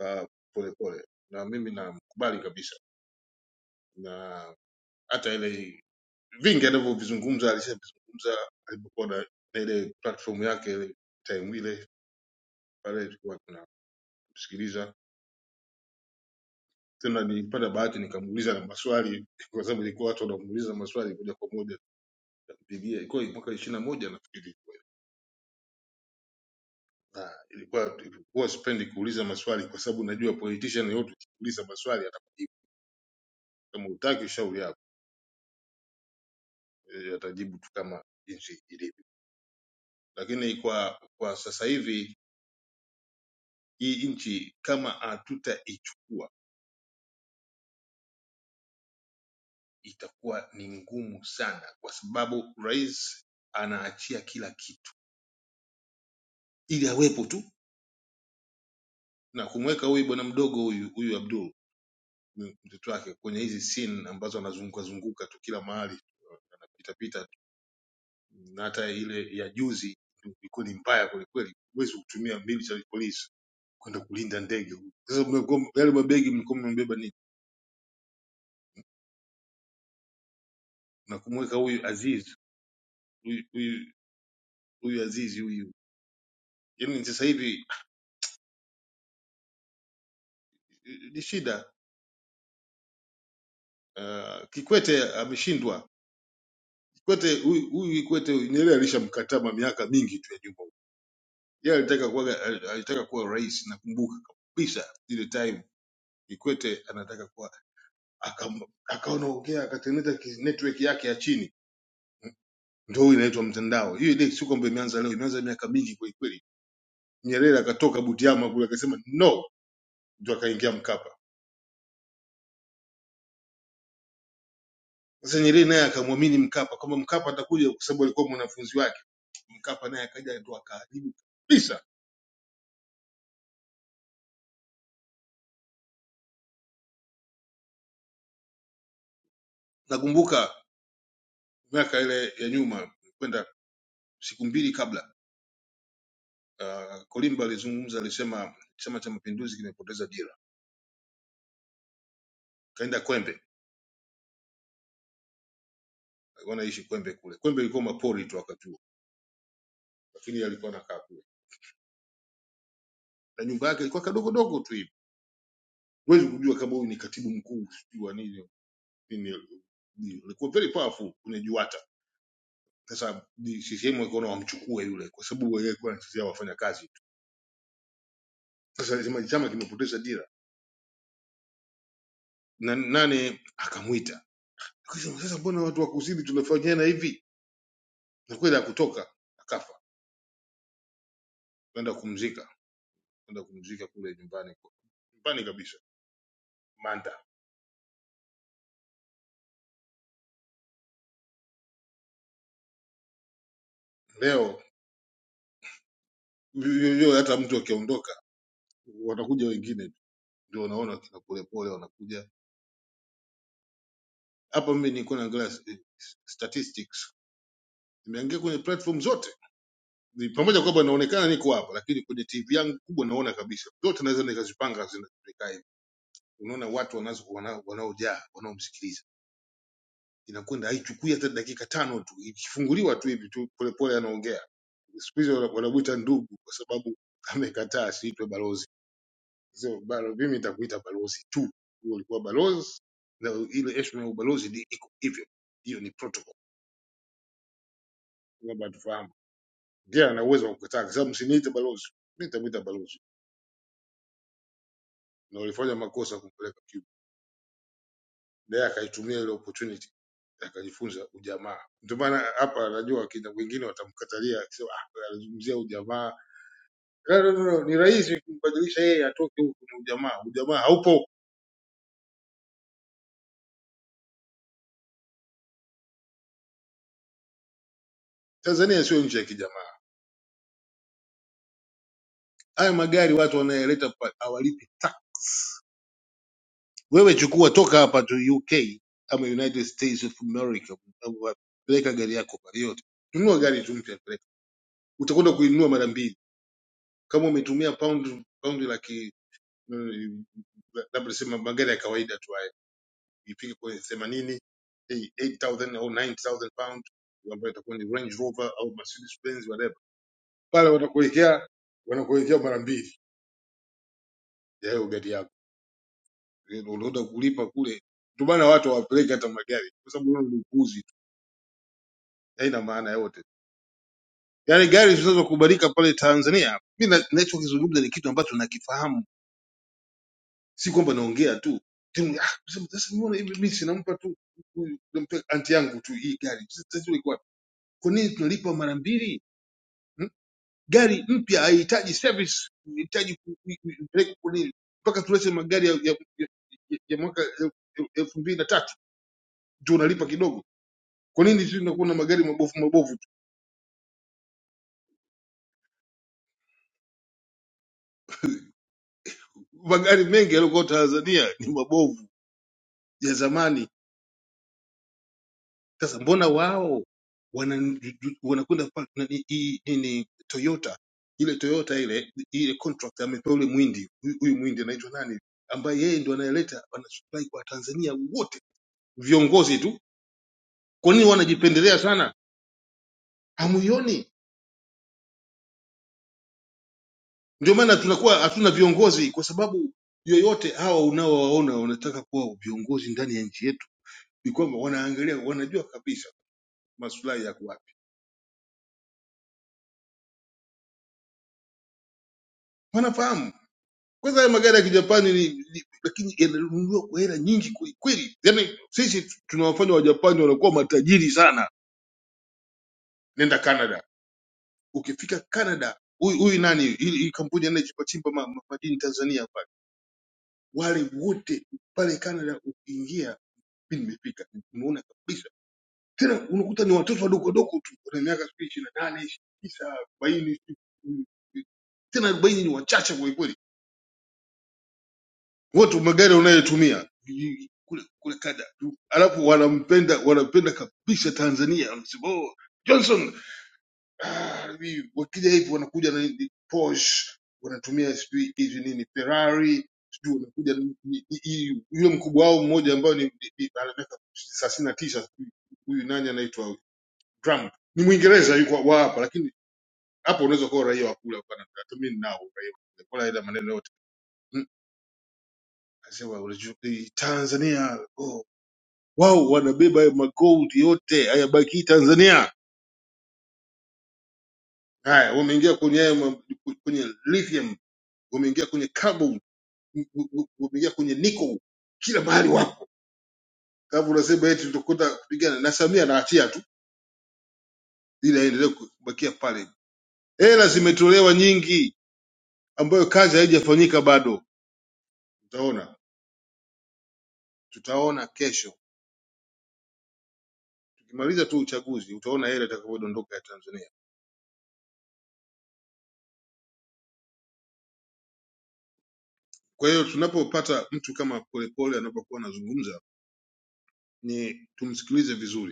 [SPEAKER 9] uh, polepole na mimi namkubali kabisa na hata ile vingi alivyovizungumza alishavizungumza alipokuwa na na ile platform yake ile time ile pale tulikuwa tunamsikiliza tena nilipata bahati nikamuuliza na maswali kwa sababu ilikuwa watu wanamuuliza maswali moja kwa moja bibilia ilikuwa mwaka ishirini na moja nafikiri ilikuwa na ilikuwa ilikuwa sipendi kuuliza maswali kwa sababu najua politician yote ukiuliza maswali atakujibu kama utaki shauri yako Eh, atajibu tu kama jinsi ilivyo lakini kwa kwa sasa hivi hii nchi kama hatutaichukua itakuwa ni ngumu sana, kwa sababu rais anaachia kila kitu ili awepo tu na kumweka huyu bwana mdogo huyu huyu Abdul m- mtoto wake kwenye hizi scene ambazo anazunguka zunguka tu kila mahali anapita pita tu. na hata ile ya juzi ilikuwa ni mbaya kwelikweli, huwezi kutumia mbili za polisi kwenda kulinda ndege. Sasa mnakuwa- yale mabegi mlikuwa mmebeba nini na kumweka huyu Aziz huyu huyu huyu Azizi huyu. Yaani sasa hivi ni shida. Uh, Kikwete ameshindwa. Kikwete huyu huyu Kikwete Nyerere alishamkatama miaka mingi tu ya nyuma. Yeye alitaka kuwa alitaka kuwa rais nakumbuka kabisa ile time Kikwete anataka kuwa akam- akawa anaongea akatengeneza ki- network yake ya chini ndio inaitwa mtandao. Hiyo ile si kwamba imeanza leo, imeanza miaka mingi kwa kweli. Nyerere akatoka Butiama kule akasema no, ndio akaingia Mkapa Sasa Nyerere naye akamwamini Mkapa kwamba Mkapa atakuja kwa sababu alikuwa mwanafunzi wake. Mkapa naye akaja ndo akaharibu kabisa. Nakumbuka miaka ile ya nyuma kwenda siku mbili kabla uh, Kolimba alizungumza, alisema Chama cha Mapinduzi kimepoteza dira. Kaenda Kwembe, alikuwa anaishi Kwembe kule. Kwembe ilikuwa mapori tu wakati huo, lakini yeye alikuwa anakaa kule na nyumba yake ilikuwa kadogo dogo tu hivi. Huwezi kujua kama huyu ni katibu mkuu sijui wa nini nini, alikuwa very powerful kwenye Juata Sasa ni CCM wakaona wamchukue yule, kwa sababu yeye alikuwa anachezea wafanya kazi tu. Sasa chama chama kimepoteza dira, na nane akamwita akasema, sasa mbona watu wakuzidi tunafanyana hivi? Na kweli hakutoka, akafa, kwenda kumzika, kwenda kumzika kule nyumbani, kwa- nyumbani kabisa Manda. Leo yo- yo- hata mtu akiondoka, watakuja wengine, ndio wanaona kina polepole wanakuja hapa. Mimi nilikuwa naangalia eh, statistics, nimeangalia kwenye platform zote Ni- pamoja na kwamba naonekana niko hapa lakini kwenye tv yangu kubwa naona kabisa zote naweza nikazipanga zinazikaa hivi unaona watu wanazo- wana- wanaojaa wanaomsikiliza inakwenda haichukui hata dakika tano tu ikifunguliwa tu hivi tu polepole anaongea siku hizi wana- wanamwita ndugu kwa sababu amekataa siitwe balozi so, balo, mimi nitakuita balozi tu huo ulikuwa balozi na ile heshima ya ubalozi ni iko hivyo hiyo ni protocol kwamba tufahamu pia ana uwezo wa kukataa kwa sababu msiniite balozi mimi nitamwita balozi na ulifanya makosa kumpeleka naye akaitumia ile opportunity akajifunza ujamaa. Ndio maana hapa najua wakina wengine watamkatalia akisema ah, anazungumzia ujamaa. No, no, no, no, ni rahisi kumbadilisha yeye atoke huku na ujamaa. Ujamaa haupo. Tanzania sio nchi ya kijamaa. Haya magari watu wanayeleta pa- hawalipi tax. Wewe chukua toka hapa tu UK ama United States of America, au peleka gari yako pale yote. Nunua gari tu mpya peleka. Utakwenda kuinunua mara mbili. Kama umetumia pound pound laki eh, labda tuseme magari ya kawaida tu haya ipige kwenye themanini eh, 8000 au 9000 pound ambayo itakuwa ni Range Rover au Mercedes Benz whatever, pale wanakuwekea wanakuwekea mara mbili ya hiyo gari yako, Eh, unaenda kulipa kule. Ndio maana watu hawapeleki hata magari kwa sababu hilo ni upuuzi tu, haina maana yote. Yaani gari zinazokubalika pale Tanzania, mimi na- ninachokizungumza ni kitu ambacho nakifahamu si kwamba naongea tu Timu- ah, kusema, sasa mbona hivi mimi sinampa tu huyu- nampea anti yangu tu hii gari sasa iko wapi kwa nini tunalipa mara mbili hmm? gari mpya haihitaji service inahitaji ku- ku- ku- kupeleka kwa nini mpaka tulete magari ya, ya, ya, ya ya mwaka el- el- elfu mbili na tatu ndio unalipa kidogo kwa nini sisi tunakuwa na magari mabovu mabovu tu magari mengi yaliyokuwa Tanzania ni mabovu ya zamani Sasa mbona wao wana- wanakwenda pa- nani- hii hii ni Toyota ile Toyota ile ile contract amepewa ule mwindi huyu huyu mwindi anaitwa nani ambaye yeye ndo anayeleta anasupply kwa Tanzania wote viongozi tu. Kwa nini wanajipendelea sana? Hamuioni? Ndio maana tunakuwa hatuna viongozi kwa sababu yoyote hawa unaowaona wanataka kuwa viongozi ndani ya nchi yetu, ni kwamba wanaangalia, wanajua kabisa maslahi yako wapi, wanafahamu Kwanza haya magari ya kijapani ni, ni, lakini yananunuliwa kwa hela nyingi kwelikweli. Yaani sisi tu- tunawafanya wajapani wanakuwa matajiri sana. Nenda Canada, ukifika Canada huyu huyu nani hii hii kampuni anayechimba chimba ma- ma- madini Tanzania pale, wale wote pale Canada ukiingia, mi nimefika unaona kabisa tena, unakuta ni watoto wadogo wadogo tu wana miaka sijui ishirini na nane, ishirini na tisa, arobaini sijui, tena arobaini ni wachache kwelikweli wote magari unayotumia vijiji, kule kule kada alafu wanampenda wanampenda kabisa tanzania wanasema oh, johnson ah, hivi wakija hivi wanakuja na hivi Porsche wanatumia sijui hizi nini ferrari sijui wanakuja ni- ni- hii- yule mkubwa wao mmoja ambayo ni ni- ni- ana miaka thelathini na tisa sijui huyu nani anaitwa huyu? trump ni mwingereza yuko wa hapa lakini hapo unaweza kuwa raia wa kule hapana mimi ninao uraia wa kule. Kwa ila maneno yote Mm, anasema unajua, eh, tanzania oh wao wanabeba hayo magoldi yote hayabakii Tanzania. Haya, wameingia kwenye hayo ma- kwenye lithium, wameingia kwenye carbon, w- w- wameingia kwenye nickel, kila mahali wapo. Kama unasema eti tutakwenda kupigana na Samia, anaachia tu ili aendelee kubakia pale. Hela zimetolewa nyingi, ambayo kazi haijafanyika bado. Utaona, tutaona kesho tukimaliza tu uchaguzi, utaona hela itakavyodondoka ya Tanzania. Kwa hiyo tunapopata mtu kama Polepole anapokuwa anazungumza, ni tumsikilize vizuri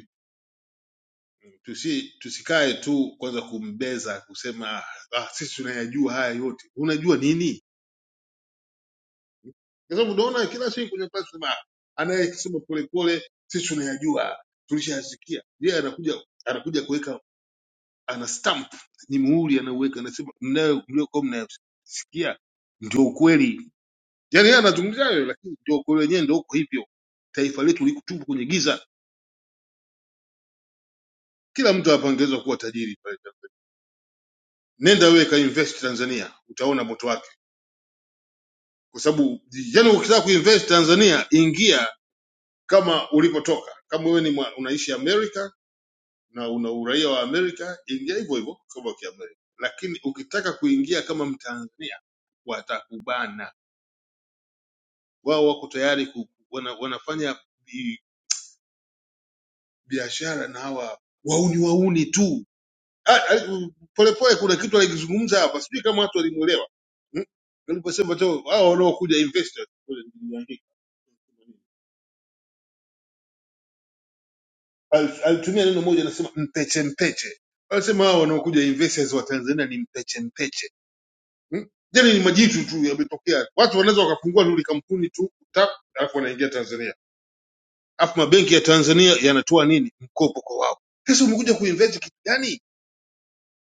[SPEAKER 9] tusi tusikae tu kwanza kumbeza kusema "Ah, ah, sisi tunayajua haya yote unajua nini kwa sababu unaona kila siku kwenye pasi anayesema polepole sisi tunayajua tulishayasikia yeye anakuja anakuja kuweka ana stamp ni muhuri anauweka anasema mnayo mliokuwa mnayasikia ndio ukweli yaani yeye anazungumzia hayo lakini ndio ukweli wenyewe ndio uko hivyo taifa letu liko tupu kwenye giza kila mtu hapa angeweza kuwa tajiri pale Tanzania nenda wewe ka invest Tanzania utaona moto wake kwa sababu yani ukitaka kuinvest Tanzania ingia kama ulipotoka. Kama wewe ni mwa- unaishi Amerika na una uraia wa Amerika, ingia hivyo hivyo kama Kiamerika, lakini ukitaka kuingia kama Mtanzania watakubana. Wao wako tayari ku, wana, wanafanya bi- biashara na hawa wauni wauni tu. Ah, ah, Polepole kuna kitu alikizungumza hapa, sijui kama watu walimuelewa Hmm? aliposema tu hao wanaokuja investors kule niliandika Al- alitumia neno moja anasema mpeche mpeche anasema hao wanaokuja investors wa tanzania ni mpeche mpeche hmm? jani ni majitu tu yametokea watu wanaweza wakafungua luli kampuni tu tap alafu wanaingia tanzania alafu mabenki ya tanzania yanatoa nini mkopo kwa wao sasa umekuja kuinvest kitu gani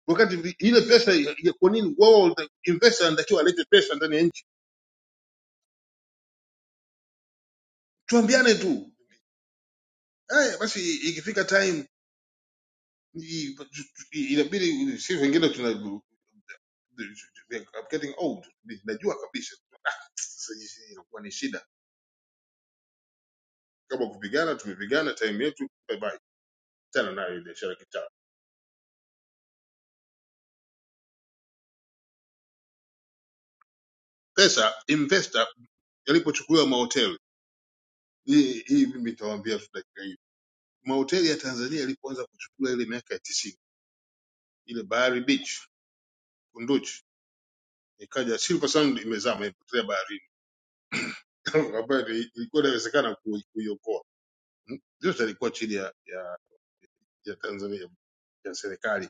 [SPEAKER 9] wakati vi- ile pesa ya, ya kwa nini wao wata- investor anatakiwa alete pesa ndani ya nchi tuambiane tu haya basi ikifika time i- i- inabidi sisi wengine I'm getting old Ni- najua kabisa sasa hii si inakuwa ni shida kama kupigana tumepigana time yetu bye bye tena nayo ile biashara kitaa pesa investor yalipochukuliwa mahoteli hii hii mimi nitawaambia tu dakika hii mahoteli ya Tanzania yalipoanza kuchukua ile miaka ya 90 ile Bahari Beach Kunduchi ikaja Silver Sound imezama imepotea baharini ambayo ni- ilikuwa inawezekana kui- kuiokoa Hmm? yote yalikuwa chini ya, ya, ya Tanzania ya serikali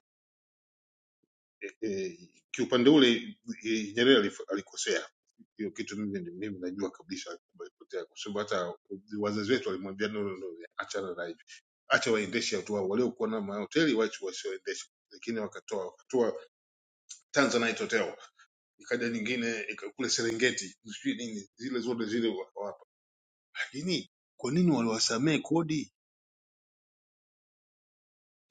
[SPEAKER 9] eh, eh, kiupande ule eh, Nyerere alif- alikosea hiyo kitu, mimi ni- mimi najua kabisa kwamba alipotea, kwa sababu hata wazazi wetu walimwambia no, no, no, achana na hivi, acha waendeshe watu wao waliokuwa na mahoteli, wache wasioendeshe, lakini wakatoa wakatoa Tanzanite Hotel, ikaja nyingine ika- kule Serengeti, sijui nini, zile zote zile wakawapa. Lakini kwa nini waliwasamee kodi?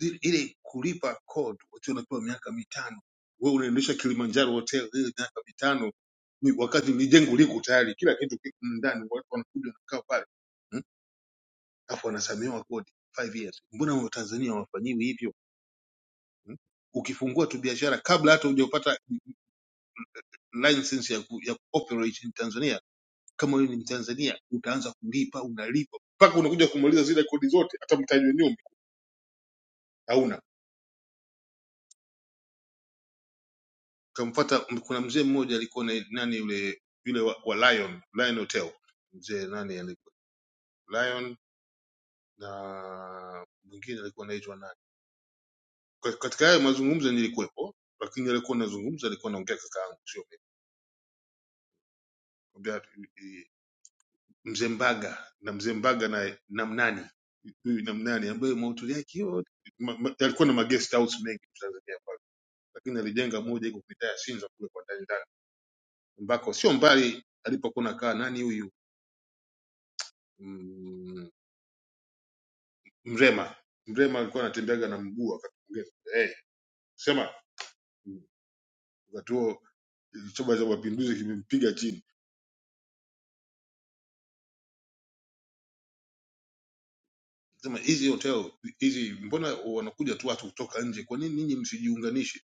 [SPEAKER 9] Zile- ile kulipa kodi wakiwa unapewa miaka mitano wewe unaendesha kilimanjaro hotel ile miaka mitano ni wakati ni jengo liko tayari kila kitu kiko ndani watu wanakuja wanakaa pale Mm? alafu wanasamehewa kodi five years mbona watanzania hawafanyiwi hivyo Mm? ukifungua tu biashara kabla hata hujapata license ya, ku, ya operate in tanzania kama wewe ni mtanzania utaanza kulipa unalipa mpaka unakuja kumaliza zile kodi zote hata mtaji wa nyumba hauna Kamfuata kuna mzee mmoja alikuwa na nani yule yule wa, wa Lion, Lion Hotel. Mzee nani alikuwa? Lion na mwingine alikuwa anaitwa nani? Kwa- Katika hayo mazungumzo nilikuwepo, lakini alikuwa anazungumza alikuwa anaongea kaka yangu sio mimi. Anaongea, eh, Mzee Mbaga na Mzee Mbaga na Namnani. Huyu Namnani ambaye mahutuli yake yote ma- ma- alikuwa na magest house mengi Tanzania pale. Lakini alijenga moja iko mitaa ya Sinza kule kwa ndani ndani ambako sio mbali alipokuwa nakaa nani huyu Mm, Mrema. Mrema alikuwa anatembeaga na mguu akaongeza. Hey, sema wakati huo chama cha mapinduzi kimempiga chini. Sema hizi hotel hizi, mbona wanakuja tu watu kutoka nje? Kwa nini ninyi msijiunganishi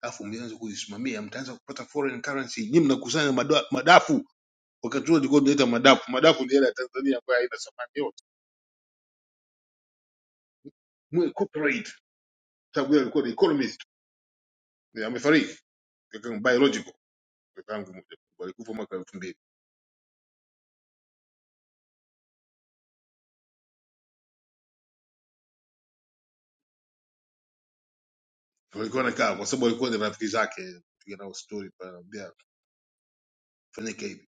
[SPEAKER 9] alafu mlianza kuzisimamia? Mtaanza kupata foreign currency, nyinyi mnakusanya madwa- madafu. Wakati huo ilikuwa tunaita madafu, madafu ni hela ya Tanzania ambayo haina thamani yote. Mwe cooperate, sababu yeye alikuwa ni economist, amefariki, kaka biological, kakaangu mmoja alikufa mwaka 2000 walikuwa nakaa kwa sababu walikuwa ni rafiki zake piga nao stori pale, anamwambia fanyike hivi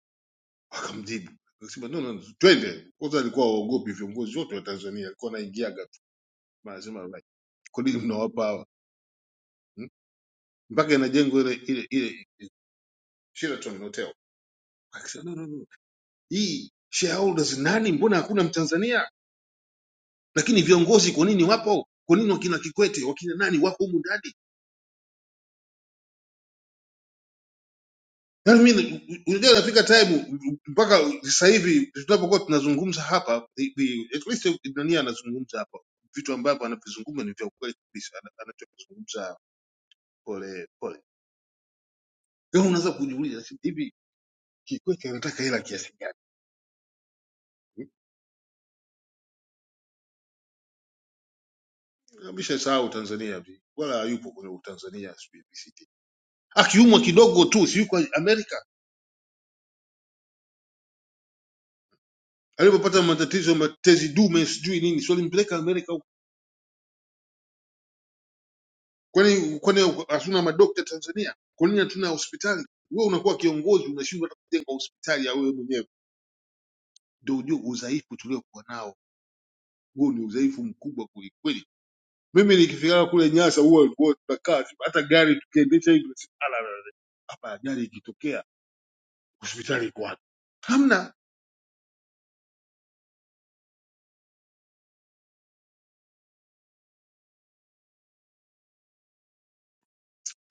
[SPEAKER 9] wakamjibu akasema no, no, no, twende kwanza alikuwa waogopi viongozi wote wa tanzania alikuwa anaingiaga tu Na anasema like, kwa nini mnawapa hawa Hmm? mpaka inajengwa ile ile ile sheraton hotel akasema no, no, no. hii shareholders nani mbona hakuna mtanzania lakini viongozi kwa nini wapo kwa nini wakina kikwete wakina nani wako humu ndani Yaani mimi unajua inafika time mpaka sasa hivi tunapokuwa tunazungumza hapa the- the- at least Ibnania anazungumza hapa vitu ambavyo anavizungumza ni vya ukweli kabisa ana- anachokizungumza pole pole. Wewe unaweza kujiuliza si hivi Kikwete anataka hela kiasi gani? Ameshasahau Tanzania hivi. Wala hayupo kwenye Tanzania sijui BCT. Akiumwa kidogo tu si yuko Amerika. Alipopata matatizo matezi dume sijui nini, si walimpeleka Amerika Kwani kwani hatuna madokta Tanzania? Kwa nini hatuna hospitali? Wewe unakuwa kiongozi, unashindwa hata kujenga hospitali ya wewe mwenyewe. Ndio ujue udhaifu tuliokuwa nao, huo ni udhaifu mkubwa kweli kweli. Mimi nikifika kule Nyasa huwa huwa tunakaa tu, hata gari tukiendesha hivi tunasema, "Ala, ala, ala, hapa ajali ikitokea hospitali iko wapi?" Hamna,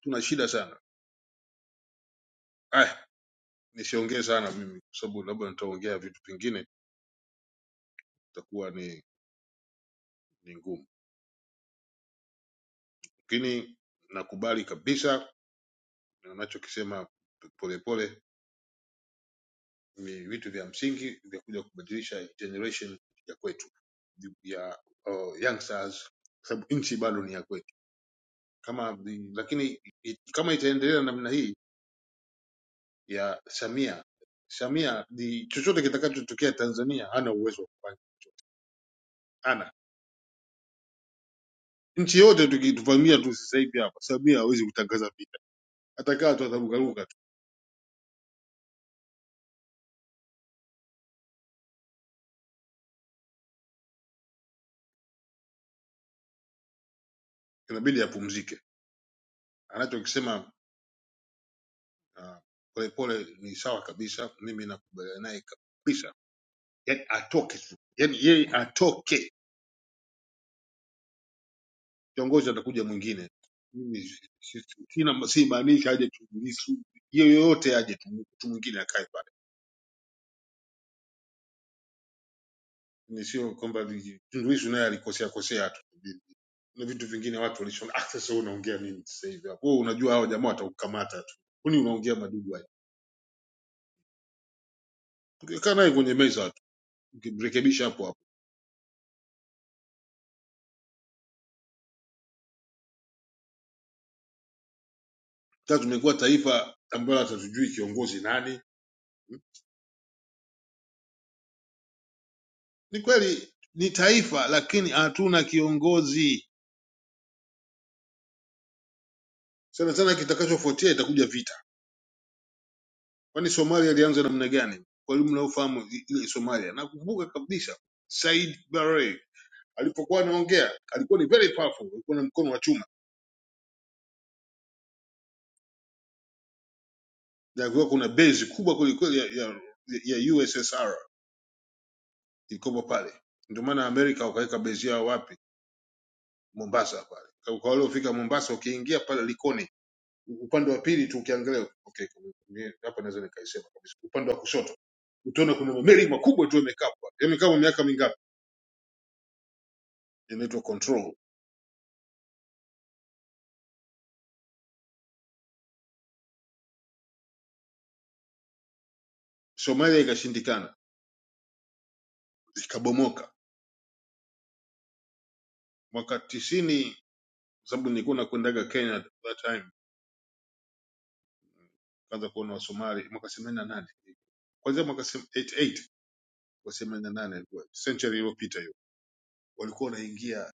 [SPEAKER 9] tuna shida sana. Aya, nisiongee sana mimi kwa sababu labda nitaongea vitu vingine itakuwa ni ni ngumu, lakini nakubali kabisa na unachokisema Polepole ni vitu vya msingi vyakuja kubadilisha generation ya kwetu ya uh, youngsters kwa sababu nchi bado ni ya kwetu kama vi- lakini i- kama itaendelea namna hii ya samia samia ni chochote kitakachotokea tanzania hana uwezo wa kufanya hana nchi yote tukituvamia tu sasa hivi hapa samia hawezi kutangaza vita atakaa tu atarukaruka tu inabidi apumzike anachokisema uh, polepole ni sawa kabisa mimi nakubaliana naye kabisa yani atoke tu, yani yeye atoke, kiongozi atakuja mwingine. Mimi si- si- sina siimaanishi aje Tundu Lissu, yeyote aje tu mtu mwingine akae pale, ni sio kwamba vi- Tundu Lissu naye alikosea kosea tu na vitu vingine watu walishaona, ah, sasa wewe unaongea nini sasa hivi hapo? Wewe unajua hao jamaa watakukamata tu, kwani unaongea madudu haya? Ungekaa naye kwenye meza tu, ungemrekebisha hapo hapo. Sasa tumekuwa taifa ambalo hatujui kiongozi nani. Ni kweli ni taifa, lakini hatuna kiongozi Sana sana kitakachofuatia itakuja vita. Kwani Somalia ilianza namna gani? Kwa yule mnaofahamu i- ile Somalia, nakumbuka kabisa Said Barre alipokuwa anaongea alikuwa ni very powerful, alikuwa na mkono wa chuma na alikuwa kuna base kubwa kweli kweli ya, ya, ya USSR ilikuwa pale. Ndio maana Amerika wakaweka base yao wapi? Mombasa pale. Kwa kwa waliofika Mombasa, ukiingia pale Likoni upande wa pili tu ukiangalia, okay, mie- hapa naweza nikaisema kabisa, upande wa kushoto utaona kuna mameli makubwa tu yamekaa pale, yamekaa kwa miaka mingapi inaitwa Control. Somalia ikashindikana, ikabomoka mwaka tisini, sababu nilikuwa nakwendaga Kenya at that time, kaanza kuona Wasomali mwaka themanini na nane kwanzia mwaka 88 kwa 88 ilikuwa century iliyopita hiyo, walikuwa wanaingia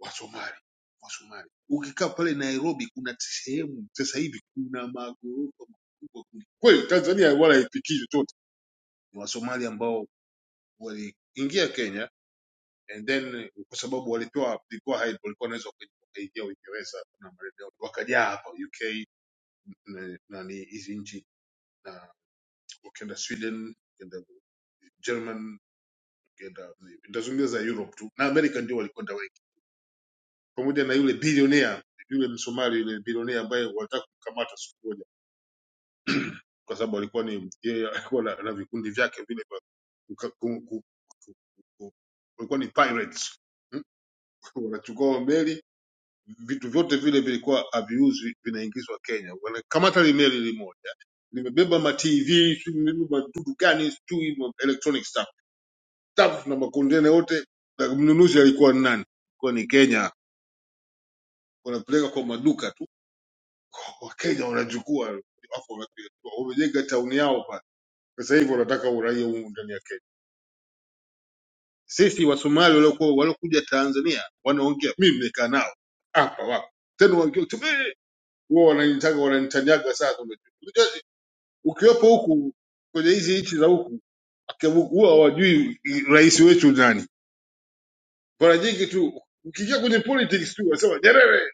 [SPEAKER 9] Wasomali Wasomali. Ukikaa pale Nairobi kuna sehemu sasa hivi kuna magorofa makubwa kweli, Tanzania wala haifikii chochote. Ni Wasomali ambao waliingia Kenya and then kwa sababu walipewa ilikuwa hai- walikuwa wanaweza waka- wakaingia Uingereza na maeneo wakajaa hapa UK na na ni hizi nchi na wakaenda Sweden wakaenda German wakaenda nitazungumza za Europe tu na America ndio walikwenda wengi pamoja na yule bilionea yule Msomali yule bilionea ambaye walitaka kukamata siku moja kwa sababu alikuwa ni yeye alikuwa na, na vikundi vyake vile vya kuka- ku- ku- ku- ku- walikuwa ni pirates Hmm? wanachukua meli vitu vyote vile vilikuwa haviuzwi vinaingizwa Kenya. Wanakamata limeli limoja limebeba ma TV sijui limebeba dudu gani sijui ma electronic stuff stuff na makontena yote, na mnunuzi alikuwa ni nani? Kwa ni Kenya, wanapeleka kwa maduka tu, Wakenya wanachukua alafu wanapeleka. wamejenga tauni yao pale. Sasa hivi wanataka uraia huu ndani ya Kenya. Sisi Wasomali waliokuwa waliokuja Tanzania wanaongea, mimi nimekaa nao hapa wapo tena, wakiwa "Tume- huwa wananitaka wananitanyaga sana ukiwepo huku kwenye hizi nchi za huku akiwa- huwa hawajui rais wetu nani. Mara nyingi tu ukiingia kwenye politics tu wanasema Nyerere,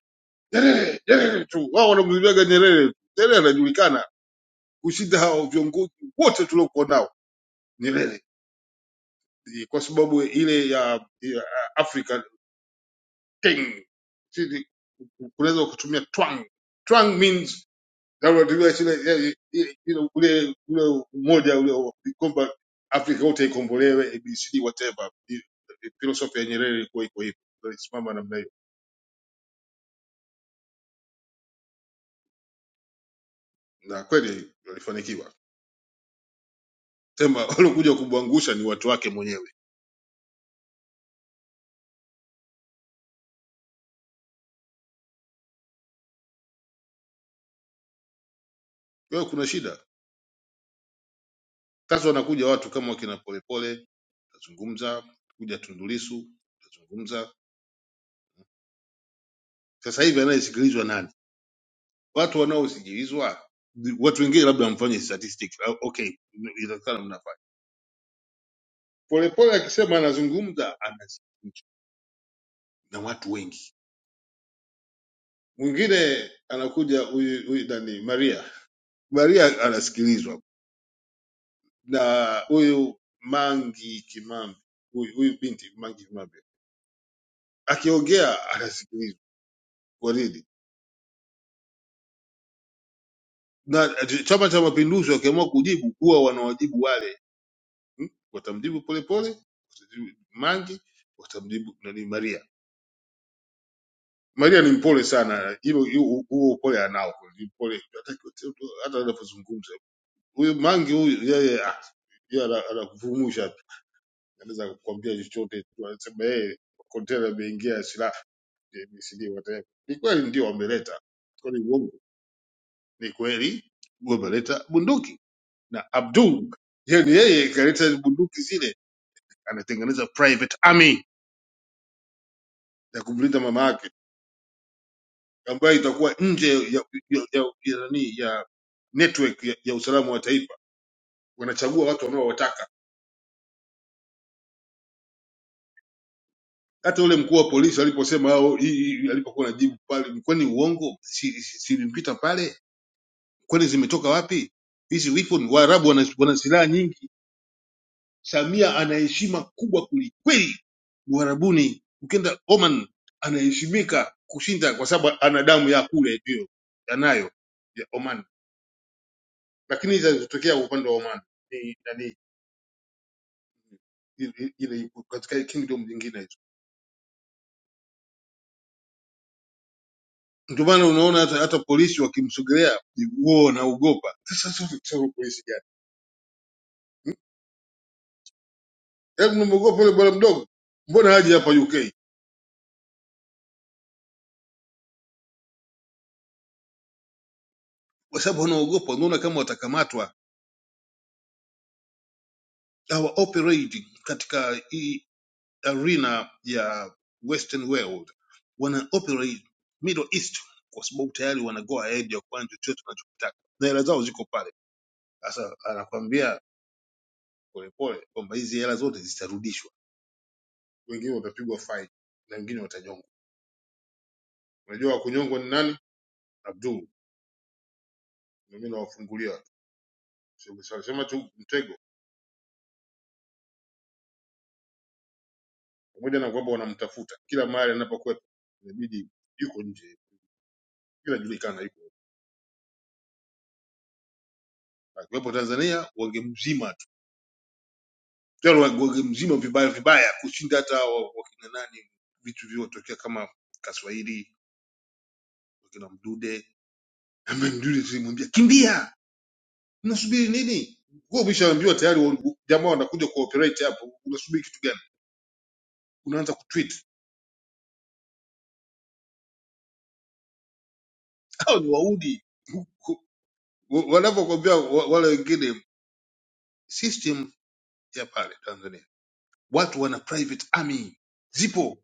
[SPEAKER 9] Nyerere, Nyerere tu, wao wanamzungumzaga Nyerere. tu. Nyerere anajulikana kushinda hawa viongozi wote tuliokuwa nao Nyerere, Ni kwa sababu ile ya, ya Africa ting, Sisi, unaweza ukatumia twang twang means Tunavyotumia shule yani, i- you know, ule ule umoja ule wa- kwamba Afrika yote ikombolewe ABCD whatever. I- i- Philosophy ya Nyerere ilikuwa iko hivyo, alisimama namna hiyo, na kweli walifanikiwa. Sema waliokuja kumwangusha ni watu wake mwenyewe. Kwa hiyo kuna shida sasa, wanakuja watu kama wakina Polepole, tazungumza kuja Tundu Lissu, tazungumza sasa hivi, anayesikilizwa nani? Watu wanaosikilizwa watu wengine labda wamfanye statistic ah, okay inawezekana mna Polepole akisema anazungumza anazungumza na watu wengi. Mwingine anakuja huyu huyu nani, Maria Maria anasikilizwa na huyu Mangi Kimambi, huyu huyu binti Mangi Kimambi akiongea anasikilizwa kwa nini? Na Chama cha Mapinduzi wakiamua kujibu huwa wanawajibu wale hmm? Watamjibu Polepole, watamjibu Mangi, watamjibu nani Maria. Maria ni mpole sana, hilo hilo- huo upole anao, ni mpole hata hata anapozungumza huyu mangi huyu yeye ah, yeye ana- anakuvumusha tu anaweza kukwambia chochote tu anasema yeye kontena imeingia silaha ABCD whatever ni kweli ndio wameleta kwani uongo ni kweli wameleta bunduki na Abdul yani yeye ikaleta bunduki zile anatengeneza private army ya kumlinda mama yake ambayo itakuwa nje ya ya, ya, ya, nani ya network ya, ya usalama wa taifa wanachagua watu wanaowataka hata ule mkuu wa polisi aliposema au hii hii- alipokuwa najibu pale, kwani uongo silimpita si- si- silimpita pale? Kwani zimetoka wapi hizi weapon? Waarabu wana, wana silaha nyingi. Samia ana heshima kubwa kwelikweli Uarabuni. Ukienda Oman anaheshimika kushinda, kwa sababu ana damu ya kule hiyo anayo ya Oman, lakini zinazotokea upande wa Oman ni nani ile katika kingdom nyingine Ndio maana unaona hata, hata polisi wakimsogelea huo wanaogopa. Sasa sasa sasa polisi gani? Hebu mnamuogopa yule bwana mdogo, mbona haji hapa UK? Kwa sababu wanaogopa, wanaona kama watakamatwa. Hawa operate katika hii arena ya Western world, wana operate Middle East kwa sababu tayari wana go ahead ya kufanya chochote wanachokitaka na hela zao ziko pale. Sasa anakwambia polepole kwamba hizi hela zote zitarudishwa, wengine watapigwa fine na wengine watanyongwa. Unajua wa kunyongwa ni nani? Abdul, na mimi nawafungulia. Sema tu mtego, pamoja na kwamba wanamtafuta kila mahali anapokwepa, inabidi yuko nje, inajulikana yuko. Akiwepo Tanzania wangemzima tu, tena wangemzima vibaya vibaya, kushinda hata wa- wakina nani, vitu vilivyotokea kama Kaswahili, wakina Mdude. Ama Mdude tulimwambia kimbia, mnasubiri nini? Wewe umeshaambiwa tayari, wa- jamaa wanakuja kuoperate hapo, unasubiri kitu gani? Unaanza kutweet hao ni waudi, wanavyokwambia wa- wale wengine system ya pale Tanzania, watu wana private army zipo.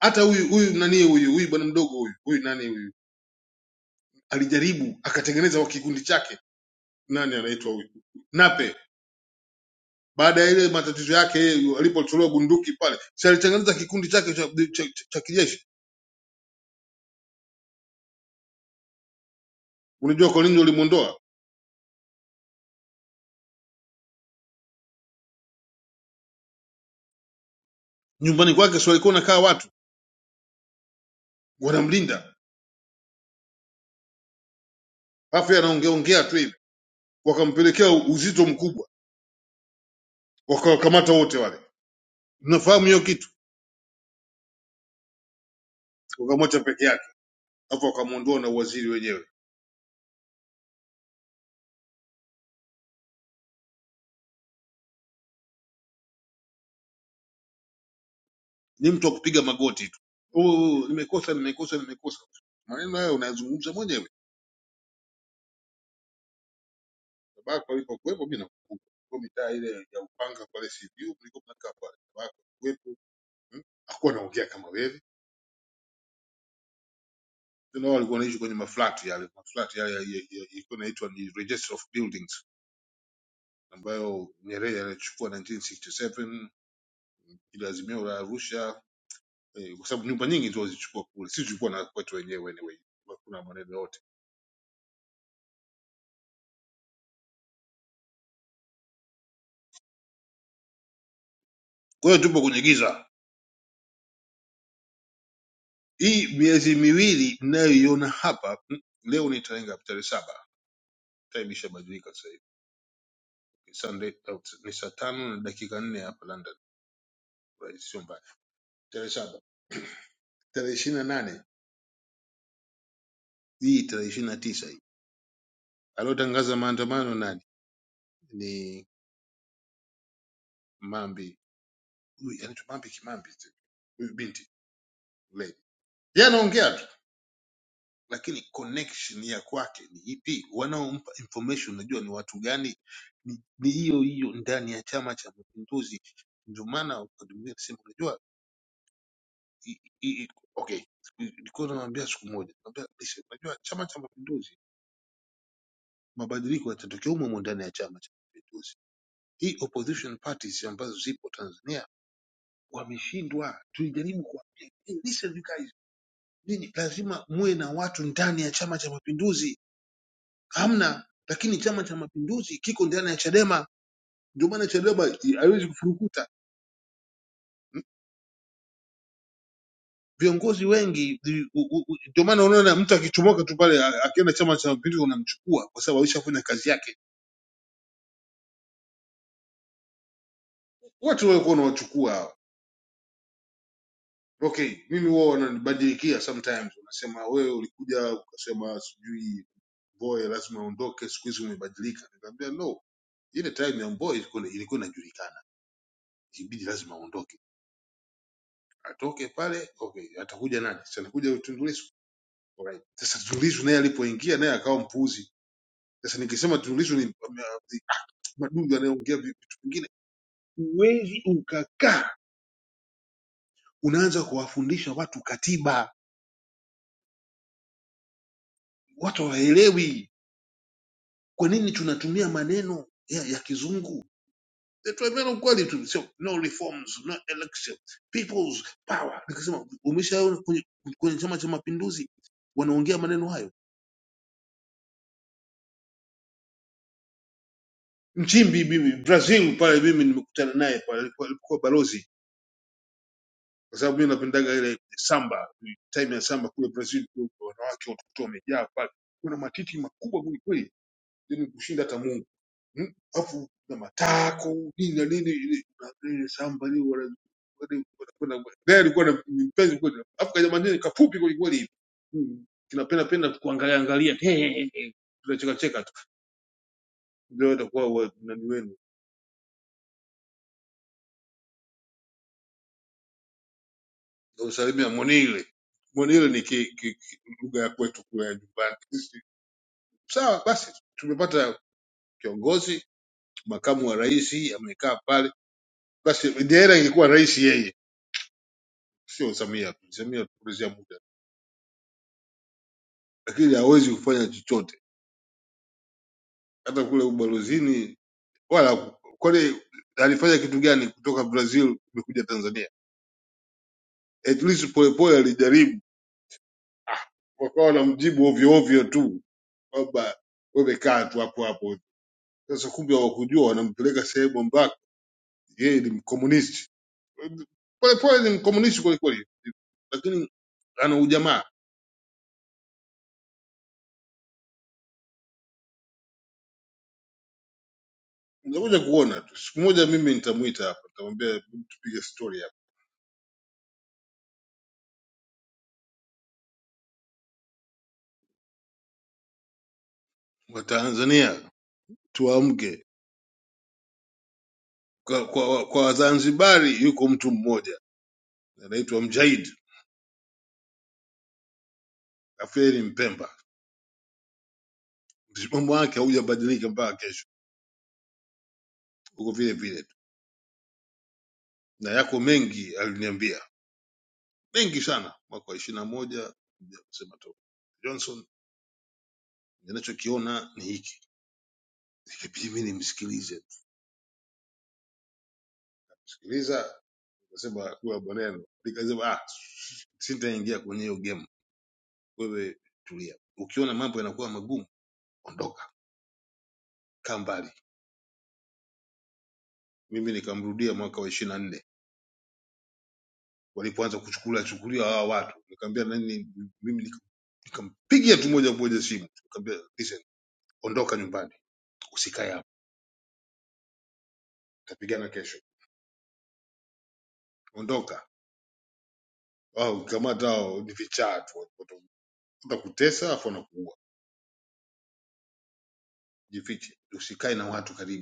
[SPEAKER 9] Hata huyu huyu nani huyu huyu bwana mdogo huyu huyu nani huyu alijaribu akatengeneza wa kikundi chake, nani anaitwa huyu Nape, baada ya ile matatizo yake yeye alipotolewa bunduki pale, si alitengeneza kikundi chake cha, cha, cha, cha kijeshi. Unajua kwa nini walimwondoa nyumbani kwake? Si walikuwa nakaa watu wanamlinda, alafu yeye anaongea ongea tu hivi, wakampelekea uzito mkubwa, wakawakamata wote wale. Nafahamu hiyo kitu, wakamwacha peke yake alafu wakamwondoa na uwaziri wenyewe ni mtu wa kupiga magoti tu "Oh, oh, oh, nimekosa nimekosa nimekosa maneno hayo unayazungumza mwenyewe babako alikokuwepo mi nakumbuka kwa mitaa ile ya upanga pale sibiu mlikuwa mnakaa pale babako alikuwepo mm, hakuwa anaongea kama wewe tena wao walikuwa wanaishi kwenye maflati yale maflati yale ya- ya- ya- ilikuwa inaitwa ni register of buildings ambayo nyerere alichukua 1967 ile azimio la arusha eh, kwa sababu nyumba nyingi ndio walizichukua kule sisi tulikuwa na kwetu wenyewe anyway kuna maneno yote Kwa hiyo tupo kwenye giza. Hii miezi miwili mnayoiona hapa mm, leo ni tarehe ngapi? Tarehe saba. Time ishabadilika sasa hivi. Ni Sunday out- ni saa tano na dakika nne hapa London. Right, sio mbaya. Tarehe saba. Tarehe ishirini na nane. Hii tarehe ishirini na tisa hii. Aliotangaza maandamano nani? Ni Mambi. Huyu anaitwa Mambi Kimambi. tu. Huyu binti. Lady. Yeye anaongea tu. lakini connection ya kwake ni ipi? Wanaompa information unajua ni watu gani? Ni ni hiyo hiyo ndani ya Chama cha Mapinduzi. Ndio maana wakati mwingine nasema unajua, i- i- i- okay, nilikuwa namwambia siku moja, namwambia "Listen, unajua Chama cha Mapinduzi, mabadiliko yatatokea humo humo ndani ya Chama cha Mapinduzi. Hii opposition parties ambazo zipo Tanzania wameshindwa. Tulijaribu kuwaambia, "Hey, listen you guys, nyinyi lazima muwe na watu ndani ya Chama cha Mapinduzi hamna. Lakini Chama cha Mapinduzi kiko ndani ya Chadema, ndio maana Chadema i- haiwezi kufurukuta viongozi wengi. i- u- u- u- Ndio maana unaona mtu akichomoka tu pale a- akienda Chama cha Mapinduzi unamchukua kwa sababu alishafanya kazi yake. Watu walikuwa wanawachukua hao. Okay, mimi wao wananibadilikia sometimes, unasema wewe ulikuja ukasema sijui boy lazima uondoke, siku hizi umebadilika. Nikamwambia no, ile time ya Mbowe ilikuwa ilikuwa inajulikana, ibidi lazima aondoke, atoke pale. Okay, atakuja nani? Si anakuja Tundu Lissu Alright. Sasa Tundu Lissu naye alipoingia naye akawa mpuuzi. Sasa nikisema Tundu Lissu ni ame- ni madudu anayeongea vi- vitu vingine, huwezi ukakaa unaanza kuwafundisha watu katiba, watu hawaelewi. Kwa nini tunatumia maneno ya, ya kizungu? Eh, Tunaambiana ukweli tu, sio no reforms, no election, people's power. Nikasema umeshaona kwenye kwenye Chama cha Mapinduzi wanaongea maneno hayo. Nchimbi mimi Brazil pale, mimi nimekutana naye pale alipokuwa balozi kwa sababu mi napendaga ile samba, time ya samba kule Brazil kule, kwa wanawake watoto wamejaa pale, kuna matiti makubwa kweli kweli, yani kushinda hata Mungu Mm, alafu na matako nini na nini, ile na- ile samba ile wana- wana- wana- wana- naye alikuwa na ni mpenzi kweli, alafu kajamanini kafupi kweli kweli hivi Mm, kinapenda penda tu kuangalia angalia, he he he, he. tunacheka cheka tu, ndio itakuwa wa- nani wenu na usalimia monile monile ni ki- ki- ki- lugha ya kwetu kule nyumbani Sawa basi, tumepata kiongozi, makamu wa rais amekaa pale. Basi Diaira ingekuwa rais yeye, sio Samia. Samia tupotezea muda, lakini hawezi kufanya chochote hata kule ubalozini wala ku- kwani alifanya kitu gani kutoka Brazil kumekuja Tanzania? At least polepole alijaribu, Ah, wakawa wanamjibu ovyo ovyo tu kwamba wewe kaa tu hapo hapo. Sasa kumbe hawakujua wanampeleka sehemu ambako yeye ni mkomunisti Polepole ni mkomunisti kweli kweli, lakini ana ujamaa. Utakuja kuona tu siku moja, mimi nitamuita hapa, nitamwambia "Hebu tupige stori hapa. Watanzania tuamke, kwa, kwa, kwa Wazanzibari yuko mtu mmoja anaitwa Mjahid Aferi Mpemba, msimamo wake haujabadilika mpaka kesho, uko vile vile tu, na yako mengi aliniambia, mengi sana. Mwaka wa ishirini na moja kusema tu Johnson, ninachokiona ni hiki, ikibidi mimi nimsikilize, sikiliza Nasema kuwa maneno, nikasema ah, sitaingia kwenye hiyo game. Wewe tulia, ukiona mambo yanakuwa magumu ondoka, kaa mbali. Mimi nikamrudia mwaka wa ishirini na nne walipoanza kuchukula chukulia hawa watu, nikamwambia nani, mimi nika- nikampigia tu moja moja simu, nikamwambia listen, ondoka nyumbani, usikae hapa, tutapigana kesho, ondoka. Au kamata hao ni vichaa tu, watakutesa afu wanakuua, jifiche, usikae na watu karibu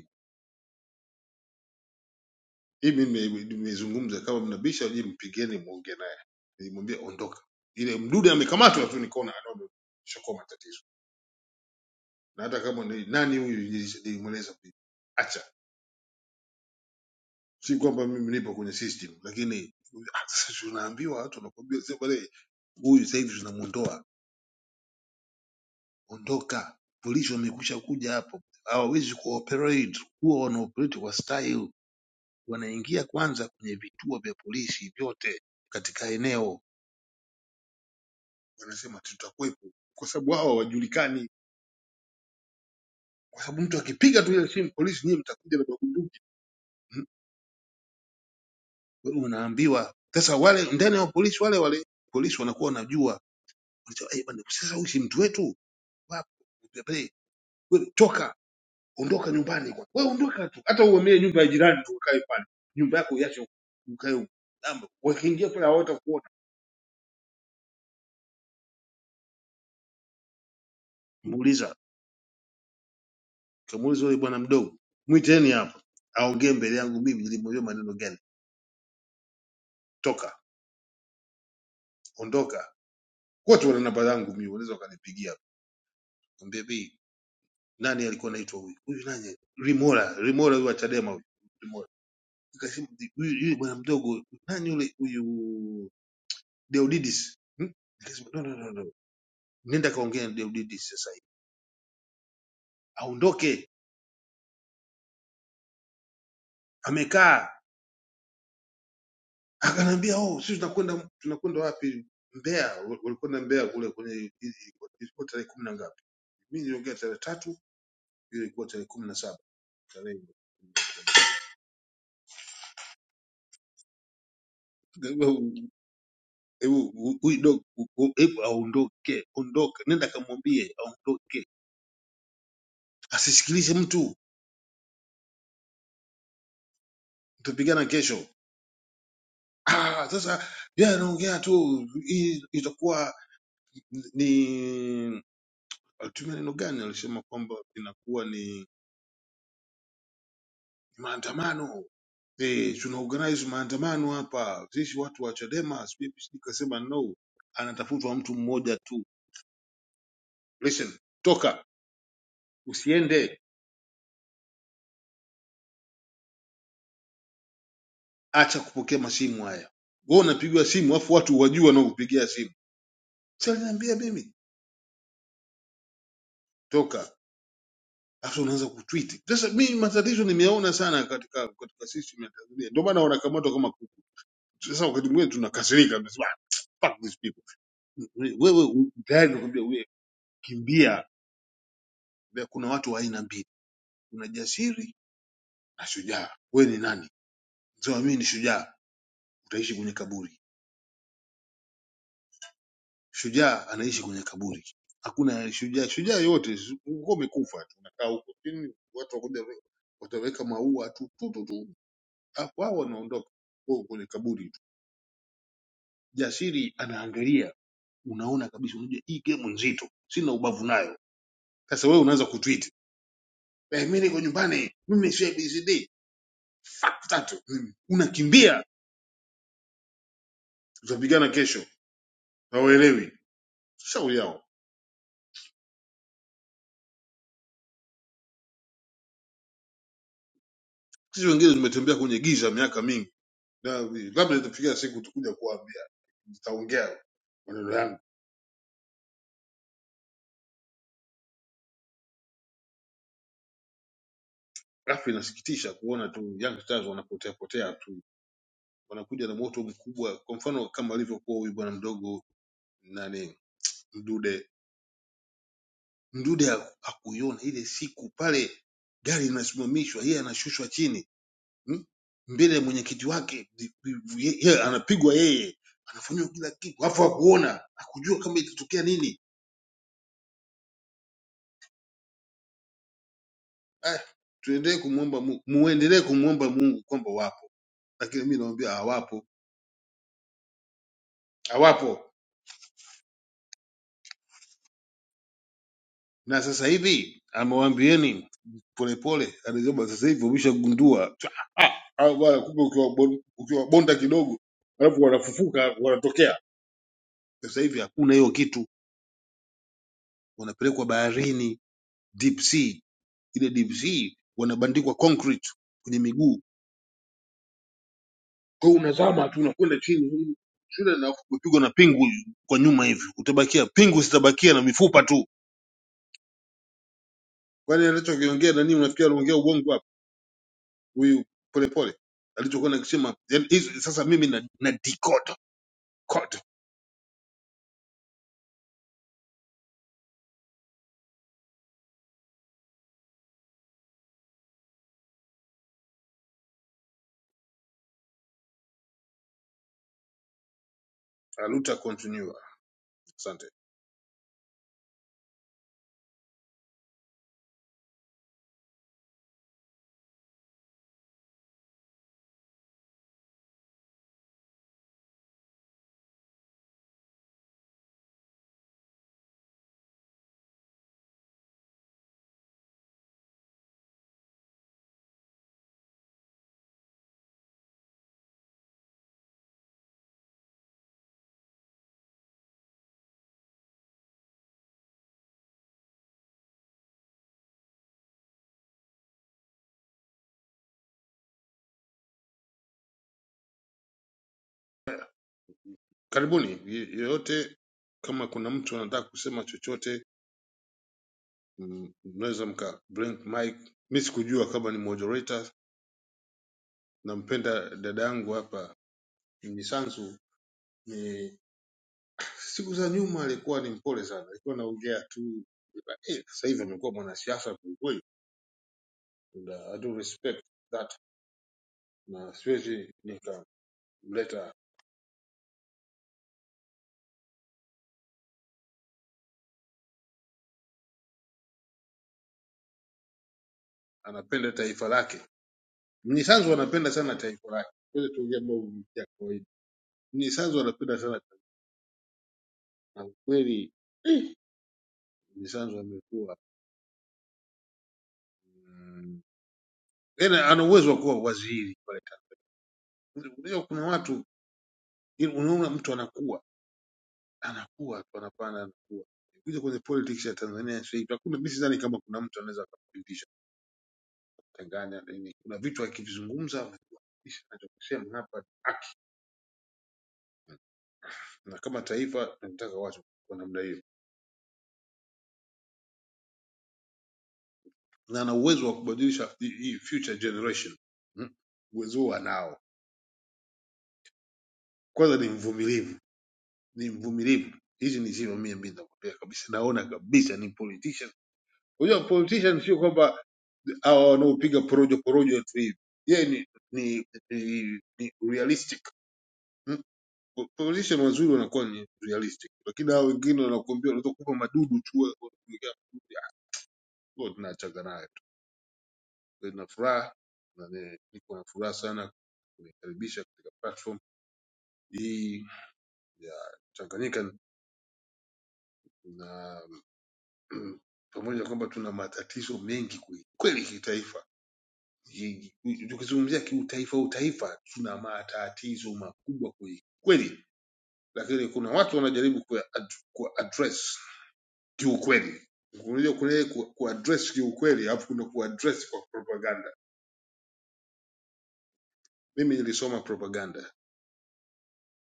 [SPEAKER 9] hii mimi nime- nimezungumza kama mnabisha je mpigeni mwongee naye nilimwambia ondoka ile mdude amekamatwa tu nikaona anaona shokoa matatizo na hata kama ni nani huyu nilis- nilimweleza pia. acha si kwamba mimi nipo kwenye system lakini ah, sasa tunaambiwa watu wanakuambia sasa pale huyu sasa hivi tunamuondoa ondoka polisi wamekwisha kuja hapo hawawezi kuoperate huwa wanaoperate kwa style wanaingia kwanza kwenye vituo vya polisi vyote katika eneo wanasema tutakuwepo, kwa sababu wao hawajulikani, kwa sababu mtu akipiga tu ile simu polisi, nyie mtakuja na mabunduki. Mm, wewe Unaambiwa sasa, wale ndani ya polisi wale wale polisi wanakuwa wanajua, wanasema eh, bwana, sasa huyu si mtu wetu, wapi Pepe, wewe toka, ondoka nyumbani kwa wewe, ondoka tu, hata uhamie nyumba ya jirani tu ukae pale, nyumba yako iache ukae huko. Jambo, wakiingia pale hawata kuona. Muuliza, kamuuliza yule bwana mdogo, mwiteni hapa, aongee mbele yangu mimi, nilimwambia maneno gani, toka, ondoka wote wana namba zangu mimi, unaweza ukanipigia mwambie bi nani alikuwa anaitwa huyu huyu nani Rimora Rimora huyu wa Chadema huyu Rimora nikasema huyu huyu bwana mdogo nani yule huyu Deodidis hmm? nikasema no no no no nenda kaongea na Deodidis sasa hivi aondoke amekaa akanambia oh sisi tunakwenda tunakwenda wapi Mbeya Wa- walikwenda Mbeya kule kwenye ilikuwa ilikuwa tarehe kumi na ngapi mimi niliongea tarehe tatu hiyo ilikuwa tarehe kumi na saba tarehe Hebu u- huyu dog- u- u- hebu aondoke, ondoka, nenda kamwambie aondoke, asisikilize mtu, tutapigana kesho. Ah, sasa yeye anaongea tu, hii itakuwa ni alitumia neno gani? Alisema kwamba inakuwa ni maandamano eh, tuna organize maandamano hapa sisi watu wa Chadema. sijui- sijui, Kasema no, anatafutwa mtu mmoja tu. Listen, toka, usiende acha kupokea masimu haya. Wewe unapigwa simu afu watu wajua wanaokupigia simu. Si aliniambia mimi toka. Afu unaanza kutweet. Sasa mimi matatizo nimeona sana katika katika system ya Tanzania. Ndio maana wanakamatwa kama kuku. Sasa wakati mwingine tunakasirika tunasema "Ah, fuck these people. Wewe u- tayari nakwambia wewe kimbia. Kuna watu wa aina mbili. Kuna jasiri na shujaa. Wewe ni nani? Sema mimi ni shujaa. Utaishi kwenye kaburi. Shujaa anaishi kwenye kaburi. Hakuna shujaa, shujaa yote uko umekufa tu, unakaa huko chini, watu wakuja we- wataweka maua tu tu tu tu, Ah, wao wanaondoka huko kwenye kaburi tu. Jasiri anaangalia, unaona kabisa, unajua hii game nzito, sina ubavu nayo. Sasa wewe unaanza kutweet eh, mimi niko nyumbani, mimi si ABCD tatu, mimi unakimbia, tutapigana kesho, hawaelewi shauri yao. Sisi wengine tumetembea kwenye giza miaka mingi Na labda nitafikia siku tukuja kuwaambia, nitaongea maneno yangu. Alafu inasikitisha kuona tu Young Stars wanapotea potea tu, wanakuja na moto mkubwa, kwa mfano kama alivyokuwa huyu bwana mdogo nani Mdude. Mdude ha- hakuiona ile siku pale, gari linasimamishwa, yeye anashushwa chini mm? mbele ya mwenyekiti wake, ye- ye- anapigwa yeye, anafanyiwa kila kitu, alafu hakuona, hakujua kama itatokea nini. Ah, tuendelee kumwomba Mungu, muendelee kumwomba Mungu kwamba lakini mimi nawaambia hawapo, hawapo. Na sasa hivi amewaambieni polepole, anasema sasa hivi wameshagundua Twa, hao bwana, kumbe ukiwabon- ukiwabonda kidogo alafu wanafufuka wanatokea. Sasa hivi hakuna hiyo kitu, wanapelekwa baharini, deep sea. Ile deep sea wanabandikwa concrete kwenye miguu, kwa hiyo unazama tu unakwenda chini shule na kupigwa na pingu kwa nyuma hivi, utabakia pingu zitabakia na mifupa tu. Kwani anachokiongea nani? Unafikiri anaongea ubongo? huyu polepole alichokuwa nakisema yani hizo sasa mimi na, na decode code aluta continue asante karibuni ye- yeyote kama kuna mtu anataka kusema chochote m- mnaweza mka blink mic mi sikujua kama ni moderator nampenda dada yangu hapa misanzu ni siku za nyuma alikuwa ni mpole sana alikuwa anaongea tu eh, sasa hivi amekuwa mwanasiasa kwelikweli Na I do respect that na siwezi nikamleta anapenda taifa lake. Mnyisanzu wanapenda sana taifa lake, kweli tuongea mambo ya kawaida. Mnyisanzu wanapenda sana taifa na kweli Mnyisanzu amekuwa mm, yani ana uwezo wa kuwa waziri pale Tanzania. Unajua kuna watu yani unaona mtu anakuwa anakuwa tu anapanda anakuwa kuja kwenye politics ya Tanzania sasa hivi hakuna, mimi sidhani kama kuna mtu anaweza akapitisha Tanganya nini. Kuna vitu akivizungumza anachokisema hapa haki, na kama taifa tunataka watu kwa namna hiyo. na ana uwezo wa kubadilisha hii hii future generation Mm. uwezo huo anao kwanza ni mvumilivu ni mvumilivu hizi ni sifa mie mi nakwambia kabisa naona kabisa ni politician unajua politician sio kwamba hawa wanaopiga porojo porojo tu hivi yeye ni ni, ni ni realistic Mm. politician wazuri wanakuwa ni realistic lakini hao wengine wanakuambia unaweza kupa madudu tu wewe, unakuwekea madudu. Ah, huwa tunachanga nayo tu na furaha na ni- niko na furaha sana kunikaribisha katika platform hii ya Tanganyika na pamoja na kwamba tuna matatizo mengi kwe- kweli kitaifa, Ki- ki- tukizungumzia kiutaifa utaifa, tuna matatizo makubwa kweli kweli, lakini kuna watu wanajaribu kuya- ad- kuaddress kiukweli. Unajua kuna ku- kuaddress kiukweli, alafu kuna kuaddress kwa propaganda. Mimi nilisoma propaganda,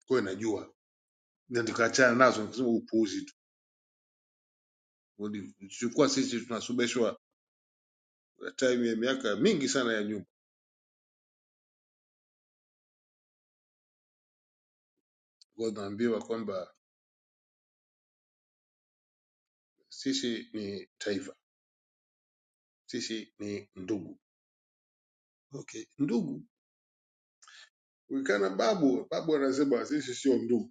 [SPEAKER 9] kwa hiyo najua, na nikaachana nazo, nikasema upuuzi tu. Tulikuwa sisi tunasomeshwa time ya miaka mingi sana ya nyuma tunaambiwa kwamba sisi ni taifa, sisi ni ndugu. Okay, ndugu ukikaa na babu, babu anasema sisi sio ndugu,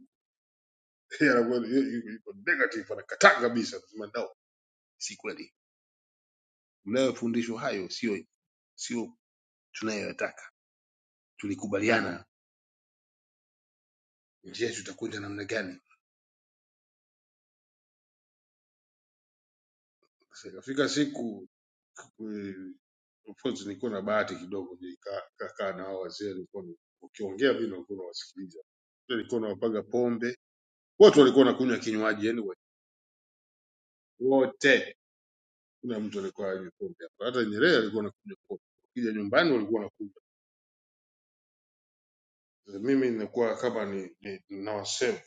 [SPEAKER 9] Yeye anakuwa- yu- yu- yuko negative, anakataa kabisa, anasema no, si kweli. Mnayofundishwa hayo sio sio tunayoyataka. Tulikubaliana njia yetu itakwenda namna gani. Sasa Ikafika siku eh, of course nilikuwa na bahati kidogo, nikakaa na hao wazee, nilikuwa ni- ukiongea vile walikuwa nawasikiliza, nilikuwa nawapaga pombe wote walikuwa wanakunywa kinywaji yani wote kuna mtu alikuwa hanywi pombe hapa hata nyerere alikuwa anakunywa pombe ukija nyumbani walikuwa wanakunywa mimi inakuwa kama ni, ni nawasema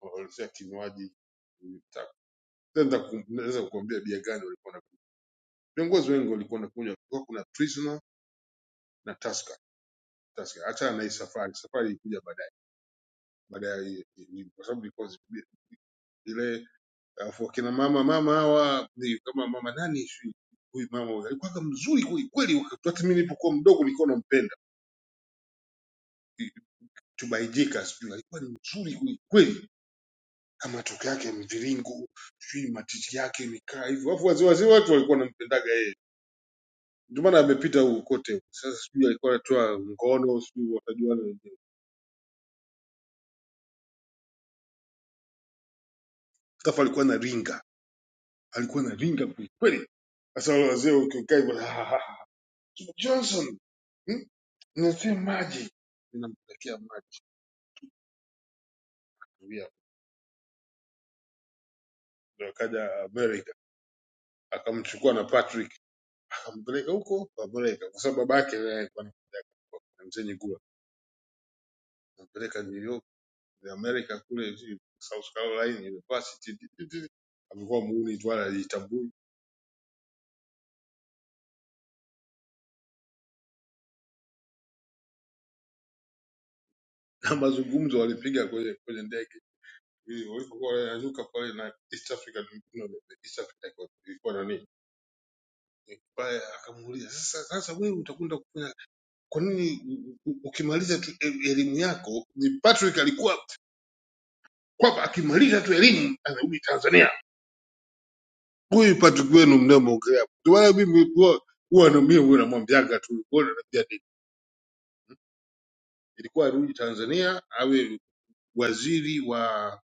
[SPEAKER 9] walizia kinywaji nita- naweza ku- naweza kukuambia bia gani walikuwa wanakunywa viongozi wengi walikuwa wanakunywa kulikuwa kuna prisoner na tusker tusker achana na hii safari safari ilikuja baadaye baadaye hii- hii- kwa sababu ilikuwa zile alafu wakina mama mama hawa ni kama mama nani sijui huyu mama huyu alikuwa mzuri kweli kweli wakati hata mimi nilipokuwa mdogo nilikuwa nampenda tubaijika sijui alikuwa ni mzuri kweli kweli kama toke yake mviringo sijui matiti yake mikaa hivyo alafu wazee wazee watu walikuwa wanampendaga yeye ndio maana amepita huko kote sasa sijui alikuwa anatoa ngono sijui wakajuana wenyewe alafu alikuwa na ringa alikuwa na ringa kweli kweli sasa wale wazee wakikaa hivyo Johnson hmm? nitie maji, ninampelekea maji Ambia, ndio akaja Amerika akamchukua na Patrick akampeleka huko Amerika, kwa sababu babake yeye alikuwa ni na mzee Nyigula, ampeleka New York ya Amerika kule hivi, South Carolina University Ti- ti- ti- amekuwa muuni tu wala hajitambui, na mazungumzo walipiga kwenye kwenye ndege ili walipokuwa wanaruka pale na East Africa no, no, East Africa ilikuwa ilikuwa nani pale, akamuuliza sasa, sasa wewe utakwenda kufanya kwa nini u- u- ukimaliza tu e- elimu yako ni Patrick alikuwa kwamba akimaliza tu elimu anarudi Tanzania. Huyu Patrick wenu mnamwongelea hapo. ndio maana mimi huwa huwa na- mimi huwa namwambiaga tu huwa namwambia nini, ilikuwa arudi Tanzania awe waziri wa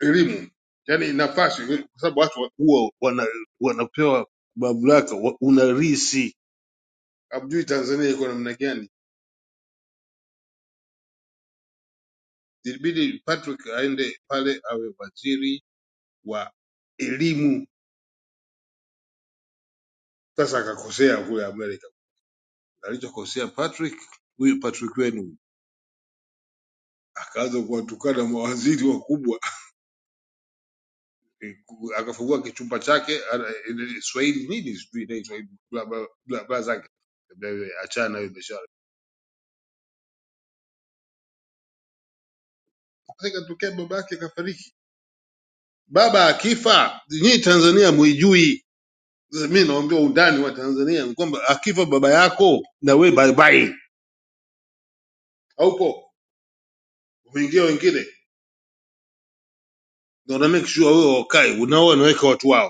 [SPEAKER 9] elimu, yaani nafasi, kwa sababu watu wa- huwa wana, wanapewa mamlaka, wa- unarisi. Hamjui Tanzania iko namna gani, ilibidi Patrick aende pale awe waziri wa elimu Sasa akakosea kule Amerika, alichokosea Patrick huyu Patrick wenu huyu. akaanza kuwatukana mawaziri wakubwa, akafungua kichumba chake ana- ile Swahili nini sijui ile Swahili bla bla bla bla zake, Kaambia wewe, achana na hiyo biashara. Sasa ikatokea baba yake akafariki, baba akifa, nyinyi Tanzania muijui. Sasa mimi naomba undani wa Tanzania ni kwamba akifa baba yako na wewe bye bye, haupo umeingia wengine, ndio na make sure wewe wakai unaoa unaweka watu wao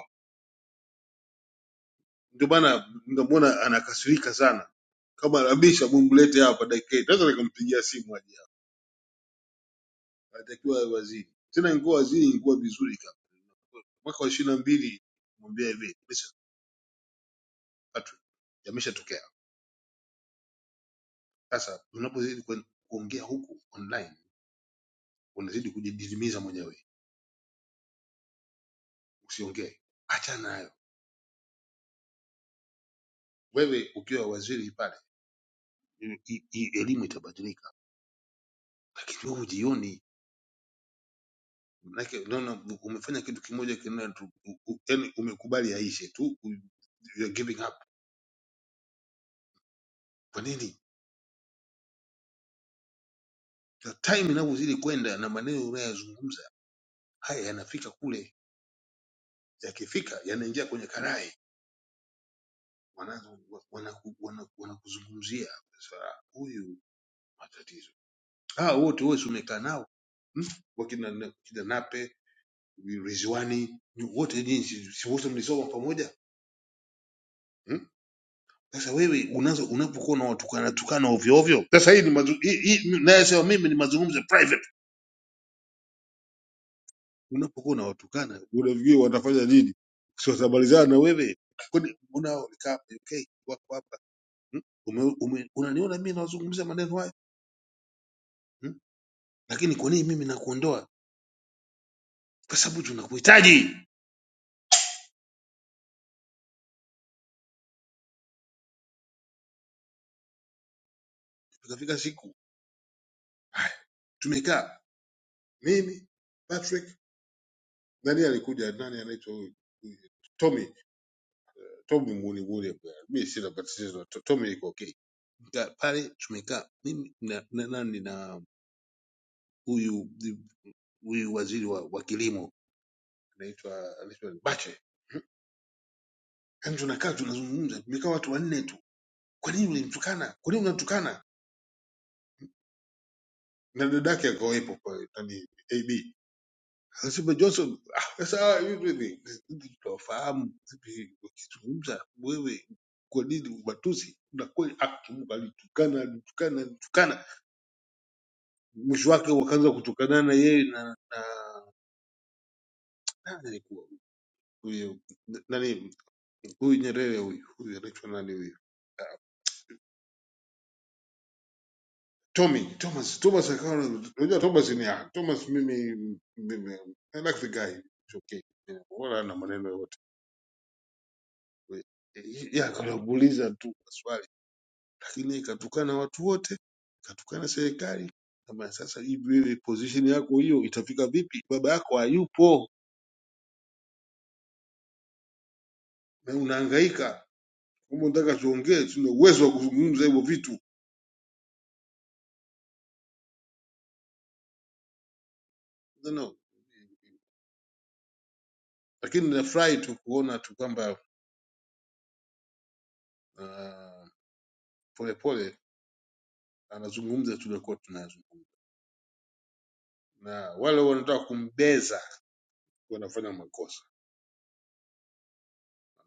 [SPEAKER 9] ndio maana ndio maana anakasirika sana kama labisha mumlete hapa dakika hii naweza nikampigia simu aje hapa anatakiwa awe waziri tena ingekuwa waziri ingekuwa vizuri kama mwaka wa ishirini na mbili mwambia hivi listen Patrick yameshatokea sasa unapozidi kuen- kuongea huku online unazidi kujididimiza mwenyewe usiongee achana nayo wewe ukiwa waziri pale i- i- i- elimu itabadilika lakini wewe hujioni Manake unaona umefanya kitu kimoja kina yani umekubali yaishe tu u- you are giving up. Kwa nini? The time inavyozidi kwenda na maneno unayozungumza haya yanafika kule, yakifika yanaingia kwenye karai, wanaanza wanakuzungumzia wana, wana wanakuzungumzia. sasa huyu matatizo. Ah, wote wote umekaa nao wakina kina Nape, Rizwani, wote nyinyi si si wote mlisoma pamoja? Hmm? Sasa wewe unazo unapokuwa unawatukana tukana ovyo ovyo. Sasa hii ni mazu, hii, hii nayosema mimi ni mazungumzo ya private. Unapokuwa unawatukana unafikiri watafanya nini? Si watamalizana na wewe? Kwani unao kaa okay, wako hapa hmm? ume, ume, unaniona mimi nawazungumza maneno haya hmm? Lakini kwa nini mimi nakuondoa? Kwa sababu tunakuhitaji. Tukafika siku haya, tumekaa mimi Patrick, nani alikuja, nani anaitwa huyu Tommy Tommy Muli Muli, mimi sina matatizo. Tommy yuko okay Tumekaa pale tumekaa mimi na, na, nani na huyu huyu waziri wa, wa kilimo anaitwa anaitwa Bache Yaani tunakaa tunazungumza, tumekaa watu wanne tu. Kwa nini ulimtukana? Kwa nini unamtukana? Na dadake akawepo kwa nani AB. Anasema Johnson, ah, sasa hivi hivi sisi tunafahamu hivi ukizungumza wewe kwa nini ubatuzi? Na kweli ah, Kimungu alitukana, alitukana, alitukana. Mwisho wake wakaanza kutukana na yeye na na nani alikuwa? huyu nani huyu Nyerere huyu huyu anaitwa nani huyu Tommy Thomas Thomas akawa unajua Thomas ni ah, Thomas mimi mimi I like the guy it's okay Yeah, wala ana maneno yote ya akamuuliza tu maswali lakini ikatukana watu wote ikatukana serikali kama sasa hivi wewe position yako hiyo itafika vipi baba yako hayupo na unahangaika kama unataka tuongee tuna uwezo wa kuzungumza hivyo vitu no no lakini ninafurahi tu kuona tu kwamba ah, polepole anazungumza tuliokuwa tunayazungumza na wale wanataka kumbeza wanafanya makosa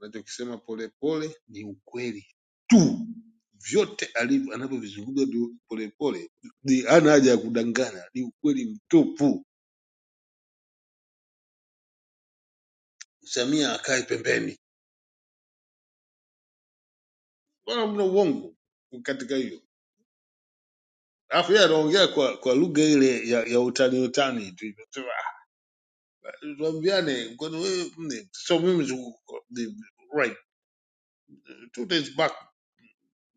[SPEAKER 9] anachokisema polepole ni ukweli tu vyote alivyo- anavyovizungumza ndio polepole ni- hana haja ya kudanganya ni ukweli mtupu samia akae pembeni wala mna uongo katika hiyo alafu yeye anaongea kwa kwa lugha ile ya, ya utani utani tu tuambiane kwani wewe mimi so mimi siku- the- right two days back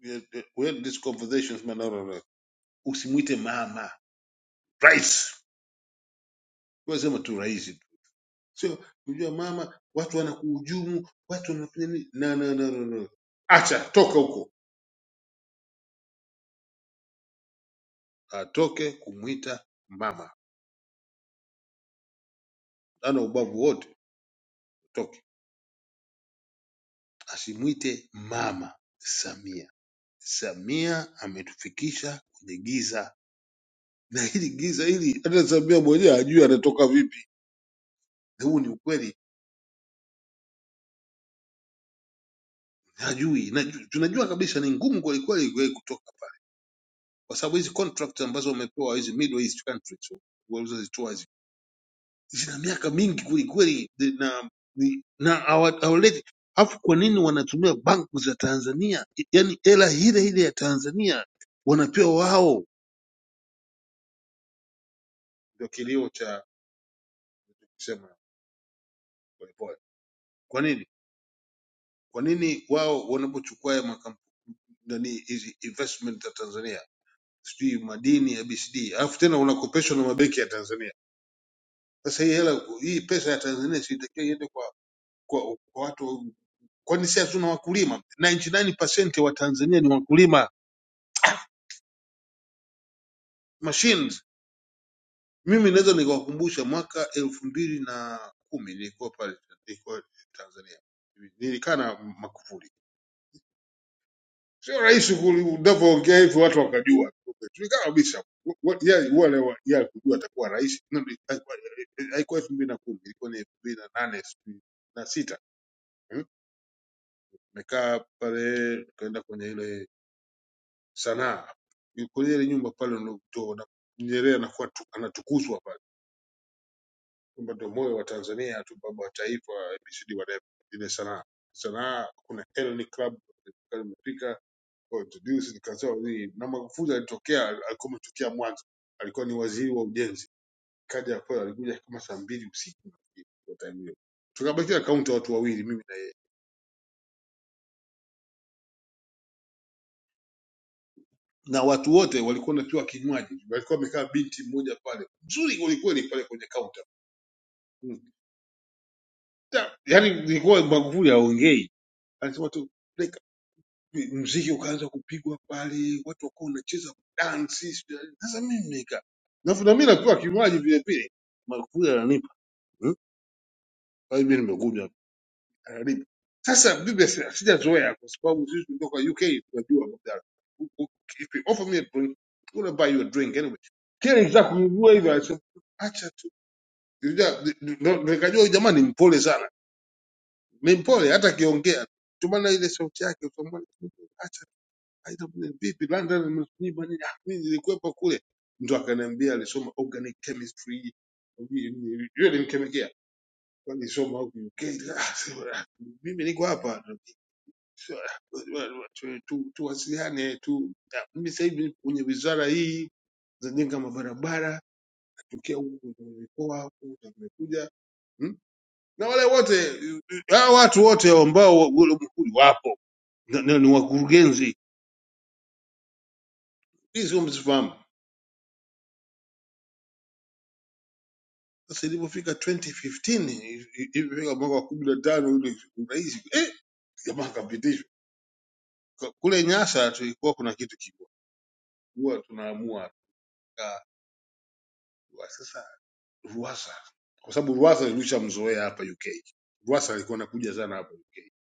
[SPEAKER 9] eh, eh, we had this conversations manara usimwite mama rais Wewe sema tu rais tu sio unajua mama watu wanakuhujumu watu wanafanya nini no, no, no, no, no. acha toka huko atoke kumwita mama ana ubavu wote toke asimwite mama samia samia ametufikisha kwenye giza na hili giza hili, hata Samia mwenyewe hajui anatoka vipi. Na huu ni ukweli, hajui najua, tunajua kabisa ni ngumu kwelikweli kweli kweli kutoka pale, kwa sababu hizi contract ambazo wamepewa hizi Middle East countries walizozitoa hizi zina miaka mingi kwelikweli, na ni- na hawa- hawaleti Alafu kwa nini wanatumia banku za Tanzania, yaani hela ile ile ya Tanzania wanapewa wao? Ndio kilio cha kusema polepole. Kwa nini? Kwa nini wao wanapochukua haya makampuni nani hizi investment za Tanzania, sijui madini ya BCD, alafu tena unakopeshwa na mabenki ya Tanzania. Sasa hii hela, hii pesa ya Tanzania sitakiwa iende kwa, kwa, kwa watu, kwani si hatuna wakulima? 99% wa Tanzania ni wakulima machines. Mimi naweza nikawakumbusha mwaka elfu mbili na kumi nilikuwa pale nilikuwa Tanzania, nilikaa na Makufuli sio rahisi ku- unavyoongea hivyo watu wakajua tulikaa kabisa Wa- wa- yeye- wale wa- yeye kujua atakuwa rais No, ni- haikuwa haikuwa elfu mbili na kumi ilikuwa ni elfu mbili na nane sijui na sita Mm. nimekaa pale tukaenda kwenye ile sanaa Ni kwenye ile nyumba pale ndo ndo- Nyerere anakuwa tu- anatukuzwa pale kwamba ndo moyo wa Tanzania tu baba wa taifa ABCD whatever ile sanaa sanaa kuna Elni Club kwa introduce nikasema hii na Magufuli alitokea alikuwa ametokea Mwanza alikuwa ni waziri wa ujenzi kaja pale alikuja kama saa mbili usiku nafikiri, kwa time hiyo tukabakia kaunta watu wawili mimi na yeye. na watu wote walikuwa wanapewa kinywaji walikuwa wamekaa binti mmoja pale mzuri kwelikweli pale kwenye kaunta Mm. Ta- yaani ilikuwa Magufuli haongei anasema tu like, mziki ukaanza kupigwa pale watu wakawa wanacheza dansi sijui- yaani, sasa mimi nimekaa na na mimi napewa kinywaji vile vile Magufuli ananipa Kwa hiyo mimi nimekuja karibu. Sasa mimi si- sijazoea kwa sababu sisi kutoka UK tunajua mdara. If you offer me a drink, I'm gonna buy you a drink anyway. Kile nilitaka kuibua hivyo alisema acha tu. Nilija- ni- ndo- ndo Nikajua huyu jamaa ni mpole sana. Ni mpole hata akiongea. Tumana na ile sauti yake utamwona acha tu. haina budi. vipi London nimekunyima nini? Ah, mimi nilikwepa kule. Ndio akaniambia alisoma organic chemistry. Yule alisoma huku UK. Nikasema, "Ah, sema, mimi niko hapa tu- tu- tuwasiliane tu, Ah, mimi sasa hivi nipo kwenye wizara hii zajenga mabarabara, natokea huku kwenye mikoa huku na nimekuja hmm? na wale wote hao watu wote ambao wa- ule mhuri wapo na, na, ni wakurugenzi, hii sio msifahamu. Sasa ilipofika 2015 i- i- ilipofika mwaka wa kumi na tano ule urais eh, jamaa kapitishwa Ka- kule Nyasa tulikuwa kuna kitu kikubwa huwa tunaamua Ah, sasa Ruasa kwa sababu Ruasa ilishamzoea hapa UK. Ruasa alikuwa anakuja sana hapa UK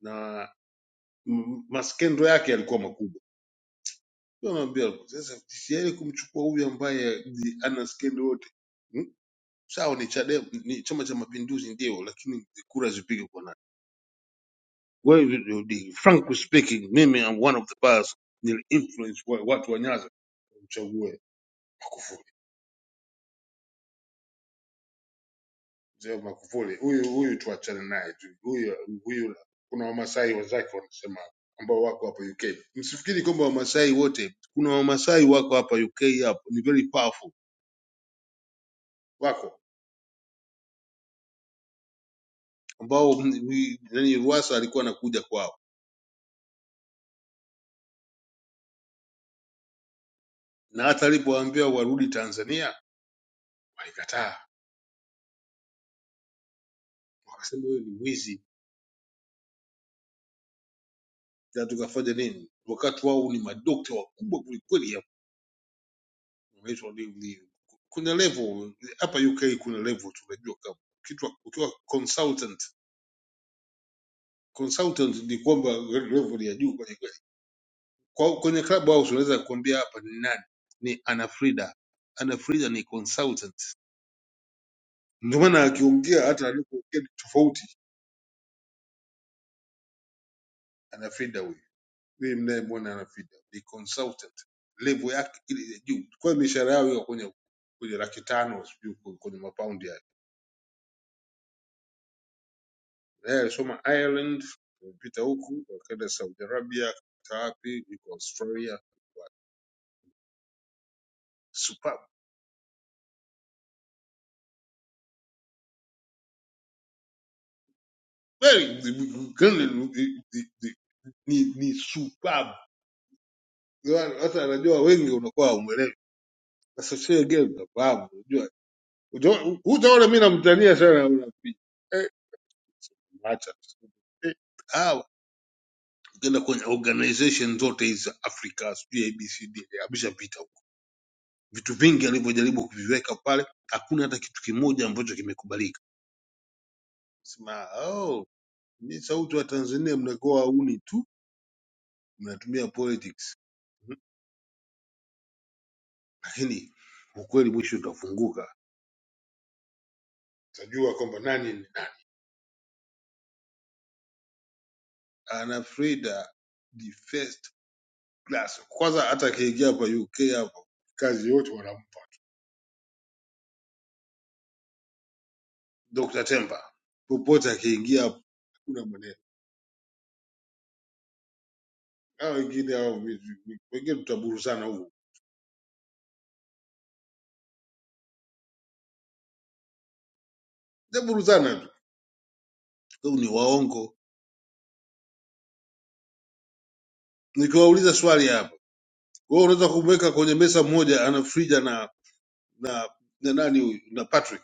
[SPEAKER 9] na m- maskendo yake yalikuwa makubwa. Ndio naambia sasa TCL kumchukua huyu ambaye ana skendo yote hmm? Sawa ni Chadema, ni Chama cha Mapinduzi ndio, lakini kura zipige kwa nani? Wewe frankly speaking, mimi I'm one of the past nili influence wa- watu wa Nyanza kumchagua Magufuli. mzee Magufuli, huyu huyu tuachane naye tu, huyu huyu. Kuna Wamasai wenzake wanasema ambao wako hapa UK. Msifikiri kwamba Wamasai wote, kuna Wamasai wako hapa UK, hapo ni very powerful, wako ambao m- wi- nani Ruwasa alikuwa anakuja kwao, na hata alipowaambia warudi Tanzania walikataa, wakasema huyo ni mwizi, na tukafanya nini? Wakati wao ni madokta wakubwa kwelikweli, hapo wanaitwa ni ni- kuna level hapa UK, kuna level tunajua kama kitu ukiwa consultant consultant ni kwamba level ya juu kweli kweli. Kwa kwenye club house unaweza kuambia hapa ni nani? Ni Ana Frida. Ana Frida ni consultant. Ndio maana akiongea hata alipoongea ni tofauti Ana Frida huyu. Mimi mnayemwona Ana Frida ni consultant. Level yake ile ya juu. Kwa hiyo mishahara yao iko kwenye kwenye laki tano sijui kwenye kwenye mapaundi yale. Naye alisoma Ireland, wamepita huku, wakaenda Saudi Arabia, kapita wapi, yuko Australia. super kweli Colonel, ni ni- ni- ni superb. Yaani, Hata anajua wengi unakuwa haumwelewi. Sasa sio gani unafahamu, unajua. Utaona- Hutaona mimi namtania sana unapiga. Eh, acha. Eh, hao ukienda kwenye organization zote hizi za Africa, sijui ABCD, ameshapita huko. Vitu vingi alivyojaribu kuviweka pale, hakuna hata kitu kimoja ambacho kimekubalika. Sema, oh, ni sauti wa Tanzania mnakuwa hauni tu, mnatumia politics. lakini ukweli mwisho utafunguka, utajua kwamba nani ni nani. Ana Frida the first class. Kwanza hata akiingia hapa UK hapo, kazi yote wanampa Dr. Temba, popote akiingia hapo, hakuna maneno. Hao wengine hao vi- wengine tutaburuzana huko, tutaburuzana tu, Huu ni waongo. Nikiwauliza swali hapa, wewe unaweza kumweka kwenye mesa moja ana Frida na na na nani huyu na Patrick?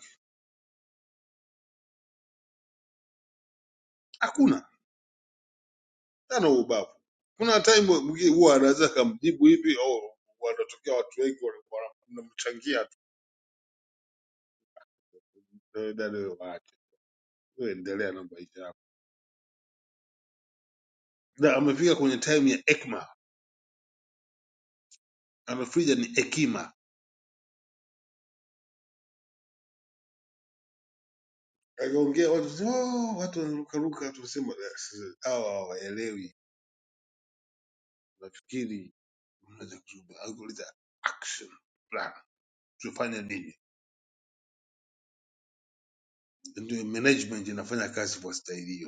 [SPEAKER 9] Hakuna tano ubavu. Kuna time mgi- huwa anaweza akamjibu hivi oh, wanatokea watu wengi wana- wanamchangia tu, Wewe dada wewe waache, wewe endelea na maisha yako. Na amefika kwenye time ya ekma, amefrija ni ekima, akaongea watu oh, so, watu wanarukaruka, tunasema "Eh, sasa, hawa hawaelewi, nafikiri unaweza kuzuba." Alikuuliza action plan, tufanye nini? Ndio management inafanya kazi kwa staili hiyo.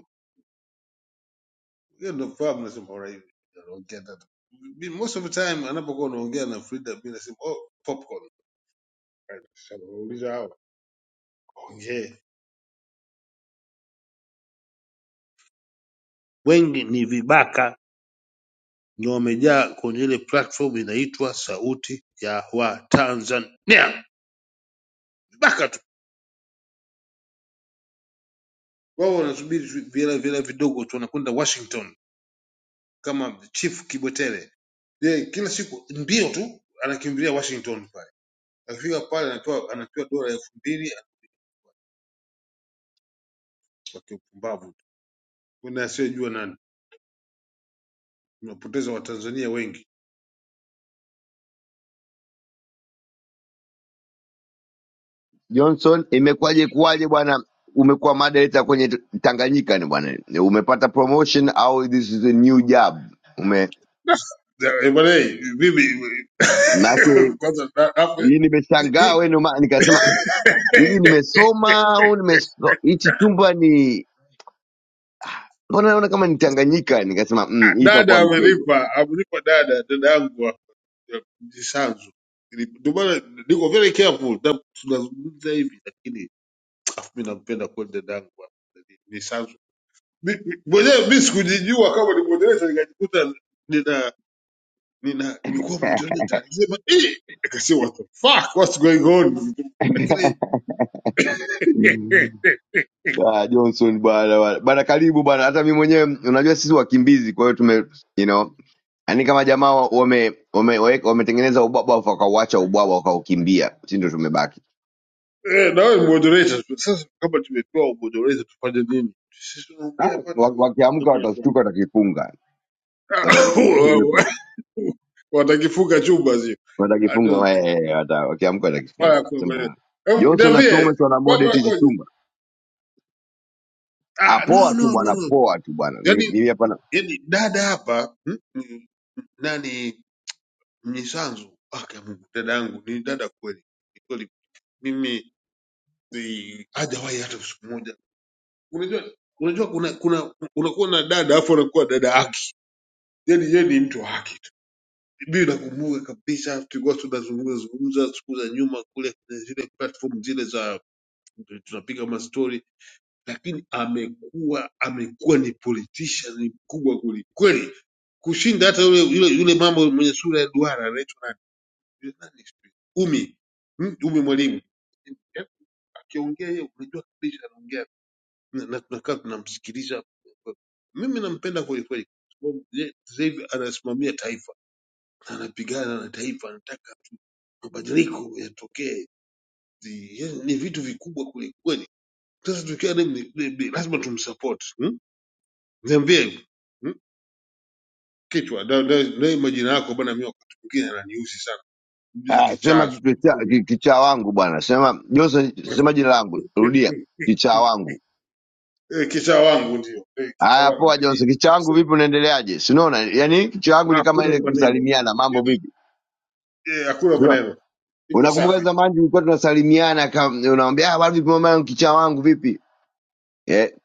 [SPEAKER 9] hiyo ndo problem nasema alright, unaongea tata. Mi- most of the time anapokuwa unaongea na Frida mi nasema oh, popcorn uliza hao ongee wengi ni vibaka ni wamejaa kwenye ile platform inaitwa sauti ya watanzania vibaka tu wao wanasubiri tu vile vile vidogo tu wanakwenda washington kama chief kibwetere yeye kila siku ndio tu anakimbilia washington pale akifika pale anatoa anapewa dola elfu mbili wakiupumbavu kuna asiyojua nani Tunapoteza Watanzania wengi.
[SPEAKER 10] Johnson, imekuwaje kuwaje bwana, umekuwa moderator kwenye t- Tanganyika ni bwana, umepata promotion au this is a new job? Ume
[SPEAKER 9] Eh, Bwana, eh, mimi
[SPEAKER 10] maake
[SPEAKER 9] kwanza da- hapo-
[SPEAKER 10] mimi nimeshangaa wewe, ndio maana nikasema hivi, nimesoma au nimeso- hichi chumba ni mbona naona kama ni Tanganyika, nikasema mm, hii
[SPEAKER 9] dada
[SPEAKER 10] itakuwa mtego.
[SPEAKER 9] amenipa amenipa dada dada yangu wa- ya Mjisanzu. Ni- Ndio maana niko very careful na tunazungumza hivi, lakini afu mimi nampenda kweli dada yangu wa- ni ni Sanzu. Mi- mi- Mwenyewe mimi sikujijua kama ni moderator, nikajikuta nina nina nimekuwa moderator. Nikasema eh, nikasema what the fuck what's going on, lakini eh,
[SPEAKER 10] Ah, Johnson bwana bwana, Bwana, karibu bwana. Hata mimi mwenyewe unajua sisi wakimbizi, kwa hiyo tume you know Yaani kama jamaa wa- wame wame- wametengeneza ubwabwa afu wakauacha ubwabwa wakaukimbia, si ndio tumebaki.
[SPEAKER 9] Eh, nawe ni moderator. Sasa kama tumepewa umoderator tufanye nini? Sisi
[SPEAKER 10] Ah,
[SPEAKER 9] tunaongea hapa na
[SPEAKER 10] wa- Wakiamka watashtuka watakifunga. Wata- watasema, "Eh, imekuwa-
[SPEAKER 9] watakifunga chumba sio? I don't
[SPEAKER 10] Watakifunga
[SPEAKER 9] think.
[SPEAKER 10] eh, eh, wata- wakiamka watakifunga.
[SPEAKER 9] Haya, kwa kweli.
[SPEAKER 10] Sema
[SPEAKER 9] Hebu
[SPEAKER 10] Johnson na
[SPEAKER 9] Niambie
[SPEAKER 10] Thomas wana
[SPEAKER 9] mambo
[SPEAKER 10] moderate hichi
[SPEAKER 9] yakoje?
[SPEAKER 10] chumba. Ah,
[SPEAKER 9] Ah, no
[SPEAKER 10] poa tu
[SPEAKER 9] no no
[SPEAKER 10] bwana,
[SPEAKER 9] no.
[SPEAKER 10] poa tu bwana. Mimi
[SPEAKER 9] Yaani
[SPEAKER 10] mimi hapa na
[SPEAKER 9] yaani dada hapa mm, mm, nani Mnyisanzu? Okay, Mungu dada yangu ni dada kweli. Ni Kweli mimi si- hajawahi hata siku moja. Unajua unajua kuna kuna unakuwa na dada afu unakuwa dada yake. yani yeye ni mtu wa haki tu. Mimi nakumbuka kabisa tulikuwa tunazungumza zungumza siku za nyuma kule kwenye zile platform zile za tunapiga mastori, lakini amekuwa amekuwa ni politician mkubwa kwelikweli kushinda hata yule yule, yule mambo mwenye sura ya duara anaitwa nani? Yule nani sijui. Umi Mm, Umi Mwalimu Eh, akiongea yeye unajua kabisa anaongea na na tunakaa tunamsikiliza. Mimi nampenda kwelikweli kwa sababu yeye sasa hivi anasimamia taifa anapigana na taifa, anataka mabadiliko yatokee. Ni yaani ni vitu vikubwa kwelikweli. Sasa tukiwa na ni- ni- ni- lazima tumsupport hmm? Niambie hmm? Kichwa ndio ndio- ndio majina yako bwana. Mimi wakati mwingine ananiuzi sana, mjuzi
[SPEAKER 10] ah, sema
[SPEAKER 9] kichazo
[SPEAKER 10] kichwa cha- ki- kichaa wangu bwana. Sema Johnson, sema jina langu. Rudia kichaa wangu.
[SPEAKER 9] Eh, kichaa wangu ndio Eh, kichaa
[SPEAKER 10] Haya,
[SPEAKER 9] wangu
[SPEAKER 10] poa
[SPEAKER 9] Inabidi-
[SPEAKER 10] Johnson, kichaa wangu
[SPEAKER 9] tukisema
[SPEAKER 10] vipi, unaendeleaje? Si unaona? Yaani kichaa wangu ni kama
[SPEAKER 9] hakuna
[SPEAKER 10] ile
[SPEAKER 9] maneno
[SPEAKER 10] kusalimiana, mambo
[SPEAKER 9] yani,
[SPEAKER 10] vipi?
[SPEAKER 9] eh, hakuna maneno, iko
[SPEAKER 10] Unakumbuka
[SPEAKER 9] safi,
[SPEAKER 10] zamani tulikuwa tunasalimiana, kam- unamwambia "Ah, bwana, vipi mama yangu, kichaa wangu vipi eh,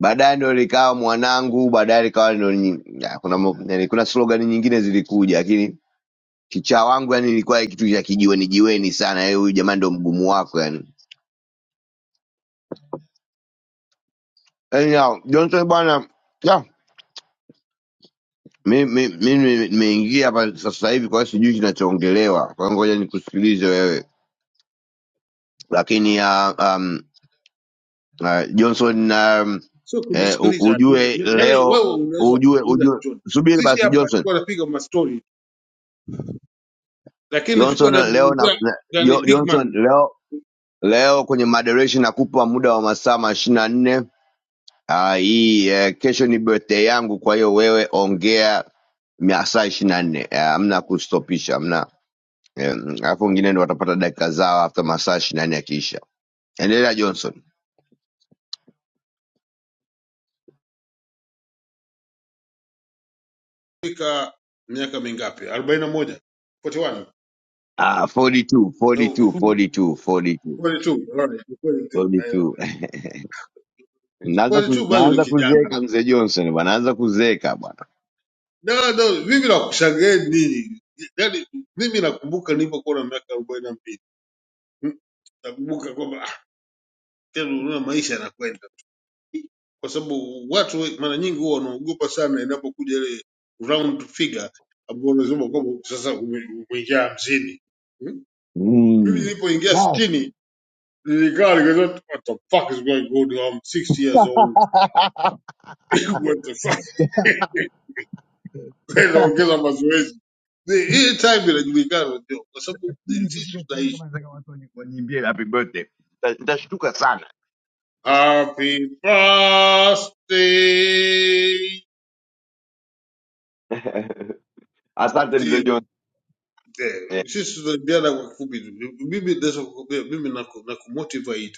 [SPEAKER 10] baadaye ndio likawa mwanangu, baadaye likawa ndio nyi- ya, kuna mo- yani, kuna slogan nyingine zilikuja, lakini kichaa wangu yani ilikuwa kitu cha kijiweni jiweni sana. Eh, huyu jamaa ndio mgumu wako yani. Anyhow, Johnson bwana, ya mimi mimi nimeingia hapa sasa hivi, kwa hiyo sijui kinachoongelewa, kwa hiyo ngoja nikusikilize wewe, lakini uh, uh, Johnson um,
[SPEAKER 9] sio
[SPEAKER 10] eh, u-
[SPEAKER 9] kumesikiliza tu.
[SPEAKER 10] ujue
[SPEAKER 9] Ni- Yani
[SPEAKER 10] leo
[SPEAKER 9] wewe unaweza
[SPEAKER 10] ujue
[SPEAKER 9] kuzungumza
[SPEAKER 10] ujue
[SPEAKER 9] chochote,
[SPEAKER 10] subiri
[SPEAKER 9] sisi
[SPEAKER 10] basi
[SPEAKER 9] hapa
[SPEAKER 10] Johnson
[SPEAKER 9] tulikuwa tunapiga mastori lakini chukua
[SPEAKER 10] Johnson leo na,
[SPEAKER 9] namzungumzia
[SPEAKER 10] na,
[SPEAKER 9] yani
[SPEAKER 10] Jo-
[SPEAKER 9] big
[SPEAKER 10] Johnson
[SPEAKER 9] man
[SPEAKER 10] leo leo kwenye moderation nakupa muda wa masaa ishirini na nne. Ah, hii eh, kesho ni birthday yangu, kwa hiyo wewe ongea masaa ishirini na nne. Ah, Hamna kustopisha, hamna eh, alafu wengine ndo watapata dakika zao hafta masaa ishirini na nne yakiisha. Endelea Johnson.
[SPEAKER 9] fika miaka mingapi arobaini na moja 41
[SPEAKER 10] Ah, 42,
[SPEAKER 9] No,
[SPEAKER 10] 42, 42, 42,
[SPEAKER 9] 42 alright, 42 eh,
[SPEAKER 10] 42. Naanza ku,
[SPEAKER 9] 42 bado ni
[SPEAKER 10] naanza
[SPEAKER 9] kijana
[SPEAKER 10] kuzeeka mzee Johnson bwana, naanza kuzeeka bwana.
[SPEAKER 9] no, no, mimi nakushangaeni nini yani mimi nakumbuka nilipokuwa na miaka arobaini na mbili Mm, nakumbuka kwamba ah, tena unaona maisha yanakwenda kwa sababu watu we- mara nyingi huwa wanaogopa sana inapokuja ile round figure ambao unasema kwamba sasa ume- umeingia hamsini Hmm? Mimi
[SPEAKER 10] Mm.
[SPEAKER 9] nilipoingia sitini nilikaa nikasema what the fuck is going on I'm 60 years old what the fuck Kwa hiyo naongeza mazoezi Ni- hii time inajulikana unajua kwa sababu ni sisi tunaishi
[SPEAKER 10] Yeah, happy birthday. Nita- Nitashtuka sana.
[SPEAKER 9] happy birthday
[SPEAKER 10] Asante mzee
[SPEAKER 9] ndio
[SPEAKER 10] Johnson.
[SPEAKER 9] eh,
[SPEAKER 10] Eh,
[SPEAKER 9] sisi tunaibiana kwa kifupi tu mimi naweza kukuambia mimi naku- nakumotivate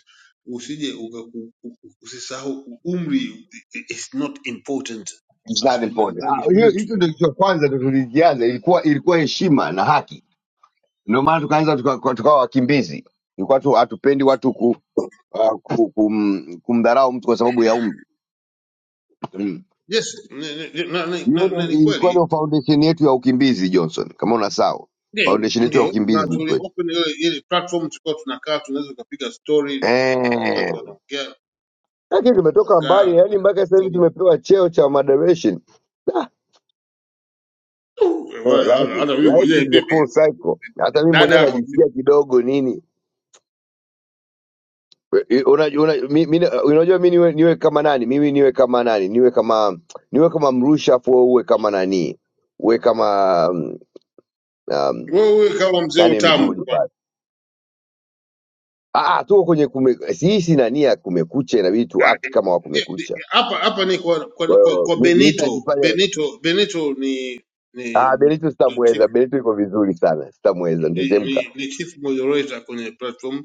[SPEAKER 9] usije ukaku- u- u- usisahau umri is not important
[SPEAKER 10] msaada pole.
[SPEAKER 9] asikudanganye
[SPEAKER 10] Ah, hiyo
[SPEAKER 9] mtu
[SPEAKER 10] hicho ndio cha kwanza ndio tulijianza, ilikuwa ilikuwa heshima na haki. Ndio maana tukaanza tukawa tuka, tukawa wakimbizi. Ilikuwa tu hatupendi watu ku, uh, ku, kum, kumdharau mtu kwa sababu ya umri. Mm.
[SPEAKER 9] Yes, ni- ni- ni- na, na,
[SPEAKER 10] Hiyo
[SPEAKER 9] na, na
[SPEAKER 10] ndio
[SPEAKER 9] ni
[SPEAKER 10] ilikuwa
[SPEAKER 9] kweli
[SPEAKER 10] ndio foundation yetu ya ukimbizi Johnson, kama unasahau.
[SPEAKER 9] ndio
[SPEAKER 10] Foundation yetu ya
[SPEAKER 9] ndio, na
[SPEAKER 10] ukimbizi
[SPEAKER 9] tuli
[SPEAKER 10] kwetu.
[SPEAKER 9] open ile ile platform tulikuwa tunakaa, tunaweza tukapiga story,
[SPEAKER 10] Eh.
[SPEAKER 9] watu wanaongea,
[SPEAKER 10] lakini tumetoka mbali
[SPEAKER 9] tunakaa
[SPEAKER 10] yani
[SPEAKER 9] kwenye
[SPEAKER 10] mpaka sasa hivi
[SPEAKER 9] platform.
[SPEAKER 10] tumepewa cheo cha moderation Ah,
[SPEAKER 9] Eh,
[SPEAKER 10] no,
[SPEAKER 9] wale,
[SPEAKER 10] life,
[SPEAKER 9] Hata hata mimi
[SPEAKER 10] life
[SPEAKER 9] mwenyewe
[SPEAKER 10] is a
[SPEAKER 9] bibi
[SPEAKER 10] full cycle hata mimi
[SPEAKER 9] dada
[SPEAKER 10] mwenyewe
[SPEAKER 9] hapa,
[SPEAKER 10] najisikia kidogo nini unajua una, una- mi, mi, unajua mi niwe, niwe kama nani mimi niwe kama nani niwe kama niwe kama mrusha afu wewe uwe kama nani uwe kama um, um,
[SPEAKER 9] wewe kama mzee
[SPEAKER 10] nani
[SPEAKER 9] utamu
[SPEAKER 10] mzuri
[SPEAKER 9] kwanza.
[SPEAKER 10] pale ah, ah, tuko kwenye kume, si hii si nani ya kumekucha inabidi tu
[SPEAKER 9] Ah,
[SPEAKER 10] act
[SPEAKER 9] eh,
[SPEAKER 10] kama wa
[SPEAKER 9] ndio, ndio,
[SPEAKER 10] kumekucha
[SPEAKER 9] hapa hapa ni kwa, kwa,
[SPEAKER 10] kwa
[SPEAKER 9] kwa,
[SPEAKER 10] hiyo
[SPEAKER 9] kwa
[SPEAKER 10] mi mi
[SPEAKER 9] Benito.
[SPEAKER 10] nitajifanya
[SPEAKER 9] Benito Benito ni
[SPEAKER 10] ah,
[SPEAKER 9] ni
[SPEAKER 10] Benito
[SPEAKER 9] chief
[SPEAKER 10] sitamweza Benito yuko vizuri sana sitamweza
[SPEAKER 9] ni,
[SPEAKER 10] nitachemka
[SPEAKER 9] ni, ni chief moderator kwenye platform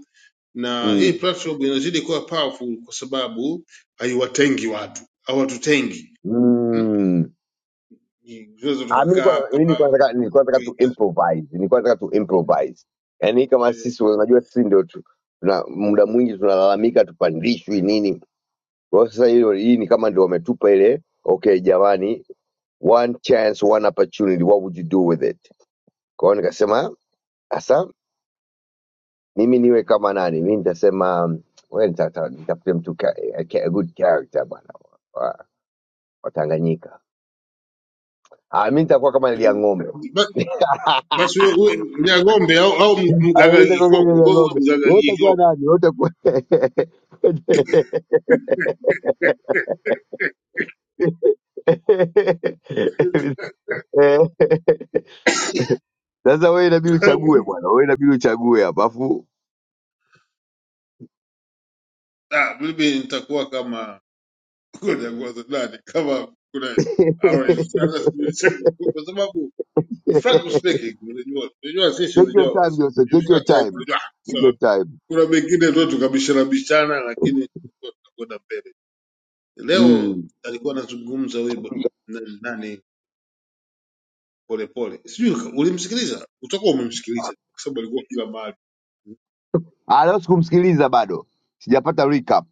[SPEAKER 9] na hii
[SPEAKER 10] Mm.
[SPEAKER 9] platform inazidi kuwa powerful kwa sababu haiwatengi watu, hawatutengi Hmm?
[SPEAKER 10] Mm.
[SPEAKER 9] Ni- tunaweza
[SPEAKER 10] Ah, mi
[SPEAKER 9] tukakaa
[SPEAKER 10] nilikuwa na- mi nilikuwa
[SPEAKER 9] hapa
[SPEAKER 10] nataka nilikuwa nataka tu
[SPEAKER 9] ukija,
[SPEAKER 10] improvise, nilikuwa nataka tu
[SPEAKER 9] mm,
[SPEAKER 10] improvise. Yaani kama
[SPEAKER 9] eh,
[SPEAKER 10] sisi unajua sisi ndio tu tuna muda mwingi tunalalamika tupandishwi nini. Kwa hiyo sasa hilo hii ni kama ndio wametupa ile okay jamani, one chance, one opportunity, what would you do with it? Kwa hiyo nikasema sasa mimi niwe kama nani? Mimi nitasema mm, wewe nitata- nitafute mtu ka, a, a good character bwana wa wa Tanganyika. Ah, mimi nitakuwa kama Elia Ng'ombe.
[SPEAKER 9] ba- basi wewe wewe Nyang'ombe au, au mgaga
[SPEAKER 10] Aliita kwa
[SPEAKER 9] kikoko,
[SPEAKER 10] kengele ya
[SPEAKER 9] wewe
[SPEAKER 10] ng'ombe.
[SPEAKER 9] mgaga
[SPEAKER 10] Wewe utakuwa
[SPEAKER 9] kikoko
[SPEAKER 10] nani? Wewe utakuwa sasa wewe inabidi uchague bwana, wewe inabidi uchague hapa afu
[SPEAKER 9] Ah, mimi nitakuwa kama nitakuwa nani kama kuna
[SPEAKER 10] take
[SPEAKER 9] Orange. Hata sijui- si, kwa sababu frankly speaking, unajua unajua sisi
[SPEAKER 10] your
[SPEAKER 9] unajua
[SPEAKER 10] time Joseph, take your
[SPEAKER 9] ikifika time
[SPEAKER 10] time,
[SPEAKER 9] unajua so
[SPEAKER 10] take your time.
[SPEAKER 9] Kuna mengine tu tukabishana bishana, lakini tulikuwa tunakwenda mbele. Leo
[SPEAKER 10] Mm.
[SPEAKER 9] alikuwa anazungumza huyu bo- na- nani Polepole, sijui ulimsikiliza, utakuwa umemsikiliza kwa sababu alikuwa kila mahali
[SPEAKER 10] Ah, leo sikumsikiliza bado, sijapata recap.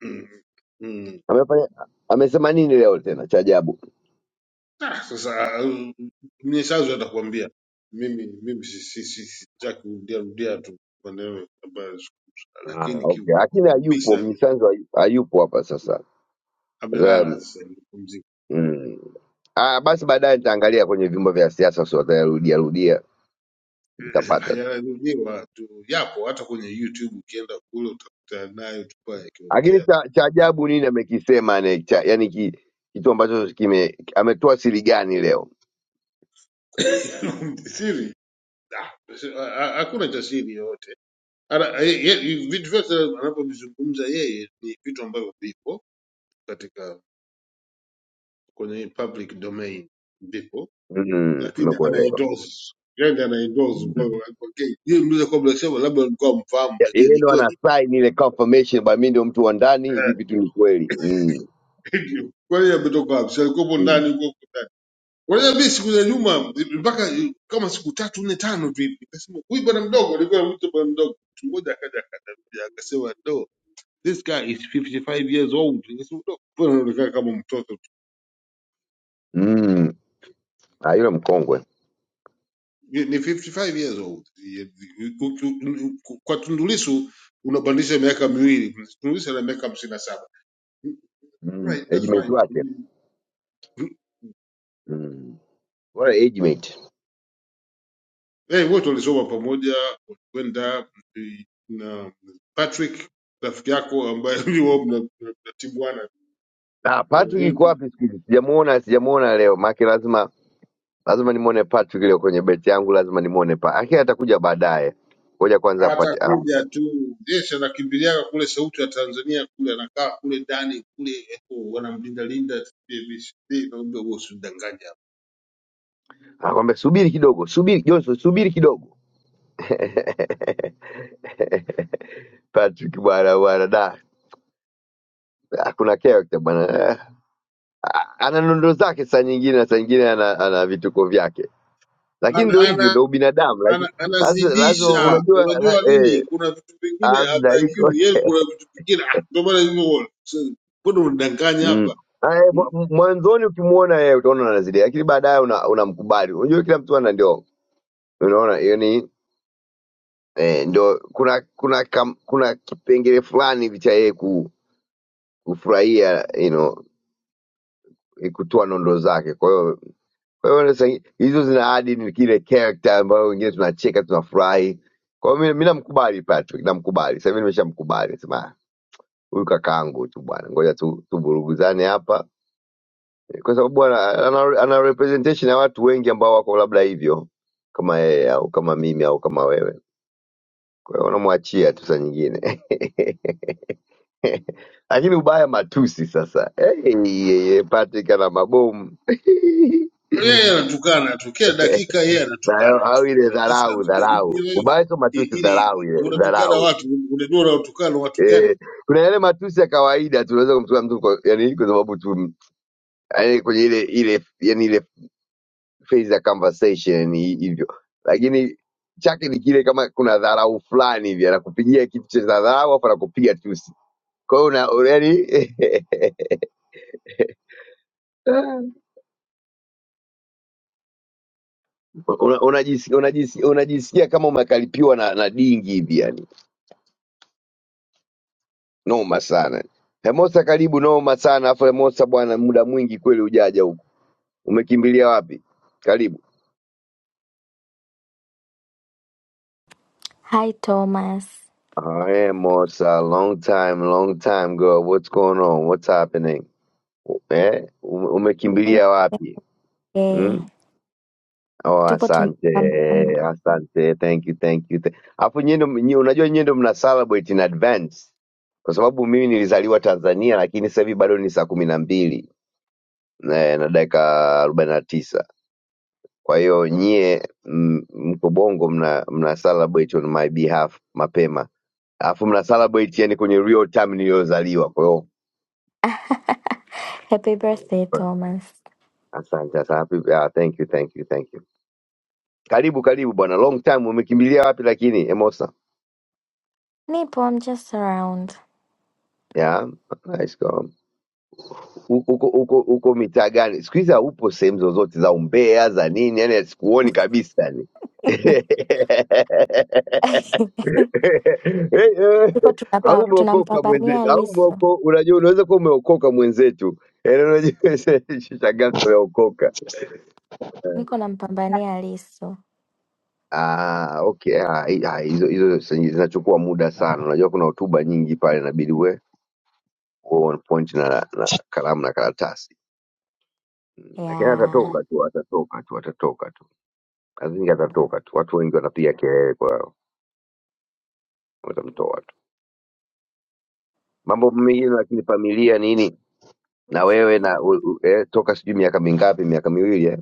[SPEAKER 9] mm. mm.
[SPEAKER 10] Amefanya amesema nini leo tena cha ajabu?
[SPEAKER 9] Ah, sasa mm, mnyesazo atakwambia mimi mimi si- si- si- sitaki kurudia rudia tu maneno ambayo yazungumzwa,
[SPEAKER 10] Ah,
[SPEAKER 9] lakini
[SPEAKER 10] okay,
[SPEAKER 9] kiukweli
[SPEAKER 10] lakini hayupo
[SPEAKER 9] kabisa ni-
[SPEAKER 10] mnyisanzu, hayu- hayupo hapa sasa.
[SPEAKER 9] amelala sasa hivi, pumzika.
[SPEAKER 10] Mm. Ah, basi
[SPEAKER 9] Mm.
[SPEAKER 10] baadaye nitaangalia kwenye vyombo vya siasa, sio watarudia rudia, nitapata tu.
[SPEAKER 9] hayajadiliwa tu, yapo hata kwenye YouTube ukienda kule utakutana nayo tupa
[SPEAKER 10] Lakini
[SPEAKER 9] yakiongea
[SPEAKER 10] cha, cha ajabu nini amekisema ne, cha, yani ki, kitu ambacho kime ametoa siri gani leo?
[SPEAKER 9] siri. Ah, ha- hakuna cha siri yoyote. Ana- ye- ye- Vitu vyote anavyovizungumza yeye ni vitu ambavyo vipo katika kwenye public domain, vipo
[SPEAKER 10] Mm,
[SPEAKER 9] lakini ana
[SPEAKER 10] Nimekuelewa.
[SPEAKER 9] endorse yani ana endorse kwa
[SPEAKER 10] Mm.
[SPEAKER 9] kwa Kenya. Yeye mliza kwa bila sema labda alikuwa mfahamu,
[SPEAKER 10] Ya-
[SPEAKER 9] lakini
[SPEAKER 10] Yeye
[SPEAKER 9] ni
[SPEAKER 10] ndo ana
[SPEAKER 9] kweli
[SPEAKER 10] sign ile confirmation, ba mimi ndio mtu wa ndani, hivi
[SPEAKER 9] Eh,
[SPEAKER 10] vitu ni kweli. Mm.
[SPEAKER 9] ndio. kwa hiyo ametoka wapi? Si alikuwa
[SPEAKER 10] Mm.
[SPEAKER 9] ndani huko Unajua mimi siku za nyuma mpaka kama siku tatu nne tano tu hivi nikasema huyu bwana mdogo alikuwa anamuita bwana mdogo. Mtu mmoja akaja akatafuja akasema no this guy is 55 years old. Nikasema no, mbona anaonekana kama mtoto tu.
[SPEAKER 10] Mm. Ah, yule mkongwe.
[SPEAKER 9] Ni ni 55 years old. Kwa Tundu Lissu unabadilisha miaka miwili. Tundu Lissu ana miaka 57.
[SPEAKER 10] Mm.
[SPEAKER 9] Right, that's
[SPEAKER 10] Age-mate
[SPEAKER 9] fine.
[SPEAKER 10] wake. Mm. Bora age-mate.
[SPEAKER 9] Eh, wote walisoma pamoja, walikwenda na Patrick rafiki yako ambaye ni wao mnatimuana
[SPEAKER 10] Ah, Patrick yuko
[SPEAKER 9] Burundi.
[SPEAKER 10] wapi siku hizi? Sijamuona, sijamuona leo. Maana lazima lazima nimwone Patrick leo kwenye beti yangu, lazima nimwone pa. Aki atakuja baadaye, ngoja kwanza apate amu.
[SPEAKER 9] Atakuja tu Desha anakimbiliaga kule Sauti ya Tanzania kule, anakaa kule ndani kule, eko wanamlinda linda, TBC, naomba wewe usidanganye hapa.
[SPEAKER 10] Anakwambia subiri kidogo, subiri Johnson, subiri kidogo. Patrick bwana bwana da Ah, kuna character bwana, Eh, ah, ana nondo zake saa nyingine na saa nyingine ana, ana vituko vyake, lakini
[SPEAKER 9] Ana-
[SPEAKER 10] ndio hivyo,
[SPEAKER 9] ana-
[SPEAKER 10] ndio ubinadamu. Lakini
[SPEAKER 9] ana-
[SPEAKER 10] lazima, lazima
[SPEAKER 9] Anazidisha,
[SPEAKER 10] unajua la,
[SPEAKER 9] unajua nini?
[SPEAKER 10] eh,
[SPEAKER 9] Kuna vitu vingine
[SPEAKER 10] amna iko
[SPEAKER 9] hatakiwi yeye, kuna vitu vingine ah, ndio maana hivyo. So, Mbona unadanganya
[SPEAKER 10] mm.
[SPEAKER 9] hapa?
[SPEAKER 10] Ah, eh,
[SPEAKER 9] Hmm?
[SPEAKER 10] mwa- mwanzoni ukimuona yeye utaona anazidi, lakini baadaye una- unamkubali. Unajua kila mtu ana ndio unaona hiyo ni eh, ndo kuna kuna kam, kuna kipengele fulani hivi cha yeye ku- kufurahia you know, eh, kutoa nondo zake. Kwa hiyo kwa hiyo sasa hi- hizo zina adi ni kile character ambayo wengine tunacheka tunafurahi. Kwa hiyo mi namkubali Patrick, namkubali sasa hivi, nimeshamkubali sema "Ah, huyu kakaangu tu bwana, ngoja tu tuvuruguzane hapa, Eh, kwa sababu bwana ana, ana representation ya watu wengi ambao wako labda hivyo kama yeye au kama mimi au kama wewe. Kwa hiyo unamwachia tu saa nyingine lakini ubaya matusi sasa. Hey, yeye Patrick ana mabomu
[SPEAKER 9] Yeye anatukana tu kila dakika, yeye
[SPEAKER 10] Na yo-
[SPEAKER 9] anatukana
[SPEAKER 10] au
[SPEAKER 9] tu.
[SPEAKER 10] ile
[SPEAKER 9] Sasa
[SPEAKER 10] dharau,
[SPEAKER 9] anaambia hivi
[SPEAKER 10] dharau.
[SPEAKER 9] wewe,
[SPEAKER 10] Ubaya sio
[SPEAKER 9] i-
[SPEAKER 10] matusi,
[SPEAKER 9] ile
[SPEAKER 10] dharau ile
[SPEAKER 9] unatukana
[SPEAKER 10] dharau.
[SPEAKER 9] watu, unajua unatukana watu gani?
[SPEAKER 10] Eh, kuna yale matusi ya kawaida tunaweza kumtukana mtu kwa, yani kwa sababu tu yani kwenye ile ile yani ile phase ya conversation yani, hi- hivyo, lakini chake ni kile kama kuna dharau fulani hivi, anakupigia kitu cha dharau afu anakupiga tusi, kwa hiyo una yani Unajisikia una unajisi- unajisi- unajisikia kama umekaripiwa na, na dingi hivi yani, noma sana. Hemosa karibu, noma sana. Afu Hemosa bwana, muda mwingi kweli ujaja huku, umekimbilia wapi? Karibu.
[SPEAKER 11] Hi Thomas.
[SPEAKER 10] Ah, Hemosa, long time, long time girl, what's going on, what's happening? Eh, ume- umekimbilia
[SPEAKER 11] Okay.
[SPEAKER 10] wapi? Hmm? Oh,
[SPEAKER 11] Tupo tunapambana.
[SPEAKER 10] asante asante, thank you, thank you. th- Alafu nyie ndo- nyie- unajua nyie ndo mna celebrate in advance kwa sababu mimi nilizaliwa Tanzania, lakini sasa hivi bado ni saa kumi na mbili na na dakika arobaini na tisa. Kwa hiyo nyie m- mko Bongo mna, mna celebrate on my behalf mapema, alafu mna celebrate yani kwenye real time niliyozaliwa. Kwa hiyo
[SPEAKER 11] Happy birthday Thomas.
[SPEAKER 10] asante sana, Happy- ah, thank you, thank you, thank you. Karibu karibu bwana, long time. Umekimbilia wapi lakini Emosa?
[SPEAKER 11] Nipo, I'm just around.
[SPEAKER 10] Yeah, nice go. uko uko uko uko mitaa gani siku hizi haupo sehemu zozote za umbea za nini yani sikuoni kabisa yani
[SPEAKER 11] Tuko
[SPEAKER 10] au
[SPEAKER 11] tunapa,
[SPEAKER 10] umeokoka
[SPEAKER 11] tunampambania
[SPEAKER 10] mwenzetu au
[SPEAKER 11] Lisu.
[SPEAKER 10] umeoko unajua unaweza kuwa umeokoka mwenzetu yani unajua shangazi umeokoka
[SPEAKER 11] Niko nampambania Lisu.
[SPEAKER 10] ah okay ah, hi- ah, hizo hizo zenye zinachukua muda sana unajua kuna hotuba nyingi pale inabidi we uwe on point na, na kalamu na karatasi Mm, lakini
[SPEAKER 11] Yeah.
[SPEAKER 10] atatoka tu atatoka tu atatoka tu I think atatoka tu watu wengi wanapiga kelele kwa watamtoa watu. Mambo mengine lakini familia nini na
[SPEAKER 11] Umeshita
[SPEAKER 10] wewe
[SPEAKER 11] hiyo?
[SPEAKER 10] na u, u, eh, toka sijui miaka mingapi, miaka miwili eh,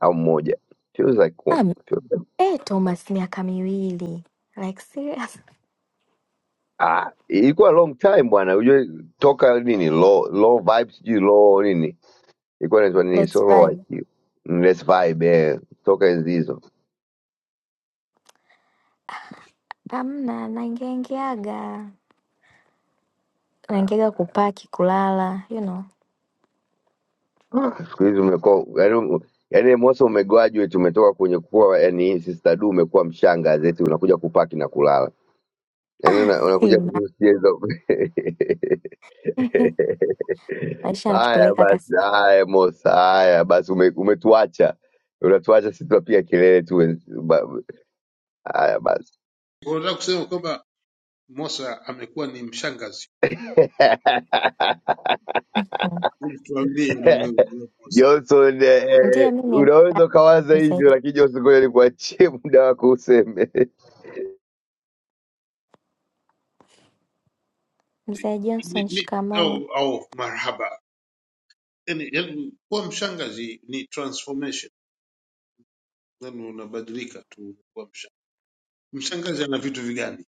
[SPEAKER 10] au mmoja feels like kumi
[SPEAKER 11] Um,
[SPEAKER 10] feels like
[SPEAKER 11] eh, Thomas miaka miwili. Like serious.
[SPEAKER 10] Ah, ilikuwa long time bwana, ujue toka nini low low vibe sijui low nini ilikuwa inaitwa nini,
[SPEAKER 11] Let's
[SPEAKER 10] so low
[SPEAKER 11] vibe.
[SPEAKER 10] IQ less vibe eh, toka enzi hizo.
[SPEAKER 11] Amna, naingiaingiaga.
[SPEAKER 10] Ah,
[SPEAKER 11] Naingiaga kupaki, kulala, you know.
[SPEAKER 10] ah, siku hizi umekuwa yani, um, yani Mosa umegraduate, umetoka kwenye kuwa yani sister du, umekuwa mshanga zeti, unakuja kupaki na kulala yani una, unakuja tu
[SPEAKER 11] Ima.
[SPEAKER 10] kucheza
[SPEAKER 11] Maisha
[SPEAKER 10] Haya
[SPEAKER 11] yanatupeleka kasi.
[SPEAKER 10] basi, haya Mosa, haya basi, ume, umetuacha unatuacha sisi tunapiga kelele tu. wenz- ba- Haya basi
[SPEAKER 9] Unataka kusema kwamba Mosa amekuwa ni mshangazi,
[SPEAKER 11] Hmm.
[SPEAKER 9] Hebu tuambie hilo wewe wewe Mosa
[SPEAKER 10] Johnson, eh, eh,
[SPEAKER 11] Ndiyo, mi ni
[SPEAKER 10] unaweza ukawaza
[SPEAKER 11] mzee
[SPEAKER 10] hivyo, lakini Johnson, ngoja nikuachie muda wako useme.
[SPEAKER 11] mzee
[SPEAKER 9] ni,
[SPEAKER 11] Johnson,
[SPEAKER 9] ni,
[SPEAKER 11] shikamoo.
[SPEAKER 9] au, au marhaba yani, yani kuwa mshangazi ni transformation, yani unabadilika tu kuwa mshangazi. Mshangazi ana vitu vigani?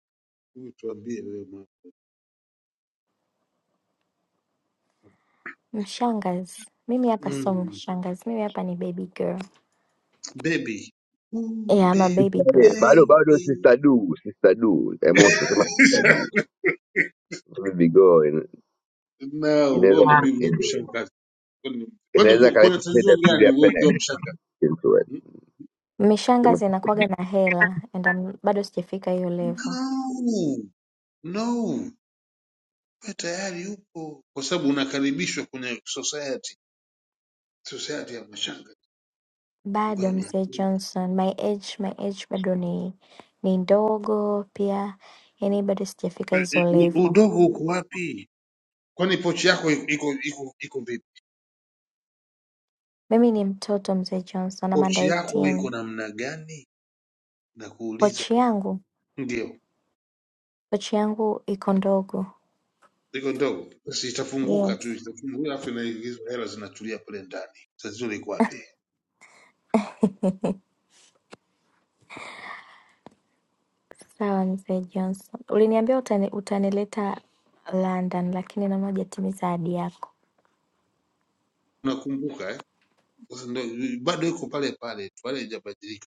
[SPEAKER 9] Hebu tuambie wewe mama.
[SPEAKER 11] Mshangazi, mimi hapa sio
[SPEAKER 9] Mm,
[SPEAKER 11] mshangazi, mimi hapa ni baby girl.
[SPEAKER 9] baby. Ooh,
[SPEAKER 11] Yeah, I'm a
[SPEAKER 9] baby.
[SPEAKER 11] baby
[SPEAKER 10] Eh,
[SPEAKER 11] girl.
[SPEAKER 10] bado bado,
[SPEAKER 9] Baby.
[SPEAKER 10] sister du, sister du, eh, Mosa sema sister du, vigo in-
[SPEAKER 9] No, wewe
[SPEAKER 10] inaweza
[SPEAKER 9] unabidi uwe
[SPEAKER 10] eh,
[SPEAKER 9] mshangazi. Kwani kwani
[SPEAKER 10] inaweza
[SPEAKER 9] ku- kuna
[SPEAKER 10] kaleta
[SPEAKER 9] tatizo
[SPEAKER 10] penda pili
[SPEAKER 9] gani
[SPEAKER 10] ya
[SPEAKER 9] wewe
[SPEAKER 10] penda
[SPEAKER 9] ukiwa mshangazi? Hmm?
[SPEAKER 11] Mishangazi inakuwaga na hela and I'm, bado sijafika hiyo level.
[SPEAKER 9] No, no. wewe tayari upo, kwa sababu unakaribishwa kwenye society, society ya mashanga
[SPEAKER 11] Bado
[SPEAKER 9] mbweni.
[SPEAKER 11] mzee
[SPEAKER 9] U-
[SPEAKER 11] Johnson, my age, my age bado ni ni ndogo pia, yani bado sijafika hizo
[SPEAKER 9] u-
[SPEAKER 11] level.
[SPEAKER 9] Udogo uko wapi? Kwani pochi yako iko iko iko iko vipi?
[SPEAKER 11] Mimi ni mtoto mzee Johnson, I'm under
[SPEAKER 9] Pochi yako
[SPEAKER 11] 18.
[SPEAKER 9] iko namna gani? Na kuuliza
[SPEAKER 11] Pochi yangu,
[SPEAKER 9] ndio
[SPEAKER 11] pochi yangu iko ndogo.
[SPEAKER 9] iko ndogo, basi itafunguka
[SPEAKER 11] Yes.
[SPEAKER 9] tu, itafunguka alafu inaingizwa hela, zinatulia pale ndani. Tatizo liko wapi?
[SPEAKER 11] Sawa mzee Johnson, uliniambia utani, utanileta London lakini naona hujatimiza ahadi yako.
[SPEAKER 9] Unakumbuka eh? Sasa ndo bado iko pale pale tu, wala haijabadilika.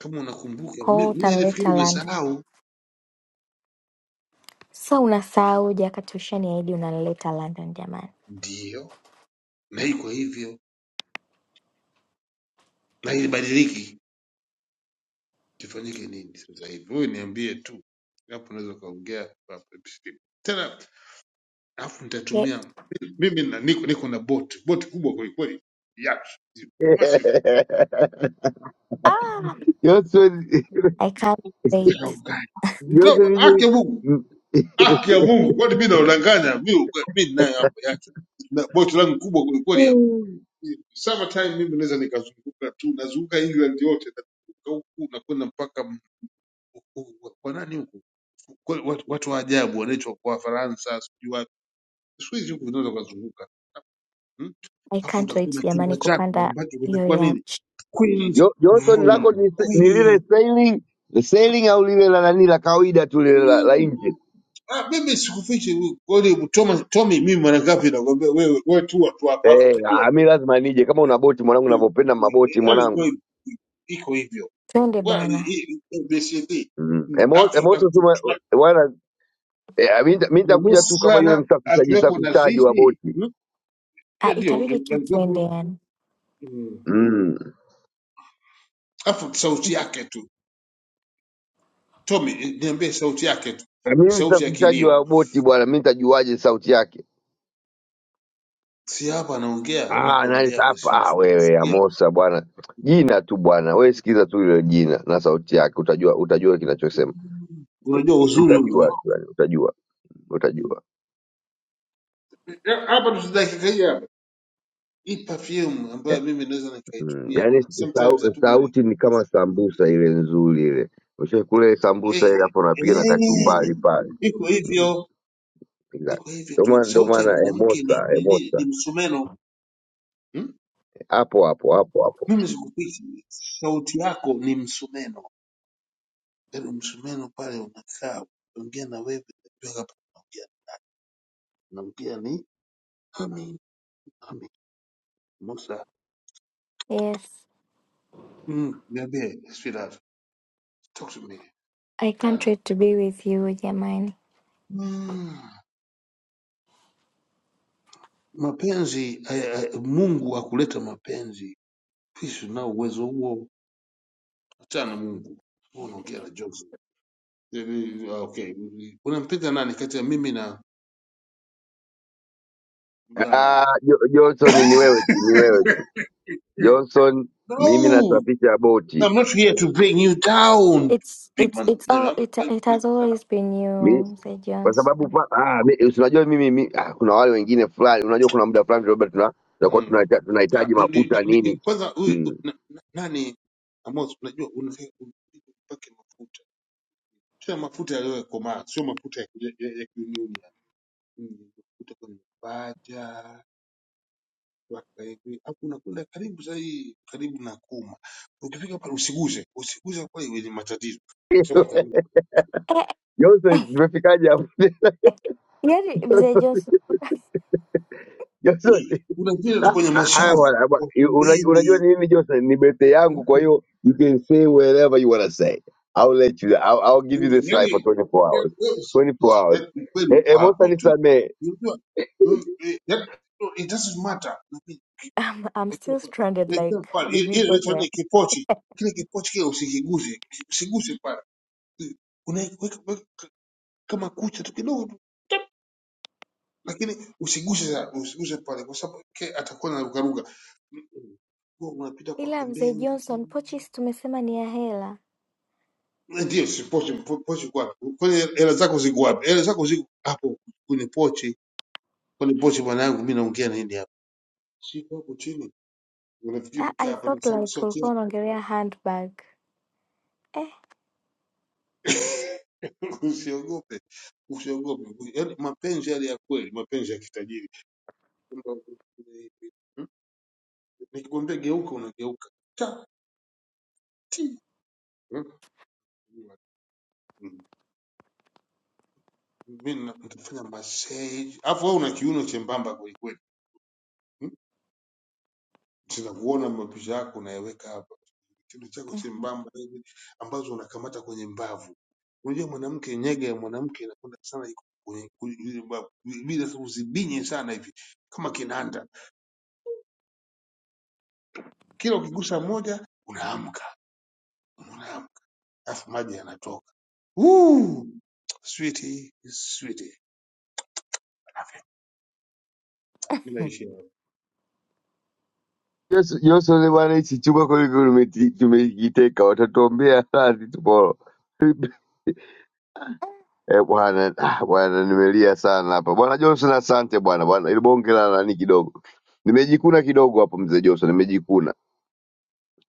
[SPEAKER 9] Kama unakumbuka,
[SPEAKER 11] Kwa
[SPEAKER 9] mi
[SPEAKER 11] hiyo
[SPEAKER 9] mi nilifikiri
[SPEAKER 11] utanileta London.
[SPEAKER 9] umesahau.
[SPEAKER 11] Sasa unasahauje wakati ushaniahidi unanileta London jamani?
[SPEAKER 9] Ndio, na iko hivyo na ilibadiliki kifanyike nini sasa hivi? Wewe niambie tu, hapo unaweza ukaongea kwa- specific. tena, alafu
[SPEAKER 11] Ye-
[SPEAKER 9] nitatumia mimi na, niko, niko na boti boti kubwa kwelikweli, yacht massive.
[SPEAKER 11] ah,
[SPEAKER 10] sema
[SPEAKER 11] I can't wait.
[SPEAKER 9] Nitakaokaje?
[SPEAKER 10] Jozi
[SPEAKER 9] No, haki
[SPEAKER 10] lije
[SPEAKER 9] ya Mungu, haki ya Mungu, kwani mimi naudanganya? Mimi mimi ninayo hapo yacht na boti langu kubwa kwelikweli hapo.
[SPEAKER 10] mm,
[SPEAKER 9] Summertime mimi naweza nikazunguka tu, nazunguka England yote, nazunguka huku nakwenda mpaka m- huku- kwa nani huku, Kwa- watu watu wa ajabu wanaitwa Wafaransa, sijui Siku hizi huku vinaweza ukazunguka mm?
[SPEAKER 11] I
[SPEAKER 9] Alafu
[SPEAKER 11] can't
[SPEAKER 9] utakuwa na
[SPEAKER 11] wait
[SPEAKER 9] chumba
[SPEAKER 11] jamani
[SPEAKER 9] chako
[SPEAKER 11] kupanda
[SPEAKER 9] ambacho
[SPEAKER 11] hiyo
[SPEAKER 9] kitakuwa nini,
[SPEAKER 11] yacht.
[SPEAKER 9] queen's
[SPEAKER 10] jo- Johnson lako
[SPEAKER 9] room
[SPEAKER 10] ni, se- ni lile
[SPEAKER 9] queen.
[SPEAKER 10] sailing sailing au lile la nani la kawaida tu lile la, la
[SPEAKER 9] Mm.
[SPEAKER 10] engine
[SPEAKER 9] Ah, mimi sikufichi kweli, Tommy, Tommy, mimi mara ngapi nakwambia wewe, wewe tu watu hapa, alafu
[SPEAKER 10] eh,
[SPEAKER 9] utajua
[SPEAKER 10] ah, mi
[SPEAKER 9] tu.
[SPEAKER 10] lazima nije kama una boti mwanangu, navyopenda maboti
[SPEAKER 9] yaani
[SPEAKER 10] mwanangu
[SPEAKER 9] wewe iko hivyo
[SPEAKER 11] Twende
[SPEAKER 9] Bwana, hii-
[SPEAKER 11] bwana.
[SPEAKER 9] hii- hii ABCD
[SPEAKER 10] mm.
[SPEAKER 9] Mm,
[SPEAKER 10] Emo-
[SPEAKER 9] alafu
[SPEAKER 10] Emoso tu ma-
[SPEAKER 9] akichukua
[SPEAKER 10] wana eh, ah, mi nita- mi nitakuja tu kama yule
[SPEAKER 9] manusra
[SPEAKER 10] msafishaji
[SPEAKER 9] akiwepo na
[SPEAKER 10] safishaji wa
[SPEAKER 9] sisi
[SPEAKER 10] boti
[SPEAKER 9] Mm,
[SPEAKER 11] Ah,
[SPEAKER 9] hiyo ndio eh,
[SPEAKER 11] itabidi tu twende
[SPEAKER 9] alikuwepo
[SPEAKER 11] yani.
[SPEAKER 9] Mm.
[SPEAKER 10] mm.
[SPEAKER 9] alafu sauti yake tu Tommy, eh, niambie sauti yake tu,
[SPEAKER 10] Ah, mi
[SPEAKER 9] sauti ya
[SPEAKER 10] msafishaji
[SPEAKER 9] kilio.
[SPEAKER 10] wa boti bwana, mi nitajuaje sauti yake?
[SPEAKER 9] Si hapa anaongea,
[SPEAKER 10] Ah, na
[SPEAKER 9] anapoongea hapo
[SPEAKER 10] hapa
[SPEAKER 9] si
[SPEAKER 10] ah, wewe
[SPEAKER 9] nisikia.
[SPEAKER 10] Amosa bwana, jina tu bwana, wewe sikiza tu ile jina na sauti yake, utajua utajua kinachosema,
[SPEAKER 9] Unajua uzuri
[SPEAKER 10] utajua
[SPEAKER 9] huko.
[SPEAKER 10] tu yani, utajua utajua
[SPEAKER 9] Eh, Hapa tu dakika hii hapa. Hii perfume ambayo
[SPEAKER 10] yeah.
[SPEAKER 9] mimi naweza
[SPEAKER 10] Mm,
[SPEAKER 9] nikaitumia.
[SPEAKER 10] yani
[SPEAKER 9] Sometimes
[SPEAKER 10] sau,
[SPEAKER 9] hatukuwa ni
[SPEAKER 10] sauti ni kama sambusa ile nzuri ile, ushakule
[SPEAKER 9] eh,
[SPEAKER 10] sambusa ile hapo, unapiga na
[SPEAKER 9] eh,
[SPEAKER 10] kachumbari pale
[SPEAKER 9] iko
[SPEAKER 10] mm,
[SPEAKER 9] hivyo,
[SPEAKER 10] ila-
[SPEAKER 9] iko hivyo
[SPEAKER 10] ndio
[SPEAKER 9] tu.
[SPEAKER 10] maana ndio
[SPEAKER 9] Sauti ya
[SPEAKER 10] maana
[SPEAKER 9] mwanamke ni
[SPEAKER 10] Emosa
[SPEAKER 9] ni, ni, ni
[SPEAKER 10] Emosa
[SPEAKER 9] msumeno. Hmm?
[SPEAKER 10] hapo hapo hapo hapo.
[SPEAKER 9] Mimi sikupishi. Sauti yako ni msumeno. Yaani msumeno pale unakaa ukiongea na wewe unajua hapa unaongea unaongea ni Amin, Amin, Musa.
[SPEAKER 11] Yes.
[SPEAKER 9] Mm, niambie sweetheart, talk to me
[SPEAKER 11] I can't
[SPEAKER 9] darling.
[SPEAKER 11] wait to be with you jamani.
[SPEAKER 9] Mm. Mapenzi eh, eh, Mungu akuleta mapenzi. Sisi tunao uwezo huo. Achana na Mungu. Wewe unaongea na jokes. Eh, eh, Okay, unampenda nani kati ya mimi na na
[SPEAKER 10] Ah, Jo- Johnson ni wewe tu, ni wewe tu Johnson, mimi
[SPEAKER 9] No,
[SPEAKER 10] nasafisha boti
[SPEAKER 9] I'm not here to bring you down,
[SPEAKER 11] It's
[SPEAKER 9] big
[SPEAKER 11] it's
[SPEAKER 9] man.
[SPEAKER 11] it's
[SPEAKER 9] No, I'm
[SPEAKER 11] all
[SPEAKER 9] not
[SPEAKER 11] it,
[SPEAKER 9] trying to
[SPEAKER 11] it
[SPEAKER 9] bring
[SPEAKER 11] has
[SPEAKER 9] you down.
[SPEAKER 11] always been you, mzee
[SPEAKER 10] kwa sababu
[SPEAKER 11] Johnson.
[SPEAKER 10] pa, ah, mi, unajua mimi, mi, ah, kuna wale wengine fulani, unajua kuna muda fulani Robert tuna tunakuwa
[SPEAKER 9] Hmm.
[SPEAKER 10] tunahita-
[SPEAKER 9] Ah,
[SPEAKER 10] tunahitaji
[SPEAKER 9] ni- ni-
[SPEAKER 10] mafuta
[SPEAKER 9] ni- ni-
[SPEAKER 10] nini
[SPEAKER 9] Kwanza huyu
[SPEAKER 10] mm.
[SPEAKER 9] na- na- nani Amos, unajua unafika mpake mafuta tena mafuta yaliyokomaa, sio mafuta ya ya- ya- ya kiunioni ya Mm, mafuta kwenye paja mpaka hivi, hapo unakwenda karibu sahihi, karibu na kuma. Ukifika pale usiguse, usiguse kwa hiyo ni matatizo, kwa sababu atarudi.
[SPEAKER 10] Johnson, tumefikaje hapo
[SPEAKER 11] یاری بزجاس
[SPEAKER 10] Johnson?
[SPEAKER 9] Kuna vile
[SPEAKER 10] ah,
[SPEAKER 9] tu kwenye
[SPEAKER 10] ah, ah,
[SPEAKER 9] mashavu
[SPEAKER 10] bwana, bwana,
[SPEAKER 9] kwa
[SPEAKER 10] unaj- unajua
[SPEAKER 9] pembeni
[SPEAKER 10] ni nini Johnson? Ni birthday yangu, kwa hiyo you can say whatever you wanna say. I'll let you, I'll, I'll give you
[SPEAKER 9] Hili
[SPEAKER 10] this
[SPEAKER 9] hili-
[SPEAKER 10] life for
[SPEAKER 9] hili-
[SPEAKER 10] 24 hours 24 hours.
[SPEAKER 9] yaani ukweli
[SPEAKER 10] Eh,
[SPEAKER 9] uko
[SPEAKER 10] eh, Musa
[SPEAKER 9] hapo tu.
[SPEAKER 10] nisamehe
[SPEAKER 9] Unajua, mm, eh, yaani, no, it doesn't matter. Lakini,
[SPEAKER 11] I'm, I'm
[SPEAKER 9] lakini
[SPEAKER 11] still
[SPEAKER 9] hapa,
[SPEAKER 11] stranded like
[SPEAKER 9] lakini
[SPEAKER 11] how
[SPEAKER 9] pale,
[SPEAKER 11] did
[SPEAKER 9] ile
[SPEAKER 11] we
[SPEAKER 9] ile
[SPEAKER 11] go
[SPEAKER 9] inaitwa
[SPEAKER 11] there
[SPEAKER 9] nini? Kipochi kile kipochi kile usikiguze, usiguse pale, unaweka weka kama kucha tu kidogo tu, lakini usiguse sana, usiguse pale, kwa sababu ke atakuwa na rukaruka. Huwa unapita kwa
[SPEAKER 11] ila mzee
[SPEAKER 9] pembeni,
[SPEAKER 11] johnson pochis tumesema ni ya hela
[SPEAKER 9] ndio si pochi, po- pochi kwa kwenye hela zako ziko wapi? Hela zako ziko hapo kwenye pochi Kwani pochi mwanangu, mimi naongea nini hapa? Shika hapo chini, unafikiri
[SPEAKER 11] Ah,
[SPEAKER 9] kaa
[SPEAKER 11] i
[SPEAKER 9] hapa na
[SPEAKER 11] thought
[SPEAKER 9] sauti
[SPEAKER 11] like
[SPEAKER 9] sauti
[SPEAKER 11] ulikuwa
[SPEAKER 9] yake?
[SPEAKER 11] unaongelea handbag eh.
[SPEAKER 9] Usiogope, usiogope. Yaani mapenzi yale ya kweli, mapenzi ya kitajiri. Kwamba, hmm? Nikikwambia geuka, unageuka tati. Hmm? Hmm. Mimi na- nitafanya massage, alafu wewe una kiuno chembamba kweli kweli. Hmm? Sinakuona mapisha yako unayeweka hapa. kiuno chako chembamba hivi ambazo unakamata kwenye mbavu. Unajua mwanamke, nyega ya mwanamke inakwenda sana iko kwenye kwenye zile mbavu, bila sababu zibinye sana hivi kama kinanda, kila ukigusa moja unaamka, unaamka, alafu maji yanatoka. Woo! Sweetie, sweetie. Mimi naishi hapa.
[SPEAKER 10] Johnson, Johnson bwana, hichi chumba kweli kweli umeti- tumekiteka, watatuombea radhi tomorrow. Eh, bwana ah, bwana nimelia sana hapa bwana Johnson, asante bwana bwana, ili bonge la nani kidogo nimejikuna kidogo hapo, mzee Johnson, nimejikuna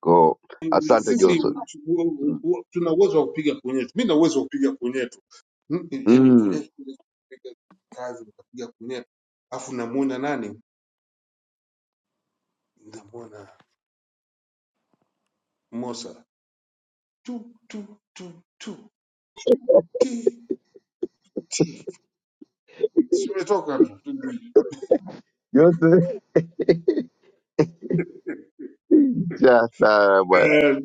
[SPEAKER 10] ko, asante
[SPEAKER 9] Sisi
[SPEAKER 10] Johnson.
[SPEAKER 9] u- u-
[SPEAKER 10] Mm.
[SPEAKER 9] u- tuna uwezo wa kupiga punyeto. Mimi na uwezo wa kupiga punyeto. Mm, Yaani
[SPEAKER 10] Mm.
[SPEAKER 9] punyeto kupiga kazi nikapiga punyeto. Alafu namuona nani? namwona Mosa tu tu tu tu ti ti, Si umetoka tu
[SPEAKER 10] Johnson cha sana bwana,
[SPEAKER 9] eh,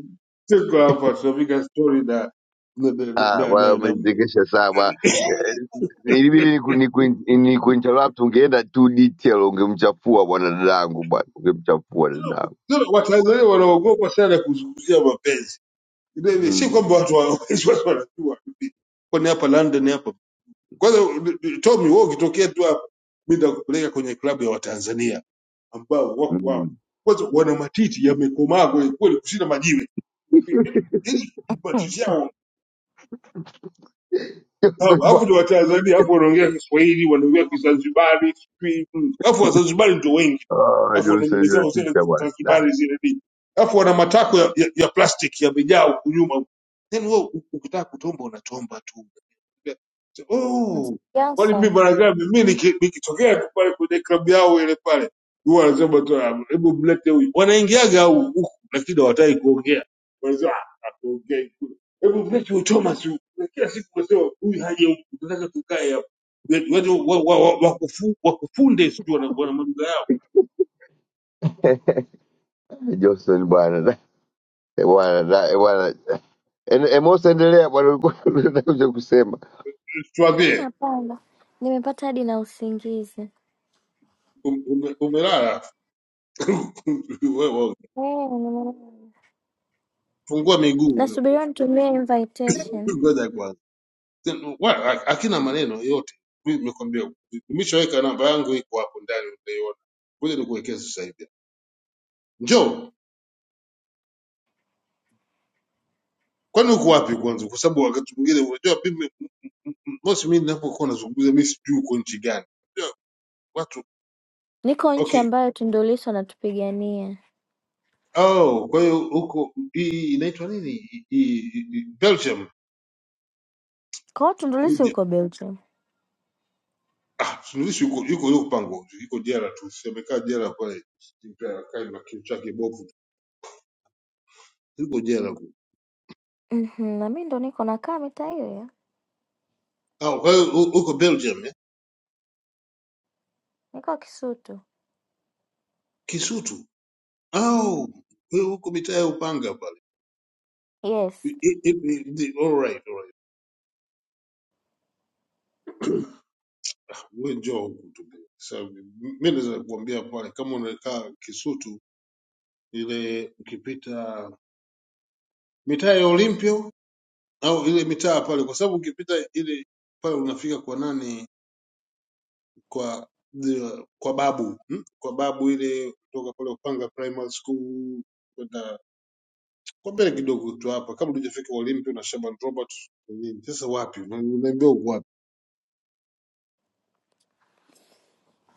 [SPEAKER 9] tuko hapa tunapiga stori na na na na,
[SPEAKER 10] ah, bwana
[SPEAKER 9] na, na, na, na
[SPEAKER 10] umenichekesha sana bwana. Eh, Ilibidi niku- niku- nikuinterrupt, ungeenda too detail, ungemchafua bwana dadangu bwana, ungemchafua dadangu.
[SPEAKER 9] Watanzania wanaogopa sana kuzungumzia mapenzi. Ile- ile- Si
[SPEAKER 10] Mm.
[SPEAKER 9] kwamba watu wa- watu wanajua, kwani hapa London hapa kwanza, Tommy wewe ukitokea tu hapa, mimi nitakupeleka kwenye klabu ya Watanzania ambao wako hapa
[SPEAKER 10] Mm.
[SPEAKER 9] kwanza, wana matiti yamekomaa kweli kweli kushinda majiwe Hili kipato
[SPEAKER 11] Mhm.
[SPEAKER 9] chao hao,
[SPEAKER 10] Johnson
[SPEAKER 9] alafu ni
[SPEAKER 10] bwana,
[SPEAKER 9] Watanzania, alafu wanaongea Kiswahili, wanaongea Kizanzibari, sijui, mm. alafu Wazanzibari ndio wengi,
[SPEAKER 10] ah,
[SPEAKER 9] alafu wana
[SPEAKER 10] Johnson
[SPEAKER 9] nywele zao zile
[SPEAKER 10] inatisha bwana, Da.
[SPEAKER 9] Zanzibari zile nini, alafu wana matako ya, ya, ya plastiki yamejaa huku nyuma. Then wewe ukitaka kutomba unatomba tu
[SPEAKER 11] It's
[SPEAKER 9] oh, kwani mimi
[SPEAKER 11] Beyonce.
[SPEAKER 9] bwana gani mimi niki- nikitokea tu pale kwenye klabu yao ile pale huwa wanasema tu "Ah, hebu mlete huyu wanaingiaga au huku lakini hawataki kuongea wanasema "Ah, hatuongei kule hebu mlete huyu Thomas huyu Na kila siku wanasema huyu haje huku tunataka tukae hapa Wetu- wetu wa- wa- wa- wakufu- wakufunde sijui wana wana maduka yao
[SPEAKER 10] Johnson bwana Eh, Bwana da- eh, bwana En- Emosi, endelea bwana, ulikuwa unakuja kusema
[SPEAKER 11] Mm,
[SPEAKER 9] tuambie
[SPEAKER 11] Hapana, nimepata hadi na usingizi.
[SPEAKER 9] um- ume- umelala Wewe, wewe,
[SPEAKER 11] Eh, nimelala.
[SPEAKER 9] fungua miguu hapo.
[SPEAKER 11] Nasubiria nitumie invitation.
[SPEAKER 9] ngoja kwanza Then, wa- hakina maneno yote Mimi nimekwambia nimeshaweka namba yangu iko hapo ndani utaiona ngoja nikuwekee sasa hivi njoo kwani uko wapi kwanza kwa sababu wakati mwingine unajua mimi mosi mimi ninapokuwa nazungumza mimi sijui uko nchi gani Unajua, watu
[SPEAKER 11] Niko nchi
[SPEAKER 9] okay
[SPEAKER 11] ambayo Tundulisu anatupigania.
[SPEAKER 9] oh kwa hiyo huko hii inaitwa nini Hii- hii- hii- Belgium
[SPEAKER 11] Kwa hiyo Tundulisu yuko Belgium.
[SPEAKER 9] ah suluhisho yuko yuko yuko pango yuko jela tu siamekaa jela pale Mpaka kai na kichwa chake bovu yuko jela huko
[SPEAKER 11] Mhm, na mimi ndo niko nakaa mitaa hiyo hiyo.
[SPEAKER 9] ah kwa hiyo hu- huko Belgium eh?
[SPEAKER 11] Niko Kisutu.
[SPEAKER 9] Kisutu Oh, wewe huko mitaa ya Upanga pale.
[SPEAKER 11] Yes.
[SPEAKER 9] I- i- i- i- All right, all right. Wewe njoo huku tu. So, mimi naweza kukuambia pale kama unakaa Kisutu ile ukipita mitaa ya Olympio au ile mitaa pale kwa sababu ukipita ile pale unafika kwa nani kwa the- kwa babu hmm? kwa babu ile kutoka pale Upanga Primary School kwenda kwa mbele kidogo tu hapa kabla hujafika Olympio na Shaban Robert nini sasa wapi unaambia uko wapi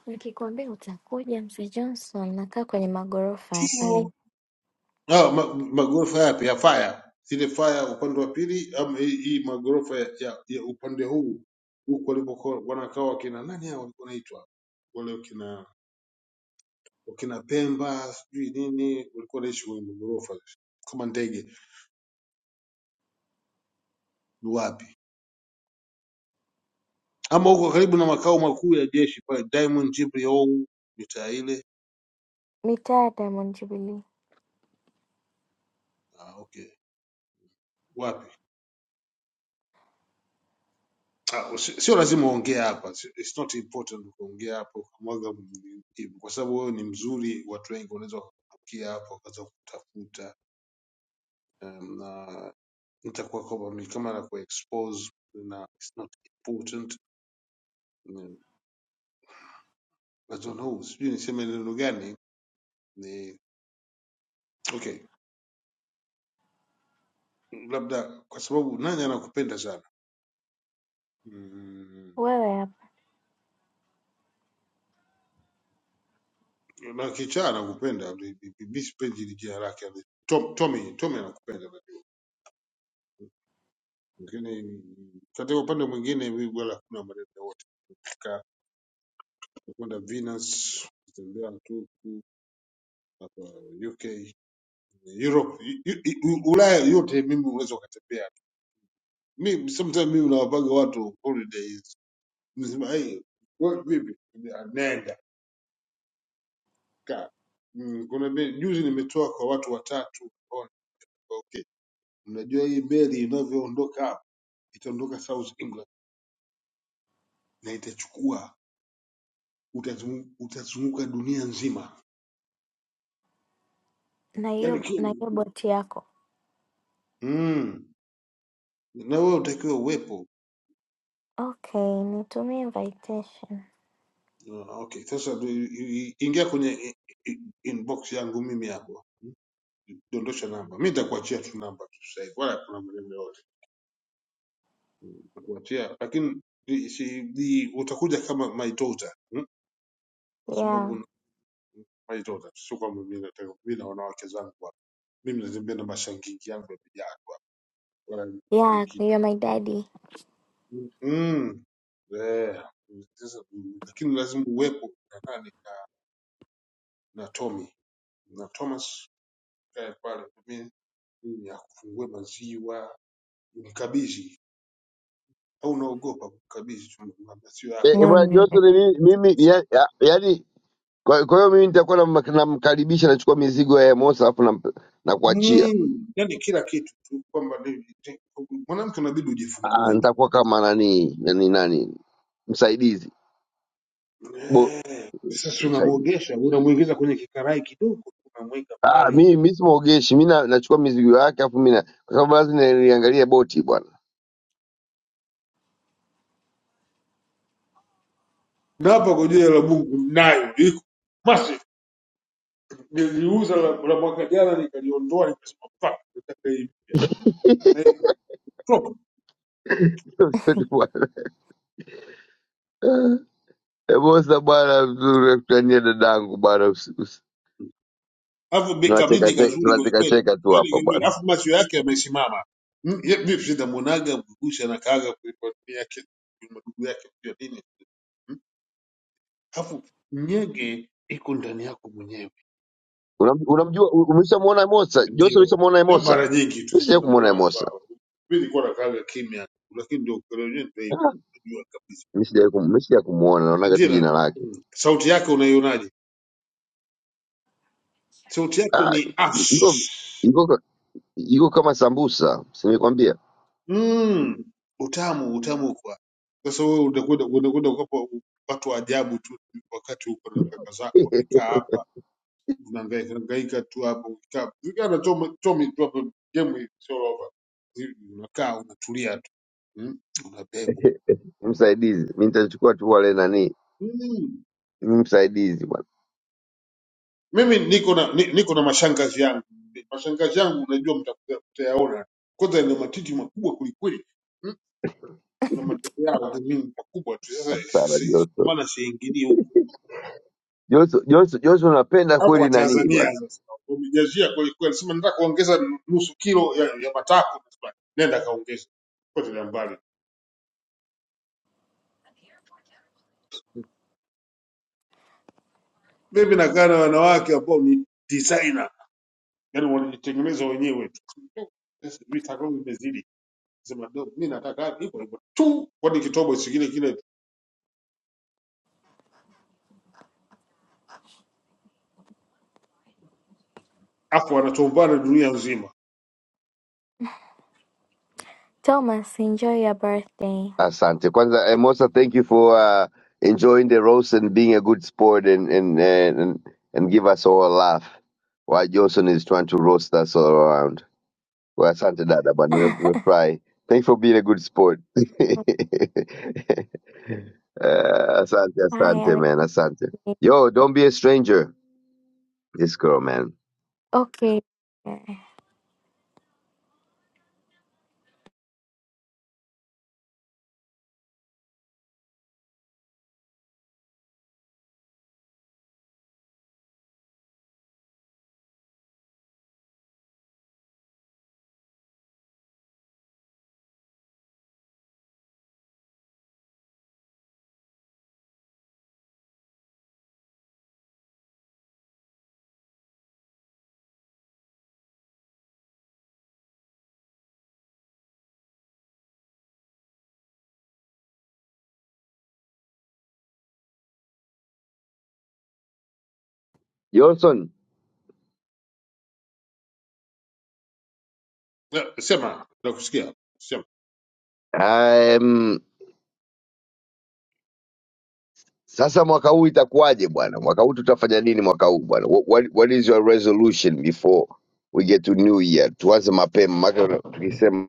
[SPEAKER 11] Nikikwambia utakuja Mzee Johnson, nakaa kwenye magorofa ya pale
[SPEAKER 9] Ah, ma, magorofa yapi ya faya zile faya upande wa pili ama hii, hii magorofa ya, ya, ya upande huu huku walikokuwa wanakaa wakina nani hao walikuwa wanaitwa wale wakina wakina Pemba sijui nini walikuwa wanaishi kwenye magorofa kama ndege ni wapi ama huko karibu na makao makuu ya jeshi pale Diamond Jibril mitaa ile
[SPEAKER 11] mitaa ya Diamond Jubilee.
[SPEAKER 9] ah, okay wapi Ah, usi- sio lazima uongee hapa Si- it's not important kuongea hapo ukamwaga m- hivi kwa sababu wewe ni mzuri watu wengi wanaweza wakakukia hapo wakaanza kutafuta um, na nitakuwa kwamba mi- kama na expose na it's not important Mm, I don't know sijui niseme neno gani ni okay labda kwa sababu nani anakupenda sana mm,
[SPEAKER 11] Wewe hapa
[SPEAKER 9] na kichaa anakupenda mi mi- mi sipendi ile jina lake Tom, Tommy Tommy anakupenda Lakini katika upande mwingine mimi wala hakuna maneno yote kufika kwenda Venus kutembea Turku hapa UK Europe U- U- U- Ulaya yote mimi unaweza ukatembea mimi sometimes mimi nawapaga watu holidays nasema hey wewe vipi nenda kaa Mm, kuna me- juzi nimetoa kwa watu watatu ona, okay mnajua hii meli inavyoondoka hapa itaondoka South England na itachukua utazungu- utazunguka dunia nzima
[SPEAKER 11] na hiyo na
[SPEAKER 9] yani
[SPEAKER 11] hiyo boti yako.
[SPEAKER 9] Mm. Na wewe utakiwa uwepo.
[SPEAKER 11] Okay, nitumie invitation.
[SPEAKER 9] Ah, Okay, sasa du- i- i- ingia kwenye i- i- inbox yangu mimi hapo, Mm. dondosha namba. Mi nitakuachia tu namba tu sasa hivi, wala kuna maneno yote nitakuachia, lakini i- si, i- utakuja kama my daughter mm? kwa
[SPEAKER 11] Yeah.
[SPEAKER 9] sababu my daughter, sio kwamba mi nataka mi na wanawake zangu hapa, mimi nazembea na mashangingi yangu yamejaa tu hapa, wala nitafiki
[SPEAKER 11] Yeah,
[SPEAKER 9] kitu
[SPEAKER 11] you're my daddy.
[SPEAKER 9] mm. yeah. Sasa, mm, lakini lazima uwepo na nani na, na Tommy na Thomas kae pale pembeni ili akufungue maziwa umkabidhi au unaogopa kumkabidhi tu maziwa
[SPEAKER 10] Eh,
[SPEAKER 9] yako
[SPEAKER 10] eh,
[SPEAKER 11] No, no,
[SPEAKER 10] bwana
[SPEAKER 11] no. no.
[SPEAKER 10] Johnson. mi- Mimi
[SPEAKER 9] Thomas
[SPEAKER 10] ya- ya- yaani, kwa kwa hiyo mimi nitakuwa namkaribisha na namkaribisha, nachukua mizigo ya Emosi alafu namp- nakuachia.
[SPEAKER 9] mm, yani kila kitu tu kwamba ni- ni- mwanamke unabidi
[SPEAKER 10] Ah,
[SPEAKER 9] ujifungue tu
[SPEAKER 10] Nitakuwa kama nani nani nani msaidizi bo
[SPEAKER 9] sasa
[SPEAKER 10] msaidizi
[SPEAKER 9] unamwogesha unamuingiza kwenye kikarai kidogo unamweka
[SPEAKER 10] Ah,
[SPEAKER 9] pale
[SPEAKER 10] mi mi simuogeshi mi na- nachukua mizigo yake afu mi na- kwa sababu lazima niliangalia boti bwana
[SPEAKER 9] na hapa kwa jina la Mungu nayo liko basi niliuza la, la mwaka jana nikaliondoa nikasema fuck nitaka hii na iko
[SPEAKER 10] Emosi bwana, mzuri nakutania dadangu bwana,
[SPEAKER 9] Alafu bi- kabindi
[SPEAKER 10] tunachekacheka
[SPEAKER 9] kazuri kweli kweli.
[SPEAKER 10] tunachekacheka tu
[SPEAKER 9] Yaani
[SPEAKER 10] hapa
[SPEAKER 9] kazuri.
[SPEAKER 10] bwana.
[SPEAKER 9] Alafu macho yake yamesimama. Mm, ye- Mimi sitamuonaga mgusha na kaaga kuliko dunia yake ndugu yake kwa nini? Mm, Alafu nyege iko ndani yako mwenyewe.
[SPEAKER 10] Unam- Unamjua, u- umeshamuona Emosa Jose?
[SPEAKER 9] Ndio.
[SPEAKER 10] Ulishamuona
[SPEAKER 9] Na
[SPEAKER 10] Emosa?
[SPEAKER 9] mara nyingi tu
[SPEAKER 10] Mi sijawai kumuona
[SPEAKER 9] tunamuona tu
[SPEAKER 10] Emosa,
[SPEAKER 9] hapa. Mimi nilikuwa nakaaga kimya lakini ndio kwa leo ndio
[SPEAKER 10] Ah,
[SPEAKER 9] unajua kabisa.
[SPEAKER 10] mi sijawai kum- mi sija kumuona, naonaga
[SPEAKER 9] Ndio
[SPEAKER 10] tu
[SPEAKER 9] na-
[SPEAKER 10] jina lake.
[SPEAKER 9] mm, sauti yake unaionaje? Sauti yake
[SPEAKER 10] Ah,
[SPEAKER 9] ni
[SPEAKER 10] i- iko
[SPEAKER 9] ash.
[SPEAKER 10] iko ka- iko kama sambusa, simekwambia
[SPEAKER 9] Mm, utamu utamu kwa sasa wewe unakwenda unakwenda ukapa watu wa ajabu tu wakati uko na kaka zako wamekaa hapa unahangaika hangaika tu hapo ukikaa kana choma chomi tu hapo game sio over Hivi unakaa unatulia tu mm, unabebwa
[SPEAKER 10] msaidizi. Mi nitachukua tu wale nani,
[SPEAKER 9] mm.
[SPEAKER 10] msaidizi bwana.
[SPEAKER 9] mimi niko na ni, niko na mashangazi yangu mashangazi yangu unajua mtakuya- mtayaona kwanza ina matiti makubwa kulikweli mm, na matoko yao ni mingi makubwa tu sasa
[SPEAKER 10] Sana
[SPEAKER 9] sasa- ndio
[SPEAKER 10] Jose,
[SPEAKER 9] maana siingilii huko
[SPEAKER 10] Jose, Jose, Jose, unapenda
[SPEAKER 9] Hapo wa
[SPEAKER 10] kweli nani bwana
[SPEAKER 9] Tanzania sasa wamejazia kweli kweli, sema nataka kuongeza nusu kilo ya, ya matako, Nasema, nenda kaongeza kote na mbali. Mimi nakaa na wanawake ambao ni designer, yani wanajitengeneza wenyewe tu. Sasa vitako vimezidi, sema dogo, mimi nataka hivyo hivyo tu, kwani kitobo si kile kile, afu wanatombana dunia nzima.
[SPEAKER 11] Thomas, enjoy your birthday.
[SPEAKER 10] Asante. Kwanza eh, Mosa, thank you for uh, enjoying the roast and being a good sport and and and, and give us all a laugh while Johnson is trying to roast us all around. Well, asante dada, but we fry. Thanks for being a good sport. uh, asante,
[SPEAKER 11] Bye,
[SPEAKER 10] asante,
[SPEAKER 11] Alex.
[SPEAKER 10] man, asante. Yo, don't be a stranger. This girl, man.
[SPEAKER 11] Okay.
[SPEAKER 10] Johnson,
[SPEAKER 9] Na- Sema nakusikia,
[SPEAKER 10] I'm. Sasa mwaka huu itakuwaje bwana? Mwaka huu tutafanya nini mwaka huu bwana? Wha- What, what is your resolution before we get to new year? Tuanze mapema maka tukisema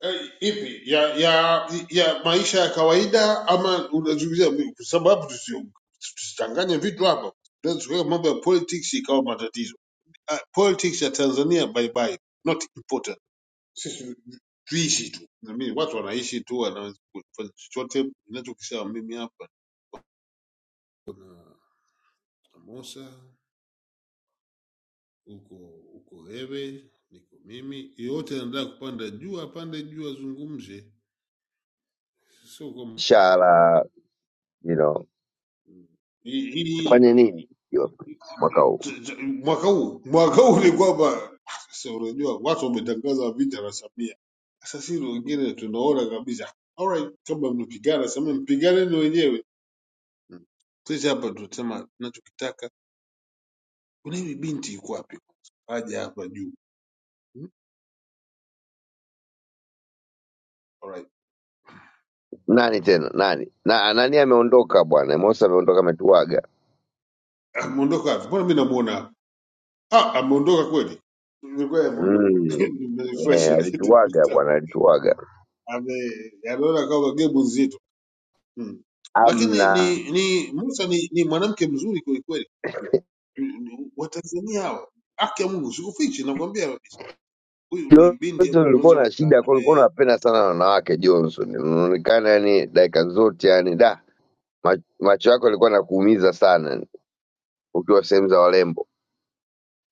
[SPEAKER 9] Eh, ipi ya ya ya maisha ya kawaida ama unazungumzia mi- kwa sababu tusi- tusichanganye vitu hapa tuweka mambo ya politics ikawa matatizo uh, politics ya Tanzania bye bye not important sisi tuishi tu na mimi watu wanaishi tu wanafanya chochote ninachokisema mimi hapa Mosa uko uko wewe niko mimi yote anataka kupanda juu apande juu azungumze sio kwa
[SPEAKER 10] shara, you know,
[SPEAKER 9] hii
[SPEAKER 10] tufanye nini hiyo mwaka huu?
[SPEAKER 9] Ch- ch- mwaka huu mwaka huu ni kwamba sasa, unajua watu wametangaza vita na Samia. Sasa sisi wengine tunaona kabisa alright, kama mnapigana Samia, mpiganeni wenyewe. Mm. Sisi hapa tunasema tunachokitaka. Kuna hivi binti yuko wapi? Aje hapa juu. Mm. Alright,
[SPEAKER 10] Nani tena nani na nani ameondoka bwana? Mosa ameondoka, ametuaga.
[SPEAKER 9] ameondoka wapi? Mbona mimi namuona hapa? Ah, ameondoka kweli? Ni kweli ameondoka.
[SPEAKER 10] Mm,
[SPEAKER 9] Nimefresh.
[SPEAKER 10] eh, alituaga bwana, alituaga.
[SPEAKER 9] Ame anaona kama game nzito. Mm. Lakini
[SPEAKER 10] Amna
[SPEAKER 9] ni, ni Musa ni, ni mwanamke mzuri kwelikweli. unajua. Ni- ni- Watanzania hawa haki ya Mungu sikufichi, nakwambia kabisa, huyu ni binti
[SPEAKER 10] Johnson,
[SPEAKER 9] ambaye
[SPEAKER 10] ulikuwa
[SPEAKER 9] unaweza
[SPEAKER 10] na
[SPEAKER 9] kukaa
[SPEAKER 10] shida, kwa ulikuwa
[SPEAKER 9] naye.
[SPEAKER 10] unapenda sana wanawake Johnson, unaonekana yani dakika zote yani da Ma- macho yako yalikuwa nakuumiza sana ukiwa sehemu za warembo.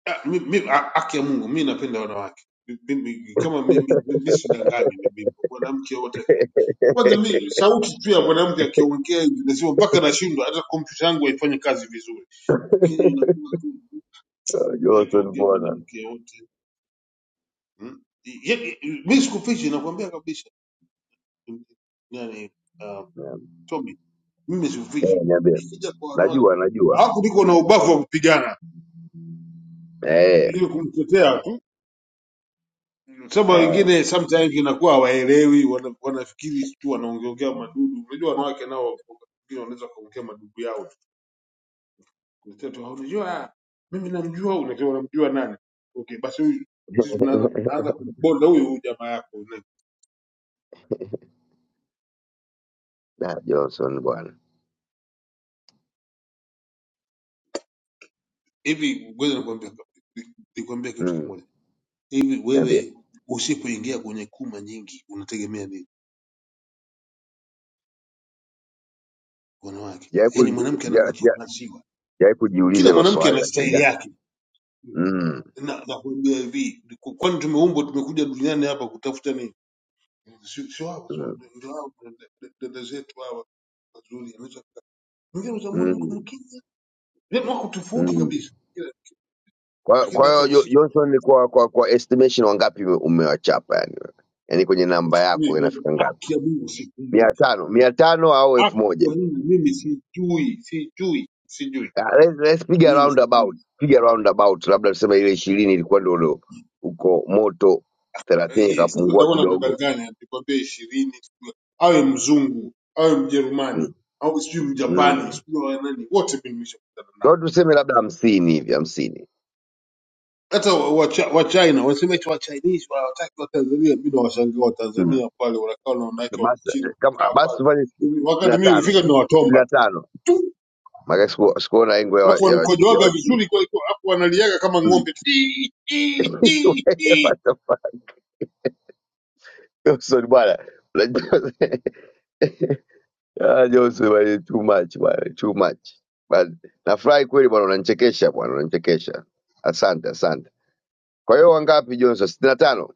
[SPEAKER 9] Ah, mi- mi- ah, Haki ya Mungu, mi napenda wanawake Mimi- kama mimi mimi sidanganyi, mimi mwanamke wote akiongea kwanza, mi sauti tu ya mwanamke akiongea hivi nasema mpaka nashindwa, hata kompyuta yangu haifanyi kazi vizuri, lakini inakuwa tu mimi
[SPEAKER 10] Unajua usoni
[SPEAKER 9] akiongea
[SPEAKER 10] mbona?
[SPEAKER 9] mwanamke wote mm? Ye- ye- mi sikufichi, nakwambia kabisa nani uh, Tommy, mimi simfichi,
[SPEAKER 10] Eh, niambie.
[SPEAKER 9] nikija kwa wanawake
[SPEAKER 10] Najua, najua.
[SPEAKER 9] alafu niko na ubavu wa kupigana
[SPEAKER 10] Eh,
[SPEAKER 9] ili kumtetea tu, sababu
[SPEAKER 10] eh.
[SPEAKER 9] wengine sometimes inakuwa hawaelewi, wana- wanafikiri tu wanaongeongea madudu. Unajua wanawake nao wengine wanaweza kuongea madudu yao tu, kutetea tu, "Ah, unajua ah, mimi namjua, huyu." unajua unamjua nani? Okay, basi huyu sisi tunaanza tunaanza kumbonda huyu huyu jamaa yako na-
[SPEAKER 10] Na Johnson bwana.
[SPEAKER 9] hivi. Ngoja nikwambia nikwambia kitu
[SPEAKER 10] Mm,
[SPEAKER 9] kimoja Hivi
[SPEAKER 10] niambie.
[SPEAKER 9] wewe usipoingia kwenye kuma nyingi unategemea nini wanawake?
[SPEAKER 10] Sijawahi ku-
[SPEAKER 9] Yaani mwanamke
[SPEAKER 10] sija-
[SPEAKER 9] anakuachia
[SPEAKER 10] sija-
[SPEAKER 9] maziwa,
[SPEAKER 10] sijawahi kujiuliza
[SPEAKER 9] kila
[SPEAKER 10] hilo
[SPEAKER 9] mwanamke
[SPEAKER 10] swali
[SPEAKER 9] ana
[SPEAKER 10] lakini
[SPEAKER 9] staili
[SPEAKER 10] da.
[SPEAKER 9] yake,
[SPEAKER 10] Mm,
[SPEAKER 9] na nakwambia hivi, ku- kwani tumeumbwa tumekuja duniani hapa kutafuta nini? Si si wao, si wao,
[SPEAKER 10] mm,
[SPEAKER 9] ndio hao dada dada zetu hawa wazuri, anaweza kukaa- mwingine utamwona yuko
[SPEAKER 10] mm,
[SPEAKER 9] mkimya, yaani wako tofauti
[SPEAKER 10] mm.
[SPEAKER 9] kabisa, Ila-
[SPEAKER 10] Kwa
[SPEAKER 9] lakini
[SPEAKER 10] kwa
[SPEAKER 9] hata
[SPEAKER 10] hiyo Jo-
[SPEAKER 9] usiku,
[SPEAKER 10] Johnson ni kwa kwa kwa estimation wangapi ume- umewachapa yani? Yaani kwenye namba yako
[SPEAKER 9] mimi, yaani,
[SPEAKER 10] inafika ngapi?
[SPEAKER 9] haki ya Mungu
[SPEAKER 10] mia
[SPEAKER 9] sikumbuki,
[SPEAKER 10] tano mia tano au elfu
[SPEAKER 9] haki
[SPEAKER 10] moja
[SPEAKER 9] ya Mungu mimi sijui, sijui, sijui,
[SPEAKER 10] Ah, let's, let's piga
[SPEAKER 9] mimi
[SPEAKER 10] roundabout,
[SPEAKER 9] sijui
[SPEAKER 10] piga roundabout, labda tuseme ile ishirini ilikuwa ndio ndio uko moto, thelathini
[SPEAKER 9] Eh, Sasa
[SPEAKER 10] ikapungua
[SPEAKER 9] nitakuwa
[SPEAKER 10] kidogo
[SPEAKER 9] nakudanganya nikwambia ishirini, sijui- awe mzungu awe Mjerumani
[SPEAKER 10] mm.
[SPEAKER 9] au sijui Mjapani
[SPEAKER 10] Mm.
[SPEAKER 9] sijui wa nani, wote mimi nimeshakutana
[SPEAKER 10] Kwa
[SPEAKER 9] nao,
[SPEAKER 10] hiyo tuseme labda hamsini hivi hamsini
[SPEAKER 9] hata wa wa Chi- wa China wanasema eti wa Chinese hawataki wa Tanzania. Mimi nawashangaa wa
[SPEAKER 10] mm.
[SPEAKER 9] Tanzania pale wanakaa na wanawake wa
[SPEAKER 10] basi
[SPEAKER 9] Kichina
[SPEAKER 10] kama
[SPEAKER 9] wakikaa
[SPEAKER 10] basi
[SPEAKER 9] pale,
[SPEAKER 10] tufanye sitini
[SPEAKER 9] Mimi- wakati
[SPEAKER 10] na
[SPEAKER 9] mimi
[SPEAKER 10] tano
[SPEAKER 9] nifika
[SPEAKER 10] sitini
[SPEAKER 9] nawatomba
[SPEAKER 10] na
[SPEAKER 9] tu
[SPEAKER 10] tano
[SPEAKER 9] Tu!
[SPEAKER 10] maka siku- sikuona engo ya wa-
[SPEAKER 9] alafu
[SPEAKER 10] ya wa- ya
[SPEAKER 9] wanakojoaga
[SPEAKER 10] Wachina
[SPEAKER 9] vizuri kwa kwa- alafu wanaliaga kama
[SPEAKER 10] Mm.
[SPEAKER 9] ng'ombe Tii, tii, tii,
[SPEAKER 10] Wewe,
[SPEAKER 9] tii.
[SPEAKER 10] what the fuck? Wilson bwana, unajua Ah, Jose bwana, too much bwana, too much. But nafurahi kweli bwana, unanichekesha bwana, unanichekesha. Asante, asante. Kwa hiyo wangapi Johnson? sitini na tano.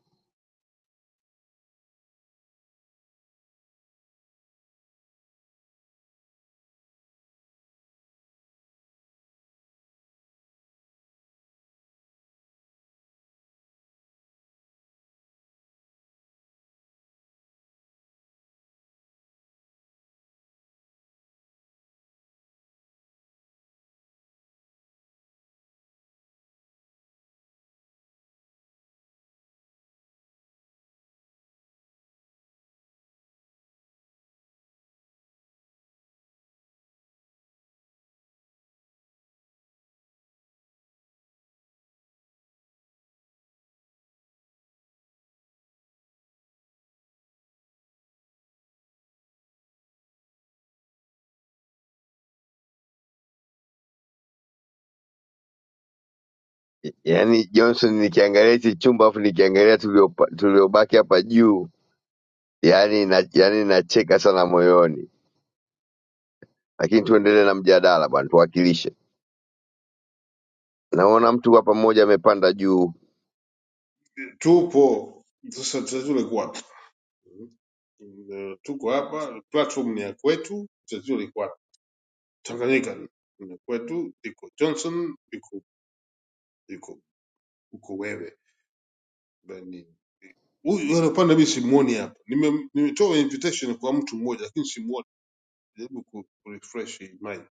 [SPEAKER 10] Yaani Johnson, nikiangalia hichi chumba afu nikiangalia tuliopa- tuliobaki hapa juu, yaani na, yaani nacheka sana moyoni, lakini tuendelee na mjadala bwana, tuwakilishe. Naona mtu hapa mmoja amepanda juu
[SPEAKER 9] tupo sasa tatizo liko wapi? Mm. Eh, tuko hapa, platform ni ya kwetu, tatizo liko wapi? Tanganyika ni ni kwetu, iko Johnson, iko iko uko wewe Bani. Huyu anapanda mimi simuoni hapa. Nime- Nimetoa invitation kwa mtu mmoja lakini simuoni. Jaribu ku ku- refresh hii mind.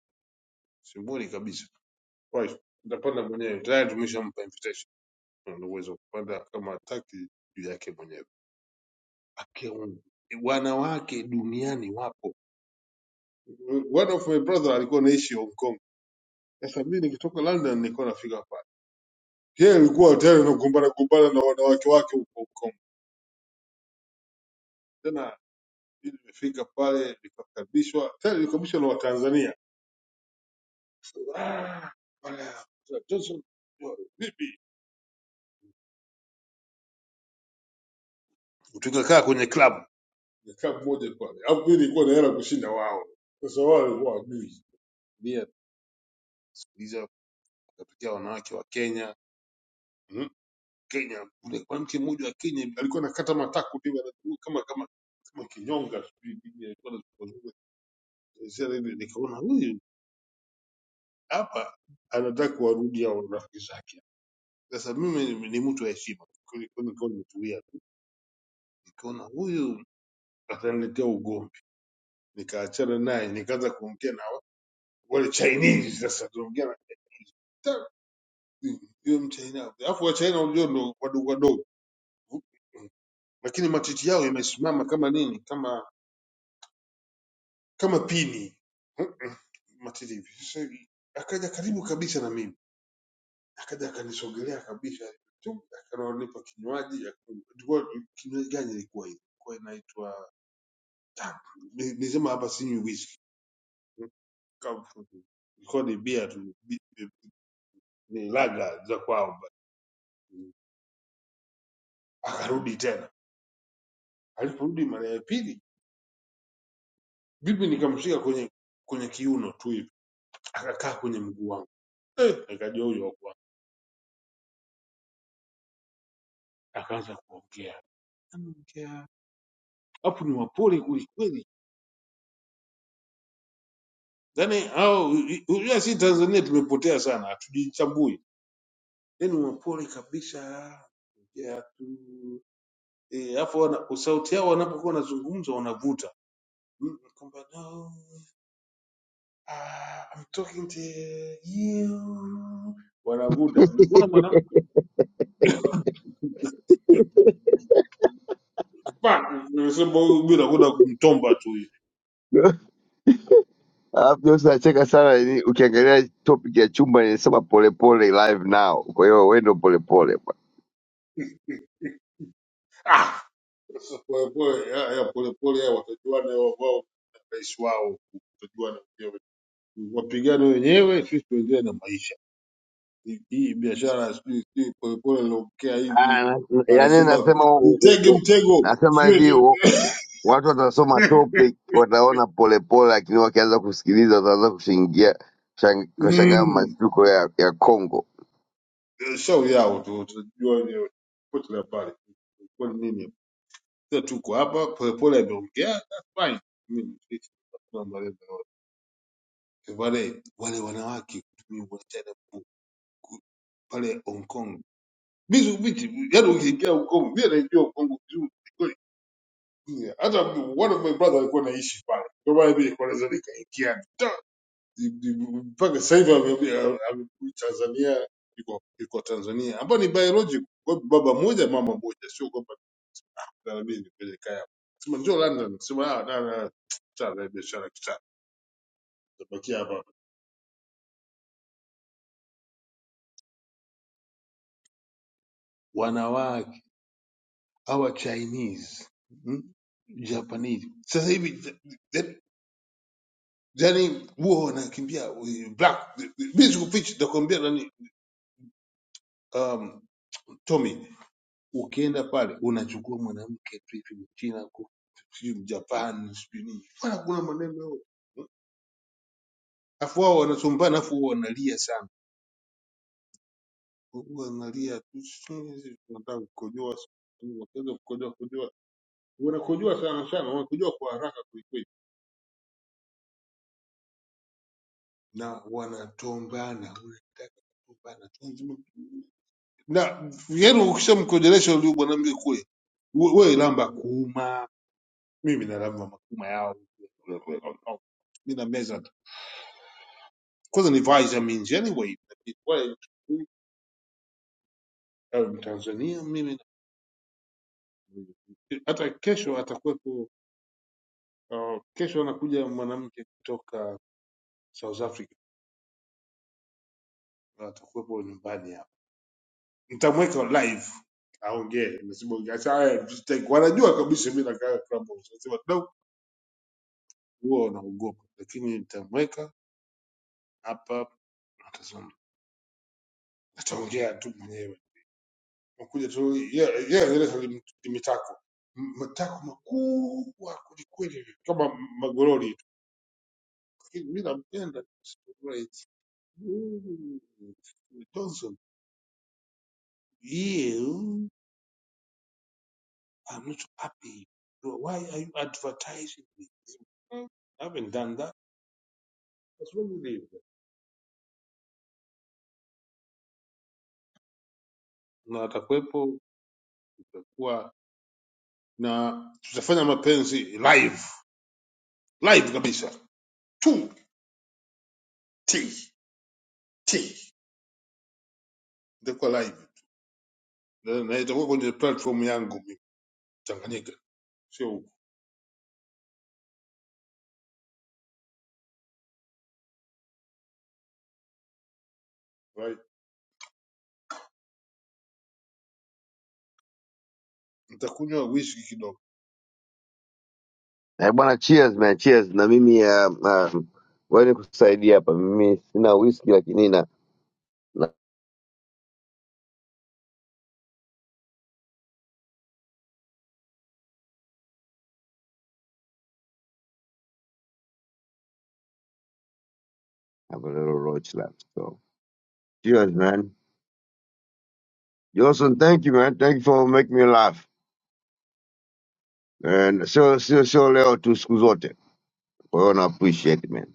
[SPEAKER 9] Simuoni kabisa. Right. Ndapanda mwenyewe. Tayari tumeshampa invitation. Ana uwezo wa kupanda kama hataki juu yake mwenyewe. Akeungu. Wanawake duniani wapo. One of my brother alikuwa anaishi Hong Kong Sasa mimi nikitoka London nilikuwa nafika pale, yeye alikuwa tena anagombana gombana na wanawake wake huko Kongo. Tena mimi nimefika pale nikakaribishwa, tena nilikaribishwa na Watanzania Ah, haya, Johnson, vipi? tukakaa kwenye club Nikaa mmoja pale, alafu mimi nilikuwa na hela kushinda wao. Sasa wao walikuwa wajui mia sikiliza, katokea wanawake wa Kenya mm, Kenya kule, mwanamke mmoja wa Kenya hivi, alikuwa anakata mataku hivi anazunguka kama kama kama kinyonga sijui nini alikuwa anazunguka Sasa hivi nikaona huyu hapa anataka kuwarudia rafiki zake. Sasa mimi ni ni mtu wa heshima, Kwa hiyo nikawa nimetulia tu, nikaona huyu ataniletea ugomvi, nikaachana naye, nikaanza kuongea na wale Chinese. Sasa tunaongea na ta- huyo mchaina, alafu wa China unajua ndo wadogo wadogo, lakini matiti yao yamesimama kama nini, kama kama pini matiti hivi. Sasa akaja karibu kabisa na mimi akaja akanisogelea kabisa tu akanipa kinywaji aka- ilikuwa kinywaji gani ilikuwa hiyo ilikuwa inaitwa Tap. Ni- nisema hapa sinywi whisky Kama- ilikuwa ni bia tu bi- bi- ni laga za kwao but- akarudi tena aliporudi mara ya pili bibi nikamshika kwenye kwenye kiuno tu hivi akakaa kwenye mguu wangu eh, nikajua huyo wakwangu akaanza kuongea anaongea hapo ni wapole kwelikweli Yaani hao unajua sisi Tanzania tumepotea sana, hatujichambui. Yaani wapole kabisa. Ya tu. Eh, alafu wana sauti yao wanapokuwa wanazungumza wanavuta. Mm, Kwamba no, ah, I'm talking to you. Wanavuta. Mlikiona mwanamke pa, nimesema bila kwenda kumtomba tu hivi.
[SPEAKER 10] alafu Johnson nacheka sana yaani, ukiangalia topic ya chumba inasema polepole live now, kwa hiyo wewe ndio polepole
[SPEAKER 9] Ah, sasa pole pole, haya pole pole haya watajuana wao wao na rais wao, watajuana wenyewe. Wapigane wenyewe, sisi tuendelee na maisha. hii biashara sijui sijui polepole nilopokea hivi
[SPEAKER 10] Ah, yaani
[SPEAKER 9] anasema
[SPEAKER 10] nasema u- u-
[SPEAKER 9] nitege
[SPEAKER 10] u-
[SPEAKER 9] mtego
[SPEAKER 10] nasema
[SPEAKER 9] sijui
[SPEAKER 10] hivi
[SPEAKER 9] sijui.
[SPEAKER 10] u- watu watasoma topic wataona polepole, lakini wakianza kusikiliza wataanza kushangia shang- kushangaa
[SPEAKER 9] Mm,
[SPEAKER 10] mashtuko ya ya Congo.
[SPEAKER 9] shauri yao tu tunajua wenyewe pote la pale kwa nini sasa tuko hapa polepole ameongea that's fine mimi kuna malengo yote wale wale wanawake kutumia wasichana ku- ku- pale Hong Kong vitu vitu yani ukiingia Hong Kong mimi naijua Hong Kong vizuri Yeah, hata one of my brother alikuwa naishi pale, ndio maana mimi nilikuwa naweza nikaingia ta- ni- ni- mpaka sasa hivi ame- ame- amerudi Tanzania, iko iko Tanzania, ambao ni biological, kwa hiyo baba mmoja mama mmoja, sio kwamba mimi nipeleka hapo, sema njoo London, sema ah, na na sana biashara kitana, tabakia hapa. Wanawake hawa Chinese mm? Japanese sasa hivi th- th- yani huwa wanakimbia eh, black, mimi sikufichi, nakwambia nani um, Tommy, ukienda pale unachukua mwanamke pipi mchina ku- sijui mjapani sijui nini, Bwana, kuna maneno yao. Afu wao wanasumbana, afu wao wanalia sana, Huwa wanalia tu, "Sisi tunataka kukojoa, sisi wakianza kukojoa kojoa, wanakojoa sana sana, wanakojoa kwa haraka kwelikweli, na wanatombana, wanataka kutombana na yenu, ukishamkojelesha yule mwanamke kule, we- wewe lamba kuuma mimi nalamba makuma yao mina meza tu. kwanza ni vitamins anyway Kwa- au mtanzania mimi na- hata kesho atakuwepo uh, kesho anakuja mwanamke kutoka south africa atakuwepo nyumbani hapa nitamweka live aongee Nasema, "Acha haya, msitaki." wanajua kabisa mi nakaa Clubhouse. Nasema, "No, huwa wanaogopa lakini nitamweka hapa atazungumza. ataongea tu mwenyewe Makuja tu yeye yeah, yeah, ni mitako M- matako makubwa kwelikweli kama magorori tu, lakini mi nampenda Right. Mm, Johnson. You, I'm not happy. So Why are you advertising me? Mm. I haven't done that. That's what you did. Na atakuwepo, tutakuwa na tutafanya mapenzi live live kabisa tu t t itakuwa live na na itakuwa kwenye platform yangu Tanganyika, sio huku. Right? Nitakunywa whisky kidogo.
[SPEAKER 10] Eh bwana, cheers man, cheers. Na mimi ya uh, wewe nikusaidia hapa, mimi sina whisky lakini na na have a little roach left. So cheers man. Johnson, thank you man, thank you for making me laugh. And sio sio sio leo tu, siku zote. Kwa hiyo na appreciate man.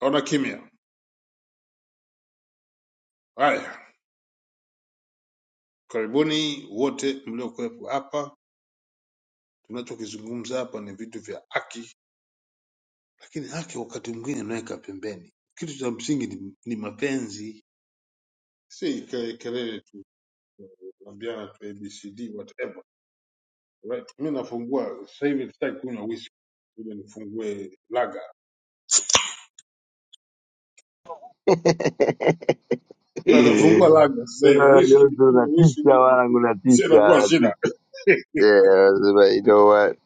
[SPEAKER 9] Ona kimya. Haya, karibuni wote mliokuwepo hapa. Tunachokizungumza hapa ni vitu vya haki, lakini haki wakati mwingine inaweka pembeni. Kitu cha msingi ni, ni mapenzi, si ke- kelele tu, kuambiana tu ABCD whatever. Right? Mimi nafungua sasa hivi, sitaki kunywa whisky, ile nifungue laga, na nafungua laga sasa hivi.
[SPEAKER 10] Ah,
[SPEAKER 9] Whisky
[SPEAKER 10] Johnson
[SPEAKER 9] nikinywa whisky
[SPEAKER 10] unatisha
[SPEAKER 9] mimi
[SPEAKER 10] wanangu, unatisha,
[SPEAKER 9] nakuwa shida
[SPEAKER 10] unatisha. Yeah, nasema, you know what?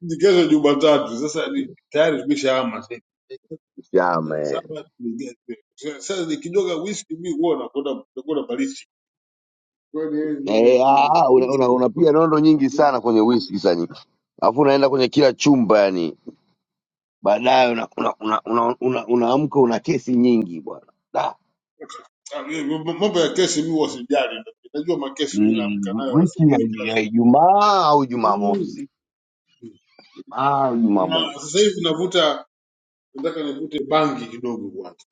[SPEAKER 9] Ni kesho Jumatatu. Sasa ni tayari tumeshahama sasa.
[SPEAKER 10] Chama
[SPEAKER 9] Tarehe
[SPEAKER 10] eh,
[SPEAKER 9] saba tumeja- sasa sasa nikidoga whisky mimi huwa nakwenda nakwenda baridi. Kwani yeye nini
[SPEAKER 10] Eh,
[SPEAKER 9] tu
[SPEAKER 10] ah, ah, una- una-
[SPEAKER 9] whisky?
[SPEAKER 10] unapiga nondo nyingi sana
[SPEAKER 9] mimi-
[SPEAKER 10] kwenye whisky sani, alafu unaenda kwenye kila chumba yani, baadaye unaamka una, una, una, una, una unaamka una kesi nyingi bwana. Da.
[SPEAKER 9] Ah, mimi- mambo mambo ya kesi mimi huwa sijali. Najua makesi mimi naamka
[SPEAKER 10] Mm,
[SPEAKER 9] nayo
[SPEAKER 10] Whisky ya
[SPEAKER 9] asubuhi kila
[SPEAKER 10] ya
[SPEAKER 9] siku.
[SPEAKER 10] Ijumaa au
[SPEAKER 9] Mm.
[SPEAKER 10] Jumamosi, Ijumaa au
[SPEAKER 9] Na
[SPEAKER 10] Jumamosi,
[SPEAKER 9] sasa hivi navuta nataka nivute bangi kidogo kwanza.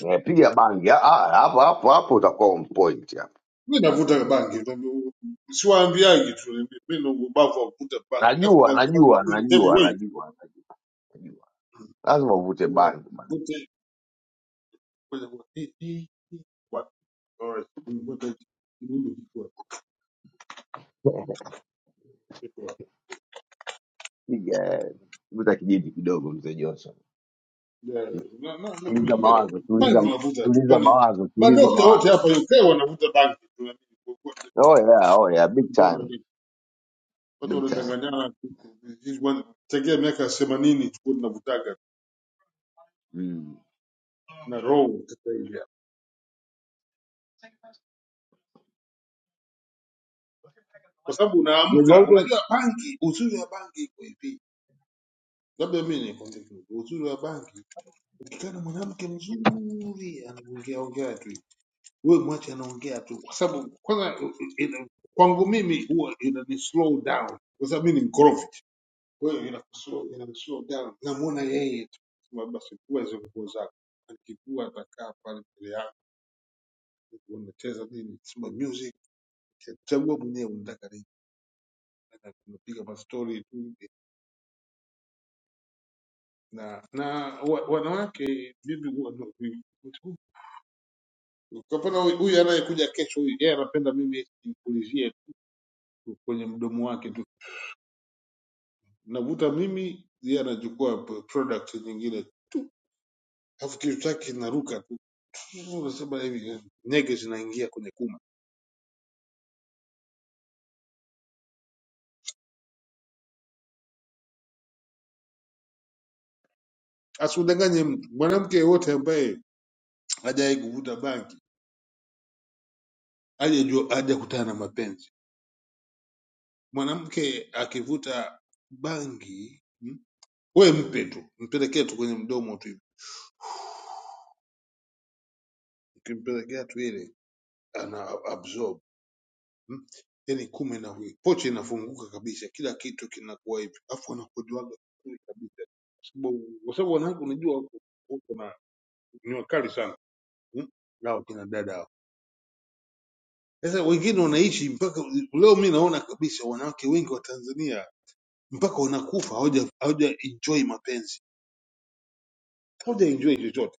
[SPEAKER 10] Eh, piga bangi Ah, ah, hapo hapo hapo, utakuwa on point hapo.
[SPEAKER 9] Mimi navuta bangi. ndio- Siwaambiagi tu mimi na ubavu wa kuvuta bangi. Alafu
[SPEAKER 10] Najua,
[SPEAKER 9] bangi yangu
[SPEAKER 10] najua,
[SPEAKER 9] ni
[SPEAKER 10] najua,
[SPEAKER 9] heavyweight.
[SPEAKER 10] najua, najua. lazima uvute bangi bana,
[SPEAKER 9] Kwanza kuna hii- hii- hii- What? Alright. Nimekuwa tayari. Nimeunda kikwa. Kikwa.
[SPEAKER 10] piga eh, vuta kijiji kidogo, mzee Johnson,
[SPEAKER 9] Yeah. Na- na- na- na-
[SPEAKER 10] tuliza
[SPEAKER 9] mira,
[SPEAKER 10] mawazo,
[SPEAKER 9] bangi
[SPEAKER 10] tuliza
[SPEAKER 9] mnavuta tu.
[SPEAKER 10] tuliza
[SPEAKER 9] Kwani
[SPEAKER 10] mawazo, tuliza
[SPEAKER 9] madokta wote
[SPEAKER 10] mawazo.
[SPEAKER 9] hapa UK wanavuta bangi tu, na mimi kwa- kwa-
[SPEAKER 10] Oh yeah, oh yeah, big
[SPEAKER 9] kwa-
[SPEAKER 10] time,
[SPEAKER 9] nini? Watu
[SPEAKER 10] big time.
[SPEAKER 9] wanadanganyana tu. Hii one- tangia miaka themanini tulikuwa tunavutaga
[SPEAKER 10] Mm.
[SPEAKER 9] na roho sasa hivi hapa. Kwa sababu
[SPEAKER 10] Mzee
[SPEAKER 9] unaamka,
[SPEAKER 10] Johnson,
[SPEAKER 9] unajua bangi, uzuri wa bangi iko hivi. Labda mimi nikwambie kitu, uzuri wa bangi, ukikana mwanamke mzuri anaongea ongea tu wewe mwache anaongea tu, kwa sababu kwanza ina- kwangu mimi huwa inani slow down, kwa sababu mimi ni mkorofi. Kwa hiyo ina slow, ina slow down, namuona yeye tu, sema basi kuwa hizo nguo zako, akikuwa atakaa pale mbele yangu, unacheza nini, sema music, chagua mwenyewe unataka nini, Na tunapiga ma story tu na na wa, wanawake mimi huwa ndo- kwa mfano huyu huyu anayekuja kesho, huyu yeye anapenda mimi nipulizie kwenye mdomo wake tu navuta mimi yeye anachukua p- product nyingine alafu kitu chake kinaruka tu unasema hivi nyege zinaingia kwenye kuma asikudanganye mtu mwanamke yeyote ambaye hajawahi kuvuta bangi hajajua hajakutana na mapenzi mwanamke akivuta bangi mm, we mpe tu mpelekee tu kwenye mdomo tu hivi. ukimpelekea tu ile ana absorb Mm. Yani kume na huyu pochi inafunguka kabisa, kila kitu kinakuwa hivyo, afu wanakojoaga vizuri kabisa, kwa sababu kwa sababu wanawake unajua wako wako na ni wakali sana mm? hao kina dada hao. Sasa wengine wanaishi mpaka leo, mi naona kabisa wanawake wengi wa Tanzania mpaka wanakufa hawaja hawaja enjoy mapenzi, hawaja enjoy chochote.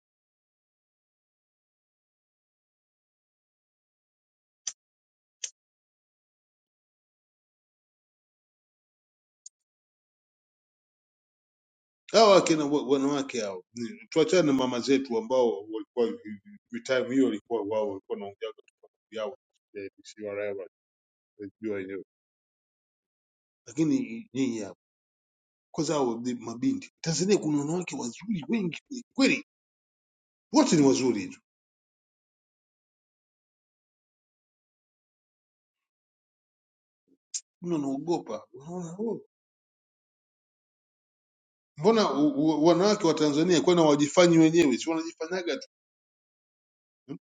[SPEAKER 9] Hawa akina wa- wanawake hao, ni- tuachane na mama zetu ambao walikuwa hivi- hivi- time hiyo walikuwa wao walikuwa wanaongea kwa sababu yao eh, si wale lakini nyinyi hapa kwanza hao ni mabinti Tanzania, kuna wanawake wazuri wengi kweli kweli, wote ni wazuri tu, Mbona naogopa. Unaona, oh, mbona u- u- wanawake wa Tanzania kwani hawajifanyi wenyewe? Si wanajifanyaga tu hmm?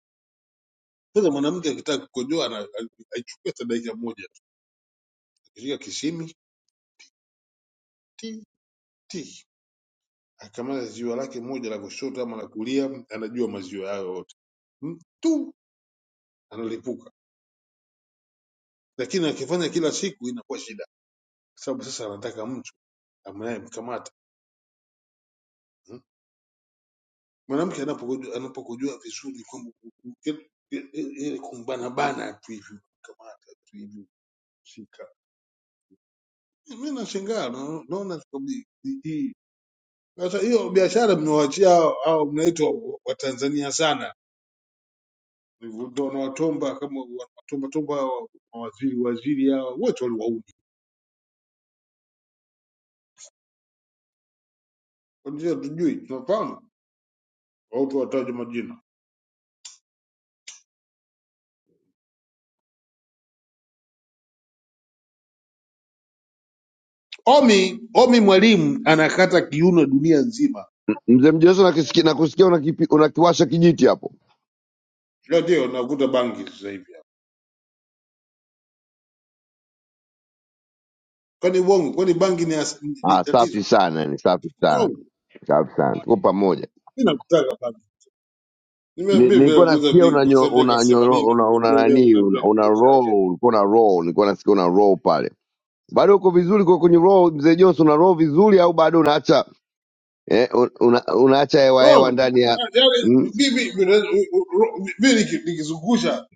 [SPEAKER 9] Sasa mwanamke akitaka kukojoa ana- a- aichukua hata dakika moja, tu. akishika kishimi ti ti, akamaliza ziwa lake moja la kushoto ama la kulia, anajua maziwa yao yote Hmm? tu, analipuka. Lakini akifanya kila siku inakuwa shida, kwa sababu sasa anataka mtu amnayemkamata Mwanamke anapokujua, anapokujua vizuri kwamba uki- ile kumbanabana tu hivi kamata tu hivi shika, mimi nashangaa, na- naona kwamba hii hii- sasa hiyo biashara mnawachia hao hao mnaitwa Watanzania sana, ndio wanawatomba kama watomba tomba hao mawaziri waziri hao wote waliwauni, ndio tujui tunafahamu watu wataje majina. Omi Omi mwalimu anakata kiuno dunia nzima,
[SPEAKER 10] mzee Johnson, nakusikia nakusikia unakipi- unakiwasha kijiti hapo.
[SPEAKER 9] ndio ndio nakuta bangi sasa hivi. Kwani uongo? Kwani bangi ni, as- ni ni
[SPEAKER 10] Ah, safi
[SPEAKER 9] tatizo?
[SPEAKER 10] sana, ni safi
[SPEAKER 9] No,
[SPEAKER 10] sana, safi sana, tuko pamoja.
[SPEAKER 9] mi nakutaka bangi. Nime-
[SPEAKER 10] Ni-
[SPEAKER 9] Mi
[SPEAKER 10] Nilikuwa
[SPEAKER 9] nimeguza
[SPEAKER 10] nasikia
[SPEAKER 9] bangi kwa
[SPEAKER 10] unanyo
[SPEAKER 9] sababu miaka
[SPEAKER 10] unanyo
[SPEAKER 9] themanini,
[SPEAKER 10] una una
[SPEAKER 9] unaambia leo
[SPEAKER 10] nani una,
[SPEAKER 9] unaambia
[SPEAKER 10] una
[SPEAKER 9] biashara
[SPEAKER 10] roll,
[SPEAKER 9] gani?
[SPEAKER 10] ulikuwa na roll, nilikuwa nasikia una roll pale. Bado uko vizuri kwa kwenye roll, mzee Johnson, una roll vizuri au bado unaacha eh, un- una, unaacha hewa hewa
[SPEAKER 9] Wrong.
[SPEAKER 10] ndani ya
[SPEAKER 9] Ah, Yaani
[SPEAKER 10] mm,
[SPEAKER 9] mimi unaweza- u- u- ro- mi niki- nikizungusha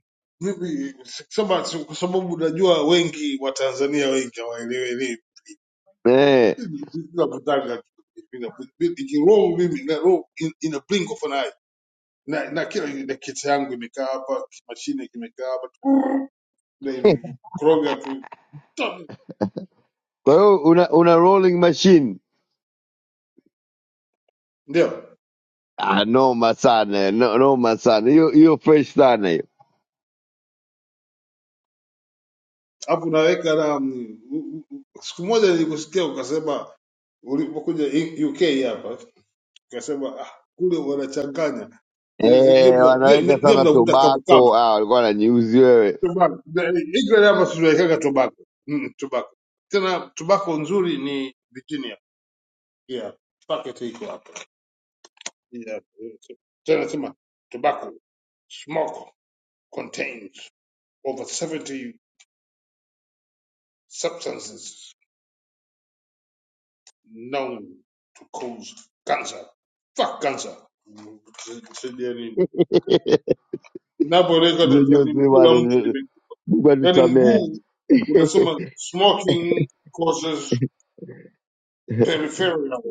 [SPEAKER 9] mimi sema si- kwa sababu najua wengi wa Tanzania wengi hawaelewi elimu.
[SPEAKER 10] eh.
[SPEAKER 9] Mimi nakutaka tu. Mimi nabu- mi- niki wrong mimi na wrong in, in a blink of an eye. Na, na kila na kiti yangu imekaa hapa, mashine kimekaa hapa na imekoroga tu
[SPEAKER 10] Kwa hiyo una, una rolling machine
[SPEAKER 9] ndio
[SPEAKER 10] ah, noma sana no, noma sana hiyo hiyo, fresh sana hiyo
[SPEAKER 9] hapo unaweka na mm, u- u- u- siku moja nilikusikia ukasema ulipokuja I- UK hapa ukasema ah, kule wanachanganya nyie
[SPEAKER 10] eh,
[SPEAKER 9] mna- nyie-
[SPEAKER 10] wanaweka
[SPEAKER 9] nyie- nyie
[SPEAKER 10] sana
[SPEAKER 9] mnavuta
[SPEAKER 10] tobako
[SPEAKER 9] kabukabu
[SPEAKER 10] ah, walikuwa wananiuzi wewe
[SPEAKER 9] Tobacco. The- England hapa tunawekaga tobacco Mm, mm, tobacco tena tobacco nzuri ni Virginia yeah packet iko hapa yeah. tena sema tobacco smoke contains over 70 substances known to cause cancer. Fuck cancer. Sijali. Ninapoweka
[SPEAKER 10] Mzee
[SPEAKER 9] dalili
[SPEAKER 10] Jose
[SPEAKER 9] mkuu la mtu
[SPEAKER 10] bwana,
[SPEAKER 9] lime-
[SPEAKER 10] Mungu
[SPEAKER 9] yaani
[SPEAKER 10] atusamehe
[SPEAKER 9] mguu unasema smoking causes peripheral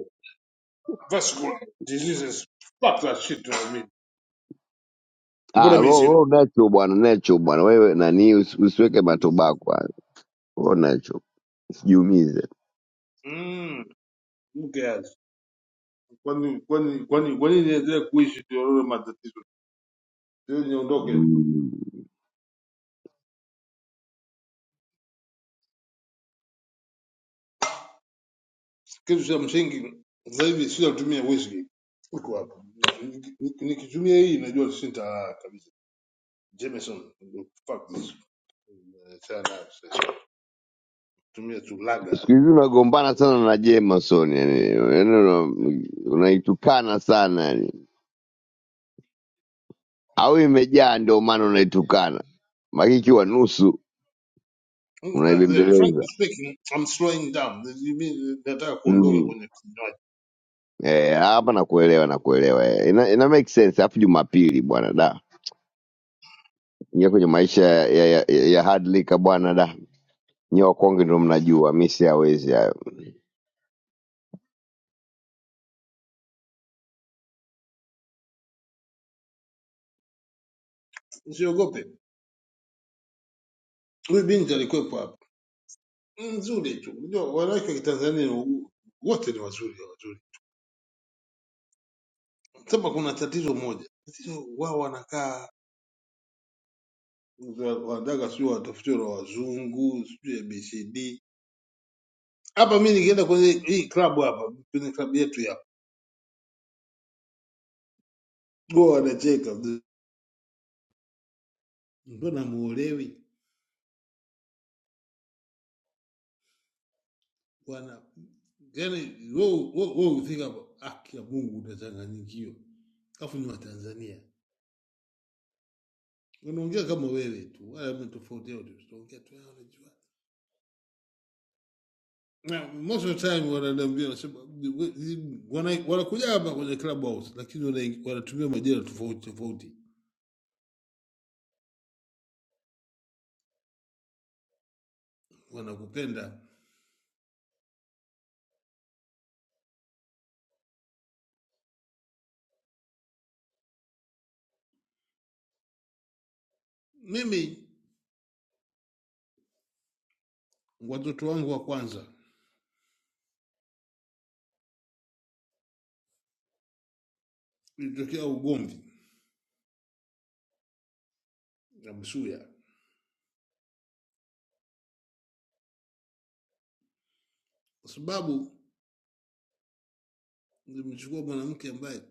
[SPEAKER 9] vascular diseases. Fuck that shit, you know what I mean?
[SPEAKER 10] ah,
[SPEAKER 9] Mbona mimi
[SPEAKER 10] roll
[SPEAKER 9] sina?
[SPEAKER 10] roll natural bwana, natural bwana, wewe nani, usi- usiweke matobako hayo, roll natural usijiumize.
[SPEAKER 9] Mm, who cares? Kwani kwani kwani kwani niendelee kuishi tuone matatizo? Sio niondoke.
[SPEAKER 10] Mm.
[SPEAKER 9] kitu cha msingi zaidi sitatumia whisky huko hapa Nik- nikitumia hii najua sintalala kabisa jameson fuck this Achana, tumia tu
[SPEAKER 10] siku
[SPEAKER 9] lager
[SPEAKER 10] hizi unagombana sana na Jemason yani, yani una- unaitukana sana yani, au imejaa ndio maana unaitukana, maki ikiwa nusu
[SPEAKER 9] Mm, uh, uh,
[SPEAKER 10] unaibembeleza
[SPEAKER 9] frankly speaking i'm slowing down You mean, nataka kuondoka
[SPEAKER 10] mm.
[SPEAKER 9] kwenye kinywaji
[SPEAKER 10] Eh, hapa nakuelewa, nakuelewa eh. Ina, ina make sense. Alafu Jumapili bwana da nyewe kwenye maisha ya, ya, ya, ya hard liquor bwana da nyewe wakonge ndio mnajua, mi siawezi hayo.
[SPEAKER 9] usiogope huyu binti alikuwepo hapa nzuri tu unajua wanawake wa kitanzania wote ni wazuri wazuri sema kuna tatizo moja tatizo wao wanakaa wanataka sijui watafutiwa na wazungu sijui abcd hapa mi nikienda kwenye hii klabu hapa kwenye klabu yetu ya huwa wanacheka mbona muolewi wana yani we ukifika hapo haki ya mungu unachanganyikiwa alafu ni watanzania wanaongea kama wewe tu wala mna tofauti yote tunaongea tu "Ah, unajua Na most of the time wananiambia wanasema, we- wana- wanakuja hapa kwenye club house lakini wana- wanatumia majina tofauti tofauti wanakupenda Mimi watoto wangu wa kwanza ilitokea ugomvi na Busuya kwa sababu nilimchukua mwanamke ambaye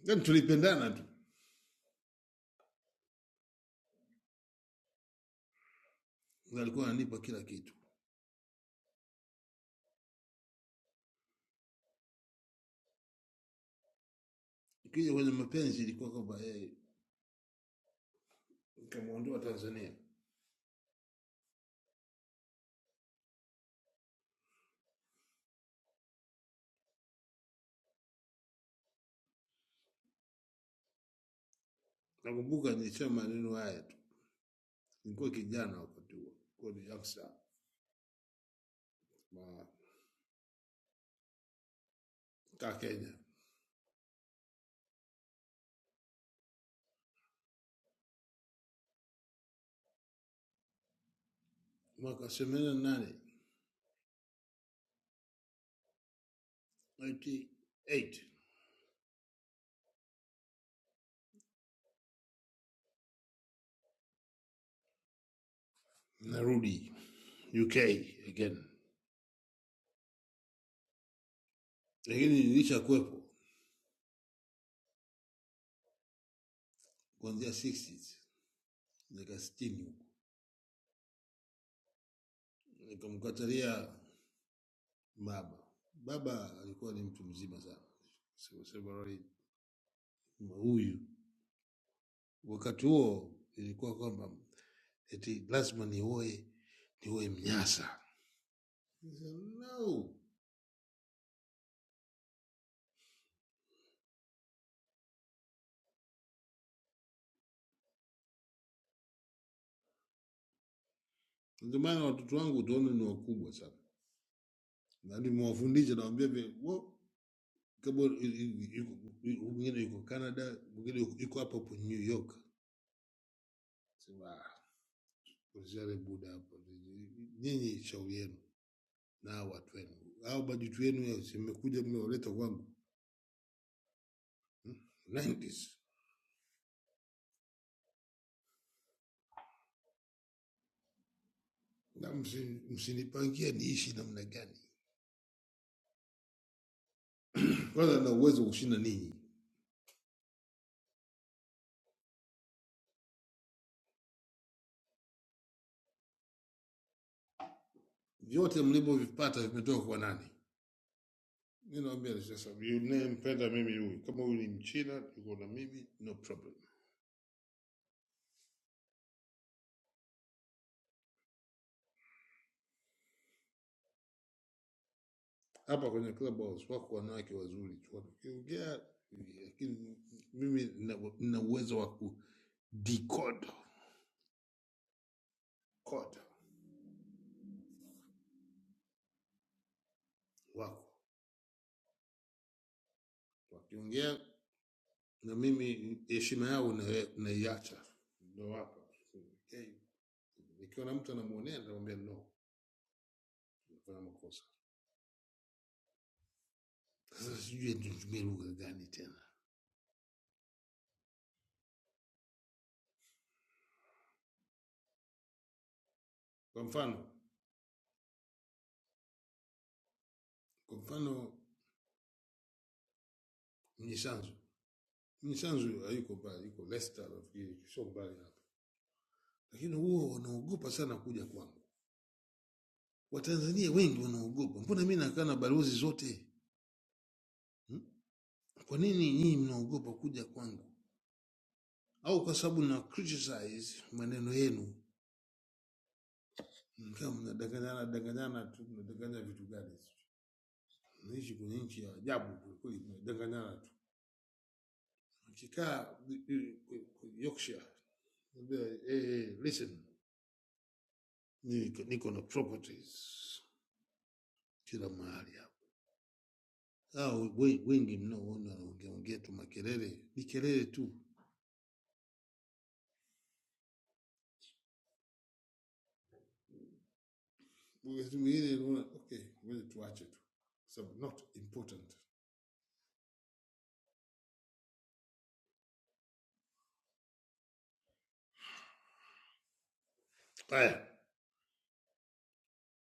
[SPEAKER 9] yani tulipendana tu, na alikuwa ananipa kila kitu. Ikija kwenye mapenzi ilikuwa kwamba yeye nikamwondoa Tanzania. Nakumbuka nilisema maneno haya tu, nilikuwa kijana wakati huo, kwa ni youngster ma- ka Kenya, mwaka themanini na nane 98 narudi UK again, lakini nilishakuwepo kuanzia 60s miaka 60 Nikamkatalia baba. Baba alikuwa ni mtu mzima sana, sema sema rali huyu. Wakati huo ilikuwa kwamba eti lazima nioe nioe Mnyasa. Nikasema, No, ndio maana watoto wangu utaona ni wakubwa sana, na nimewafundisha nawambia vile wo- kama i- i- yuko- i- mwingine yuko Canada, mwingine yuko yuko hapa hapo New York. Sema "Ah, kulisha ile buda hapa, nyinyi shauri yenu. na hao watu wenu, au bajeti yenu zimekuja, mmewaleta kwangu 90s na msi- msinipangie niishi namna gani? Kwanza na uwezo wa kushinda ninyi, vyote mlivyovipata vimetoka kwa nani? Mi nawambia sasa, unayempenda mimi huyu, kama huyu ni Mchina yuko na mimi, no problem. Hapa kwenye club house wako wanawake wazuri tu, wanakiongea, lakini mimi nina- nina uwezo wa ku decode code wako wakiongea na mimi heshima yao na- naiacha, ndo hapa Okay. Ikiwa na mtu anamwonea, nitamwambia no, nafanya makosa. Sasa sijui nitumie lugha gani tena. Kwa mfano, kwa mfano Mnyisanzu, Mnyisanzu hayuko mbali, yuko Leicester nafikiri, sio mbali hapa, lakini huo wanaogopa sana kuja kwangu. Watanzania wengi wanaogopa, mbona mi nakaa na balozi zote hmm? Kwa nini nyinyi mnaogopa kuja kwangu? Au kwa sababu na criticize maneno yenu Mkiwa mnadanganyana danganyana tu, mnadanganya vitu gani? sijui. Mnaishi kwenye nchi ya ajabu kwelikweli, mnadanganyana tu. Mkikaa eh, eh, Yorkshire, naambia eh, eh, listen, niko niko na properties kila mahali hapa. Hao we- wengi mnaoona wanaongea ongea tu makelele, ni kelele tu. Wakati mwingine unaona okay, ngoja tuache tu, kwa sababu not important. Haya,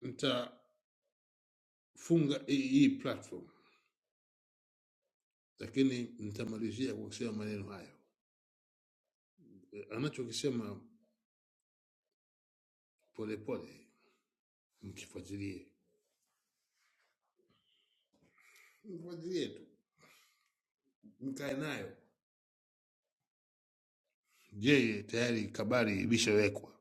[SPEAKER 9] mtafunga hii hii platform, lakini mtamalizia kwa kusema maneno hayo. anachokisema Polepole mkifuatilie, mfuatilie tu, mkae nayo. Yeye tayari kabari imeshawekwa,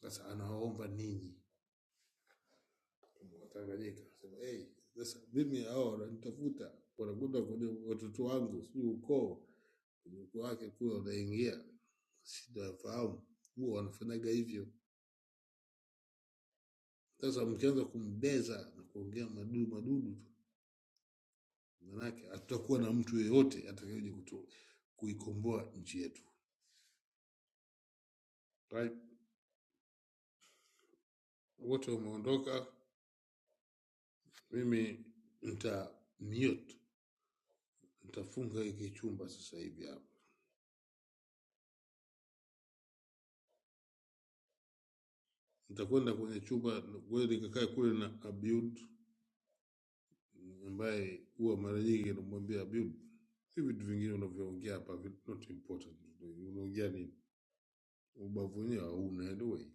[SPEAKER 9] sasa anawaomba ninyi Watanganyika, sema hey, sasa mimi hao wananitafuta, wanakwenda kwenye watoto wangu, sijui ukoo ukoo wake kule wanaingia, sitafahamu huwa wanafanyaga hivyo. Sasa mkianza kumbeza na kuongea madudu madudu tu, manake hatutakuwa na mtu yeyote atakayekuja kutu- kuikomboa nchi yetu. Right? Wote wameondoka, mimi nita mute, nitafunga hiki chumba sasa hivi hapa. Nitakwenda kwenye chumba ngoja nikakae kule na Abiud ambaye huwa mara nyingi namwambia Abiud, hivi vitu vingine unavyoongea hapa vi- not important, unaongea nini? Ubavu wenyewe hauna anyway.